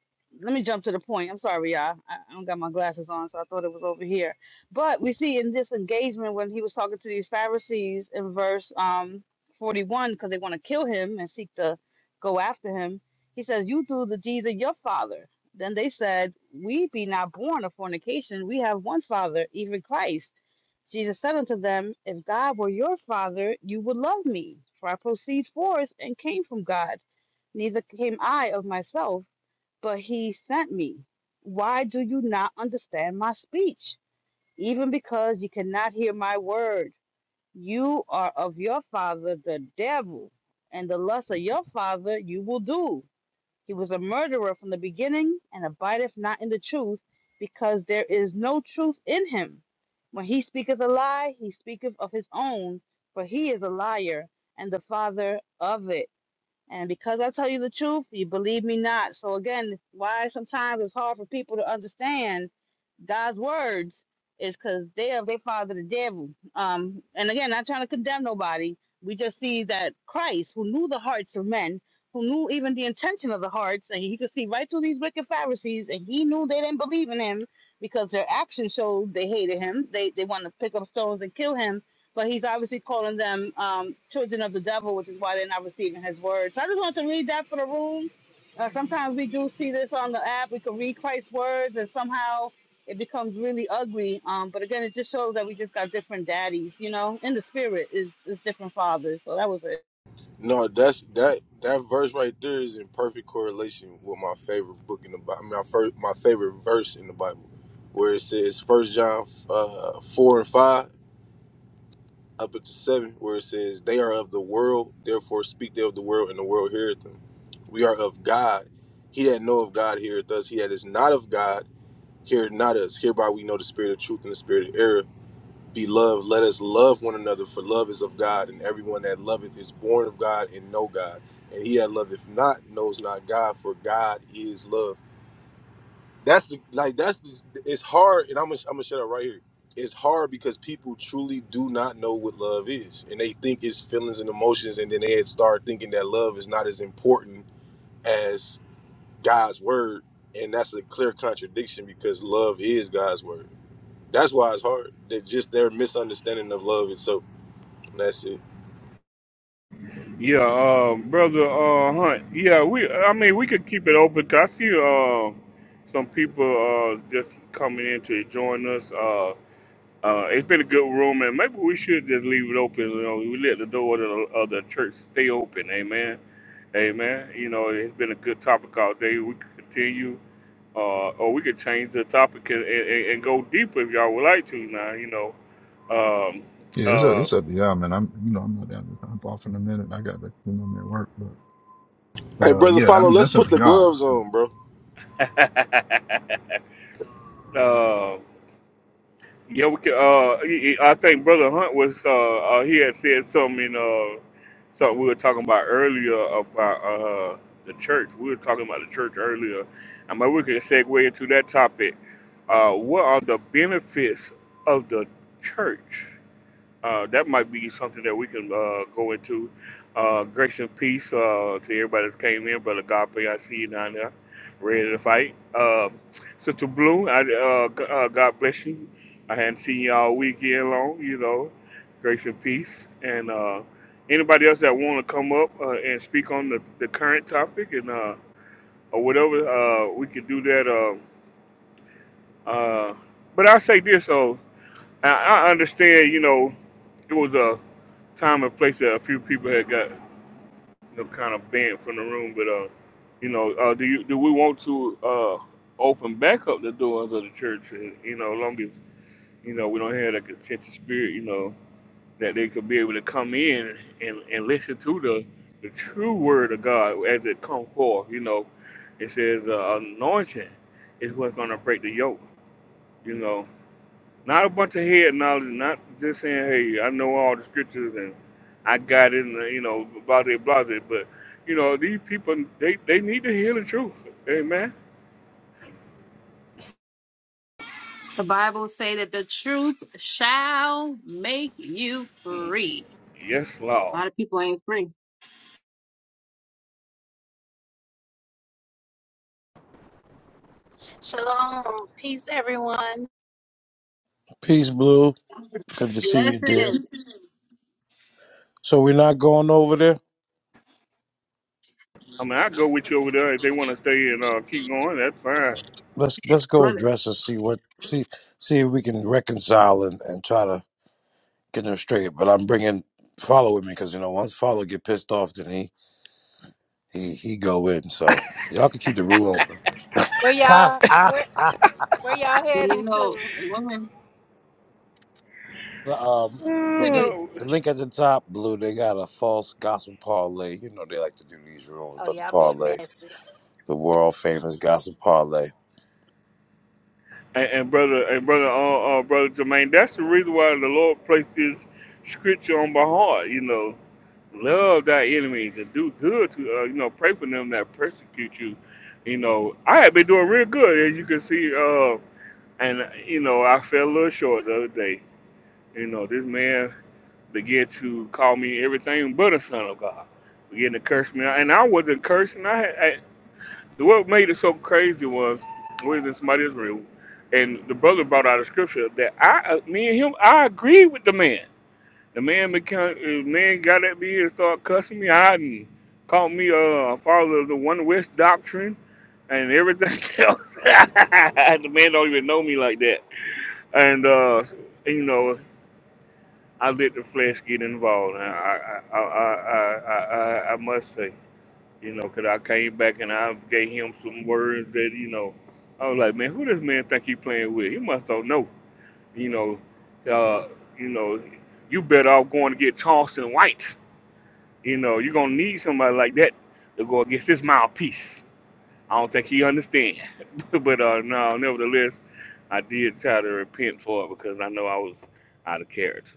S10: let me jump to the point. I'm sorry, y'all. I, I don't got my glasses on, so I thought it was over here. But we see in this engagement when he was talking to these Pharisees in verse um 41, because they want to kill him and seek to go after him. He says, "You do the deeds of your father." Then they said, "We be not born of fornication. We have one Father, even Christ." Jesus said unto them, "If God were your father, you would love me, for I proceed forth and came from God." neither came I of myself, but he sent me. Why do you not understand my speech? Even because you cannot hear my word. You are of your father, the devil, and the lust of your father you will do. He was a murderer from the beginning and abideth not in the truth, because there is no truth in him. When he speaketh a lie, he speaketh of his own, for he is a liar and the father of it. And because I tell you the truth, you believe me not. So again, why sometimes it's hard for people to understand God's words is because they are they father the devil. Um, and again, not trying to condemn nobody. We just see that Christ, who knew the hearts of men, who knew even the intention of the hearts, and he could see right through these wicked Pharisees, and he knew they didn't believe in him because their actions showed they hated him. They they wanted to pick up stones and kill him but he's obviously calling them um, children of the devil, which is why they're not receiving his word. So I just wanted to read that for the room. Uh, sometimes we do see this on the app. We can read Christ's words, and somehow it becomes really ugly. Um, but again, it just shows that we just got different daddies, you know, in the spirit is is different fathers. So that was it.
S19: No, that's that that verse right there is in perfect correlation with my favorite book in the Bible. I mean, My first, my favorite verse in the Bible, where it says First John uh, four and five up into seven, where it says they are of the world, therefore speak they of the world, and the world heareth them. We are of God. He that know of God heareth us. He that is not of God heareth not us. Hereby we know the spirit of truth and the spirit of error Beloved, let us love one another, for love is of God, and everyone that loveth is born of God and know God. And he that loveth not knows not God, for God is love. That's the like that's the it's hard, and I'm gonna I'm gonna shut up right here. It's hard because people truly do not know what love is, and they think it's feelings and emotions, and then they had start thinking that love is not as important as God's word, and that's a clear contradiction because love is God's word. That's why it's hard. That just their misunderstanding of love itself. That's it.
S1: Yeah, uh, brother uh, Hunt. Yeah, we. I mean, we could keep it open. 'cause I see uh, some people uh, just coming in to join us. Uh, uh, it's been a good room, and maybe we should just leave it open. You know, we let the door of the, of the church stay open. Amen. Amen. You know, it's been a good topic all day. We could continue, uh, or we could change the topic and, and, and go deeper if y'all would like to. Now, you know, um,
S3: Yeah, it's up,
S1: uh,
S3: it's up to y'all, man. I'm, you know, I'm not down to hop off in a minute. I got to, you know, I'm at work, but, but,
S19: Hey,
S3: uh,
S19: brother,
S3: yeah, I
S19: follow.
S3: mean,
S19: Let's
S3: that's up
S19: put
S3: to
S19: the
S3: y'all.
S19: gloves on, bro.
S1: uh, Yeah, we can, uh, he- he- I think Brother Hunt was uh, uh he had said something in, uh something we were talking about earlier about uh the church. We were talking about the church earlier. I mean, we could segue into that topic. Uh, what are the benefits of the church? uh, that might be something that we can uh, go into. Uh, grace and peace uh, to everybody that came in. Brother Godfrey, I see you down there, ready to fight. Uh, Sister Blue, I, uh, g- uh, God bless you. I hadn't seen you all weekend long, you know. Grace and peace. And uh, anybody else that want to come up uh, and speak on the, the current topic and uh, or whatever, uh, we can do that. Uh, uh, but I say this, though. I, I understand, you know, it was a time and place that a few people had got you know, kind of banned from the room. But uh, you know, uh, do you do we want to uh, open back up the doors of the church? And, you know, as long as you know we don't have that contentious spirit, you know, that they could be able to come in and, and listen to the the true word of God as it come forth. You know, it says uh, anointing is what's going to break the yoke. You know, not a bunch of head knowledge, not just saying, hey, I know all the scriptures and I got it, and, uh, you know, blah, blah, blah, But, you know, these people, they, they need to hear the truth. Amen.
S18: The Bible say that the truth shall make you
S1: Mm.
S18: free.
S1: Yes,
S18: A
S1: Lord.
S18: lot of people ain't free.
S20: Shalom, peace, everyone.
S15: Peace, Blue. Good to see you, dear.
S18: Blessings,
S15: So we're not going over there.
S1: I mean, I go with you over there if they want to stay and uh, keep going. That's fine.
S15: Let's let's go
S18: but
S15: address and see what see see if we can reconcile and, and try to getting him straight. But I'm bringing follow with me because you know once follow get pissed off, then he he he go in. So y'all can keep the rule open.
S20: Where
S15: Ha,
S20: y'all,
S15: ah,
S20: where where y'all
S18: you
S20: heading
S18: know,
S20: to?
S18: women
S15: the, um, the
S18: put
S15: link
S18: it.
S1: Uh,
S15: the link at the top, blue. They got a false gospel parlay. You know they like to do these rooms,
S20: Oh,
S15: but the
S20: y'all been
S15: parlay,
S20: messy.
S15: the world famous gospel parlay.
S1: and, and brother, and brother, uh, uh, brother Jermaine, that's the reason why the Lord placed His scripture on my heart. You know, love thy enemies and do good to uh, you know pray for them that persecute you you know i have been doing real good as you can see uh and you know i fell a little short the other day you know this man began to call me everything but a son of god began to curse me and i wasn't cursing i had I, what made it so crazy was we was in somebody's room and the brother brought out a scripture that i uh, me and him i agree with the man the man became the man got at me and started cussing me out and called me uh, a follower of the One West doctrine and everything else. the man don't even know me like that. And uh, you know, I let the flesh get involved. And I I I I, I, I I must say, you know, 'cause I came back and I gave him some words that you know, I was like, man, who this man think he playing with? He must don't know. You know, uh, you know, you better off going to get Charleston White You know, you're gonna need somebody like that to go against this mouthpiece. I don't think he understand. but uh no, nevertheless, I did try to repent for it because I know I was out of character.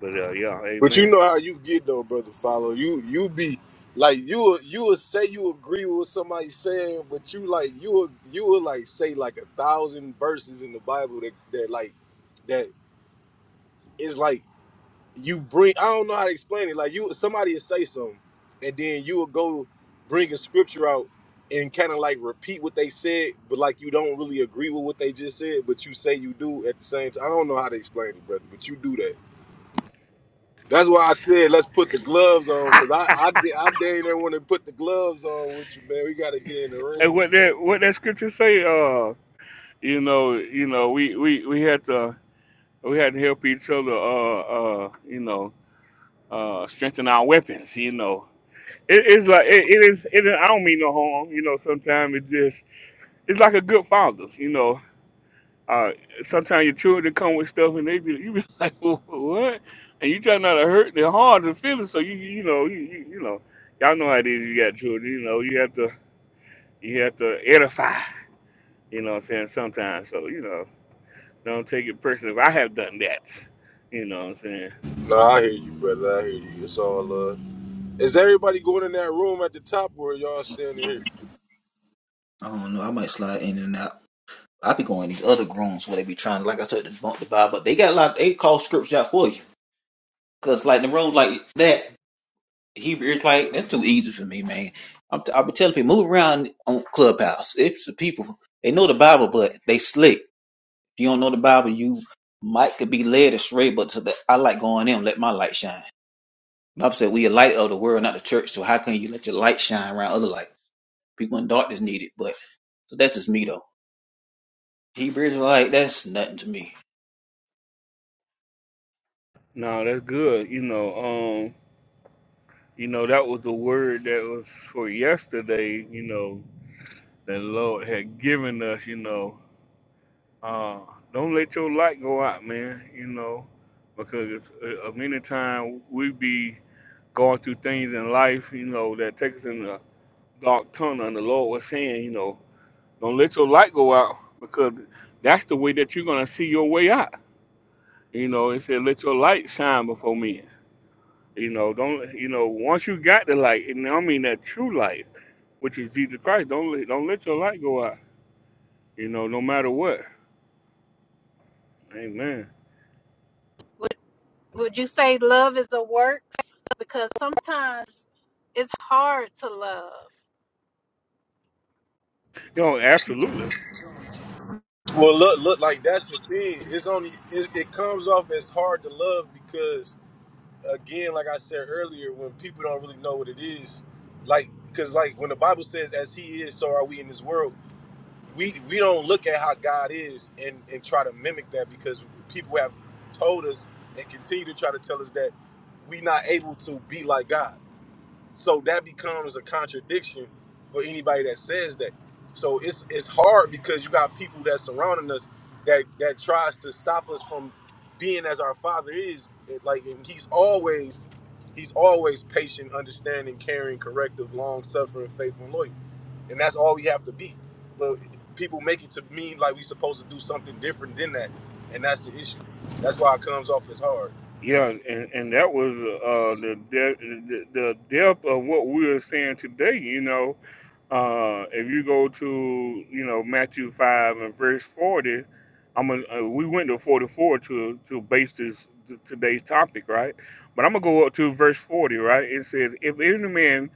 S1: But uh yeah,
S19: But you
S1: amen.
S19: know how you get though, brother. Follow. You you be like you will- you will say you agree with what somebody saying, but you like you will you will like say like a thousand verses in the Bible that that like that is like you bring I don't know how to explain it. Like you somebody will say something and then you will go bring a scripture out and kind of like repeat what they said, but like you don't really agree with what they just said, but you say you do at the same time. I don't know how to explain it, brother, but you do that. That's why I said let's put the gloves on because I I da- I dang near want to put the gloves on with you, man. We got to get in the ring.
S1: And what that what that scripture say, uh, you know, you know, we, we, we had to we had to help each other uh uh you know, uh strengthen our weapons, you know. It is like it, it is it is, I don't mean no harm, you know, sometimes it just it's like a good father, you know Uh, sometimes your children come with stuff and they be you be like "Wha- what, and you try not to hurt their heart and feelings. So you you know you you, you know y'all know how it is. You got children, you know you have to you have to edify. You know what I'm saying? Sometimes, so you know don't take it personally. If I have done that, you know what I'm saying.
S19: No, I hear you, brother. I hear you. It's all love. Is everybody going in that room at the top or y'all standing here?
S16: I don't know. I might slide in and out. I be going to these other groans where they be trying, like I said, to bump the Bible. They got a lot. They call scripture out for you, cause like the rooms like that, Hebrew is like that's too easy for me, man. I'm t- I be telling people move around on Clubhouse. It's the people they know the Bible, but they slick. If you don't know the Bible, you might could be led astray. But to the, I like going in, let my light shine. Bible said we a light of the world, not the church. So how can you let your light shine around other light? people in darkness need it, but so that's just me though. Hebrew Israelite, that's nothing to me.
S1: No, that's good. You know, um, you know that was the word that was for yesterday. You know that Lord had given us. You know Uh, don't let your light go out, man. You know, because uh, uh, many times we be going through things in life, you know, that take us in the dark tunnel. And the Lord was saying, you know, don't let your light go out because that's the way that you're gonna see your way out. You know, it said, let your light shine before men. You know, don't you know? Once you got the light, and I mean that true light, which is Jesus Christ, don't let, don't let your light go out. You know, no matter what. Amen.
S20: Would Would you say love is a work? Because sometimes it's hard to love.
S1: You know, absolutely.
S19: Well, look, look, like that's the thing. It's only it, it comes off as hard to love because, again, like I said earlier, when people don't really know what it is, like because like when the Bible says, "As He is, so are we in this world." We we don't look at how God is and and try to mimic that because people have told us and continue to try to tell us that we not able to be like God so that becomes a contradiction for anybody that says that. So it's it's hard because you got people that surrounding us that that tries to stop us from being as our Father is. It- Like and he's always he's always patient, understanding, caring, corrective, long suffering, faithful, and loyal. And that's all we have to be. But people make it to mean like we supposed to do something different than that. And that's the issue. That's why it comes off as hard.
S1: Yeah, and, and that was uh, the, de- the the depth of what we are saying today. You know, uh, if you go to you know Matthew five and verse forty, I'm gonna, uh, we went to forty four to to base this t- today's topic, right? But I'm gonna go up to verse forty, right? It says, "If any man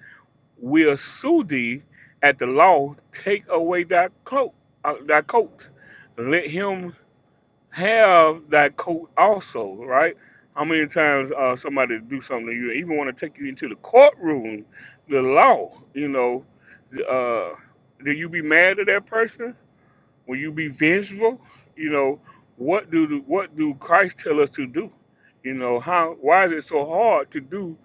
S1: will sue thee at the law, take away thy cloak, uh, thy coat, let him." have that coat also, right? How many times uh, somebody do something to you, even want to take you into the courtroom, the law, you know, uh, do you be mad at that person? Will you be vengeful? You know, what do the, what do Christ tell us to do? You know, how why is it so hard to do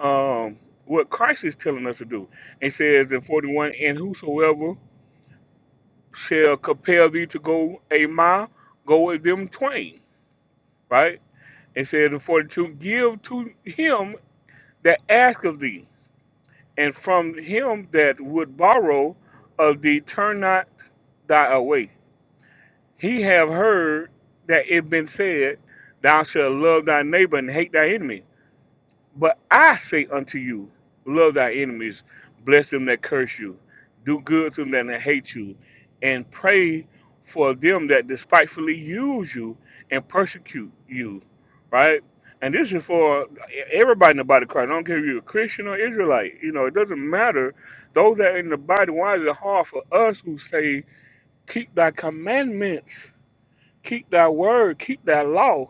S1: um, what Christ is telling us to do? It says in 41, and whosoever shall compel thee to go a mile, go with them twain right? It says, For to give to him that ask of thee, and from him that would borrow of thee, turn not thy away. He have heard that it been said, Thou shalt love thy neighbor and hate thy enemy. But I say unto you, love thy enemies, bless them that curse you, do good to them that hate you, and pray for them that despitefully use you and persecute you. Right? And this is for everybody in the body of Christ. I don't care if you're a Christian or Israelite. You know, it doesn't matter. Those that are in the body, why is it hard for us who say, keep thy commandments, keep thy word, keep thy law?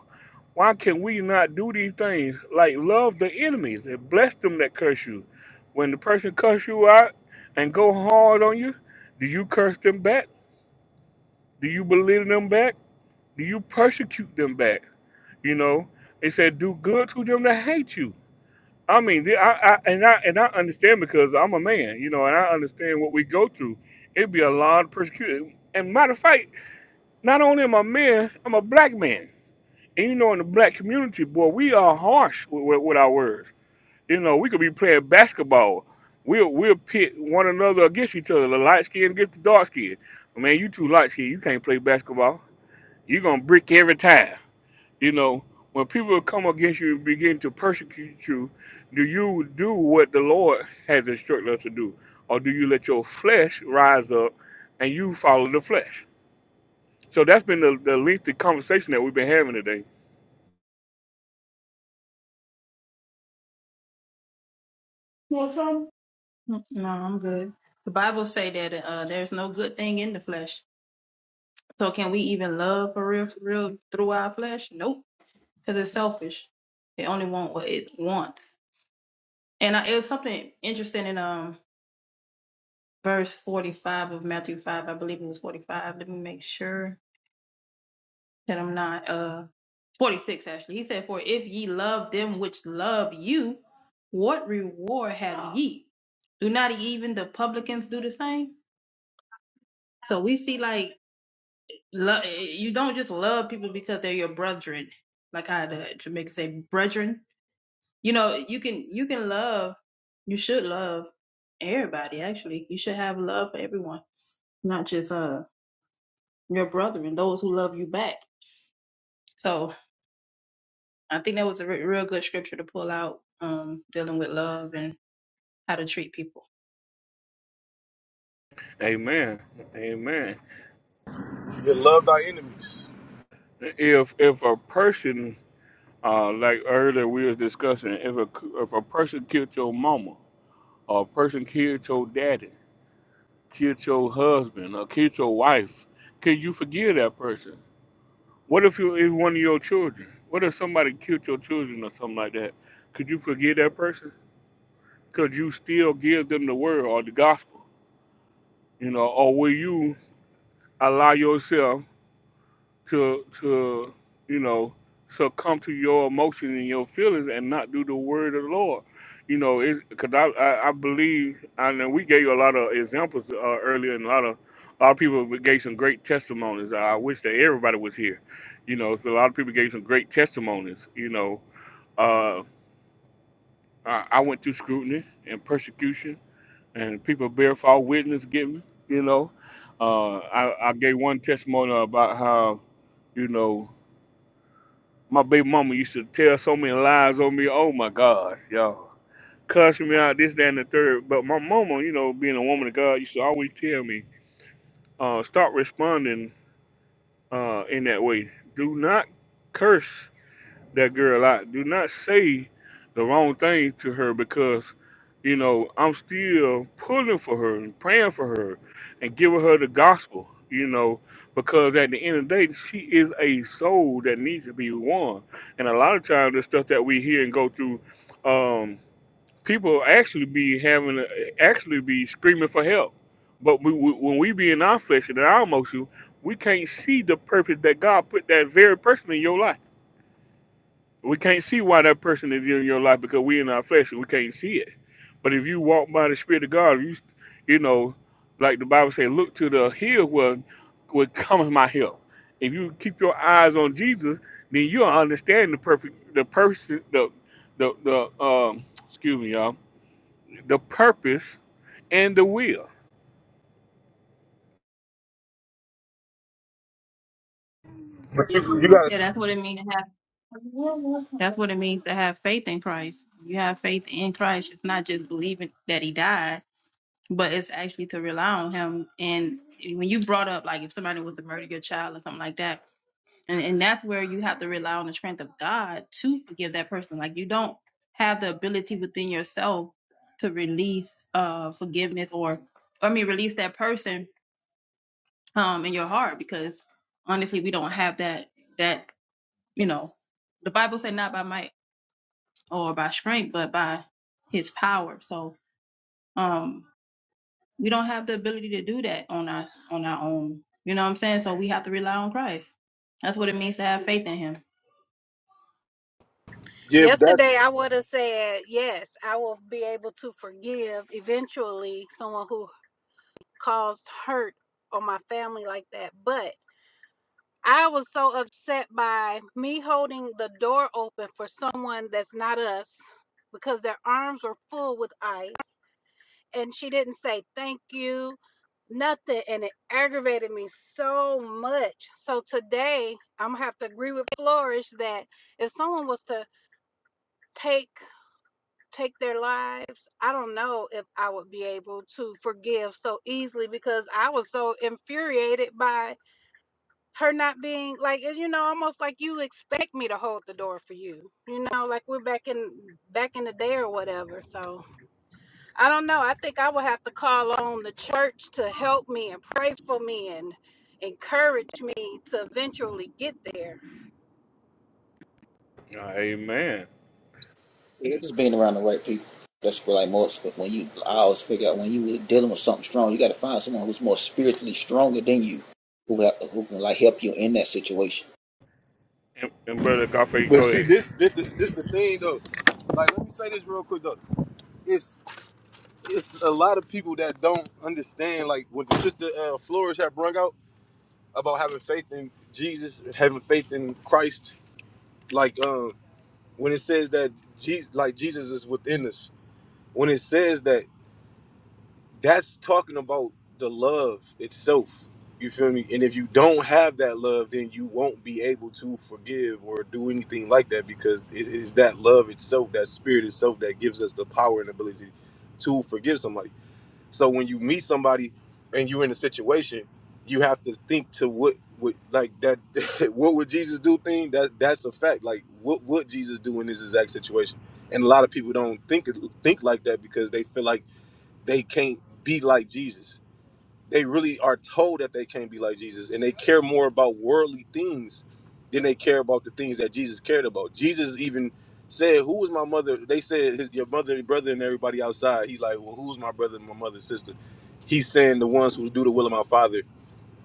S1: Why can we not do these things? Like love the enemies and bless them that curse you. When the person curse you out and go hard on you, do you curse them back? Do you belittle them back? Do you persecute them back? You know, it said do good to them that hate you. I mean, the- I, I and I and I understand because I'm a man, you know, and I understand what we go through. It'd be a lot of persecution. And matter of fact, not only am I a man, I'm a black man. And you know, in the black community, boy, we are harsh with, with, with our words You know, we could be playing basketball. We'll we'll pit one another against each other, the light skin against the dark skin. Man, you too light skin, you can't play basketball. You're gonna brick every time. You know, when people come against you and begin to persecute you, do you do what the Lord has instructed us to do? Or do you let your flesh rise up and you follow the flesh? So that's been the, the lengthy conversation that we've been having today.
S18: No, I'm good. The Bible say that uh, there's no good thing in the flesh. So can we even love for real, for real through our flesh? Nope, because it's selfish. It only wants what it wants. And I, it was something interesting in um verse forty five of Matthew five. I believe it was forty five. Let me make sure that I'm not uh forty six actually. He said, "For if ye love them which love you, what reward have ye? Do not even the publicans do the same?" So we see like Lo- you don't just love people because they're your brethren, like how the Jamaicans say brethren. You know, you can you can love, you should love everybody. Actually, you should have love for everyone, not just uh your brethren, those who love you back. So I think that was a re- real good scripture to pull out, um, dealing with love and how to treat people.
S1: Amen. Amen.
S19: You love thy enemies.
S1: If if a person Uh, like earlier we was discussing, if a if a person killed your mama, or a person killed your daddy, killed your husband, or killed your wife, can you forgive that person? What if you if one of your children? What if somebody killed your children or something like that? Could you forgive that person? Could you still give them the word or the gospel? You know, or will you allow yourself to to you know succumb to your emotions and your feelings and not do the word of the Lord. You know, because I, I I believe, and then we gave you a lot of examples uh, earlier, and a lot of a lot of people gave some great testimonies. I wish that everybody was here. You know, so a lot of people gave some great testimonies. You know, uh, I, I went through scrutiny and persecution, and people bear false witness against me. You know, uh, I, I gave one testimony about how you know My baby mama used to tell so many lies on me. Oh my gosh, y'all. cussing me out, this, that, and the third. But my mama, you know, being a woman of God, used to always tell me, uh, start responding uh, in that way. Do not curse that girl out. Do not say the wrong thing to her because, you know, I'm still pulling for her and praying for her and giving her the gospel, you know, because at the end of the day, she is a soul that needs to be won. And a lot of times, the stuff that we hear and go through, um, people actually be having, actually be screaming for help. But we, we, when we be in our flesh and in our emotions, we can't see the purpose that God put that very person in your life we can't see why that person is in your life because we in our flesh and we can't see it. But if you walk by the Spirit of God, you you know, like the Bible says, look to the hill where where cometh my help. If you keep your eyes on Jesus, then you'll understand the perfect the person the the the um excuse me y'all the purpose and the will.
S19: But you, you gotta
S18: Yeah, that's what it means. That's what it means to have faith in Christ. You have faith in Christ. It's not just believing that He died but it's actually to rely on him. And when you brought up like if somebody was to murder your child or something like that, and, and that's where you have to rely on the strength of God to forgive that person. Like you don't have the ability within yourself to release uh forgiveness or I mean release that person um in your heart because honestly we don't have that that you know the Bible said not by might or by strength but by his power. So um We don't have the ability to do that on our on our own. You know what I'm saying? So we have to rely on Christ. That's what it means to have faith in him.
S19: Yeah, but that's
S20: Yesterday, I would have said yes. I will be able to forgive eventually someone who caused hurt on my family like that, but. I was so upset by me holding the door open for someone that's not us because their arms were full with ice and she didn't say thank you, nothing. And it aggravated me so much. So today I'm gonna have to agree with Flourish that if someone was to take take their lives, I don't know if I would be able to forgive so easily because I was so infuriated by her not being like you know almost like you expect me to hold the door for you you know like we're back in back in the day or whatever so i don't know i think i would have to call on the church to help me and pray for me and encourage me to eventually get there
S1: Amen.
S16: Yeah, just being around the right people. That's what I like most. But when you, I always figure out when you really dealing with something strong, you got to find someone who's more spiritually stronger than you, who have, who can like help you in that situation.
S1: And, and brother Agape,
S19: But
S1: go
S19: see,
S1: ahead.
S19: this this this the thing though. Like, let me say this real quick though. It's it's a lot of people that don't understand like what the sister uh, Flores had brung out about having faith in Jesus, having faith in Christ. Like um, when it says that Jesus, like Jesus is within us. When it says that that's talking about the love itself. You feel me? And if you don't have that love, then you won't be able to forgive or do anything like that because it it is that love itself, that spirit itself, that gives us the power and ability to forgive somebody. So when you meet somebody and you're in a situation, you have to think to what would like that what would Jesus do thing that that's a fact. Like what would Jesus do in this exact situation? And a lot of people don't think think like that because they feel like they can't be like Jesus. They really are told that they can't be like Jesus, and they care more about worldly things than they care about the things that Jesus cared about. Jesus even said, "Who was my mother?" They said, His, "Your mother, your brother, and everybody outside." He's like, "Well, who's my brother and my mother and sister?" He's saying, "The ones who do the will of my Father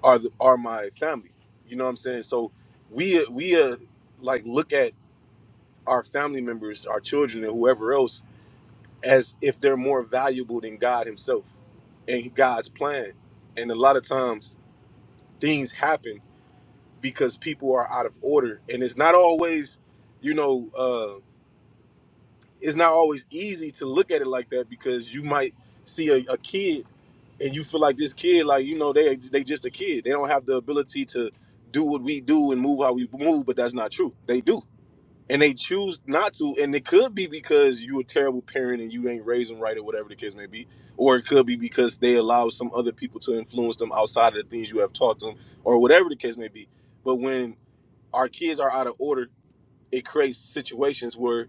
S19: are the, are my family." You know what I'm saying? So we we uh, like look at our family members, our children, and whoever else as if they're more valuable than God Himself and God's plan. And a lot of times things happen because people are out of order. And it's not always, you know, uh, it's not always easy to look at it like that because you might see a, a kid and you feel like this kid, like, you know, they they just a kid. They don't have the ability to do what we do and move how we move, but that's not true. They do and they choose not to and it could be because you a terrible parent and you ain't raised them right or whatever the case may be or it could be because they allow some other people to influence them outside of the things you have taught them or whatever the case may be but when our kids are out of order it creates situations where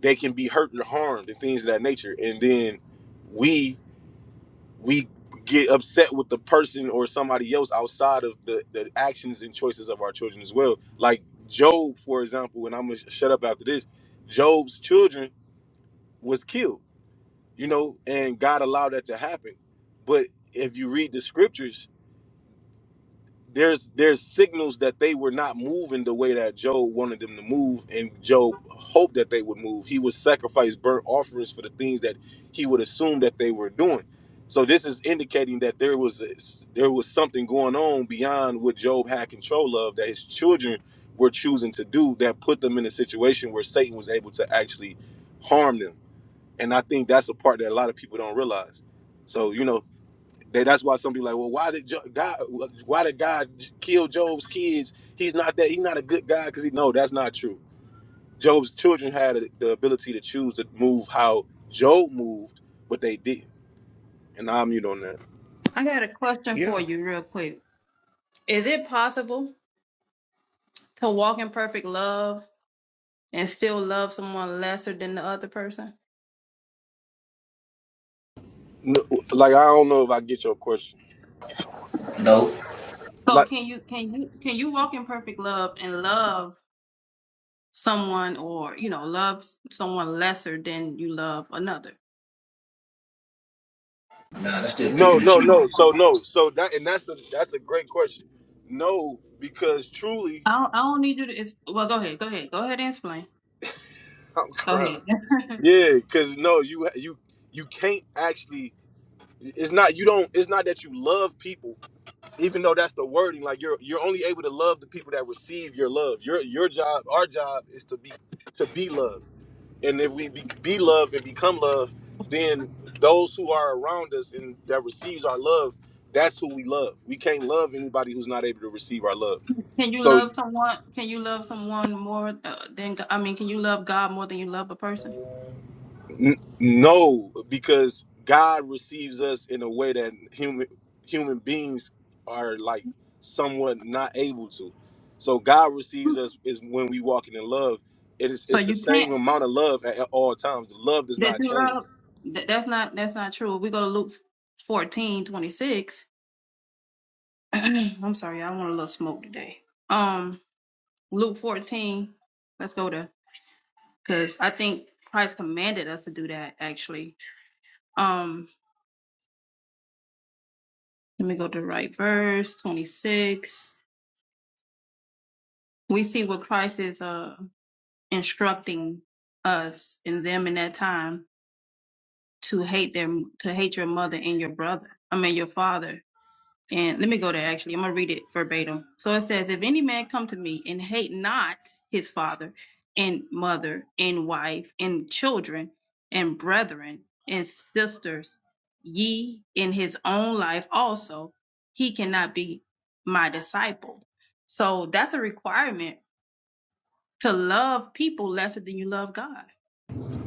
S19: they can be hurt and harmed and things of that nature and then we we get upset with the person or somebody else outside of the, the actions and choices of our children as well. Like Job, for example, and I'm gonna sh- shut up after this. Job's children was killed, you know, and God allowed that to happen. But if you read the scriptures, there's there's signals that they were not moving the way that Job wanted them to move, and Job hoped that they would move. He would sacrifice burnt offerings for the things that he would assume that they were doing. So this is indicating that there was a, there was something going on beyond what Job had control of that his children were choosing to do that put them in a situation where Satan was able to actually harm them. And I think that's a part that a lot of people don't realize. So you know they, that's why some people are like, well, why did jo- God? Why did God kill Job's kids? He's not that. He's not a good guy because he. No, that's not true. Job's children had the ability to choose to move how Job moved, but they didn't. And I'm mute on that.
S18: I got a question for
S1: Yeah,
S18: you real quick. Is it possible to walk in perfect love and still love someone lesser than the other person?
S19: No, like I don't know if I get your question.
S16: No,
S18: So
S19: Like
S18: can you can you can you walk in perfect love and love someone or you know love someone lesser than you love another
S16: nah, that's still
S19: no,
S16: picking and
S19: no,
S16: choosing.
S19: no. So no, so that and that's a that's a great question. No, because truly,
S18: i don't, I don't need you to it's, well go ahead go ahead go ahead and explain
S19: I'm
S18: go
S19: crying.
S18: ahead
S19: Yeah, because no, you you you can't actually. It's not you don't. It's not that you love people even though that's the wording, like you're you're only able to love the people that receive your love. Your your job, our job, is to be to be love. And if we be, be love and become love, then those who are around us and that receives our love, that's who we love. We can't love anybody who's not able to receive our love.
S18: can you
S19: So
S18: love someone can you love someone more uh, than Go- i mean can you love god more than you love a person
S19: N- no, because God receives us in a way that human human beings are like somewhat not able to. So God
S18: Hmm.
S19: receives us is when we walking in love. It is
S18: so
S19: it's the
S18: you can't
S19: same amount of love at, at all times. The love does
S18: that
S19: not
S18: you
S19: change.
S18: love that, that's not that's not true we go to luke 14:26. i'm sorry i want a little smoke today um luke 14 let's go to because i think christ commanded us to do that actually Um, let me go to the right verse, 26. We see what Christ is uh instructing us and them in that time to hate them to hate your mother and your brother. I mean your father. And let me go there actually. I'm going to read it verbatim. So it says, If any man come to me and hate not his father and mother and wife and children and brethren and sisters, ye in his own life also, he cannot be my disciple. So that's a requirement to love people lesser than you love God.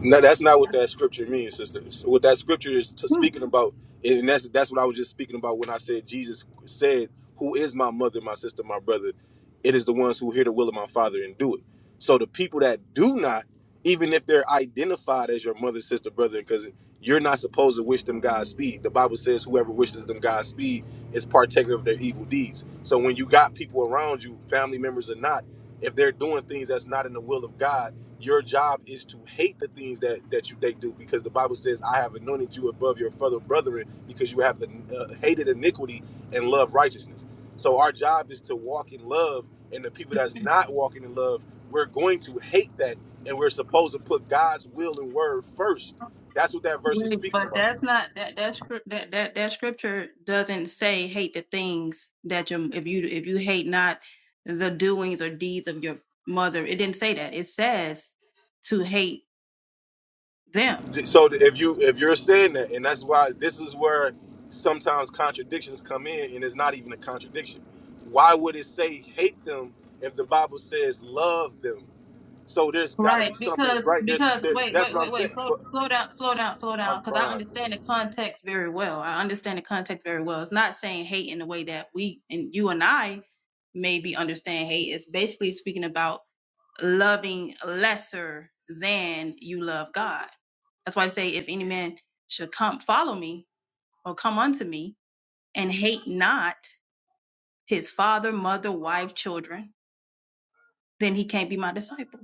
S19: No, that's not what that scripture means, sisters. What that scripture is t-
S18: Hmm.
S19: speaking about, and that's that's what I was just speaking about when I said Jesus said, "Who is my mother, my sister, my brother? It is the ones who hear the will of my Father and do it." So the people that do not, even if they're identified as your mother, sister, brother, and cousin, you're not supposed to wish them Godspeed. The Bible says, "Whoever wishes them Godspeed is partaker of their evil deeds." So when you got people around you, family members or not, if they're doing things that's not in the will of God your job is to hate the things that that you they do because the bible says i have anointed you above your fellow brethren because you have uh, hated iniquity and love righteousness so our job is to walk in love and the people that's not walking in love we're going to hate that and we're supposed to put god's will and word first that's what that verse is
S18: Wait,
S19: speaking
S18: but
S19: about
S18: that's not that that script that that that scripture doesn't say hate the things that your if you if you hate not the doings or deeds of your mother. It didn't say that. It says to hate them.
S19: So if you if you're saying that, and that's why this is where sometimes contradictions come in, and it's not even a contradiction. Why would it say hate them if the Bible says love them? So there's got to
S18: Right,
S19: be something,
S18: because
S19: right? There's
S18: because
S19: there,
S18: wait
S19: that's
S18: wait
S19: what I'm
S18: wait wait
S19: saying.
S18: slow
S19: But
S18: slow down slow down slow
S19: I'm
S18: down because I
S19: crying.
S18: understand the context very well. I understand the context very well. It's not saying hate in the way that we and you and I maybe understand hate. It's basically speaking about loving lesser than you love God. That's why I say, if any man should come, follow me or come unto me and hate not his father, mother, wife, children, then he can't be my disciple.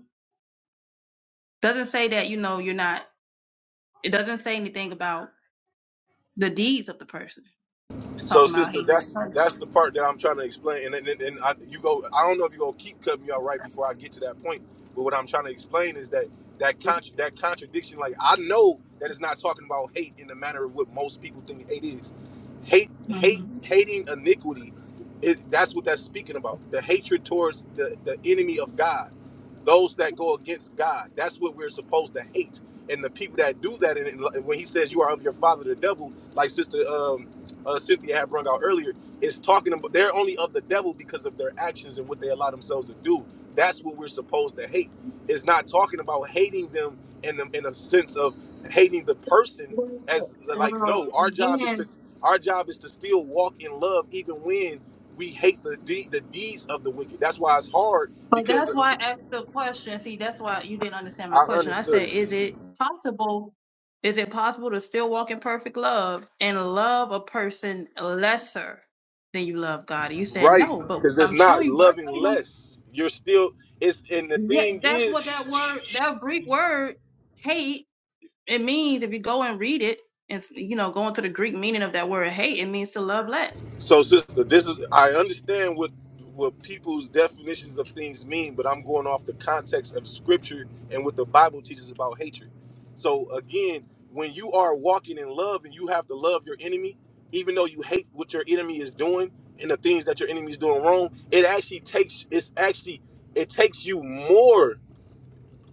S18: Doesn't say that, you know, you're not, it doesn't say anything about the deeds of the person. It's
S19: So,
S18: talking about
S19: sister,
S18: hating the
S19: that's that's the part that I'm trying to explain. And and, and and I, you go, I don't know if you gonna keep cutting me out right before I get to that point. But what I'm trying to explain is that that contra- that contradiction. Like I know that it's not talking about hate in the manner of what most people think hate is. Hate, hate,
S18: Mhm.
S19: hating iniquity. It, that's what that's speaking about. The hatred towards the the enemy of God, those that go against God. That's what we're supposed to hate. And the people that do that, and and when he says you are of your father the devil, like sister um, uh, Cynthia had brought out earlier is talking about they're only of the devil because of their actions and what they allow themselves to do. That's what we're supposed to hate. It's not talking about hating them in the, in a sense of hating the person
S18: Well,
S19: as like
S18: well,
S19: no, our job is to
S18: again,
S19: our job is to still walk in love even when we hate the de- the deeds of the wicked. That's why it's hard
S18: But
S19: because
S18: that's why I asked the question. See, that's why you didn't understand my
S19: I
S18: question. I
S19: understood
S18: said,
S19: it,
S18: is
S19: sister.
S18: it possible? Is it possible to still walk in perfect love and love a person lesser than you love God? And you said
S19: Right,
S18: no, but
S19: because it's
S18: I'm
S19: not
S18: showing you
S19: loving
S18: verbatim.
S19: less. You're still it's and the
S18: Yeah,
S19: thing
S18: that's
S19: is.
S18: what that word, that Greek word, hate, it means. If you go and read it, and you know, go into the Greek meaning of that word hate, it means to love less.
S19: So, sister, this is I understand what what people's definitions of things mean, but I'm going off the context of scripture and what the Bible teaches about hatred. So, again, when you are walking in love and you have to love your enemy, even though you hate what your enemy is doing and the things that your enemy is doing wrong, it actually takes it's actually it takes you more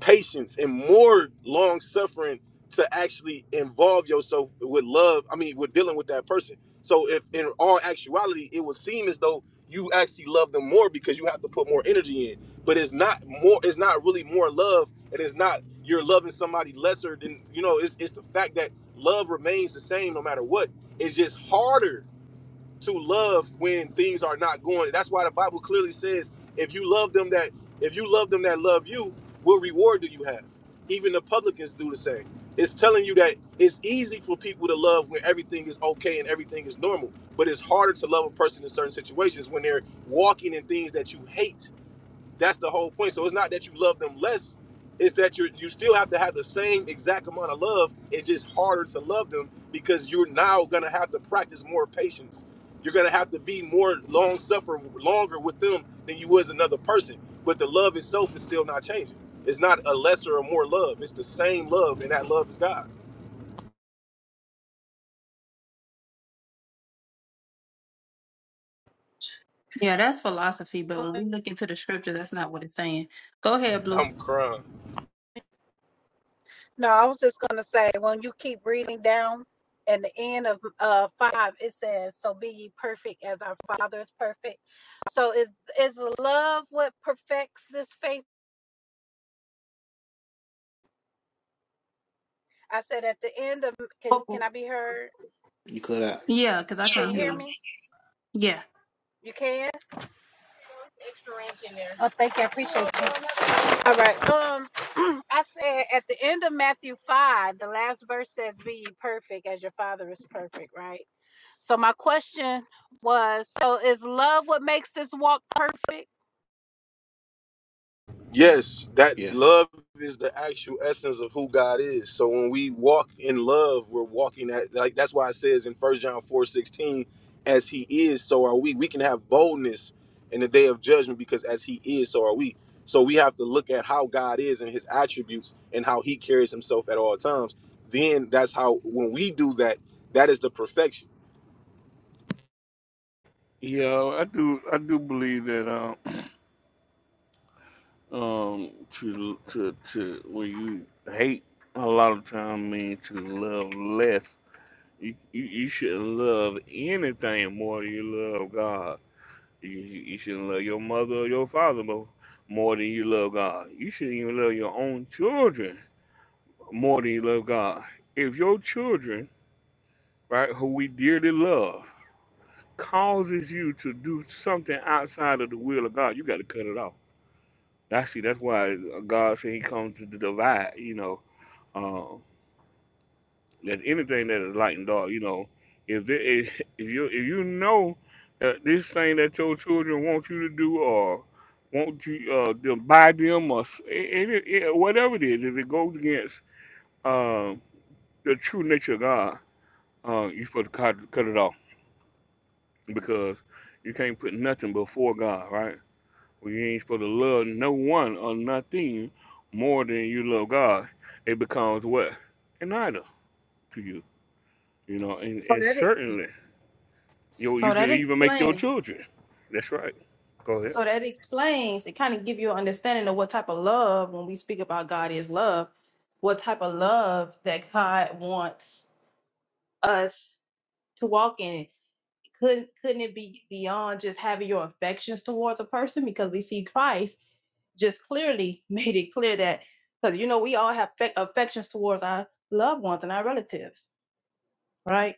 S19: patience and more long suffering to actually involve yourself with love. I mean, with dealing with that person. So if in all actuality, it would seem as though you actually love them more because you have to put more energy in. But it's not more. It's not really more love, and it's not you're loving somebody lesser than you know. It's it's the fact that love remains the same no matter what. It's just harder to love when things are not going. That's why the Bible clearly says, if you love them that if you love them that love you, what reward do you have? Even the publicans do the same. It's telling you that it's easy for people to love when everything is okay and everything is normal, but it's harder to love a person in certain situations when they're walking in things that you hate that's the whole point. So it's not that you love them less; it's that you you still have to have the same exact amount of love. It's just harder to love them because you're now gonna have to practice more patience. You're gonna have to be more long suffering, longer with them than you was another person. But the love itself is still not changing. It's not a lesser or more love. It's the same love, and that love is God.
S18: Yeah, that's philosophy, but when we look into the scripture, that's not what it's saying. Go ahead, Blue.
S19: I'm crying.
S20: no i was just going to say when you keep reading down at the end of uh five it says so be ye perfect as our father is perfect so is is love what perfects this faith I said at the end of can can I be heard?
S16: You could, out.
S18: Yeah, because I
S20: Can
S18: couldn't
S20: you
S18: hear
S16: yeah,
S20: hear
S18: you.
S20: me?
S18: Yeah.
S20: You can. Oh, thank you. I appreciate you. All right. Um, I said at the end of Matthew five, the last verse says, "Be ye perfect as your Father is perfect." Right. So my question was, so is love what makes this walk perfect?
S19: Yes, that
S16: yeah.
S19: love is the actual essence of who God is. So when we walk in love, we're walking that like that's why it says in First John 4 16, as he is, so are we. We can have boldness in the day of judgment because as he is, so are we. So we have to look at how God is and his attributes and how he carries himself at all times. Then that's how when we do that, that is the perfection.
S1: yeah, I do I do believe that. Um, um to to to when you hate a lot of time means to love less. You you, you shouldn't love anything more than you love God. You, you you shouldn't love your mother or your father more, more than you love God. You shouldn't even love your own children more than you love God. If your children, right, who we dearly love, causes you to do something outside of the will of God, you got to cut it off. That's see, that's why God said He comes to the divide. You know, Uh, that anything that is light and dark, you know, if there, if if you if you know that this thing that your children want you to do or want you uh to buy them or s- any it, whatever it is, if it goes against um the true nature of God, uh, you supposed to cut, cut it off because you can't put nothing before God, right? Well, you ain't supposed to love no one or nothing more than you love God. It becomes what an idol to you, you know, and,
S18: So
S1: and
S18: that ex-
S1: certainly. You you
S18: so that
S1: could even make your
S18: explains
S1: children. That's right. Go ahead.
S18: So that explains it kind of give you an understanding of what type of love when we speak about God is love, what type of love that God wants us to walk in. Couldn't couldn't it be beyond just having your affections towards a person? Because we see Christ just clearly made it clear that because you know we all have fe- affections towards our loved ones and our relatives, right?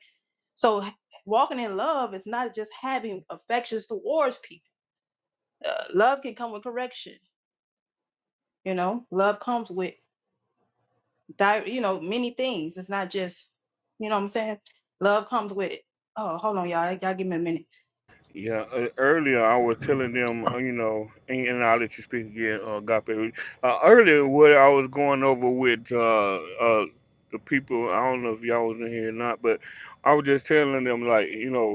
S18: So h- walking in love is not just having affections towards people. Uh, love can come with correction. You know, love comes with di- you know many things. It's not just you know what I'm saying. Love comes with. Oh, hold on, y'all. Y'all give me a minute.
S1: Yeah, uh, earlier I was telling them, uh, you know, and, and I'll let you speak again, uh, Agape. Uh, earlier, what I was going over with uh, uh, the people, I don't know if y'all was in here or not, but I was just telling them, like, you know,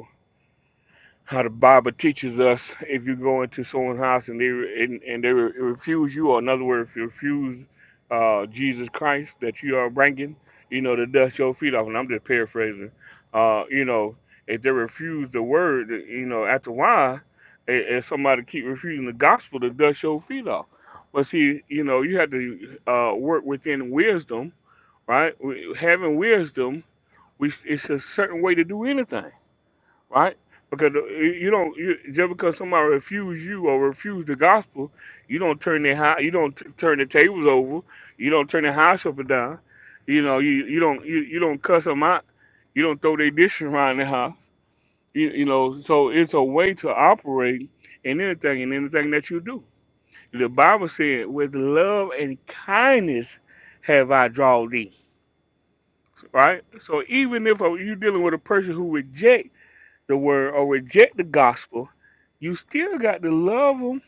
S1: how the Bible teaches us if you go into someone's house and they re- and, and they re- refuse you, or in other words, refuse uh, Jesus Christ that you are bringing, you know, to dust your feet off. And I'm just paraphrasing. Uh, you know, if they refuse the word, you know, after a while, i- if somebody keep refusing the gospel, to dust your feet off. But see, you know, you have to uh, work within wisdom, right? We- Having wisdom, we it's a certain way to do anything right? Because uh, you don't you, just because somebody refuse you or refuse the gospel, you don't turn their house, you don't t- turn the tables over, you don't turn the house up and down, you know, you you don't you, you don't cuss them out, you don't throw their dishes around the house, you, you know. So it's a way to operate in anything in anything that you do. The Bible said, "With love and kindness have I drawn thee." Right. So even if uh, you're dealing with a person who rejects the word or reject the gospel, you still got to love them,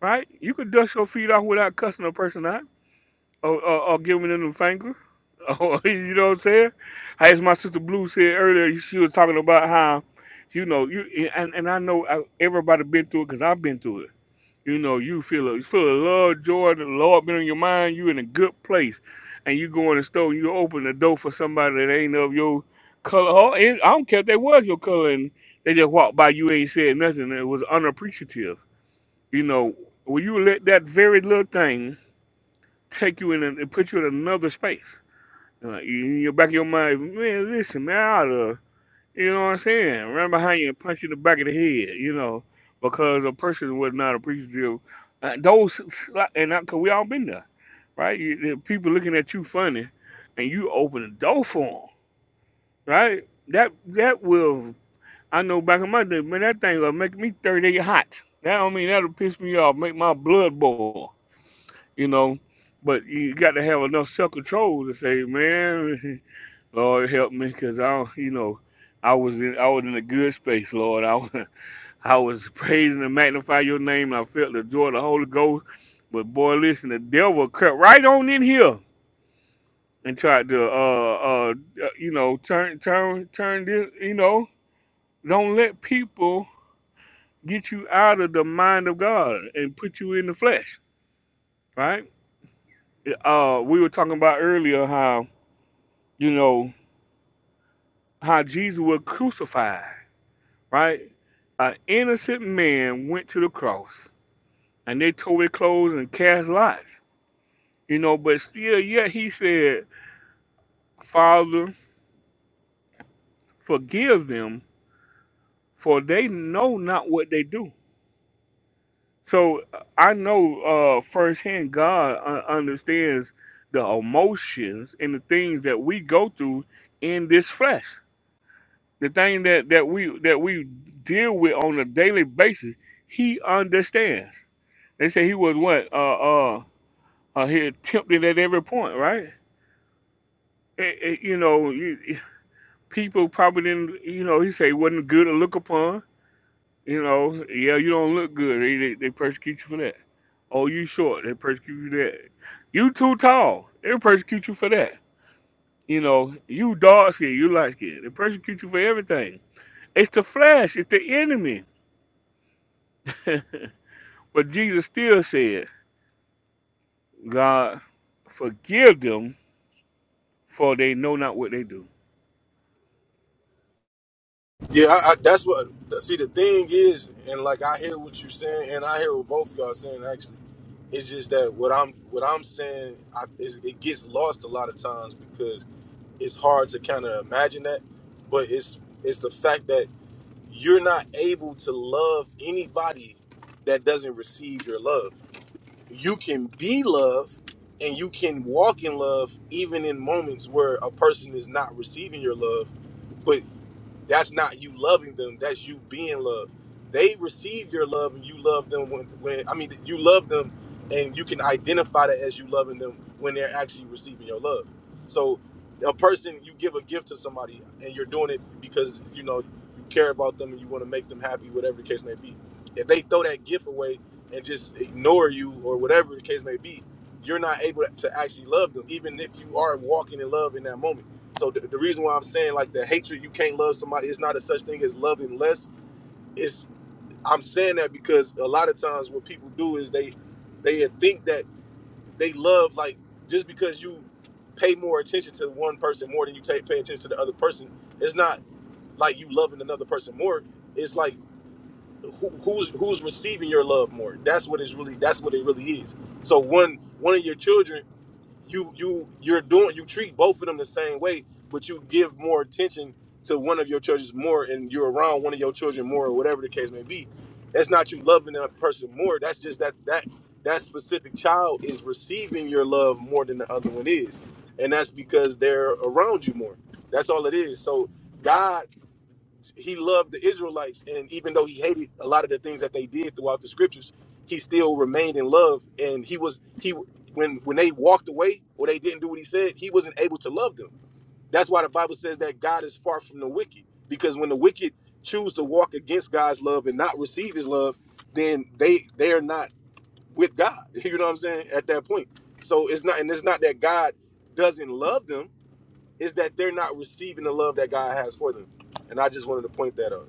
S1: right? You could dust your feet off without cussing a person out or, or, or giving them the finger. Or, you know what I'm saying? As my sister Blue said earlier, she was talking about how, you know, you and, and I know I, everybody been through it because I've been through it. You know, you feel a, you feel a love, joy, the Lord been on your mind. You in a good place, and you go in the store. and You open the door for somebody that ain't of your color. Oh, and I don't care if they was your color, and they just walked by. You ain't said nothing. It was unappreciative. You know, when you let that very little thing take you in and put you in another space, uh, in your back of your mind, man, listen, man, you know what I'm saying? Run behind you and punch you in the back of the head, you know, because a person was not appreciative. Uh, those, like, and I, cause we all been there, right? You, the people looking at you funny, and you open the door for them, right? That that will, I know back in my day, man, that thing will make me 38 hot. That don't mean that'll piss me off, make my blood boil, you know. But you got to have enough self control to say, man. Lord help me, cause I, don't- you know, I was in, I was in a good space, Lord. I, was- I was praising and magnify Your name. I felt the joy of the Holy Ghost. But boy, listen, the devil cut right on in here and tried to, uh, uh, uh, you know, turn, turn, turn this, you know, don't let people get you out of the mind of God and put you in the flesh, right? Uh, we were talking about earlier how, you know, how Jesus was crucified. right? An innocent man went to the cross and they tore his clothes and cast lots, you know, but still, yet he said, Father, forgive them, for they know not what they do. So uh, I know uh, firsthand God uh, understands the emotions and the things that we go through in this flesh. The thing that, that we that we deal with on a daily basis, he understands. They say he was what? Uh uh, Uh, he attempted at every point, right? It, it, you know, you, people probably didn't. You know, he said he wasn't good to look upon. You know, yeah, you don't look good. They, they, they persecute you for that. Oh, you short. They persecute you for that. You too tall. They persecute you for that. You know, you dark skin. You light skin. They persecute you for everything. It's the flesh. It's the enemy. but Jesus still said, God, forgive them, for they know not what they do.
S19: Yeah, I, I, that's what. See, the thing is, and like I hear what you're saying, and I hear what both of y'all saying actually. It's just that what I'm what I'm saying I, is it gets lost a lot of times because it's hard to kind of imagine that, but it's it's the fact that you're not able to love anybody that doesn't receive your love. You can be love and you can walk in love even in moments where a person is not receiving your love, But that's not you loving them that's you being loved they receive your love and you love them when, when i mean you love them and you can identify that as you loving them when they're actually receiving your love so a person you give a gift to somebody and you're doing it because you know you care about them and you want to make them happy whatever the case may be if they throw that gift away and just ignore you or whatever the case may be you're not able to actually love them even if you are walking in love in that moment so the, the reason why I'm saying like the hatred, you can't love somebody. It's not a such thing as loving less. It's I'm saying that because a lot of times what people do is they they think that they love like just because you pay more attention to one person more than you take pay attention to the other person. It's not like you loving another person more. It's like who, who's who's receiving your love more. That's what it's really. That's what it really is. So one one of your children you you you're doing you treat both of them the same way, but you give more attention to one of your children more, and you're around one of your children more, or whatever the case may be. That's not you loving that person more. That's just that that that specific child is receiving your love more than the other one is, and that's because they're around you more. That's all it is. So God he loved the Israelites, and even though he hated a lot of the things that they did throughout the scriptures, he still remained in love. And he was he when when they walked away or they didn't do what he said, he wasn't able to love them. That's why the Bible says that God is far from the wicked, because when the wicked choose to walk against God's love and not receive His love, then they they are not with God. You know what I'm saying? At that point, so it's not and it's not that God doesn't love them; it's that they're not receiving the love that God has for them. And I just wanted to point that out.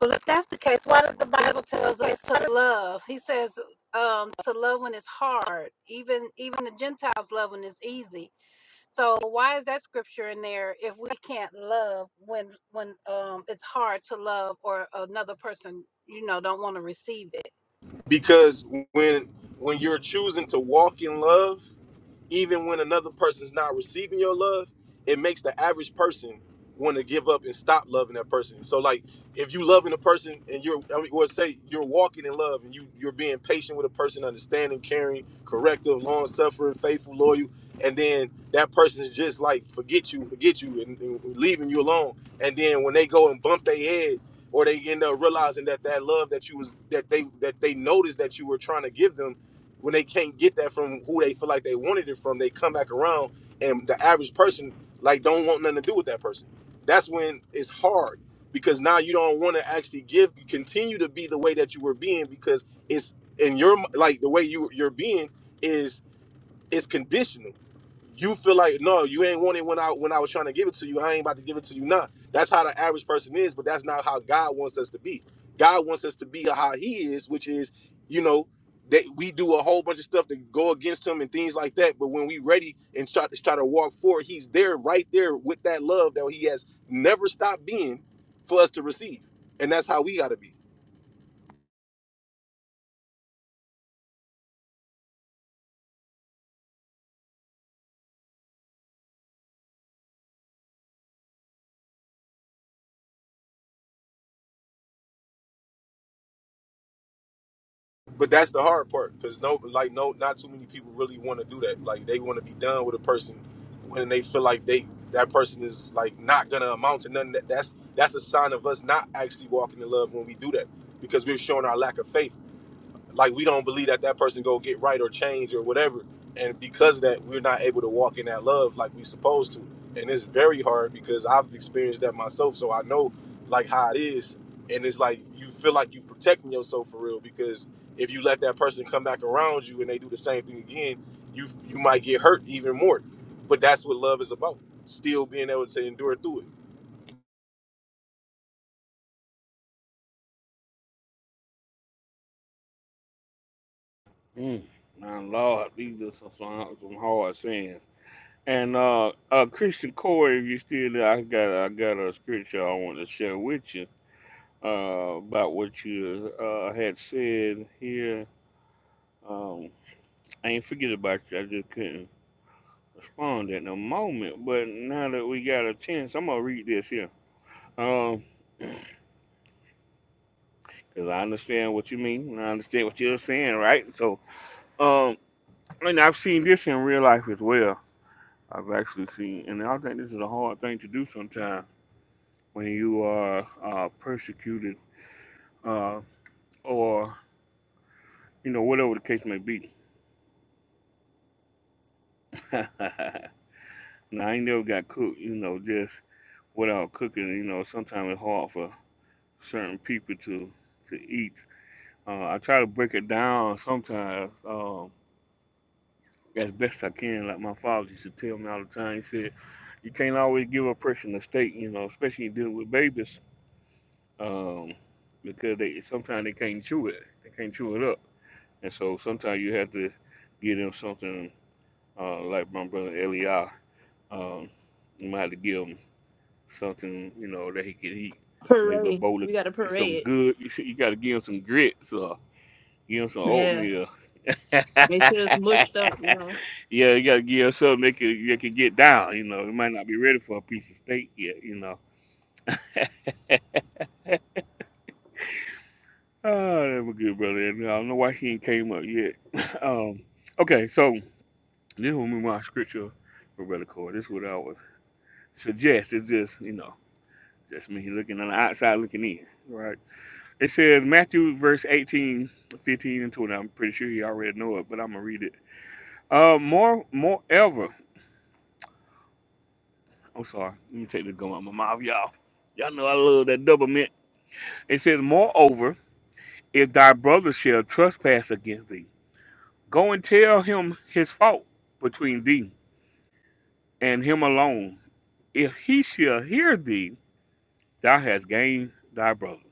S20: Well, if that's the case, why does the Bible tells us to love? He says um, to love when it's hard, even even the Gentiles love when it's easy. So why is that scripture in there if we can't love when when um it's hard to love or another person you know don't want to receive it?
S19: because when when you're choosing to walk in love even when another person's not receiving your love, it makes the average person want to give up and stop loving that person. So like if you loving a person and you're I mean or say you're walking in love and you you're being patient with a person, understanding, caring, corrective, long suffering, faithful, loyal, and then that person's just like forget you, forget you and, and leaving you alone. And then when they go and bump their head or they end up realizing that that love that you was that they that they noticed that you were trying to give them when they can't get that from who they feel like they wanted it from, they come back around and the average person like don't want nothing to do with that person. That's when it's hard because now you don't want to actually give continue to be the way that you were being because it's in your like the way you you're being is. It's conditional. You feel like no, you ain't want it when I when I was trying to give it to you. I ain't about to give it to you now. That's how the average person is, but that's not how God wants us to be. God wants us to be how He is, which is, you know, that we do a whole bunch of stuff to go against Him and things like that. But when we ready and try to try to walk forward, He's there, right there with that love that He has never stopped being for us to receive, and that's how we got to be. but that's the hard part because no, like no, not too many people really want to do that. Like they want to be done with a person when they feel like they that person is like not gonna amount to nothing. That, that's that's a sign of us not actually walking in love when we do that because we're showing our lack of faith like we don't believe that that person go get right or change or whatever and because of that we're not able to walk in that love like we supposed to and it's very hard because i've experienced that myself so i know like how it is and it's like you feel like you're protecting yourself for real because if you let that person come back around you and they do the same thing again you you might get hurt even more but that's what love is about still being able to endure through it
S1: Mm, my Lord, these are some, some, some hard sins. And uh, uh, Christian Corey, if you're still there, I got I got a scripture I want to share with you uh, about what you uh, had said here. Um, I ain't forget about you. I just couldn't respond at the moment. But now that we got a chance, I'm gonna read this here. Um, cause I understand what you mean. And I understand what you're saying, right? So, um, and I've seen this in real life as well I've actually seen, and I think this is a hard thing to do sometimes when you are uh, persecuted uh, or, you know, whatever the case may be. now, I ain't never got cooked, you know, just without cooking. You know, sometimes it's hard for certain people to, to eat. Uh, I try to break it down sometimes um, as best I can. Like my father used to tell me all the time, he said, you can't always give a person a steak, you know, especially dealing with babies um, because they sometimes they can't chew it. They can't chew it up, and so sometimes you have to give them something uh, like my brother Eli. Um, you might have to give him something you know that he can eat. Maybe a
S18: Parade.
S1: bowl of
S18: You got to
S1: some
S18: parade.
S1: good. You see, you got to give him some grits or give him some
S18: Yeah.
S1: oatmeal. yeah,
S18: Make sure it's mushed up, you know.
S1: you got to give him something they can they can get down. You know, he might not be ready for a piece of steak yet. You know. Uh, that was good, brother. And I don't know why she ain't came up yet. um, okay, so this will be my scripture for Brother Core. This is what I would suggest. It's just, you know, just me looking on the outside looking in, right? It says Matthew verse 18, 15, and 20. I'm pretty sure you already know it, but I'm going to read it. Uh, more, moreover, I'm sorry. Let me take this gum out my mouth, y'all. Y'all know I love that double mint. It says, moreover, if thy brother shall trespass against thee. Go and tell him his fault between thee and him alone. If he shall hear thee, thou hast gained thy brother.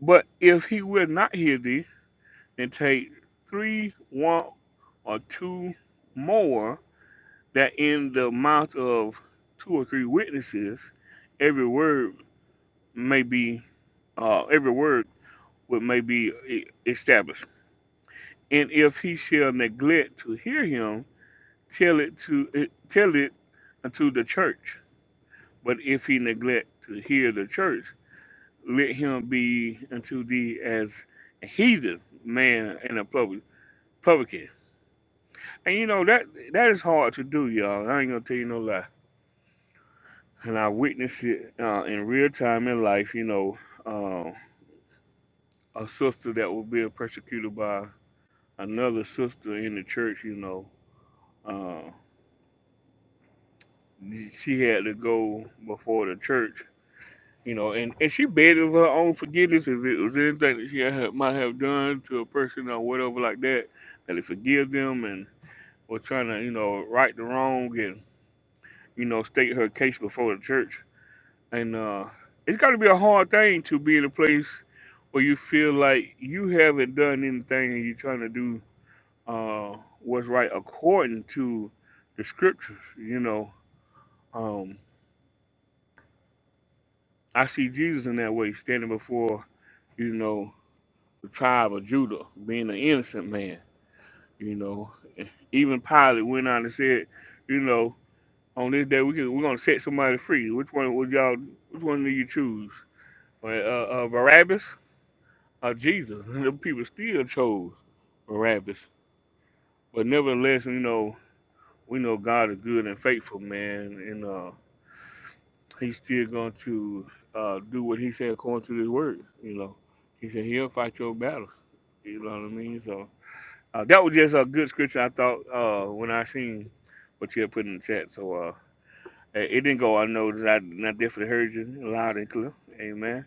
S1: But if he will not hear thee, then take three, one, or two more, that in the mouth of two or three witnesses, every word may be, uh, every word would may be e- established. And if he shall neglect to hear him, tell it to eh, tell it unto the church. But if he neglect to hear the church, let him be unto thee as a heathen man and a publican. And you know that that is hard to do, y'all. I ain't gonna tell you no lie. And I witnessed it uh, in real time in life. You know, uh, a sister that was being persecuted by another sister in the church. You know, uh, she had to go before the church You know, and, and she begged of her own forgiveness if it was anything that she had, might have done to a person or whatever like that, that it forgive them and was trying to, you know, right the wrong and, you know, state her case before the church. And uh, it's got to be a hard thing to be in a place where you feel like you haven't done anything and you're trying to do uh, what's right according to the scriptures, you know. Um, I see Jesus in that way, standing before, you know, the tribe of Judah, being an innocent man. You know, even Pilate went on and said, you know, on this day we can, we're gonna set somebody free. Which one would y'all? Which one do you choose? Uh, uh, Barabbas or Jesus? And the people still chose Barabbas. But nevertheless, you know, we know God is good and faithful, man, and uh, He's still going to uh, do what He said according to His word. You know, He said He'll fight your battles. You know what I mean? So. Uh, that was just a good scripture I thought uh, when I seen what you had put in the chat. So uh, it it didn't go unnoticed. I not definitely heard you loud and clear. Amen.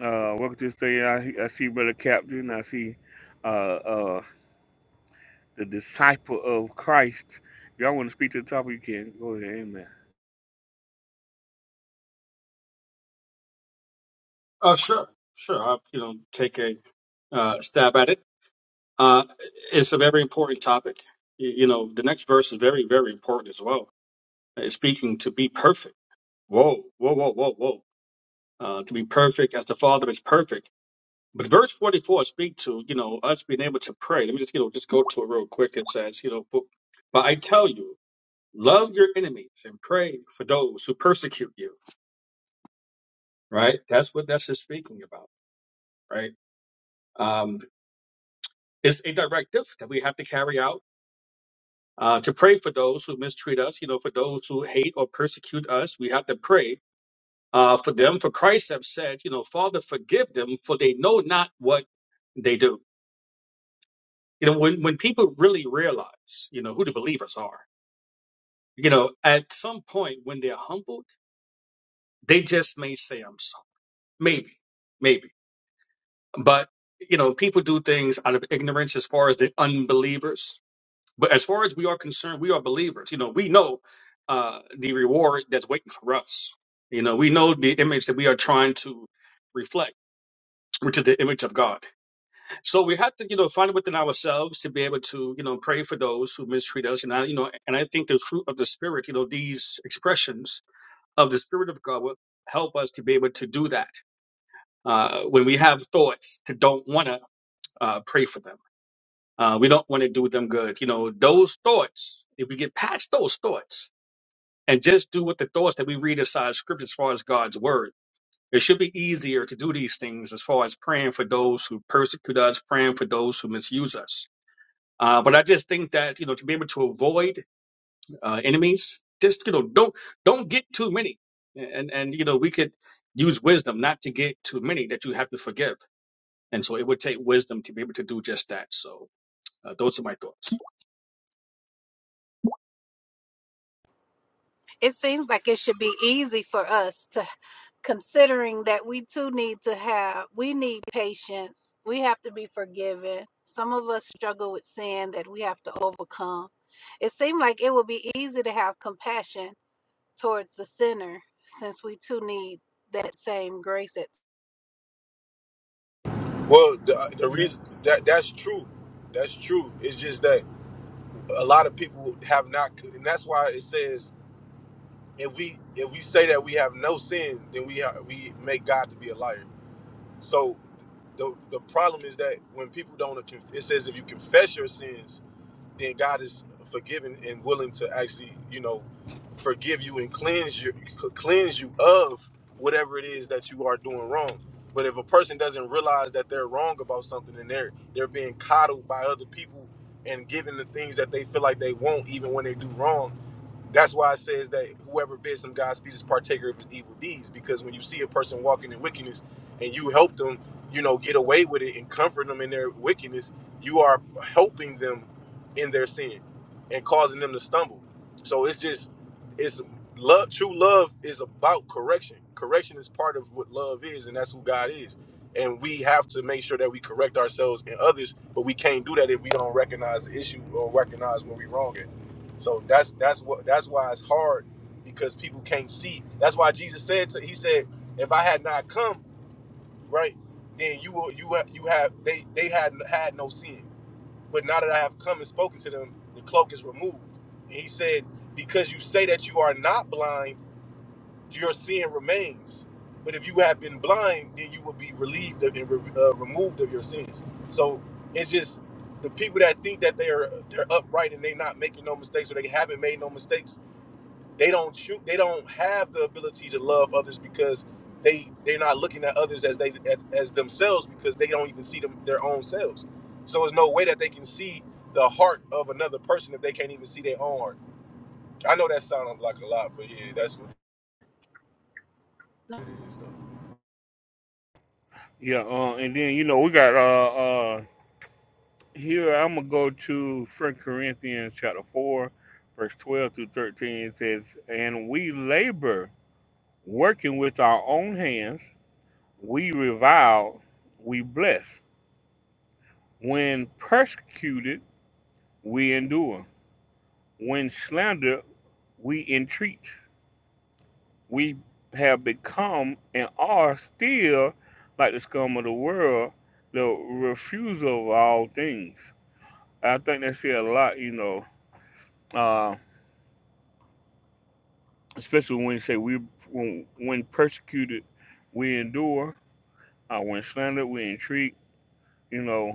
S1: Uh, welcome to say I, I see brother captain. I see uh, uh, the disciple of Christ. If y'all want to speak to the topic, you can go ahead. Amen.
S21: Uh, sure, sure. I'll, you know, take a uh, stab at it. Uh, it's a very important topic. You, you know, the next verse is very, very important as well. It's speaking to be perfect. Whoa, whoa, whoa, whoa, whoa. Uh, to be perfect as the Father is perfect. But verse 44 speak to, you know, us being able to pray. Let me just, you know, just go to it real quick. It says, you know, but, but I tell you, love your enemies and pray for those who persecute you, right? That's what that's just speaking about, right? Um, Is a directive that we have to carry out uh, to pray for those who mistreat us, you know, for those who hate or persecute us. We have to pray uh, for them. For Christ have said, you know, Father, forgive them, for they know not what they do. You know, when, when people really realize, you know, who the believers are, you know, at some point when they're humbled, they just may say, I'm sorry. Maybe, maybe. But, you know, people do things out of ignorance as far as the unbelievers But as far as we are concerned, we are believers. You know, we know uh, the reward that's waiting for us. You know, we know the image that we are trying to reflect, which is the image of God. So we have to, you know, find within ourselves to be able to, you know, pray for those who mistreat us. And I, you know, and I think the fruit of the Spirit, you know, these expressions of the Spirit of God will help us to be able to do that uh, when we have thoughts to don't want to uh, pray for them uh, we don't want to do them good. You know, those thoughts, if we get past those thoughts and just do with the thoughts that we read aside scripture as far as God's word, it should be easier to do these things as far as praying for those who persecute us, praying for those who misuse us. Uh, but I just think that, you know, to be able to avoid uh, enemies, just, you know, don't don't get too many. And, and, you know, we could use wisdom not to get too many that you have to forgive. And so it would take wisdom to be able to do just that. So uh, those are my thoughts.
S20: It seems like it should be easy for us to considering that we too need to have we need patience. We have to be forgiven. Some of us struggle with sin that we have to overcome. It seemed like it would be easy to have compassion towards the sinner since we too need that same grace at
S19: well the, the reason that that's true that's true it's just that a lot of people have not and that's why it says if we if we say that we have no sin then we ha we make god to be a liar so the the problem is that when people don't conf- it says if you confess your sins then God is forgiving and willing to actually, you know, forgive you and cleanse you, cleanse you of whatever it is that you are doing wrong. But if a person doesn't realize that they're wrong about something and they're they're being coddled by other people and given the things that they feel like they want, even when they do wrong, that's why it says that whoever bids him Godspeed is partaker of his evil deeds. Because when you see a person walking in wickedness and you help them, you know, get away with it and comfort them in their wickedness, you are helping them in their sin and causing them to stumble. So it's just, it's love. True love is about correction. Correction is part of what love is, and that's who God is. And we have to make sure that we correct ourselves and others, but we can't do that if we don't recognize the issue or recognize where we're wrong at. So that's that's what that's why it's hard because people can't see. That's why Jesus said to he said, if I had not come, right, then you will you have you have they they had had no sin. But now that I have come and spoken to them, the cloak is removed. And he said, because you say that you are not blind, your sin remains. But if you have been blind, then you will be relieved of and re- uh, removed of your sins. So it's just the people that think that they are they're upright and they not making no mistakes or they haven't made no mistakes they don't shoot they don't have the ability to love others because they they're not looking at others as they as, as themselves because they don't even see them their own selves so there's no way that they can see the heart of another person if they can't even see their own heart i know that sounds like a lot but yeah that's what it is though
S1: Yeah. Uh, and then you know we got uh, uh, here. I'm gonna go to First Corinthians chapter four, verse twelve through thirteen. It says, "And we labor." Working with our own hands, we revile, we bless. When persecuted, we endure. When slandered, we entreat. We have become and are still like the scum of the world, the refusal of all things. I think they say a lot, you know, uh, especially when you say we, when, when persecuted, we endure. Uh, when slandered, we entreat. You know,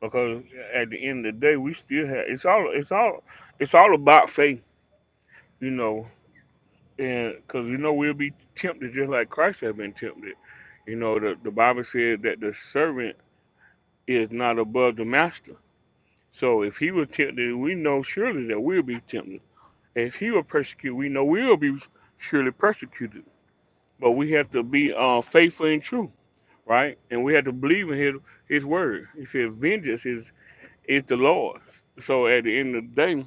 S1: because at the end of the day, we still have it's all it's all it's all about faith, you know, and because you know we'll be tempted just like Christ had been tempted. You know, the the Bible said that the servant is not above the master. So if he was tempted, we know surely that we'll be tempted. If he will persecute, we know we'll be surely persecuted. But we have to be uh, faithful and true, right? And we have to believe in his his word. He said, "Vengeance is is the Lord's." So at the end of the day,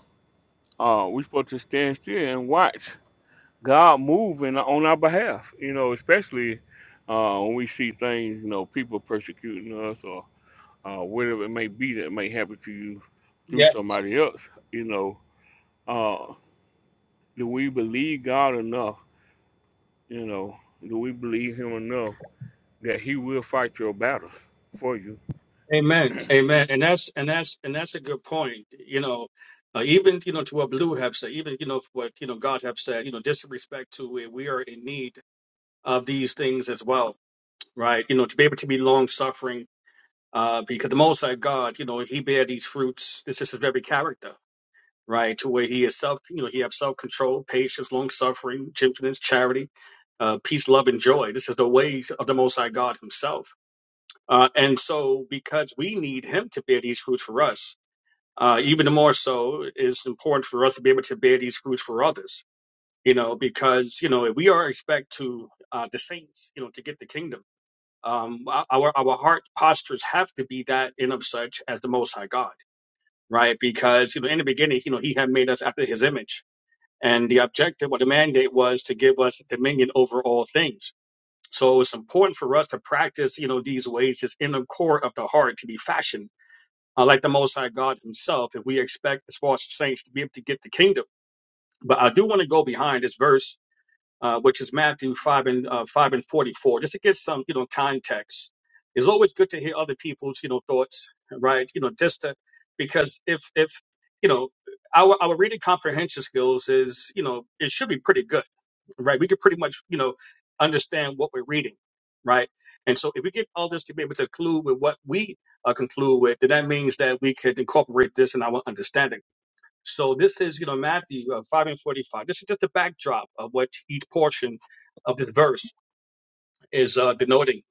S1: Uh, we supposed to stand still and watch God move in, on our behalf. You know, especially uh, when we see things, you know, people persecuting us or uh, whatever it may be that may happen to you through somebody else. You know, uh, do we believe God enough? You know, do we believe Him enough that He will fight your battles for you?
S21: Amen. Amen. And that's and that's and that's a good point. You know, uh, even you know to what Blue have said, even you know what you know God have said. You know, just in respect to it, we are in need of these things as well, right? You know, to be able to be long suffering, uh, because the Most High God, you know, He bear these fruits. This is His very character, right? To where He is self, you know, He have self control, patience, long suffering, gentleness, charity, uh, peace, love, and joy. This is the ways of the Most High God Himself uh, and so, because we need him to bear these fruits for us, uh, even more so, it's important for us to be able to bear these fruits for others. You know, because you know, if we are expect to uh, the saints, you know, to get the kingdom, um, our our heart postures have to be that in of such as the Most High God, right? Because you know, in the beginning, you know, He had made us after His image, and the objective or the mandate was to give us dominion over all things so it's important for us to practice, you know, these ways just in the core of the heart to be fashioned uh, like the Most High God Himself. If we expect as far as the saints to be able to get the kingdom, but I do want to go behind this verse, uh, which is Matthew five and uh, five and forty four, just to get some, you know, context. It's always good to hear other people's, you know, thoughts, right? You know, just to, because if if you know our our reading comprehension skills is, you know, it should be pretty good right? We can pretty much, you know, understand what we're reading, right? And so if we get all this to be able to conclude with what we uh, conclude with, then that means that we can incorporate this in our understanding. So this is, you know, Matthew uh, 5 and 45. This is just the backdrop of what each portion of this verse is uh, denoting.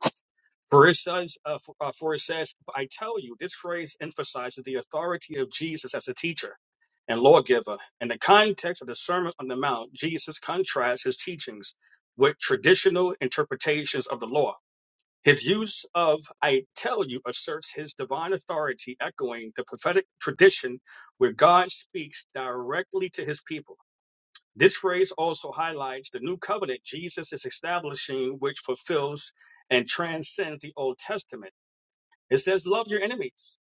S21: For it says, uh, for, uh, for it says, I tell you, this phrase emphasizes the authority of Jesus as a teacher and lawgiver. In the context of the Sermon on the Mount, Jesus contrasts his teachings with traditional interpretations of the law. His use of I tell you asserts his divine authority, echoing the prophetic tradition where God speaks directly to his people. This phrase also highlights the new covenant Jesus is establishing, which fulfills and transcends the Old Testament. It says, Love your enemies.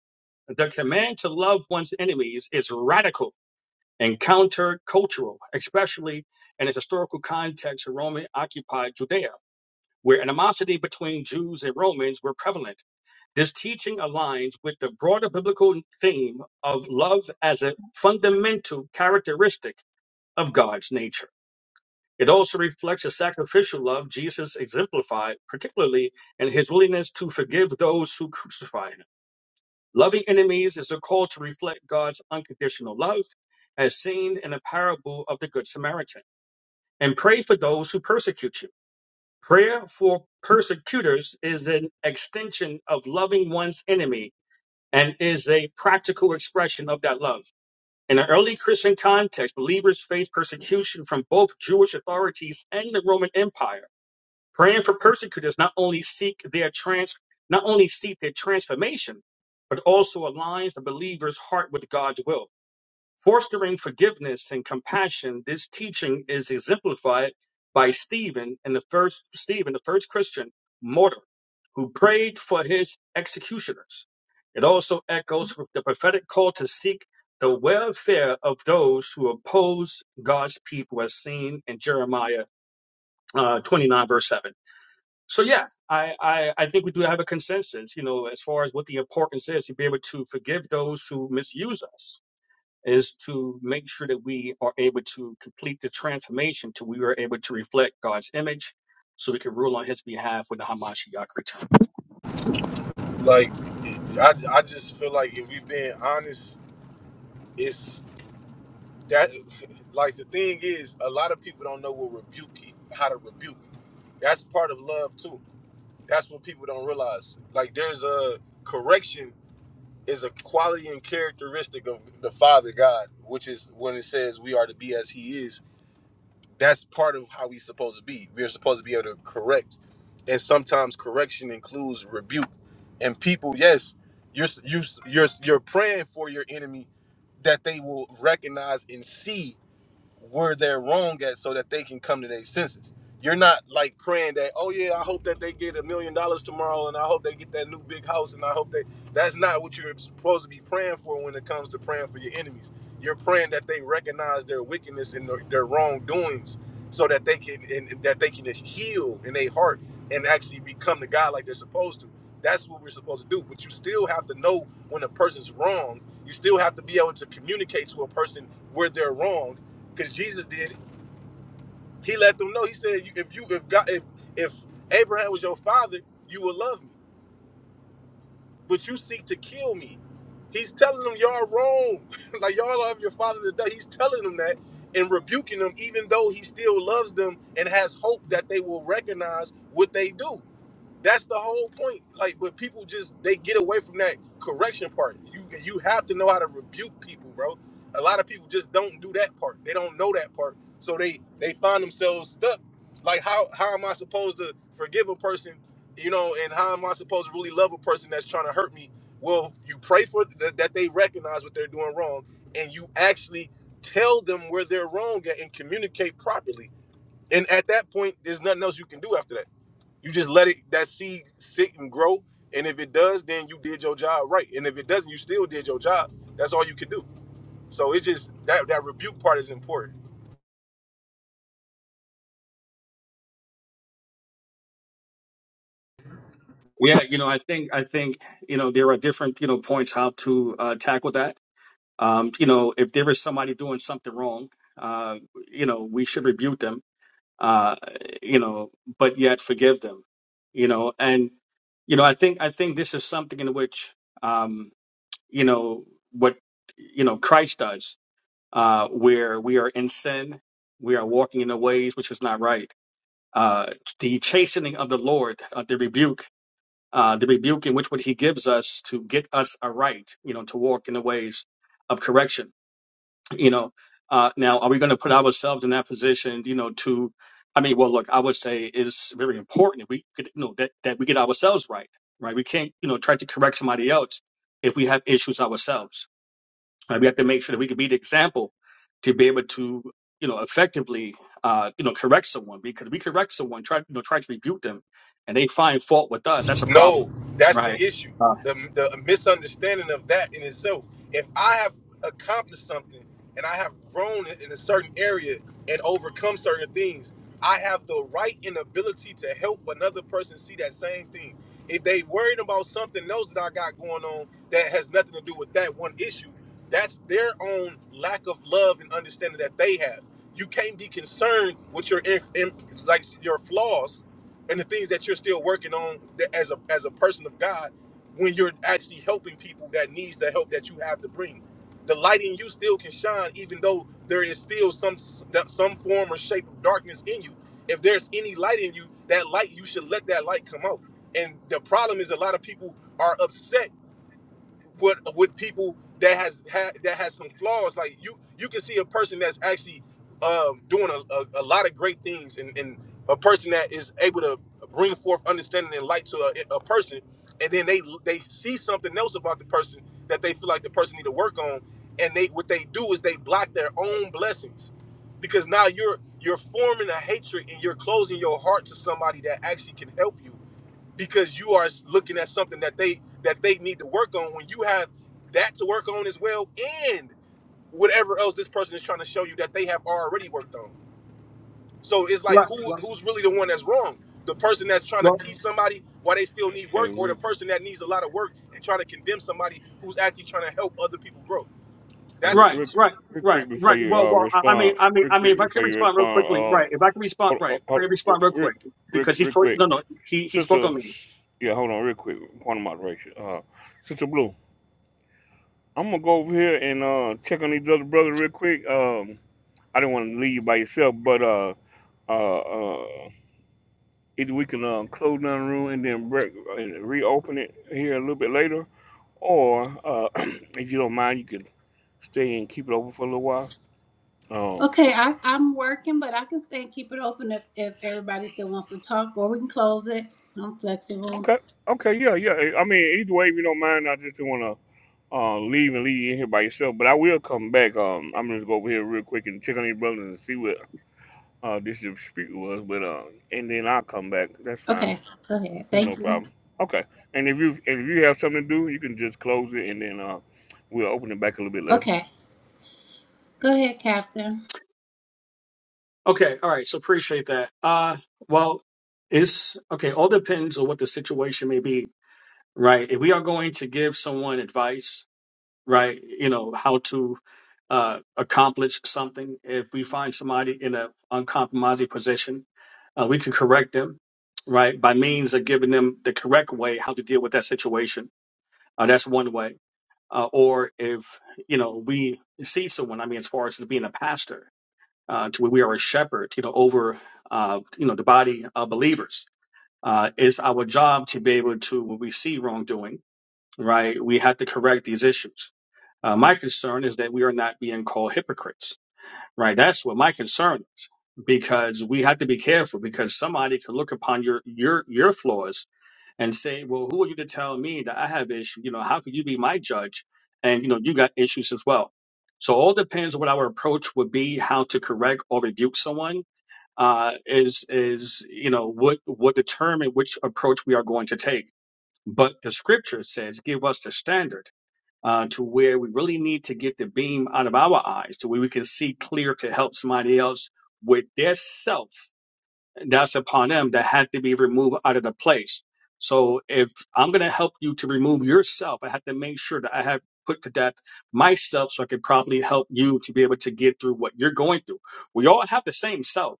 S21: The command to love one's enemies is radical and countercultural, especially in the historical context of Roman occupied Judea, where animosity between Jews and Romans were prevalent. This teaching aligns with the broader biblical theme of love as a fundamental characteristic of God's nature. It also reflects the sacrificial love Jesus exemplified, particularly in his willingness to forgive those who crucify him. Loving enemies is a call to reflect God's unconditional love, as seen in the parable of the Good Samaritan. And pray for those who persecute you. Prayer for persecutors is an extension of loving one's enemy and is a practical expression of that love. In an early Christian context, believers faced persecution from both Jewish authorities and the Roman Empire. Praying for persecutors not only seek their trans not only seek their transformation, but also aligns the believer's heart with God's will. Fostering forgiveness and compassion, this teaching is exemplified by Stephen and the first Stephen, the first Christian martyr, who prayed for his executioners. It also echoes with the prophetic call to seek the welfare of those who oppose God's people, as seen in Jeremiah uh, 29, verse 7. So yeah, I, I I think we do have a consensus, you know, as far as what the importance is to be able to forgive those who misuse us is to make sure that we are able to complete the transformation till we are able to reflect God's image so we can rule on his behalf when the Hamashiach return.
S19: like i, I just feel like if we've been honest it's that like the thing is a lot of people don't know what rebuke how to rebuke that's part of love too That's what people don't realize. Like there's a correction is a quality and characteristic of the Father God, which is when it says we are to be as He is. That's part of how we supposed to be. We're supposed to be able to correct, and sometimes correction includes rebuke. And people, yes, you're you you're you're praying for your enemy that they will recognize and see where they're wrong at so that they can come to their senses. You're not like praying that, oh yeah, I hope that they get a million dollars tomorrow and I hope they get that new big house and I hope they that's not what you're supposed to be praying for when it comes to praying for your enemies. You're praying that they recognize their wickedness and their, their wrongdoings so that they can and, and that they can heal in their heart and actually become the God like they're supposed to. That's what we're supposed to do. But you still have to know when a person's wrong. You still have to be able to communicate to a person where they're wrong because Jesus did it. He let them know. He said, "If you if God if if Abraham was your father, you would love me, but you seek to kill me." He's telling them y'all wrong, like y'all love your father today. He's telling them that and rebuking them, even though he still loves them and has hope that they will recognize what they do. That's the whole point. Like, but people just they get away from that correction part. You you have to know how to rebuke people, bro. A lot of people just don't do that part. They don't know that part, so they they find themselves stuck. Like, how how am I supposed to forgive a person, you know? And how am I supposed to really love a person that's trying to hurt me? Well, you pray for th- that they recognize what they're doing wrong, and you actually tell them where they're wrong at and communicate properly. And at that point, there's nothing else you can do after that. You just let it that seed sit and grow. And if it does, then you did your job right. And if it doesn't, you still did your job. That's all you can do. So it's just that that rebuke part is important.
S21: Yeah, you know, I think I think, you know, there are different, you know, points how to uh, tackle that. Um, you know, if there is somebody doing something wrong, uh, you know, we should rebuke them uh, you know, but yet forgive them, you know. And you know, I think I think this is something in which um, you know what you know Christ does, uh, where we are in sin, we are walking in the ways which is not right. Uh, the chastening of the Lord, uh, the rebuke. Uh, the rebuke in which what he gives us to get us aright, you know, to walk in the ways of correction you know uh now are we going to put ourselves in that position you know to i mean well look i would say it's very important that we could you know that, that we get ourselves right right we can't you know try to correct somebody else if we have issues ourselves right we have to make sure that we can be the example to be able to you know effectively uh you know correct someone because we correct someone try you know try to rebuke them and they find fault with us that's a problem
S19: No, that's the
S21: right
S19: issue.
S21: uh,
S19: The, the misunderstanding of that in itself. If I have accomplished something and I have grown in a certain area and overcome certain things, I have the right and ability to help another person see that same thing. If they worried about something else that I got going on that has nothing to do with that one issue, that's their own lack of love and understanding that they have. You can't be concerned with your in, in- like your flaws and the things that you're still working on that as a as a person of God when you're actually helping people that needs the help that you have to bring. The light in you still can shine even though there is still some some form or shape of darkness in you. If there's any light in you, that light you should let that light come out. And the problem is a lot of people are upset with with people that has had that has some flaws. Like you you can see a person that's actually um, doing a, a, a lot of great things and, and a person that is able to bring forth understanding and light to a, a person and then they they see something else about the person that they feel like the person need to work on and they what they do is they block their own blessings because now you're you're forming a hatred and you're closing your heart to somebody that actually can help you because you are looking at something that they that they need to work on when you have that to work on as well and whatever else this person is trying to show you that they have already worked on so it's like
S21: right
S19: who who's really the one that's wrong the person that's trying to
S21: right
S19: teach somebody why they still need
S1: Hey,
S19: work or the
S1: Rick,
S19: person that needs a lot of work and trying to condemn somebody who's actually trying to help other people grow that's
S1: Rick,
S19: the
S21: Right,
S19: issue
S1: Rick,
S21: right,
S1: Rick
S21: right,
S1: quick before
S21: right.
S1: you
S21: Well,
S1: uh,
S21: well, I I mean,
S1: respond,
S21: I mean,
S1: Rick,
S21: I mean,
S1: quick
S21: if I could
S1: before you
S21: respond real
S1: respond,
S21: quickly, right?
S1: uh,
S21: If I could respond,
S1: hold,
S21: right?
S1: hold,
S21: If I could
S1: hold,
S21: respond real
S1: Rick,
S21: quick
S1: Rick,
S21: because he
S1: Rick,
S21: spoke.
S1: quick.
S21: No, no, he he spoke
S1: Sister,
S21: on me.
S1: yeah, hold on real quick. Point of moderation. Uh, Sister Blue, I'm gonna go over here and uh check on these other brothers real quick. Um, I didn't want to leave you by yourself, but uh, uh, uh, either we can uh, close down the room and then break, and reopen it here a little bit later, or uh, if you don't mind, you can stay and keep it open for a little while. Um,
S20: Okay, I, I'm working, but I can stay and keep it open if, if everybody still wants to talk, or we can close it. I'm flexible.
S1: okay, okay, yeah, yeah. I mean, either way, if you don't mind, I just want to uh, leave and leave you in here by yourself. But I will come back. Um, I'm gonna go over here real quick and check on these brothers and see what uh this dispute was. But uh, and then I'll come back. That's fine.
S20: Okay, go ahead.
S1: There's no
S20: Thank you.
S1: problem. Okay. And if you if you have something to do, you can just close it and then uh, we'll open it back a little bit later.
S20: Okay, go ahead, Captain.
S21: Okay, all right. So appreciate that. Uh, well, it's okay. All depends on what the situation may be, right? If we are going to give someone advice, right? You know how to uh accomplish something. If we find somebody in a uncompromising position, Uh, we can correct them, right, by means of giving them the correct way how to deal with that situation. Uh, that's one way. Uh, or if you know we see someone, I mean, as far as being a pastor, uh, to where we are a shepherd, you know, over uh, you know the body of believers, uh, it's our job to be able to when we see wrongdoing, right, we have to correct these issues. Uh, my concern is that we are not being called hypocrites right? That's what my concern is because we have to be careful because somebody can look upon your your your flaws and say, well, who are you to tell me that I have issues? You know, how could you be my judge? And you know, you got issues as well. So all depends on what our approach would be, how to correct or rebuke someone uh, is is you know what what determine which approach we are going to take. But the scripture says, give us the standard uh, to where we really need to get the beam out of our eyes to where we can see clear to help somebody else with their self that's upon them that had to be removed out of the place. So if I'm going to help you to remove yourself, I have to make sure that I have put to death myself so I can probably help you to be able to get through what you're going through. We all have the same self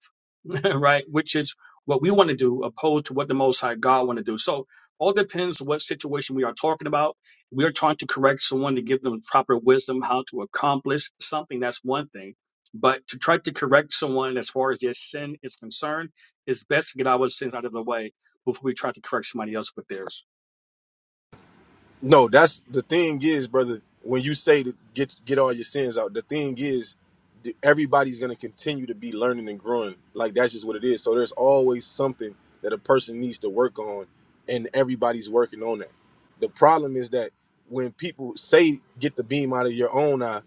S21: right? Which is what we want to do, opposed to what the Most High God want to do. So all depends what situation we are talking about. We are trying to correct someone to give them proper wisdom how to accomplish something. That's one thing. But to try to correct someone as far as their sin is concerned, it's best to get our sins out of the way before we try to correct somebody else with theirs.
S19: No, that's the thing is, brother. When you say to get get all your sins out, the thing is, th- everybody's gonna continue to be learning and growing. Like that's just what it is. So there's always something that a person needs to work on, and everybody's working on that. The problem is that when people say get the beam out of your own eye,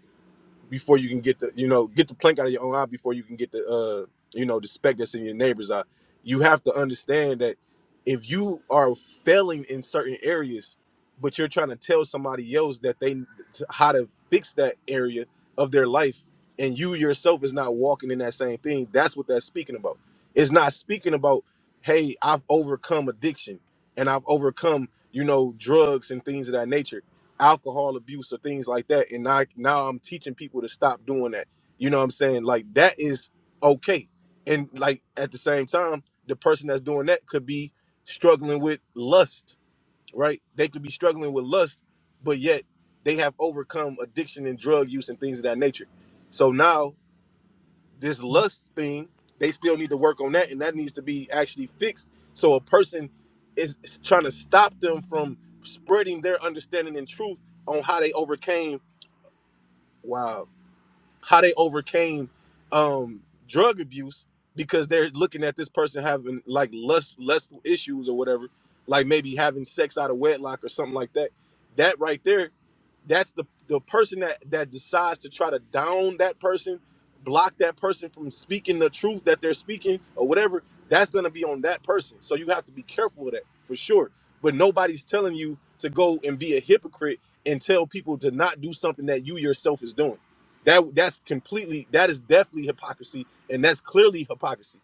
S19: before you can get the you know get the plank out of your own eye before you can get the uh you know the speck that's in your neighbor's eye you have to understand that if you are failing in certain areas but you're trying to tell somebody else that they how to fix that area of their life and you yourself is not walking in that same thing that's what that's speaking about it's not speaking about hey i've overcome addiction and i've overcome you know drugs and things of that nature alcohol abuse or things like that and I, now i'm teaching people to stop doing that you know what i'm saying like that is okay and like at the same time the person that's doing that could be struggling with lust right they could be struggling with lust but yet they have overcome addiction and drug use and things of that nature so now this lust thing, they still need to work on that, and that needs to be actually fixed. So a person is is trying to stop them from spreading their understanding and truth on how they overcame wow, how they overcame um drug abuse because they're looking at this person having like lust lustful issues or whatever, like maybe having sex out of wedlock or something like that. That right there that's the the person that that decides to try to down that person block that person from speaking the truth that they're speaking or whatever that's going to be on that person so you have to be careful of that for sure but nobody's telling you to go and be a hypocrite and tell people to not do something that you yourself is doing that that's completely that is definitely hypocrisy and that's clearly hypocrisy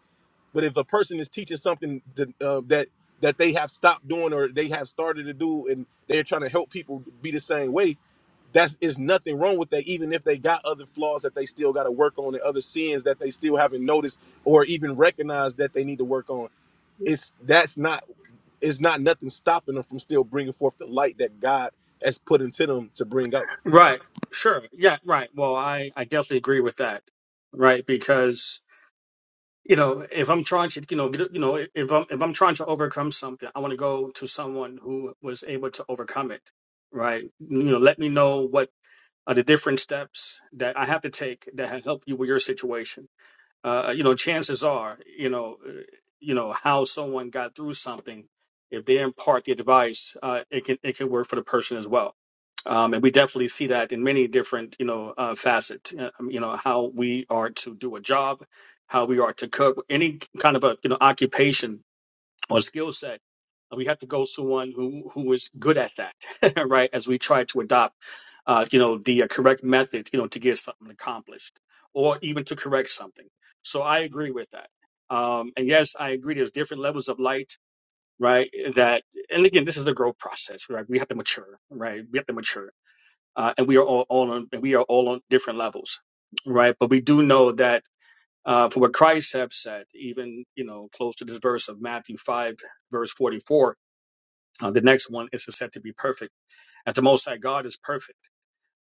S19: but if a person is teaching something to, uh, that that they have stopped doing or they have started to do, and they're trying to help people be the same way, that's is nothing wrong with that. Even if they got other flaws that they still got to work on, and other sins that they still haven't noticed or even recognized that they need to work on, it's that's not it's not nothing stopping them from still bringing forth the light that God has put into them to bring out.
S21: Right. Sure. Yeah. Right. Well, I I definitely agree with that. Right. Because. you know if i'm trying to you know get, you know if i'm if i'm trying to overcome something i want to go to someone who was able to overcome it right you know let me know what are the different steps that i have to take that have helped you with your situation uh, you know, chances are, you know, uh, you know how someone got through something. If they impart the advice, uh, it can it can work for the person as well. Um, and we definitely see that in many different, you know, uh, facets. uh, um, You know, how we are to do a job, how we are to cook, any kind of a you know occupation or skill set. We have to go to one who who is good at that, right? As we try to adopt, uh, you know, the uh, correct method, you know, to get something accomplished, or even to correct something. So I agree with that. Um, and yes, I agree. There's different levels of light, right? That, and again, this is the growth process, right? We have to mature, right? We have to mature, uh, and we are all, all on, and we are all on different levels, right? But we do know that uh, for what Christ have said, even you know, close to this verse of Matthew five, verse forty-four, uh, the next one is said to be perfect. As the Most High God is perfect,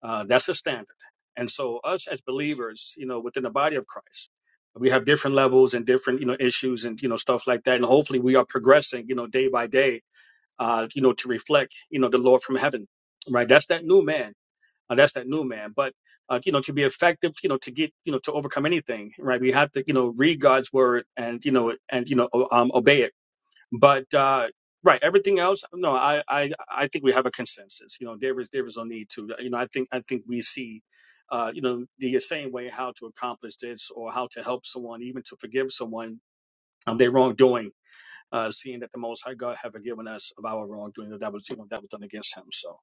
S21: uh, that's the standard. And so, us as believers, you know, within the body of Christ, we have different levels and different you know issues and you know stuff like that. And hopefully, we are progressing, you know, day by day, uh, you know, to reflect, you know, the Lord from heaven. Right, that's that new man uh, that's that new man. But uh, you know, to be effective, you know, to get you know to overcome anything, right? We have to you know read God's word and you know and you know o- um, obey it. But uh, right, everything else, no, I I I think we have a consensus. You know, there is there is no need to. You know, I think I think we see. Uh, you know the same way how to accomplish this or how to help someone even to forgive someone um, their wrongdoing uh, seeing that the most high god have forgiven us of our wrongdoing that was you know that was done against him so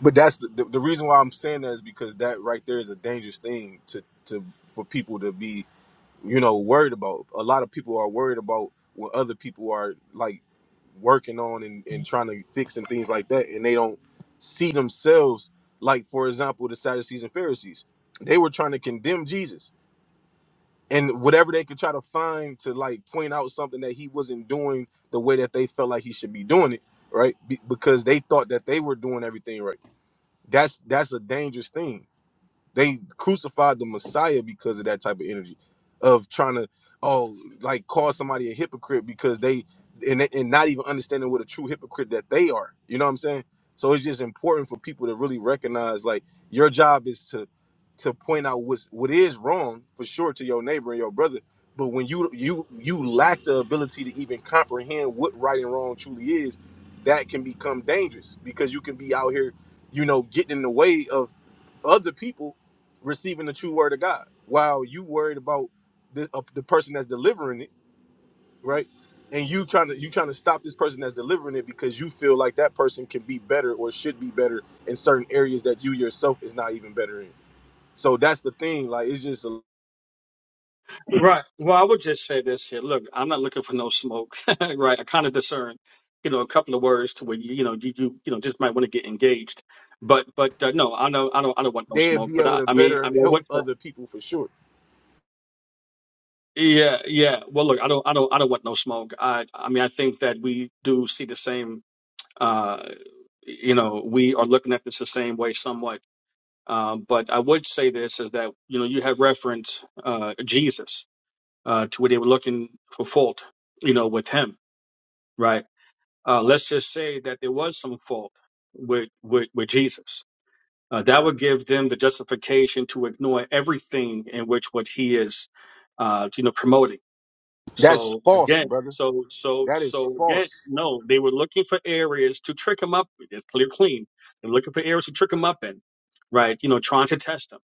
S19: But that's the, the, the reason why I'm saying that is because that right there is a dangerous thing to to for people to be you know worried about a lot of people are worried about what other people are like working on and, and trying to fix and things like that and they don't see themselves like for example the sadducees and pharisees they were trying to condemn jesus and whatever they could try to find to like point out something that he wasn't doing the way that they felt like he should be doing it right Be- because they thought that they were doing everything right that's that's a dangerous thing they crucified the Messiah because of that type of energy, of trying to oh like call somebody a hypocrite because they and they- and not even understanding what a true hypocrite that they are. You know what I'm saying? So it's just important for people to really recognize like your job is to to point out what's what is wrong for sure to your neighbor and your brother. But when you you you lack the ability to even comprehend what right and wrong truly is, that can become dangerous because you can be out here, you know, getting in the way of other people receiving the true word of God, while you worried about the uh, the person that's delivering it, right? And you trying to you trying to stop this person that's delivering it because you feel like that person can be better or should be better in certain areas that you yourself is not even better in. So that's the thing. Like it's just a-
S21: Right. Well, I would just say this here. Look, I'm not looking for no smoke, right? I kind of discern, you know, a couple of words to where you, you know, you, you, you know, just might want to get engaged. But, but uh, no, I know, I don't, I don't want no
S19: they'd
S21: smoke.
S19: be
S21: But
S19: able
S21: I,
S19: to
S21: I mean, I
S19: better
S21: mean,
S19: help
S21: what?
S19: other people for sure.
S21: Yeah, yeah. Well, look, I don't, I don't, I don't want no smoke. I, I mean, I think that we do see the same. Uh, you know, we are looking at this the same way, somewhat. Um, but I would say this is that you know you have referenced uh, Jesus uh, to where they were looking for fault, you know, with him right? Uh, let's just say that there was some fault with with, with Jesus. Uh, that would give them the justification to ignore everything in which what he is, uh, you know, promoting.
S19: That's
S21: So
S19: false,
S21: again,
S19: brother.
S21: so so
S19: That is
S21: so again,
S19: false.
S21: no, they were looking for areas to trick him up. with. It's clear, clean. They're looking for areas to trick him up in, right? You know, trying to test him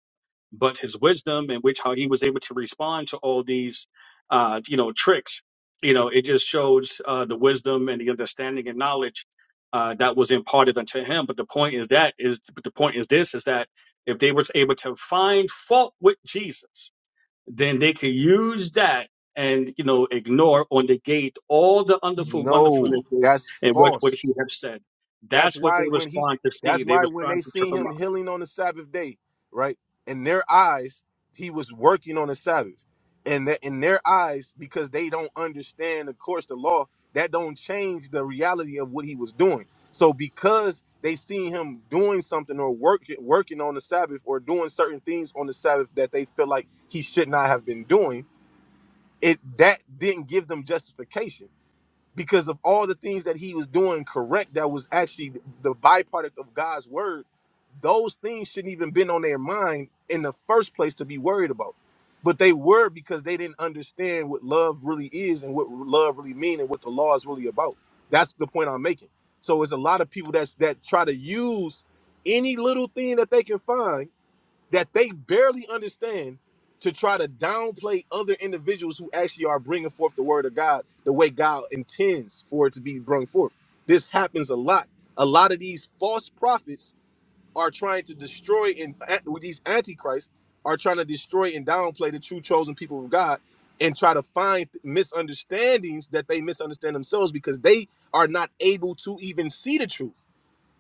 S21: but his wisdom in which how he was able to respond to all these uh you know tricks you know it just shows uh the wisdom and the understanding and knowledge uh that was imparted unto him but the point is that is but the point is this is that if they were able to find fault with jesus then they could use that and you know ignore or negate all the wonderful
S19: No,
S21: wonderfulness
S19: that's
S21: and what would
S19: false.
S21: he have said
S19: That's
S21: that's what they
S19: why
S21: was
S19: when he
S21: trying to
S19: that's
S21: see they
S19: why
S21: was
S19: when they
S21: trying to
S19: seen
S21: trip him
S19: him
S21: up
S19: healing on the Sabbath day, right? In their eyes, he was working on the Sabbath. And that in their eyes, because they don't understand, of course, the law, that don't change the reality of what he was doing. So because they seen him doing something or working working on the Sabbath or doing certain things on the Sabbath that they feel like he should not have been doing, it that didn't give them justification because of all the things that he was doing correct that was actually the byproduct of God's word, those things shouldn't even been on their mind in the first place to be worried about. But they were because they didn't understand what love really is and what love really mean and what the law is really about. That's the point I'm making. So it's a lot of people that's that try to use any little thing that they can find that they barely understand to try to downplay other individuals who actually are bringing forth the word of God the way God intends for it to be brought forth. This happens a lot. A lot of these false prophets are trying to destroy and with these antichrists are trying to destroy and downplay the true chosen people of God and try to find misunderstandings that they misunderstand themselves because they are not able to even see the truth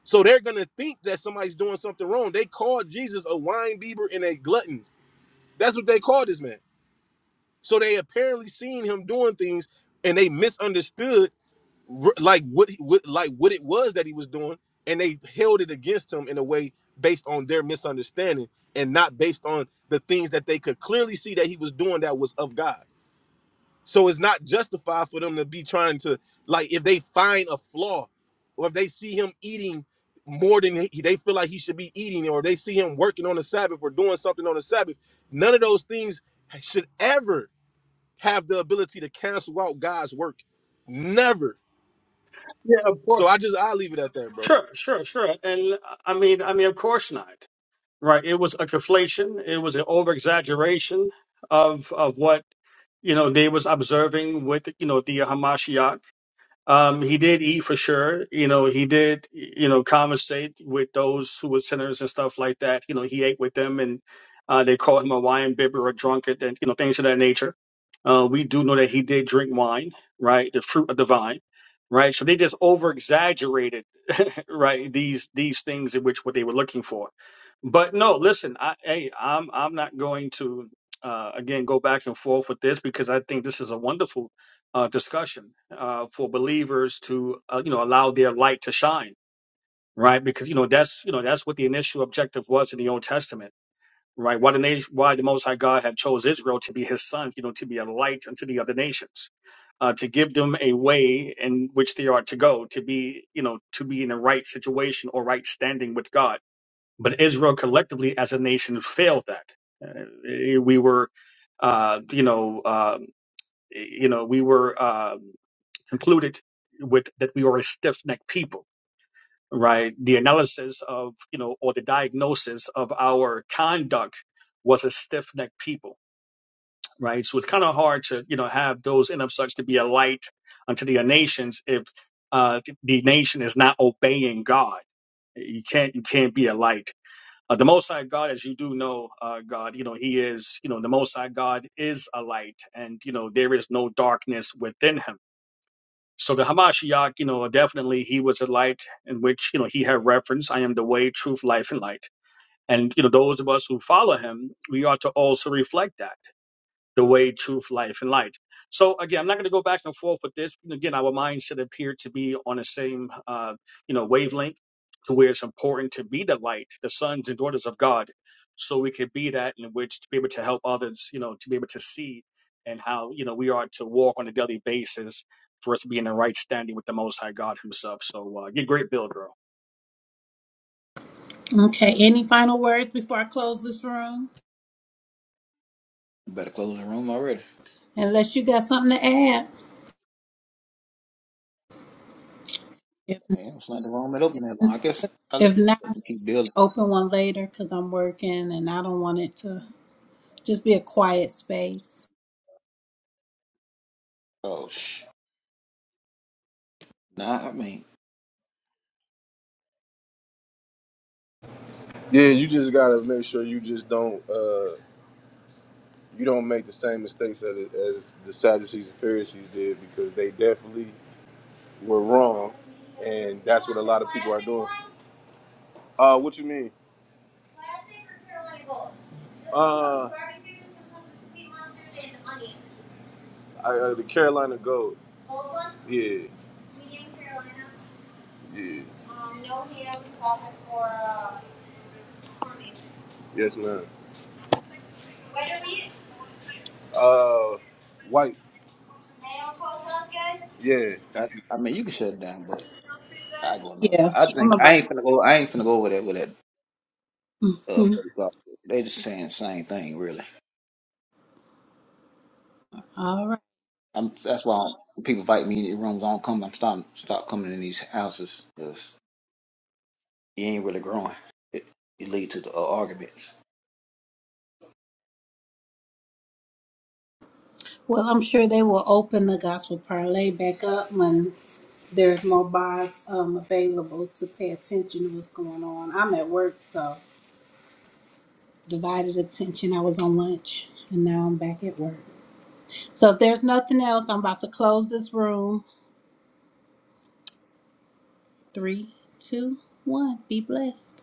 S19: so they're gonna think that somebody's doing something wrong. They called Jesus a wine bibber and a glutton. That's what they called this man. So they apparently seen him doing things, and they misunderstood r- like what, he, what like what it was that he was doing, and they held it against him in a way based on their misunderstanding and not based on the things that they could clearly see that he was doing that was of God. So it's not justified for them to be trying to like if they find a flaw or if they see him eating more than he, they feel like he should be eating or they see him working on the Sabbath or doing something on the Sabbath, none of those things should ever have the ability to cancel out God's work. Never.
S21: yeah of course
S19: So I just I leave it at that, bro.
S21: Sure, sure, sure. And uh, I mean, I mean, of course not. Right? It was a conflation. It was an over exaggeration of of what you know they was observing with you know the Hamashiach. Um, he did eat for sure. You know, he did you know conversate with those who were sinners and stuff like that. You know, he ate with them, and uh, they called him a wine bibber or drunkard, and you know things of that nature. Uh, we do know that he did drink wine, right? The fruit of the vine, right? So they just over exaggerated right? These these things in which what they were looking for. But no, listen, I hey, I'm I'm not going to uh, again go back and forth with this because I think this is a wonderful uh, discussion uh, for believers to uh, you know allow their light to shine, right? Because you know that's you know that's what the initial objective was in the Old Testament right? Why the nation, why the Most High God have chose Israel to be His son, you know, to be a light unto the other nations, uh, to give them a way in which they are to go, to be, you know, to be in the right situation or right standing with God. But Israel collectively as a nation failed that. Uh, we were, uh, you know, uh, you know, we were uh, concluded with that we are a stiff-necked people right? The analysis of, you know, or the diagnosis of our conduct was a stiff necked people, right? So it's kind of hard to, you know, have those in of such to be a light unto the nations if uh, the nation is not obeying God. You can't, you can't be a light. Uh, the Most High God, as you do know, uh, God, you know, He is, you know, the Most High God is a light, and you know there is no darkness within Him so the Hamashiach, you know, definitely he was a light in which, you know, he had reference, I am the way, truth, life, and light. And, you know, those of us who follow him, we ought to also reflect that the way, truth, life, and light. So again, I'm not going to go back and forth with this. Again, our minds should appear to be on the same, uh, you know, wavelength to where it's important to be the light, the sons and daughters of God, so we could be that in which to be able to help others, you know, to be able to see and how, you know, we are to walk on a daily basis for us to be in the right standing with the Most High God himself. So uh, get great build, bro.
S20: Okay, any final words before I close this room?
S16: You better close the room already.
S20: Unless you got something to add. If,
S16: Damn, it's not the room that open that long. I guess I
S20: if
S16: just
S20: not,
S16: keep building.
S20: open one later because I'm working and I don't want it to just be a quiet space.
S16: Oh sh. Nah, I mean,
S19: Yeah, you just gotta make sure you just don't uh you don't make the same mistakes as, as the Sadducees and Pharisees did because they definitely were wrong, and that's what a lot of people are doing. Uh, what you mean? Uh, I, uh the Carolina Gold. Yeah, yeah, yes, ma'am. Uh, white. Yeah,
S16: I, I mean, you can shut it down, but. I go another.
S20: Yeah,
S16: I
S20: I'm
S16: think I
S20: about.
S16: ain't finna go. I ain't finna go over there with that. Uh, fake gospel. They just saying the same thing, really.
S20: All
S16: I'm. That's why when people invite me in rooms. I don't come. I'm stop stop coming in these houses because you ain't really growing. It, it lead to the uh, arguments.
S20: Well, I'm sure they will open the gospel parlay back up when there's more bars um, available to pay attention to what's going on. I'm at work, so divided attention. I was on lunch, and now I'm back at work. So if there's nothing else, I'm about to close this room. Three, two, one. Be blessed.